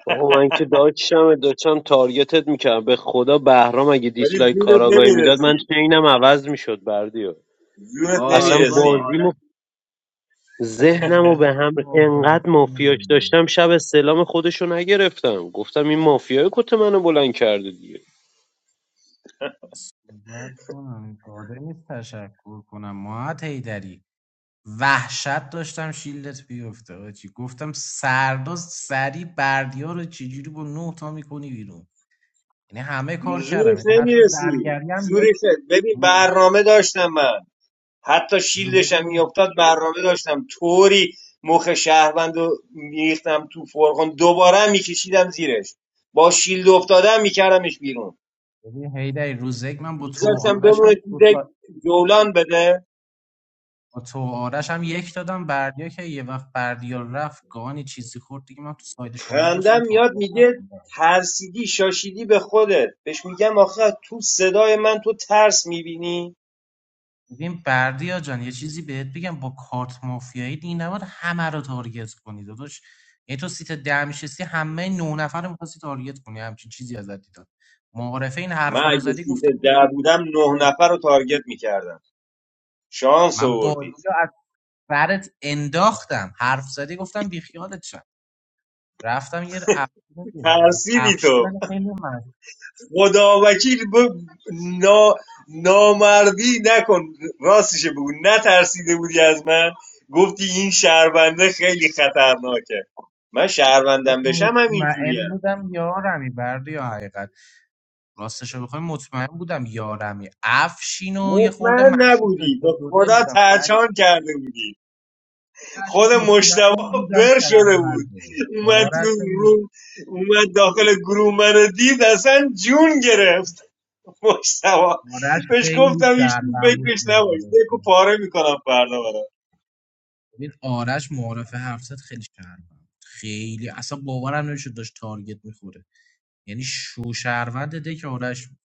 Speaker 8: آقا من
Speaker 4: [LAUGHS]
Speaker 8: که داشتم داشتم تارگتت میکردم به خدا بهرام اگه
Speaker 4: ولی
Speaker 8: دیسلایک
Speaker 4: زورت
Speaker 8: کاراگاهی میداد من
Speaker 4: نمیرسید
Speaker 8: چینم عوض میشد بردیو
Speaker 4: زورت
Speaker 8: اصلا
Speaker 16: آره بابا
Speaker 4: نمیرسید
Speaker 8: بازی
Speaker 16: آره
Speaker 15: آه،
Speaker 8: ذهنمو به هم
Speaker 15: صحبت
Speaker 8: انقدر مافیاش
Speaker 15: کنم.
Speaker 8: داشتم شب استعلام خودشو نگرفتم گفتم این مافیای کت منو بلند کرده دیگه
Speaker 15: باید کنم قادر نیست تشکر کنم ماهت هیدری وحشت داشتم شیلدت بیفته آجی گفتم سرداز سری بردیا رو چجوری با نه تا میکنی بیرون یعنی همه کار کردم
Speaker 4: زورش
Speaker 15: یعنی حتی
Speaker 4: نمیرسید
Speaker 15: زرگری هم یک
Speaker 4: زورش نه. ببین
Speaker 15: روز
Speaker 4: برنامه داشتم من حتی
Speaker 15: رو
Speaker 4: شیلدشم
Speaker 15: ببین
Speaker 4: میافتاد برنامه داشتم طوری مخ شهروند رو میریختم تو فرغون دوباره هم میکشیدم زیرش با شیلد افتادم میکردمش بیرون
Speaker 15: ببین هیدری روز یک من با تو و
Speaker 4: میذاشتم
Speaker 15: آرش
Speaker 4: بمونه
Speaker 15: هم
Speaker 4: تو
Speaker 15: دو
Speaker 4: دک
Speaker 15: تا-
Speaker 4: جولان بده
Speaker 15: با تو و آرش هم یک دادم بردیا که یه وقت بردیا رفت گانی چیزی خورد دیگه من تو ساید شما باشم
Speaker 4: خندم
Speaker 15: تا
Speaker 4: میاد میگه ترسیدی شاشیدی به خودت بهش میگم آخه تو صدای من تو ترس میبینی
Speaker 15: ببین بردیا جان یه چیزی بهت بگم با کارت مافیایی این نباید همه رو تارگت کنی داداش یعنی تو سیت ده میشستی همه نو نفر رو میخواستی تارگت کنی همچین چیزی ازت دیدم معارفه این
Speaker 4: من
Speaker 15: حرفا رو
Speaker 4: اگه
Speaker 15: زدی
Speaker 4: سیت
Speaker 15: گفتم
Speaker 4: در بودم نه
Speaker 15: باز-
Speaker 4: نفر رو تارگت میکردم شانس
Speaker 15: من بازی
Speaker 4: آوردید
Speaker 15: رو از برت انداختم حرف زدی گفتم بیخیالت شم رفتم یه افشین دیدم
Speaker 4: ترسیدی
Speaker 15: افشین من
Speaker 4: تو
Speaker 15: خیلی من
Speaker 4: خدا وکیل ب... نا... نامردی نکن راستش بگو نترسیده بودی از من گفتی این شهرونده خیلی خطرناکه من شهروندم بشم هم
Speaker 15: مطمئن
Speaker 4: اینجوریم
Speaker 15: بودم یارمی بردیا حقیقت راستش رو بخوای مطمئن بودم یارمی افشین و یه خورده
Speaker 4: مطمئن
Speaker 15: مشروب
Speaker 4: نبودی به
Speaker 15: داشتم دو دل
Speaker 4: خدا
Speaker 15: بودم فکرش
Speaker 4: ترچان کرده بودی
Speaker 15: رو
Speaker 4: خود
Speaker 15: مطمئن
Speaker 4: مشتبا
Speaker 15: بودم
Speaker 4: برشده بود
Speaker 15: شهرونده
Speaker 4: اومد
Speaker 15: آرش
Speaker 4: تو
Speaker 15: مط-
Speaker 4: روم اومد داخل گروه منو دید اصلا جون گرفت مشتبا
Speaker 15: آرش
Speaker 4: بهش
Speaker 15: خیلی
Speaker 4: گفتم هیچ تو
Speaker 15: شهروند بود
Speaker 4: فکرش نباش دکو
Speaker 15: معارفه
Speaker 4: پاره میکنم فردا برات
Speaker 15: ببین آرش معارفه حرف زد خیلی شهروند بود. خیلی اصلا باورم نمیشه داشت تارگت میخوره یعنی شو شهروند ده که آرش بود.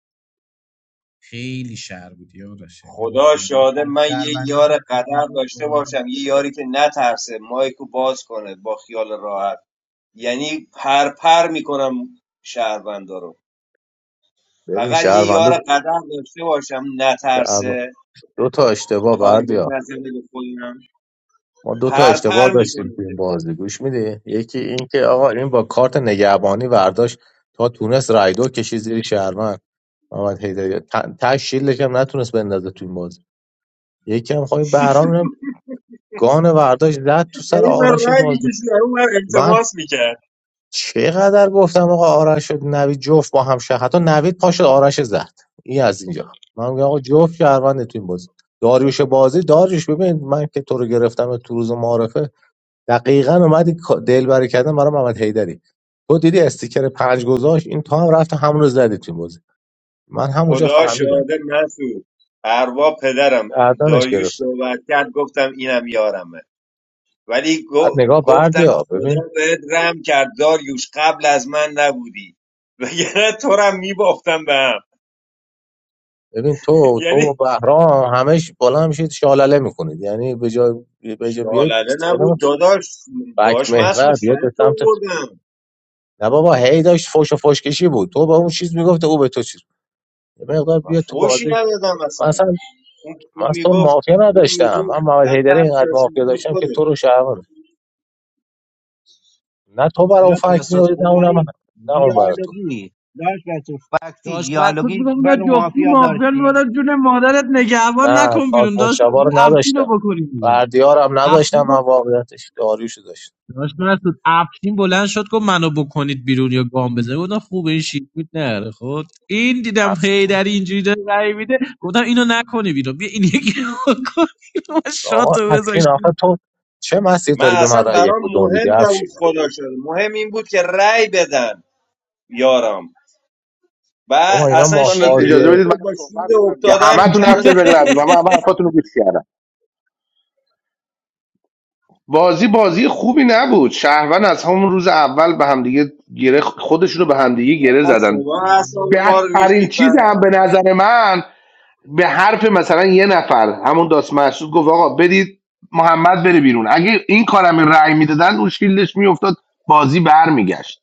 Speaker 15: خیلی شهر بود یادشه یه
Speaker 4: خدا
Speaker 15: آفرین
Speaker 4: شاده
Speaker 15: فکر
Speaker 4: من یه
Speaker 15: شهروندی تو
Speaker 4: یار
Speaker 15: سیتی
Speaker 4: قدر داشته
Speaker 15: بود.
Speaker 4: باشم یه یاری که نترسه مایکو باز کنه با خیال راحت یعنی پر پر میکنم شهروندا رو
Speaker 14: ببین
Speaker 4: فقط یه
Speaker 14: شهروندا
Speaker 4: یار قدر داشته باشم
Speaker 14: شهر...
Speaker 4: نترسه
Speaker 14: دو تا اشتباه
Speaker 4: تارگت
Speaker 14: بردیا
Speaker 4: نزنه به خودم
Speaker 14: ما دو تا اشتباه
Speaker 4: پرپر
Speaker 14: داشتیم
Speaker 4: میکنید
Speaker 14: تو این بازی گوش میدی یکی این که آقا این با کارت نگهبانی برداشت تا تونست رایدو کشید زیر شهروند محمد حیدری ت- ته شیلش هم نتونست بندازه تو این بازی یکی هم خواهی بهرام اینم گان برداشت زد تو سر
Speaker 4: این من
Speaker 14: آرش
Speaker 4: رای
Speaker 14: بازی
Speaker 4: میکشید اون من
Speaker 14: من
Speaker 4: التماس میکرد
Speaker 14: چقدر گفتم آقا آرش و نوید جفت با هم شهر حتی نوید پاشو آرش زد این از اینجا من میگم آقا جفت شهرونده تو این بازی داریوش بازی داریوش ببین من که تو رو گرفتم تو روز معارفه دقیقا اومدی دلبری بری کردن برای محمد حیدری تو دیدی استیکر پنج گذاشت این تو هم رفت همون رو زدی تو این بازی من همونجا
Speaker 4: خدا
Speaker 14: فهمیدم
Speaker 4: شاهده مسعود اروا پدرم
Speaker 14: گردنش
Speaker 4: داریوش
Speaker 14: گرفته
Speaker 4: صحبت کرد گفتم اینم یارمه ولی
Speaker 14: بعد نگاه
Speaker 4: گفتم
Speaker 14: بردیا ببین
Speaker 4: خدا بهت رم کرد داریوش قبل از من نبودی وگرنه تو رم میباختم به هم
Speaker 14: ببین
Speaker 4: [LAUGHS]
Speaker 14: تو تو و
Speaker 4: یعنی
Speaker 14: بهرام همش بالا میشید شالله میکنید یعنی به جای به جای
Speaker 4: شالله
Speaker 14: بیاید
Speaker 4: نبود داداش
Speaker 14: فکت
Speaker 4: داش مسعود
Speaker 14: محور بیاد به
Speaker 4: فکت
Speaker 14: سمت
Speaker 4: آوردم
Speaker 14: نه بابا هی داشت فوش و فوش کشی بود تو به اون چیز میگفته او به تو چیز یه مقدار
Speaker 4: من
Speaker 14: بیاد تو
Speaker 4: فوشی
Speaker 14: بازی
Speaker 4: ندادم
Speaker 14: من
Speaker 4: اصلا
Speaker 14: اصلا
Speaker 4: اون
Speaker 14: من
Speaker 4: اون
Speaker 14: از تو رو
Speaker 4: میگفت
Speaker 14: مافیا
Speaker 4: اون
Speaker 14: نداشتم من
Speaker 4: میگفت
Speaker 14: محمد
Speaker 4: من
Speaker 14: حیدری
Speaker 4: پس
Speaker 14: اینقدر
Speaker 4: چاشیدی
Speaker 14: مافیا
Speaker 4: به
Speaker 14: داشتم که
Speaker 4: خوده
Speaker 14: تو رو شهرمند نه تو برای اون
Speaker 16: داشت
Speaker 14: فکت
Speaker 16: مسعود
Speaker 14: میاری نه اونم
Speaker 16: خدایی
Speaker 14: نه اون برای تو
Speaker 16: دیالوگی داشت مسعود فکتی
Speaker 15: داشت مسعود
Speaker 16: دیالوگی
Speaker 15: میگم اینا
Speaker 16: منو
Speaker 15: جفتی
Speaker 16: مافیا
Speaker 15: مافیان
Speaker 16: داشتی
Speaker 15: میبادن جون مادرت نگهبان
Speaker 14: نه
Speaker 15: نکن
Speaker 14: کارت
Speaker 15: بیرون داشت
Speaker 14: مشتبه
Speaker 15: مسعود
Speaker 14: رو
Speaker 15: افشین
Speaker 14: نداشتم
Speaker 15: رو بکنیم بیرون
Speaker 14: بردیارم
Speaker 15: افشین
Speaker 14: نداشتم من
Speaker 15: گفت
Speaker 14: واقعیتش داریوشو داشتم
Speaker 15: داشت مسعود افشین بلند شد گفت منو بکنید بیرون یا گام بزنید گفتم خوب این شیت میت نره خود این دیدم هی
Speaker 14: افشین
Speaker 15: در اینجوری داره رای میده گفتم اینو نکنی بیرون بیا این یکی رو بکن بیرون. من
Speaker 14: آقا
Speaker 15: شاتو
Speaker 14: افشین آخه
Speaker 15: بذاشتیم
Speaker 14: تو چه مسیر
Speaker 4: من
Speaker 14: داری به
Speaker 4: اصلا
Speaker 14: من رأی
Speaker 4: برام
Speaker 14: کدوم
Speaker 4: مهم
Speaker 14: میدی
Speaker 4: نبود
Speaker 14: افشین
Speaker 4: خدا شده مهم این بود که رأی بدن یارم و
Speaker 14: بابا اینا
Speaker 4: اصلا
Speaker 14: ماه
Speaker 10: دوستان
Speaker 4: شیلدش
Speaker 14: بازی
Speaker 10: اجازه بدید
Speaker 4: میافتاد
Speaker 10: منم
Speaker 4: با
Speaker 10: صحبت
Speaker 4: شیلد
Speaker 10: کنم دیگه
Speaker 4: افتادن
Speaker 10: همه تون حرف
Speaker 4: میکردم
Speaker 10: زدید به
Speaker 4: یک
Speaker 10: غیر از من
Speaker 4: بیرون
Speaker 10: من همه حرفاتون رو گوش کردم بازی بازی خوبی نبود شهروند از همون روز اول به همدیگه گره خودشونو به همدیگه گره
Speaker 4: آقا
Speaker 10: زدن
Speaker 4: شما اصلا ما رو
Speaker 10: بدترین
Speaker 4: ریختید به
Speaker 10: چیز
Speaker 4: هم.
Speaker 10: هم به نظر من به حرف مثلا یه نفر همون داست محسود گفت آقا بدید محمد بره بیرون اگه این کارم رأی میدادن اون شیلدش میافتاد بازی برمیگشت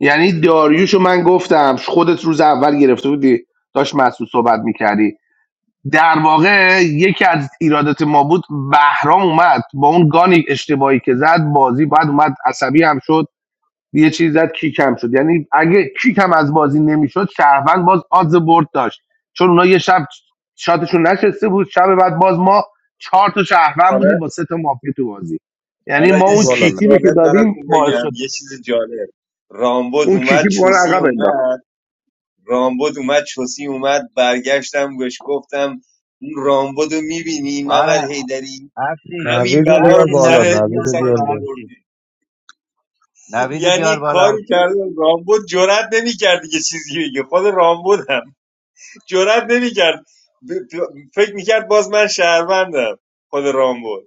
Speaker 10: یعنی داریوشو من گفتم خودت روز اول گرفته بودی داشت محسود صحبت میکردی در واقع یکی از ایرادات ما بود بهرام اومد با اون گانی اشتباهی که زد بازی بعد اومد عصبی هم شد یه چیز زد کیکم شد یعنی اگه کیکم از بازی نمیشد شهروند باز آدز برد داشت چون اونا یه شب شاتشون نشسته بود شب بعد باز ما چهار تا شهروند
Speaker 4: حالا
Speaker 10: بودیم با سه تا مافیا تو بازی یعنی
Speaker 4: حالا
Speaker 10: ما
Speaker 4: یه
Speaker 10: اون
Speaker 4: چیز
Speaker 10: کیکی رو که
Speaker 4: جالب
Speaker 10: دادیم
Speaker 4: براتون
Speaker 10: باعث
Speaker 4: بگم
Speaker 10: شد
Speaker 4: یه چیز جالب رامبد
Speaker 10: اون کیکی
Speaker 4: اومد
Speaker 10: ما رو
Speaker 4: چوسی
Speaker 10: عقب انداخت
Speaker 4: اومد رامبد اومد چوسی اومد برگشتم بهش گفتم اون رامبد رو میبینی محمد
Speaker 16: آره
Speaker 4: حیدری
Speaker 16: افشین
Speaker 4: همین
Speaker 14: نوید
Speaker 4: بلا
Speaker 14: بیار
Speaker 4: رو به
Speaker 16: افشین
Speaker 14: بالا
Speaker 4: سر
Speaker 16: نوید
Speaker 4: به
Speaker 14: نوید
Speaker 16: بیار
Speaker 4: سرش
Speaker 14: بیار
Speaker 16: بالا
Speaker 14: بالا
Speaker 16: افشین
Speaker 4: آوردی
Speaker 16: نوید بیار
Speaker 4: یعنی
Speaker 16: بالا
Speaker 4: کاری
Speaker 16: افشین
Speaker 4: کرده رامبو جرئت نمیکرد دیگه چیزی بگه خود رامبو هم جرئت نمیکرد فکر میکرد باز من شهروندم خود رامبو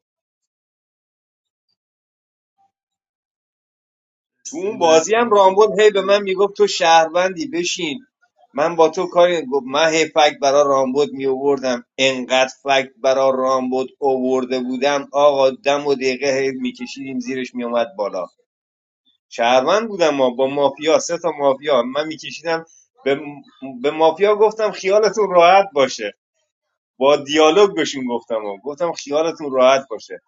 Speaker 4: تو اون بازی هم رامبود هی به من میگفت تو شهروندی بشین من با تو کاری گفت من هی فکت برا رامبود می آوردم انقدر فکت برا رامبود آورده بودم آقا دم و دقیقه هی میکشیدیم زیرش میومد بالا شهروند بودم ما با مافیا سه تا مافیا من میکشیدم به, به مافیا گفتم خیالتون راحت باشه با دیالوگ بهشون گفتم و گفتم خیالتون راحت باشه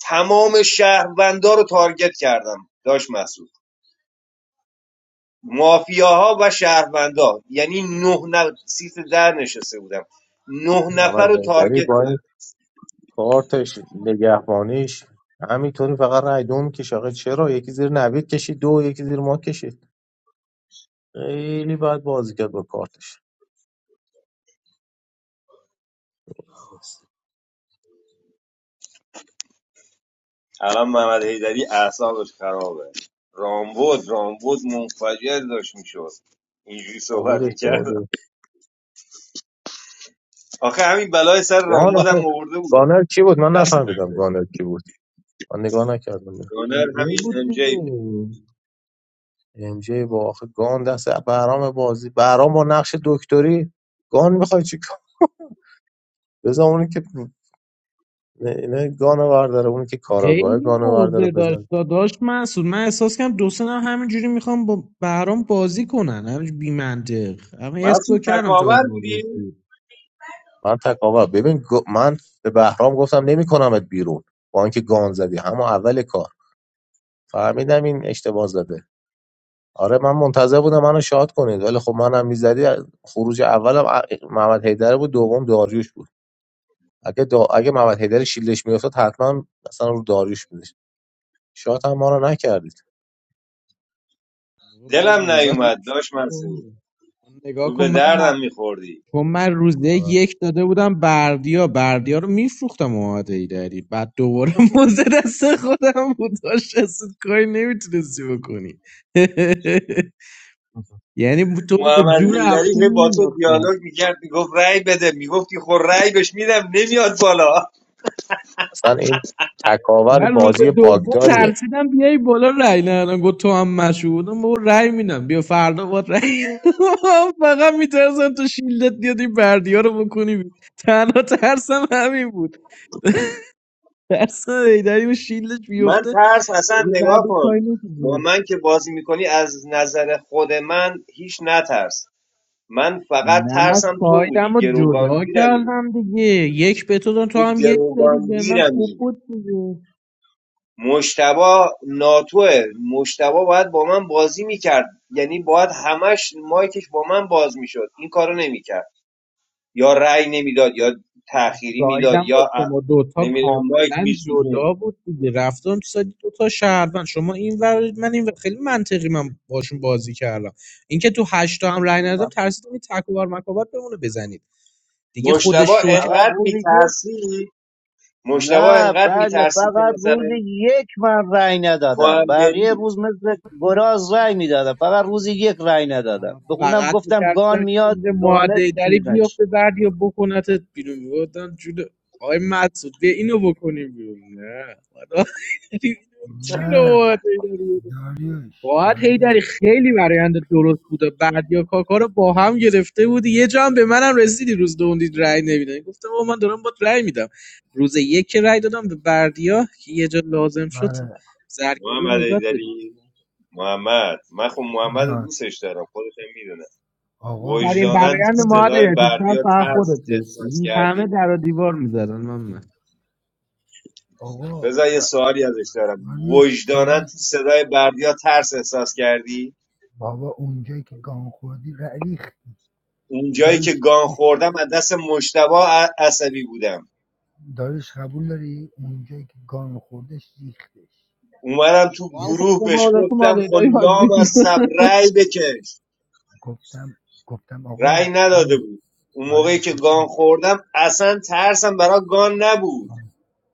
Speaker 4: تمام شهروندا رو تارگت کردم داشت مسعود مافیاها و شهروندا یعنی نه نفر سیت در نشسته بودم نه نفر رو
Speaker 14: عملگری
Speaker 4: تارگت
Speaker 14: با این
Speaker 4: کردم
Speaker 14: کارتش نگهبانیش همینطوری فقط رای دو میکشه آقا چرا یکی زیر نوید کشید دو یکی زیر ما کشید خیلی باید بازی کرد با کارتش
Speaker 4: الان محمد حیدری اعصابش خرابه رامبود رامبود منفجر داشت میشد اینجوری
Speaker 14: آمود
Speaker 4: صحبت میکرد
Speaker 14: اشتباه داره
Speaker 4: آخه همین بلای سر
Speaker 14: گان
Speaker 4: رامبودم
Speaker 14: آخه
Speaker 4: آورده بودم
Speaker 14: گانر کی بود من
Speaker 4: دست
Speaker 14: نفهمیدم
Speaker 4: قبلش
Speaker 14: گانر کی بود من نگاه نکردم
Speaker 4: گانر
Speaker 15: MJ
Speaker 4: همین
Speaker 15: [LAUGHS] بود
Speaker 4: ام جی بود
Speaker 15: دیگه
Speaker 14: ام جی با آخه گان دست برام بازی برام با نقش دکتری گان میخوای چی کار بذار اونی که نه گانو برداره اونی که کاراگاه
Speaker 15: خیلی
Speaker 14: گانو برداره
Speaker 15: موزه داشت
Speaker 14: بزن
Speaker 15: داشت محسود من احساس کنم دو سه نفر همینجوری میخوام با بهرام بازی کنن همینجوری بی منطق اما حس رو
Speaker 4: مسعود
Speaker 15: کردم تو
Speaker 4: تکاور
Speaker 15: امروز
Speaker 4: بودی
Speaker 14: من تکاور ببین گ- من به بهرام گفتم نمیکنمت بیرون با اینکه گان زدی همون اول کار فهمیدم این اشتباه زده آره من منتظر بودم منو شاد کنید ولی خب منم میزدی خروج اولم ا- محمد حیدر بود دوم داریوش بود اگه دا... اگه محمد حیدر شیلدش میافتاد حتما مثلا رو داریوش میدش شاد هم ما رو نکردید
Speaker 15: باز
Speaker 4: دلم
Speaker 15: موزه
Speaker 4: نیومد داشت مسعود
Speaker 15: نگاه
Speaker 4: تو
Speaker 15: کن
Speaker 4: به
Speaker 15: من من-
Speaker 4: دردم میخوردی
Speaker 15: چون من روز یک
Speaker 14: آره.
Speaker 15: یک داده بودم بردیا بردیا رو میفروختم اومده ای داری بعد دوباره [LAUGHS] موزه دست خودم بود داشت اصلا کاری نمیتونستی بکنی [LAUGHS] یعنی تو رو به
Speaker 4: محمد
Speaker 15: جون
Speaker 4: حیدری
Speaker 15: افشین
Speaker 4: هی با تو
Speaker 15: مینداختم
Speaker 4: دیالوگ میکرد میگفت رأی بده میگفتی خور رأی بهش میدم نمیاد بالا
Speaker 14: اصلا این تکاور
Speaker 15: من روز
Speaker 14: بازی
Speaker 15: دوم
Speaker 14: باگداریه
Speaker 15: ترسیدم بیای بالا رای ندادم گفت تو هم مشهودم با رای میدم بیا فردا با رای [LAUGHS] فقط میترسم تو شیلدت بیاد این بردی ها رو بکنی بی- تنها ترسم همین بود ترسم ایدری و شیلدش
Speaker 4: من
Speaker 15: بیفته
Speaker 4: ترس اصلا
Speaker 15: یه بعد
Speaker 4: نگاه کن
Speaker 15: کاری
Speaker 4: با
Speaker 15: بود
Speaker 4: من که بازی میکنی از نظر خود من هیچ نترس من فقط
Speaker 15: نه من
Speaker 4: ترسم تو
Speaker 15: سایدم
Speaker 4: بودی
Speaker 15: رو جدا
Speaker 4: گروگانگیرمی
Speaker 15: کردم دیگه یک به تو دادم، تو
Speaker 4: تو
Speaker 15: هم یک دادی به من
Speaker 4: گروگانگیرمی
Speaker 15: خوب بود دیگه
Speaker 4: مجتبا ناتوه مجتبا باید با من بازی میکرد یعنی باید همش مایکش با من باز میشد این کارو نمیکرد یا رأی نمیداد یا تأخیری میداد
Speaker 15: سایدم با
Speaker 4: یا ا...
Speaker 15: شما دوتا
Speaker 4: نمیدونم مایک
Speaker 15: کاملا
Speaker 4: میسوزون
Speaker 15: جدا بود دیگه رفتم تو سایت دوتا شهروند شما این ور من این ور. خیلی منطقی من باشون بازی کردم اینکه تو هشتا هم رای ندادم ترسیدم این تکوبر مکابر بمونه بزنید دیگه خودش
Speaker 4: مجتبا
Speaker 15: شو کرد
Speaker 16: فقط
Speaker 4: انقدر
Speaker 16: روز یک
Speaker 4: میترسی مجتبا
Speaker 16: نه
Speaker 4: انقدر
Speaker 16: بریا
Speaker 4: میترسی که
Speaker 16: فقط روز
Speaker 4: مثلا
Speaker 16: یک من رأی
Speaker 4: تو
Speaker 16: ندادم
Speaker 4: هم
Speaker 16: بقیه
Speaker 4: بری
Speaker 16: روز مثل گراز رأی میدادم فقط روز یک رأی ندادم
Speaker 15: من
Speaker 16: به خودم
Speaker 15: فقط
Speaker 16: گفتم گان
Speaker 15: میترسیدم
Speaker 16: میاد
Speaker 15: اینجا
Speaker 16: گانه
Speaker 15: معده دری
Speaker 16: چیز نش
Speaker 15: بیفته بعد یا بکنتت بیرون میبودم جوده آی مسعود بیا اینو بکنیم بیرون نه والا. [LAUGHS] چرا
Speaker 7: نه
Speaker 15: معادی داری؟
Speaker 7: داریوش
Speaker 15: باید هیدری
Speaker 7: داریوش
Speaker 15: خیلی برایند درست بود و بردیا کاکا رو با هم گرفته بودی یه جا هم به منم رسیدی روز دوم دید رأی نمیدن گفتم آقا من دارم باد رأی میدم روز یک که رأی دادم به بردیا که یه جا لازم شد
Speaker 7: آره
Speaker 15: زرگری رو
Speaker 4: محمد
Speaker 15: نجات بده
Speaker 4: ایدری محمد من خب محمد رو
Speaker 7: جان
Speaker 4: دوستش دارم خودت هم میدونه
Speaker 7: آقا
Speaker 15: بهترین
Speaker 7: ما که
Speaker 4: وجدانن تو
Speaker 15: برایند ما رو
Speaker 7: رفیقیم
Speaker 4: صدای
Speaker 15: یعنی شاید
Speaker 4: بردیا
Speaker 15: فقط
Speaker 4: ترس
Speaker 15: خودت
Speaker 4: احساس
Speaker 15: داشتی همه
Speaker 4: کردی
Speaker 15: در و دیوار میزدن من من
Speaker 7: آقا
Speaker 4: بذار یه
Speaker 7: ب-
Speaker 4: سوالی ازش دارم
Speaker 7: داریوش
Speaker 4: وجدانن تو صدای بردیا ترس احساس کردی
Speaker 7: بابا اونجایی که گان خوردی ر- ریخت
Speaker 4: اونجایی که
Speaker 7: دارش
Speaker 4: گان خوردم از دست مشتبا عصبی بودم
Speaker 7: دارش قبول داری اونجایی که گان خوردش ریختش
Speaker 4: اومدم تو
Speaker 15: تو هم
Speaker 7: یعنی
Speaker 15: خب
Speaker 4: گروه
Speaker 15: بابا
Speaker 4: بهش
Speaker 15: آدم تو
Speaker 4: گفتم
Speaker 15: مالای دایی
Speaker 4: خلام از سب رأی بکش
Speaker 7: گفتم گفتم
Speaker 4: رأی
Speaker 7: آقا
Speaker 4: نداده
Speaker 7: این
Speaker 4: بود اون
Speaker 7: آره
Speaker 4: موقعی که
Speaker 7: گوش
Speaker 4: گان
Speaker 7: کن
Speaker 4: خوردم اصلا ترسم برای گان نبود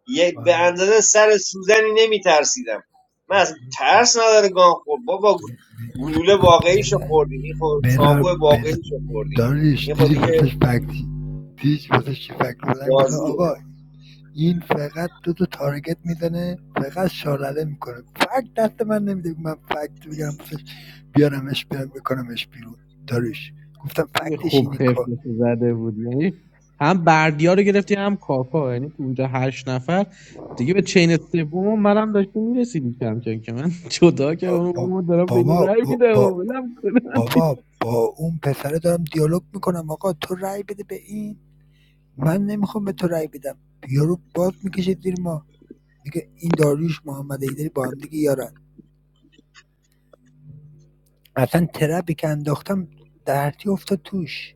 Speaker 4: یه به
Speaker 7: آره
Speaker 4: اندازه سر سوزنی نمیترسیدم من اصلا
Speaker 7: گوش کن
Speaker 4: ترس نداره گان خورد بابا
Speaker 7: ب-
Speaker 4: گلوله واقعیشو
Speaker 7: ب-
Speaker 4: خوردیم این خود
Speaker 7: بذار
Speaker 4: چاقو
Speaker 7: بذار
Speaker 4: واقعیشو خوردیم
Speaker 7: دارش
Speaker 4: این خود
Speaker 7: دیدی
Speaker 4: دیگه
Speaker 7: واسش فکتی دیدی واسش چی فکت بودن گفتم
Speaker 4: بازیه
Speaker 7: آقا این فقط دو تا تارگت میزنه فقط شالله میکنه فکت دست من نمیده من فکت بگیرم واسش بیارمش بیارم بکنمش بیرون داریش گفتم
Speaker 15: خیلی
Speaker 7: فکتش
Speaker 15: خوب
Speaker 7: اینه که
Speaker 15: خفتش
Speaker 7: آ،
Speaker 15: رو زده بود یعنی هم بردیا رو گرفتی هم کاکا یعنی تو اونجا هشت نفر دیگه به چین سوم و منم داشتی میرسیدی کم کم که من [LAUGHS] جدا که اونو با
Speaker 7: با
Speaker 15: ما دارم به اینو
Speaker 7: بابا
Speaker 15: رای
Speaker 7: با
Speaker 15: میدم و
Speaker 7: با-
Speaker 15: ولم کن.
Speaker 7: بابا با اون پسره دارم دیالوگ میکنم آقا تو رأی بده به این من نمیخوام به تو رأی بدم یارو باز میکشه زیر ما میگه این داریوش محمد ایدری با هم دیگه یارن اصلا ترپی که انداختم دردی افتاد توش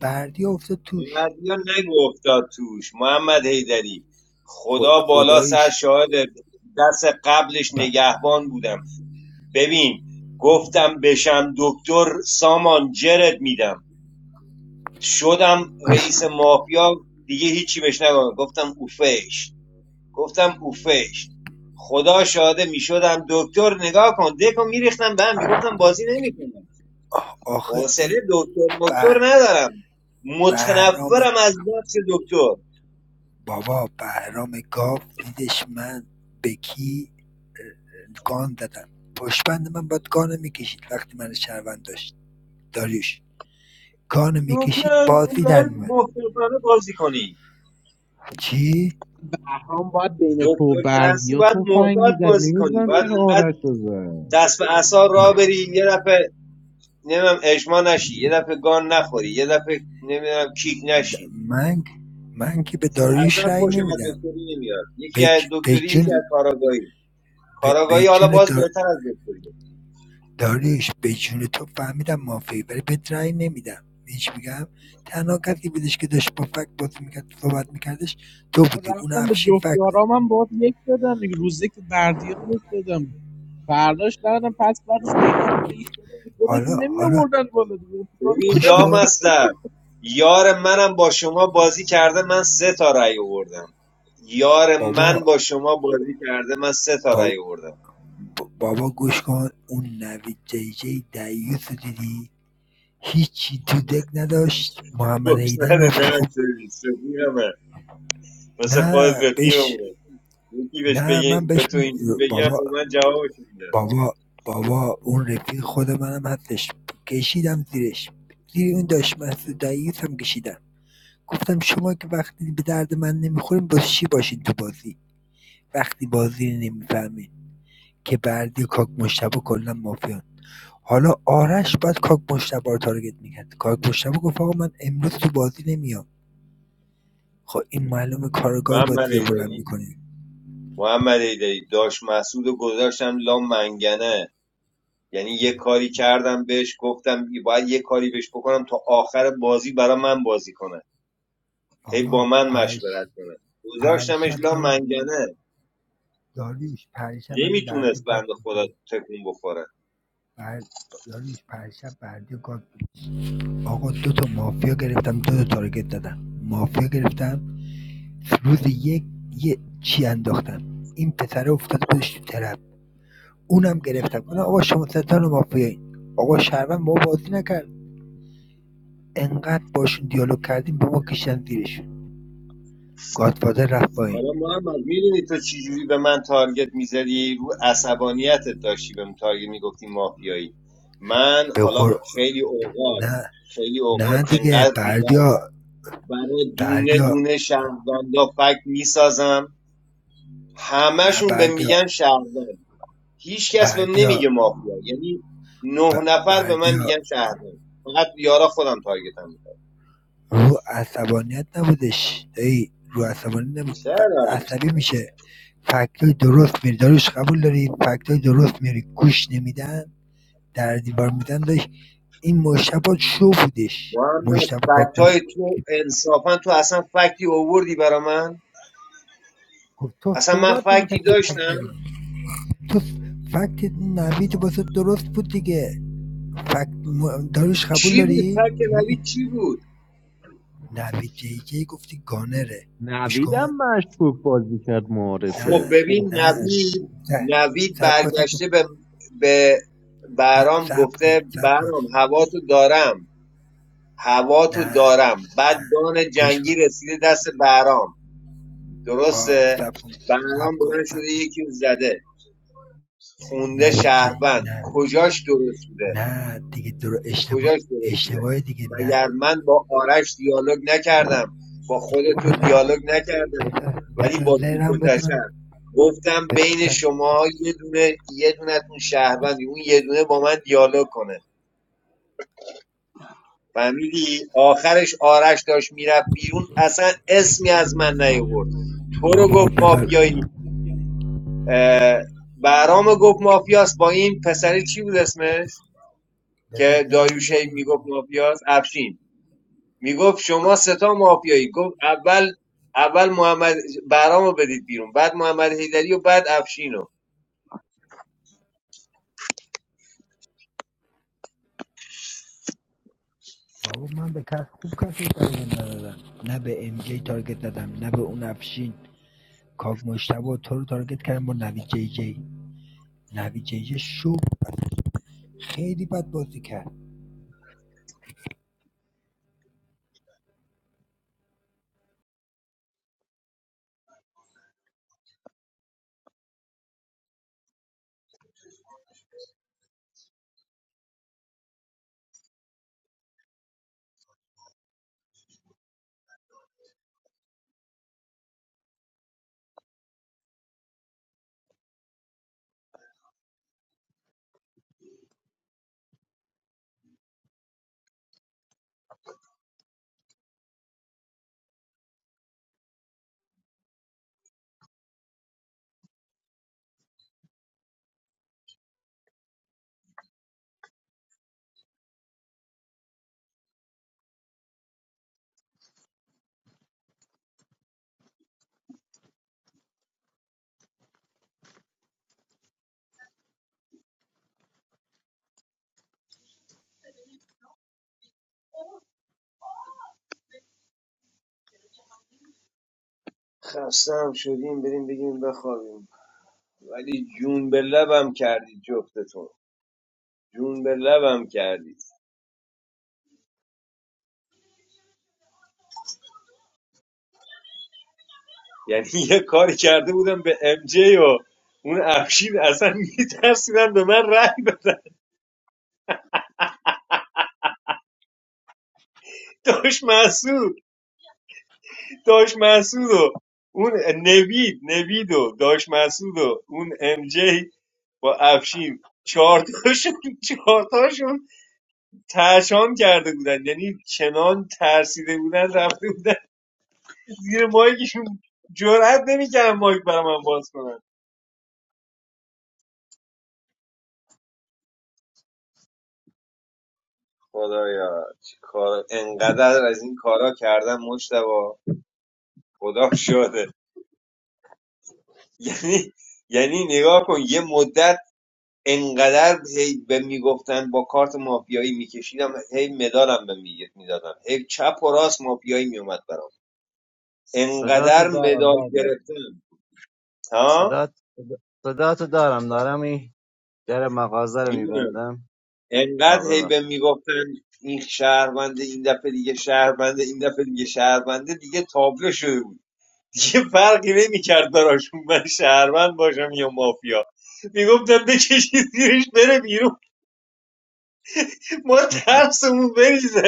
Speaker 7: بردی افتاد توش
Speaker 4: بعدیا نگو افتاد توش محمد حیدری خدا
Speaker 7: خود
Speaker 4: بالا سر
Speaker 7: خداییش
Speaker 4: شاهد دست قبلش
Speaker 7: ب-
Speaker 4: نگهبان بودم ببین گفتم بشم دکتر سامان جرت میدم شدم رئیس مافیا دیگه هیچی بهش نگم گفتم اوفش گفتم اوفش خدا شاهده میشدم دکتر نگاه کن دکو میریختم به هم میگفتم بازی نمیکنم
Speaker 7: آخه
Speaker 4: حوصله
Speaker 7: این
Speaker 4: دکتر دکتر
Speaker 7: به
Speaker 4: ندارم
Speaker 7: بهرام
Speaker 4: متنفرم از نقش دکتر
Speaker 7: بابا بهرام گاو دیدش من به کی گان دادم پشبند من باید گانه میکشید وقتی من شهروند داشت داریوش گانه میکشید
Speaker 4: دکتر هستی
Speaker 7: بازی در
Speaker 4: باید
Speaker 7: میمن
Speaker 4: محتاطانه بازی کنی
Speaker 7: چی؟
Speaker 15: هم باید بین تو و
Speaker 4: دکتر که هستی
Speaker 15: بردیا
Speaker 4: باید
Speaker 15: تفنگ
Speaker 4: محتاط
Speaker 15: میزد
Speaker 4: بازی کنی
Speaker 15: نمیدونم
Speaker 4: باید
Speaker 15: چرا
Speaker 4: انقدر
Speaker 15: آرش رو زد
Speaker 4: دست به عصا را بری یه دفعه نمیدونم اجماع نشی یه دفعه گان نخوری یه دفعه نمیدونم کیک نشی
Speaker 7: من من که به داریوش
Speaker 4: اصلا
Speaker 7: رای
Speaker 4: خوشم از
Speaker 7: نمیدم
Speaker 4: دکتری نمیاد یکی
Speaker 7: به
Speaker 4: از
Speaker 7: ج- به
Speaker 4: دکتری یکی از
Speaker 7: جون
Speaker 4: کاراگاهی
Speaker 7: به به
Speaker 4: کاراگاهی حالا
Speaker 7: جون
Speaker 4: باز
Speaker 7: دار...
Speaker 4: بهتر از دکتری
Speaker 7: داریوش به جون تو فهمیدم مافیایی ولی بهت رأی نمی‌دم می‌دونی چی تنها کسی بودش که داشت با فکت بازی میکرد، صحبت میکردش، تو
Speaker 15: و
Speaker 7: بودی اون
Speaker 15: رفتم به
Speaker 7: افشین
Speaker 15: جفت
Speaker 7: فکت
Speaker 15: یارامم باید یک دادم دیگه روز یک به بردیا یک دادم فرداش ندادم پس بعدش به اینا هم دیش دادم
Speaker 7: حالا
Speaker 15: خودشون نمی
Speaker 7: حالا
Speaker 15: آوردن بالا دیگه چیکار
Speaker 4: ببین
Speaker 7: گوش
Speaker 15: می‌کردن؟
Speaker 7: کن
Speaker 4: لامصب یار منم با شما بازی کرده من سه تا رأی آوردم یار من
Speaker 7: بابا
Speaker 4: با شما بازی کرده من سه تا
Speaker 7: با-
Speaker 4: رأی آوردم
Speaker 7: بابا گوش کن اون نوید جی جی دیوس دیدی هیچی تو دک نداشت محمد
Speaker 4: خوش
Speaker 7: هیدری
Speaker 4: نده
Speaker 7: ما خب
Speaker 4: دست سرویس رفیقمه مثل خودت
Speaker 7: نه بهش
Speaker 4: رفیقمونه یکی بهش
Speaker 7: نه
Speaker 4: بگی
Speaker 7: من
Speaker 4: به
Speaker 7: بهش
Speaker 4: تو اینجوری بگم
Speaker 7: بابا
Speaker 4: به من جوابش میده
Speaker 7: بابا بابا اون رفیق خود منم هستش کشیدم زیرش زیر اون داشت مسعود رئیس هم کشیدم گفتم شما که وقتی به درد من نمیخورین با چی باشین تو بازی وقتی بازی رو نمیفهمین که بردی و کاک مشتبه کلا مافیان حالا آرش باید کاک مشتبه رو تارگت میکرد کاک مشتبه گفت آقا من امروز تو بازی نمیام خب این معلومه کارگاه
Speaker 4: محمد
Speaker 7: بازی رو بلند
Speaker 4: ایدری
Speaker 7: میکنین
Speaker 4: محمد ایدری داشت مسعود رو گذاشتم لام منگنه یعنی یه کاری کردم بهش گفتم باید یه کاری بهش بکنم تا آخر بازی برا من بازی کنه هی با
Speaker 7: بابا
Speaker 4: من
Speaker 7: پرش
Speaker 4: مشورت کنه گذاشتمش
Speaker 7: پرشب
Speaker 4: لا
Speaker 7: داری
Speaker 4: منگنه
Speaker 7: داریوش پرشب هم بردی
Speaker 4: نمیتونست
Speaker 7: گاد
Speaker 4: بنده
Speaker 7: بود
Speaker 4: خدا تکون بخوره
Speaker 7: بر... داریوش پرشب بردی گاد بود آقا دو تا مافیا گرفتم دو تا تارگت دادم مافیا گرفتم روز یک یه چی انداختم این پسره افتاد خودش تو طرف اونم گرفتم گفتم آقا شما ستان مافیایی آقا شهروند ما بازی نکرد انقدر باشون دیالوگ کردیم با ما کشن زیرشون گادفادر رفت
Speaker 4: حالا
Speaker 7: پایین
Speaker 4: محمد میدونی تو چجوری به من تارگت میزدی رو عصبانیتت داشتی به من تارگت میگفتی مافیایی من
Speaker 7: به
Speaker 4: حالا
Speaker 7: قر...
Speaker 4: خیلی اوقات
Speaker 7: نه
Speaker 4: خیلی اوقات
Speaker 7: نه دیگه
Speaker 4: انقدر ریلکس
Speaker 7: بردیا
Speaker 4: برای دونه
Speaker 7: بردیا
Speaker 4: دونه شهروندا فکت میسازم
Speaker 7: نه
Speaker 4: همشون به
Speaker 7: بردیا
Speaker 4: میگن شهروند هیچ کس بهم نمیگه
Speaker 7: بردیا
Speaker 4: مافیا یعنی
Speaker 7: ب...
Speaker 4: نه نفر به من
Speaker 7: بردیا
Speaker 4: میگن شهروند فقط یارا خودم تارگتم میکنم
Speaker 7: رو عصبانیت نبودش دایی رو عصبانیت نبود ف-
Speaker 4: چرا
Speaker 7: عصبی میشه فکتای درست میری داروش قبول داری فکتای درست میری گوش نمیدن در دیوار میدن داشت این مشتبه شو بودش
Speaker 4: محمد
Speaker 7: مشتبه
Speaker 4: فکت های
Speaker 7: کاکمش
Speaker 4: تو انصافا تو اصلا فکتی اووردی برا من
Speaker 7: خب تو
Speaker 4: اصلا من
Speaker 7: صحبت
Speaker 4: فکتی
Speaker 7: نمیکردی
Speaker 4: داشتم
Speaker 7: تو س- فکت نوید واسه درست بود دیگه فکت داروش قبول
Speaker 4: چی بود
Speaker 7: داری
Speaker 4: فکت
Speaker 7: میگه
Speaker 4: نوید چی بود
Speaker 7: نوید جی جی گفتی گانره گوش
Speaker 15: نویدم
Speaker 7: کن
Speaker 15: مشکوک بازی کرد
Speaker 4: خب
Speaker 15: معارفه
Speaker 7: نه
Speaker 15: اوه
Speaker 4: ببین
Speaker 15: اوه
Speaker 7: نه
Speaker 4: نوید
Speaker 7: نه
Speaker 4: نوید
Speaker 7: سب کن سب کن
Speaker 4: برگشته به, به
Speaker 7: نه
Speaker 4: برام
Speaker 7: صبر
Speaker 4: گفته
Speaker 7: کن صبر کن
Speaker 4: برام هوا تو دارم هوا تو
Speaker 7: نه
Speaker 4: دارم بعد
Speaker 7: نه
Speaker 4: دان
Speaker 7: گوش
Speaker 4: جنگی
Speaker 7: کن
Speaker 4: رسیده دست برام
Speaker 7: خب
Speaker 4: درسته
Speaker 7: صبر کن
Speaker 4: الان
Speaker 7: صبر کن
Speaker 4: بلند
Speaker 7: صبر
Speaker 4: شده
Speaker 7: کن
Speaker 4: یکی رو زده خونده
Speaker 7: نوید جی،
Speaker 4: شهروند
Speaker 7: نه
Speaker 4: کجاش درست بوده
Speaker 7: نه دیگه درو اشتباه
Speaker 4: کجاش درست بوده
Speaker 7: اشتباه دیگه
Speaker 4: مگر
Speaker 7: نه
Speaker 4: من با آرش دیالوگ نکردم با
Speaker 7: بابا
Speaker 4: خودتو
Speaker 7: بذار
Speaker 4: دیالوگ نکردم
Speaker 7: بذار
Speaker 4: ولی
Speaker 7: بذار
Speaker 4: با
Speaker 7: زهرم
Speaker 4: تیپوتشم
Speaker 7: بدونم
Speaker 4: گفتم
Speaker 7: بذار
Speaker 4: بین شما یه دونه یه دونتون شهروندی اون یه دونه با من دیالوگ کنه فهمیدی آخرش آرش داشت میرفت بیرون اصلا اسمی از من نیورد تو رو
Speaker 7: بابا
Speaker 4: گفت
Speaker 7: بذار
Speaker 4: مافیایی برام گفت مافیاس با این پسری چی بود اسمش
Speaker 7: بذار
Speaker 4: که
Speaker 7: زهرم
Speaker 4: داریوشه
Speaker 7: بدونم
Speaker 4: میگفت مافیاس افشین میگفت شما ستا مافیایی گفت اول اول محمد برامو بدید بیرون بعد محمد حیدری و بعد افشینو
Speaker 7: بابا من به کس خوب کسی تارگت ندادم نه به ام جی تارگت دادم نه به اون افشین کاگ مشتبه تو رو تارگت کردم با نوید جی جی نوید جی جی شو خیلی بد بازی کرد
Speaker 4: خستم شدیم بریم بگیم بخوابیم ولی جون به لبم کردید جفتتون جون به لبم کردید یعنی [LAUGHS] یه کاری کرده بودم به ام جی و اون افشین اصلا میترسیدن به من رای بدن داشت داش مسعود و اون نوید نوید و داش مسعود و اون ام جی با افشین چهار تاشون چهار تاشون ترشان کرده بودن یعنی چنان ترسیده بودن رفته بودن زیر مایکشون جرئت نمیکردن مایک برا من باز کنن خدایا چی کار انقدر از این کارا کردم مجتبا خدا شده یعنی یعنی نگاه کن یه مدت انقدر هی به میگفتن با کارت مافیایی میکشیدم هی مدالم به میدادن هی چپ و راست مافیایی میومد برام
Speaker 16: صداتو
Speaker 4: انقدر
Speaker 16: دارم
Speaker 4: مدال
Speaker 16: بریا
Speaker 4: گرفتم ها
Speaker 16: صدات صداتو دارم دارم این در مغازه رو
Speaker 4: میدونم
Speaker 16: میبندم آه
Speaker 4: انقدر هی
Speaker 16: ببخش
Speaker 4: به میگفتن این شهرونده این دفعه دیگه شهرونده این دفعه دیگه شهرونده دیگه تابلو شده بود دیگه فرقی نمیکرد براشون من شهروند باشم یا مافیا میگفتم بکشید زیرش بره بیرون ما
Speaker 16: [LAUGHS]
Speaker 4: ترسمون بریزه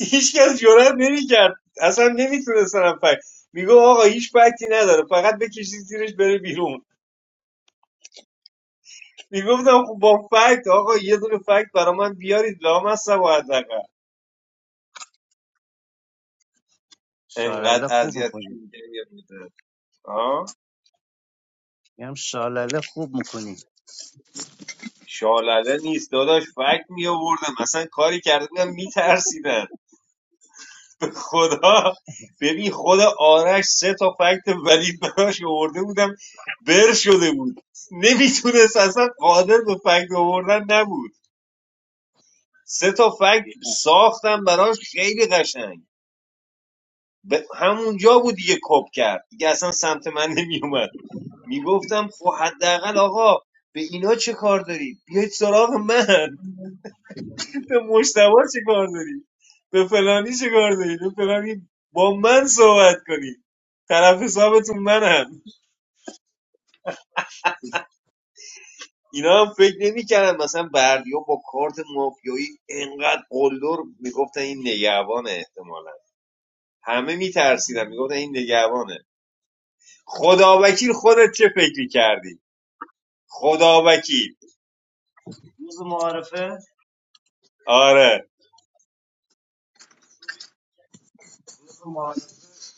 Speaker 4: هیچکس جرئت نمیکرد اصلا نمیتونستن هم فکر میگو آقا هیچ فکتی نداره فقط بکشید زیرش بره بیرون میگفتم خب با فکت آقا یه دونه فکت برا من بیارید لام هستم و حداقل
Speaker 16: شالله
Speaker 4: انقدر
Speaker 16: خوب میکنی
Speaker 4: اذیتشون می‌کردم. آه
Speaker 16: میگم شالله خوب میکنی
Speaker 4: شالله نیست داداش فکت می آوردم اصلا کاری کرده بودم میترسیدن [LAUGHS] به خدا ببین خود آرش سه تا فکت ولی براش آورده بودم بر شده بود نمیتونست اصلا قادر به فکت آوردن نبود سه تا فکت ساختم براش خیلی قشنگ به همونجا بود دیگه کپ کرد دیگه اصلا سمت من نمیومد میگفتم خب حداقل آقا به اینا چه کار داری بیاید سراغ من به مشتبه چه کار داری به فلانی چه کار داری به فلانی با من صحبت کنی طرف حسابتون منم اینا هم فکر نمیکردن مثلا بردیا با کارت مافیایی انقدر قلدر میگفتن این نگهبان احتمالا همه میترسیدن میگفتن این نگهبانه خداوکیل خودت چه فکری کردی خداوکیل
Speaker 16: روز معارفه
Speaker 4: آره
Speaker 16: روز معارفه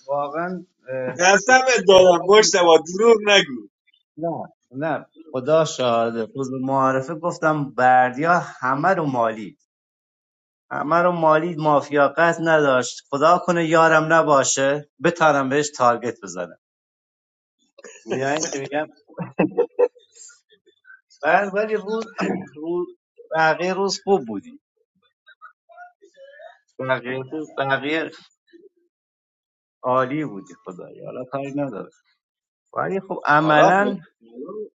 Speaker 16: واقعا اه،
Speaker 4: قسمت دادم
Speaker 16: احساس
Speaker 4: مشتبا دروغ نگو
Speaker 16: نه نه خدا شاهده روز معارفه گفتم بردیا همه رو مالید همه رو مالید مافیا قصد نداشت خدا کنه یارم نباشه بتارم بهش تارگت بزنم میدونی چی میگم بعد ولی روز روز بقیه روز خوب بودی بقیه روز بقیه عالی بودی خدایی حالا کاری نداره ولی خب
Speaker 4: حالا
Speaker 16: عملا
Speaker 4: خب،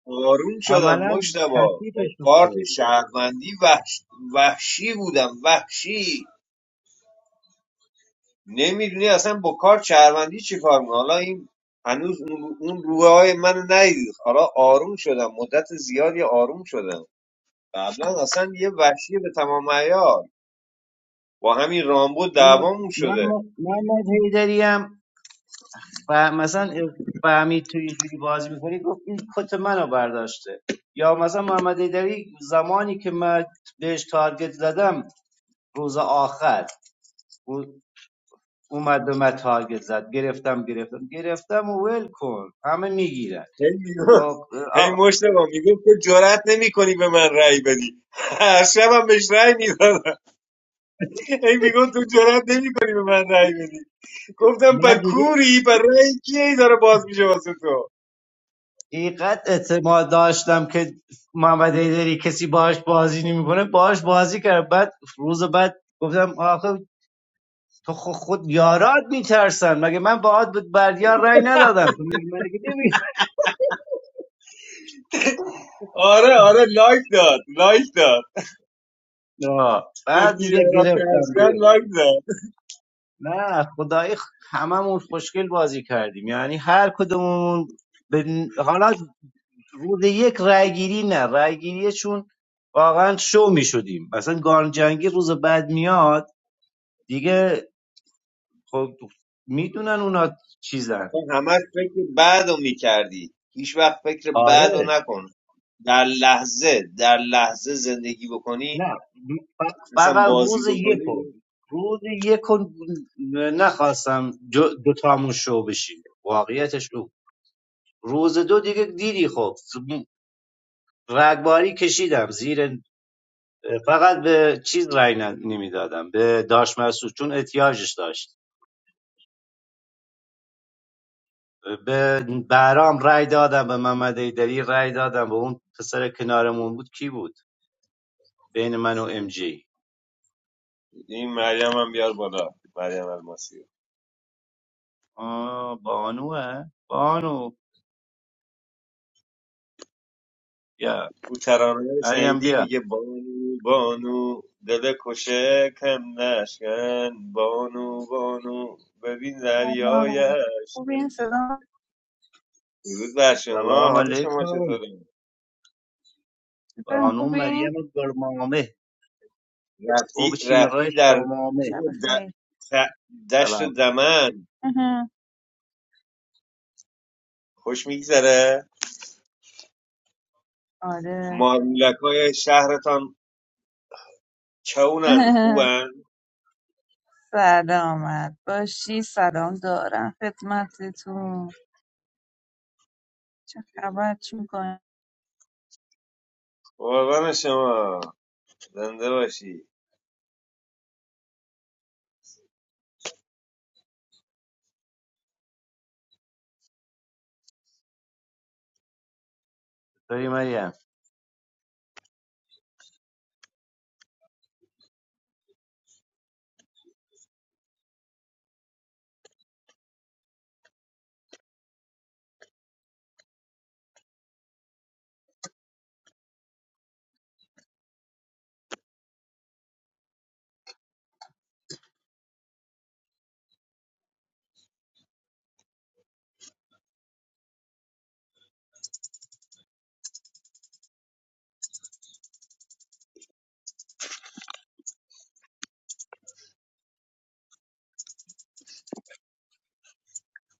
Speaker 4: آروم شدم
Speaker 16: عملا
Speaker 4: مشتبا با
Speaker 16: کثیفش رو
Speaker 4: کارت
Speaker 16: کردی
Speaker 4: شهروندی وحش... وحشی بودم وحشی نمیدونی اصلا با کارت شهروندی چی کار می‌کنی. حالا این هنوز اون اون روحه های من ندید حالا آروم شدم مدت زیادی آروم شدم قبلا اصلا یه وحشی به تمام عیار با همین رامبو
Speaker 16: این
Speaker 4: دوامون
Speaker 16: من
Speaker 4: شده
Speaker 16: من من حیدری ف... مثلا فهمید تو اینجوری بازی میکنی گفت این کت منو برداشته یا مثلا محمد ایدری زمانی که من بهش تارگت زدم روز آخر او- اومد به من تارگت زد گرفتم گرفتم گرفتم و ول کن همه میگیرن
Speaker 4: هی میگفت هی مشتبه میگفت تو جرأت نمی کنی به من رأی بدی هر شبم بهش رأی میدادم هی میگفت تو جرأت نمی کنی به من رأی بدی گفتم با
Speaker 16: من دیگه
Speaker 4: کوری با رأی کیه ای داره باز میشه واسه تو
Speaker 16: اینقدر اعتماد داشتم که محمد ایدری کسی باهاش بازی نمیکنه باهاش بازی کرد بعد روز بعد گفتم آخه تو خود خود یارات میترسن مگه من باهات به بردیار رای ندادم تو میگی من دیگه نمی‌فهمم.
Speaker 4: آره آره لایک داد لایک داد
Speaker 16: بعد
Speaker 4: گفتی
Speaker 16: میگه
Speaker 4: یارا
Speaker 16: گرفتم
Speaker 4: ترسیدن
Speaker 16: گرفت
Speaker 4: لایک داد
Speaker 16: نه خدایی خ- هممون خوشگل بازی کردیم یعنی هر کدومون به- حالا روز یک رأی گیری نه رأی گیریه چون واقعا شو میشدیم مثلا گان جنگی روز بعد میاد دیگه خب میدونن اونا چیزن
Speaker 4: تو همش فکر بعدو میکردی هیچ وقت فکر بعدو
Speaker 16: آره
Speaker 4: نکن در لحظه در لحظه زندگی بکنی
Speaker 16: نه ف-
Speaker 4: مثلا
Speaker 16: فقط
Speaker 4: بازی
Speaker 16: روز
Speaker 4: بکنی
Speaker 16: یکو روز یکو نخواستم جو- دوتامون شو بشیم واقعیتش او روز دو دیگه دیدی خب رگباری کشیدم زیر فقط به چیز رای نمیدادم به داش مسعود چون احتیاجش داشت به برام رای دادم به محمد ایدری رای دادم به اون پسر کنارمون بود کی بود بین من و ام جی
Speaker 4: این مریم هم بیار بالا مریم الماسی
Speaker 16: آه بانوه بانو بیا
Speaker 4: او ترانه رو
Speaker 16: علی هم
Speaker 4: شنیدی
Speaker 16: بیا
Speaker 4: میگه بانو بانو دل کشه کم نشکن بانو بانو ببین دریای
Speaker 19: Salam, Fubin.
Speaker 4: اشکن
Speaker 19: Salam, Fubin.
Speaker 4: درود بر شما
Speaker 16: سلام
Speaker 4: حال شما
Speaker 16: علیکم
Speaker 4: چطوره
Speaker 19: Salam,
Speaker 16: بانو
Speaker 19: Fubin.
Speaker 16: مریم گرمامه او
Speaker 4: رفتی
Speaker 16: بچی مرای
Speaker 4: رفتی در
Speaker 16: شامامه
Speaker 4: کوه و د-
Speaker 19: Shabash.
Speaker 4: ت- دشت
Speaker 16: سلام
Speaker 4: دمن
Speaker 19: Mhm.
Speaker 4: خوش میگذره
Speaker 19: Okay.
Speaker 4: مارمولکای شهرتان چونن
Speaker 19: Mhm.
Speaker 4: خوبن
Speaker 19: Salam, mad. Boshir. Salam, dora. Fatmate, tu. Chakrabatim ko. [LAUGHS]
Speaker 4: قربان شما زنده باشی
Speaker 16: چطوری مریم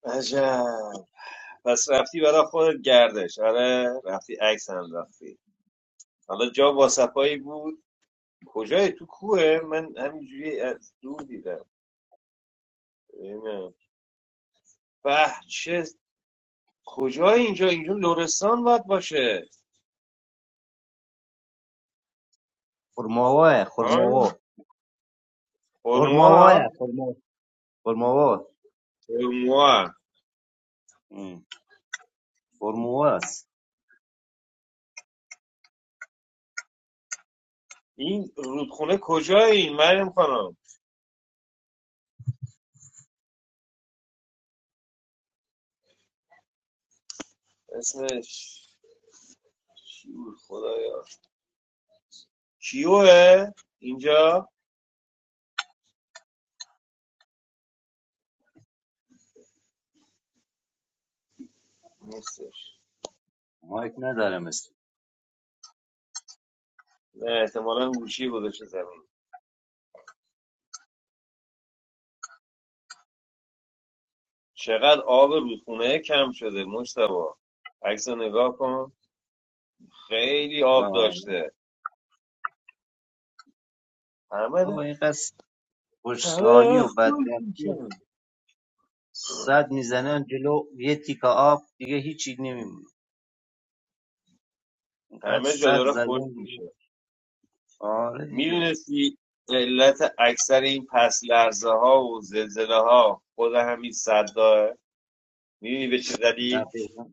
Speaker 4: عجب پس رفتی برا خودت گردش آره رفتی عکس هم رفتی حالا جا واسپایی بود کجای تو کوه من همینجوری از دور دیدم اینه. به چه کجای اینجا اینجا لرستان باید باشه
Speaker 16: خرماواه
Speaker 4: ها
Speaker 16: خرماواه خرماواه
Speaker 4: هرموها
Speaker 16: خرماواه خرماواه
Speaker 4: هرموها
Speaker 16: ام، خرماواه است
Speaker 4: این رودخونه کجای این مریم خانم اسمش چی بود خدایا کیوه اینجا نیستش
Speaker 16: مایک نداره مثل
Speaker 4: نه احتمالا گوشی گذاشته زمین چقدر آب رودخونه کم شده مجتبا عکس رو نگاه کن خیلی آب
Speaker 16: آه
Speaker 4: داشته همه
Speaker 16: آه، اینقدر
Speaker 4: همه
Speaker 16: خوشلالی
Speaker 4: داره
Speaker 16: و
Speaker 4: خشک
Speaker 16: بدبختی و
Speaker 4: میشن
Speaker 16: صد میزنن جلو یه تیکه آب دیگه هیچی نمیمونه اینقدر
Speaker 4: همه جا
Speaker 16: صد
Speaker 4: داره خشک
Speaker 16: زدن دیگه
Speaker 4: میشه
Speaker 16: آره دیگه
Speaker 4: میدونستی علت اکثر این پس لرزه ها و زلزله ها خود همین صداه میدونی به چه دلیل
Speaker 16: دقیقا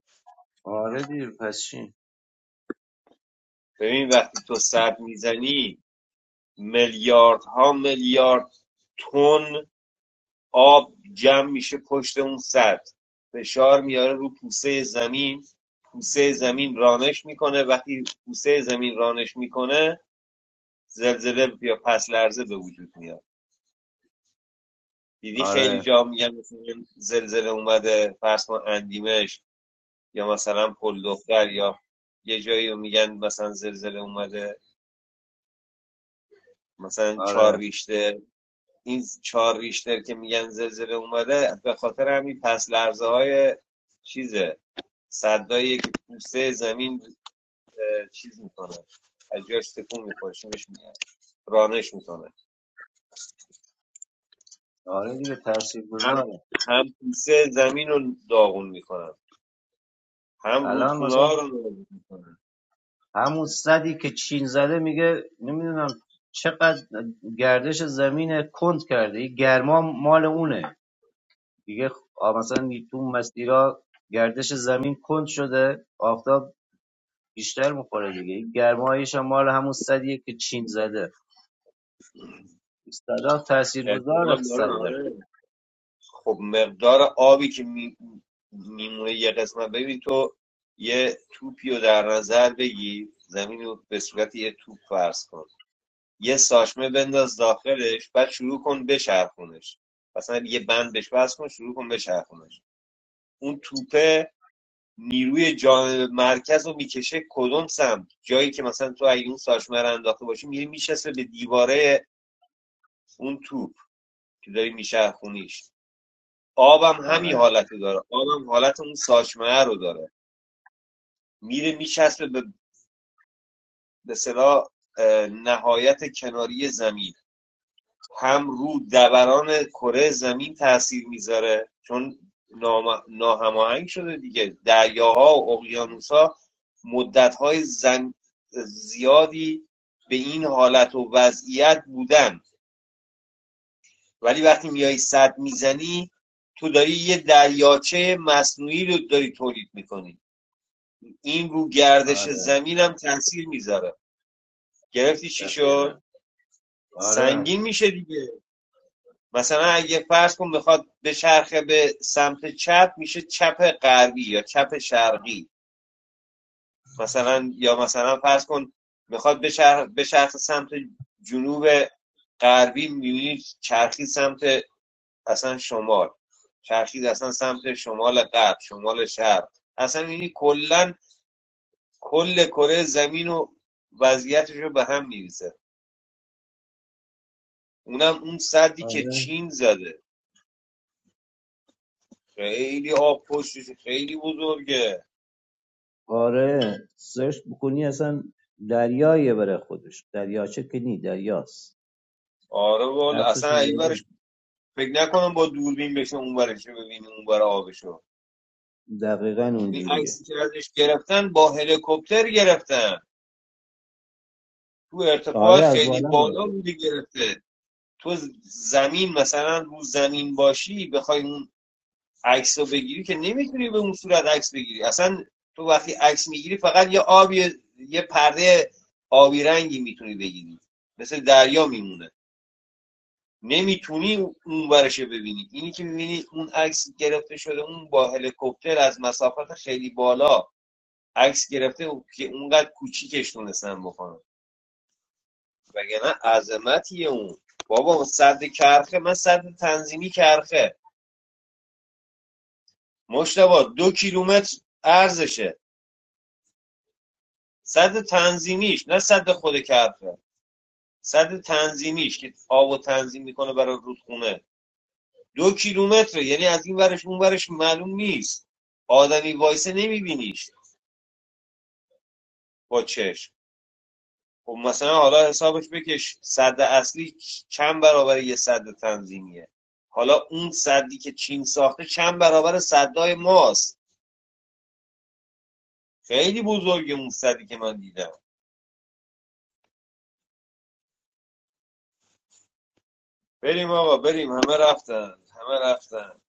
Speaker 16: آره دیگه پس چی
Speaker 4: ببین وقتی تو صد میزنی میلیارد ها میلیارد تن آب جمع میشه پشت اون سد فشار میاره رو پوسه زمین پوسه زمین رانش میکنه وقتی پوسه زمین رانش میکنه زلزله یا پس لرزه به وجود میاد دیدی خیلی
Speaker 16: آره
Speaker 4: جا میگن مثلا زلزله اومده فرض کن اندیمش یا مثلا پل دختر یا یه جایی رو میگن مثلا زلزله اومده مثلا چهار
Speaker 16: آره
Speaker 4: ریشته این چهار ریشتر که میگن زلزله اومده به خاطر همین پس لرزه های چیزه صدایی که پوسته زمین چیز میکنه از جاش تکون میخوره شونش میاد رانش میکنه
Speaker 16: آره دیگه
Speaker 4: هم
Speaker 16: تاثیرگذاره
Speaker 4: هم پوسته زمین رو داغون میکنه هم
Speaker 16: الان
Speaker 4: رودخونه
Speaker 16: مثلا
Speaker 4: ها رو نابود میکنن
Speaker 16: همون صدی که چین زده میگه نمیدونم چقدر گردش زمین کند کرده این گرما مال اونه دیگه آ- مثلا تو مسیرها گردش زمین کند شده آفتاب بیشتر میخوره دیگه این گرمایش هم مال همون صدیه که چین زده صدا تاثیرگذار
Speaker 4: احتمال داره
Speaker 16: صد در
Speaker 4: آره خب مقدار آبی که می- میمونه یه قسمت ببین تو یه توپی رو در نظر بگی زمین رو به صورت یه توپ فرض کن یه ساشمه بنداز داخلش بعد شروع کن بچرخونش مثلا یه بند بهش بس کن شروع کن بچرخونش اون توپه نیروی جانب مرکز رو میکشه کدوم سمت جایی که مثلا تو اگه اون ساشمه رو انداخته باشی میری میشسته به دیواره اون توپ که داری میچرخونیش آبم هم همین
Speaker 16: آره
Speaker 4: حالت رو داره آبم حالت اون ساشمه رو داره میره میچسبه به به صلاح نهایت کناری زمین هم رو دبران کره زمین تاثیر میذاره چون نام- ناهماهنگ شده دیگه دریاها و اقیانوسها مدتهای زن... زیادی به این حالت و وضعیت بودن ولی وقتی میای صد میزنی تو داری یه دریاچه مصنوعی رو داری تولید میکنی این رو گردش
Speaker 16: آره
Speaker 4: زمین هم تاثیر میذاره گرفتی چی شد
Speaker 16: دقیقه آره
Speaker 4: سنگین میشه دیگه مثلا اگه فرض کن میخواد به چرخه به سمت چپ میشه چپ غربی یا چپ شرقی مثلا یا مثلا فرض کن میخواد به چرخ به چرخ سمت جنوب غربی میبینی چرخی سمت اصلا شمال چرخید اصلا سمت شمال غرب شمال شرق اصلا یعنی کلا کل کره زمین و وضعیتش رو به هم میریزه اونم اون صدی
Speaker 16: آره
Speaker 4: که چین زده خیلی آب پشتش خیلی بزرگه
Speaker 16: آره سرچ بکنی اصلا دریایه برای خودش دریاچه که نی دریاست
Speaker 4: آره والا
Speaker 16: عکسش
Speaker 4: اصلا
Speaker 16: رو بذار.
Speaker 4: ایورش فکر نکنم با دوربین بشه اون برش ببینی اون بر آبشو
Speaker 16: دقیقا
Speaker 4: این
Speaker 16: اونجوریه
Speaker 4: عکسی که ازش گرفتن با هلیکوپتر گرفتن تو ارتفاع
Speaker 16: آره از
Speaker 4: خیلی
Speaker 16: بالا بره
Speaker 4: بالا بوده گرفته تو زمین مثلا رو زمین باشی بخوای اون عکس رو بگیری که نمیتونی به اون صورت عکس بگیری اصلا تو وقتی عکس میگیری فقط یه آبی یه پرده آبی رنگی میتونی بگیری مثل دریا میمونه نمیتونی اون ورش ببینی اینی که میبینی اون عکس گرفته شده اون با هلیکوپتر از مسافت خیلی بالا عکس گرفته که اونقدر کوچیکش تونستن بکنن وگرنه عظمتیه اون بابا صد کرخه من صد تنظیمی کرخه مشتبا دو کیلومتر ارزشه صد تنظیمیش نه صد خود کرخه صد تنظیمیش که آب و تنظیم میکنه برای رودخونه دو کیلومتره یعنی از این ورش اون ورش معلوم نیست آدمی وایسه نمیبینیش با چشم خب مثلا حالا حسابش بکش صد اصلی چند برابر یه صد تنظیمیه حالا اون صدی که چین ساخته چند برابر صدای ماست خیلی بزرگه اون صدی که من دیدم بریم آقا بریم همه رفتن همه رفتن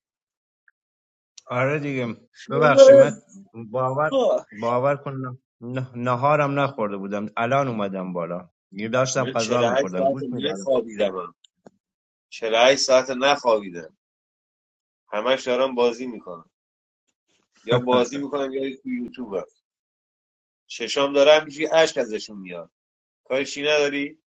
Speaker 16: آره دیگه ببخشید من باور
Speaker 4: آه.
Speaker 16: باور کن نه- نهارم نخورده بودم الان اومدم بالا دیگه داشتم
Speaker 4: من
Speaker 16: غذا
Speaker 4: 48
Speaker 16: میخوردم
Speaker 4: ساعت
Speaker 16: گوش میدادم
Speaker 4: نخوابیدم 48 ساعت نخوابیدم همش دارم بازی میکنم یا بازی میکنم یا تو یوتیوب هم. چشام داره همینجوری اشک ازشون میاد کارشی نداری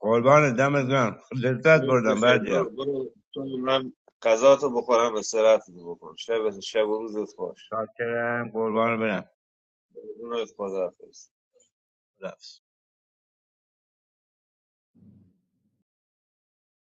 Speaker 16: قربان دمت گرم لذت
Speaker 4: برو
Speaker 16: بردم
Speaker 4: بخیر
Speaker 16: بردیا
Speaker 4: برو برو تو من غذا تو بخورم استراحت بکن شب شب و روزت خوش
Speaker 16: شاکرم قربان
Speaker 4: بدونت خدا
Speaker 16: برم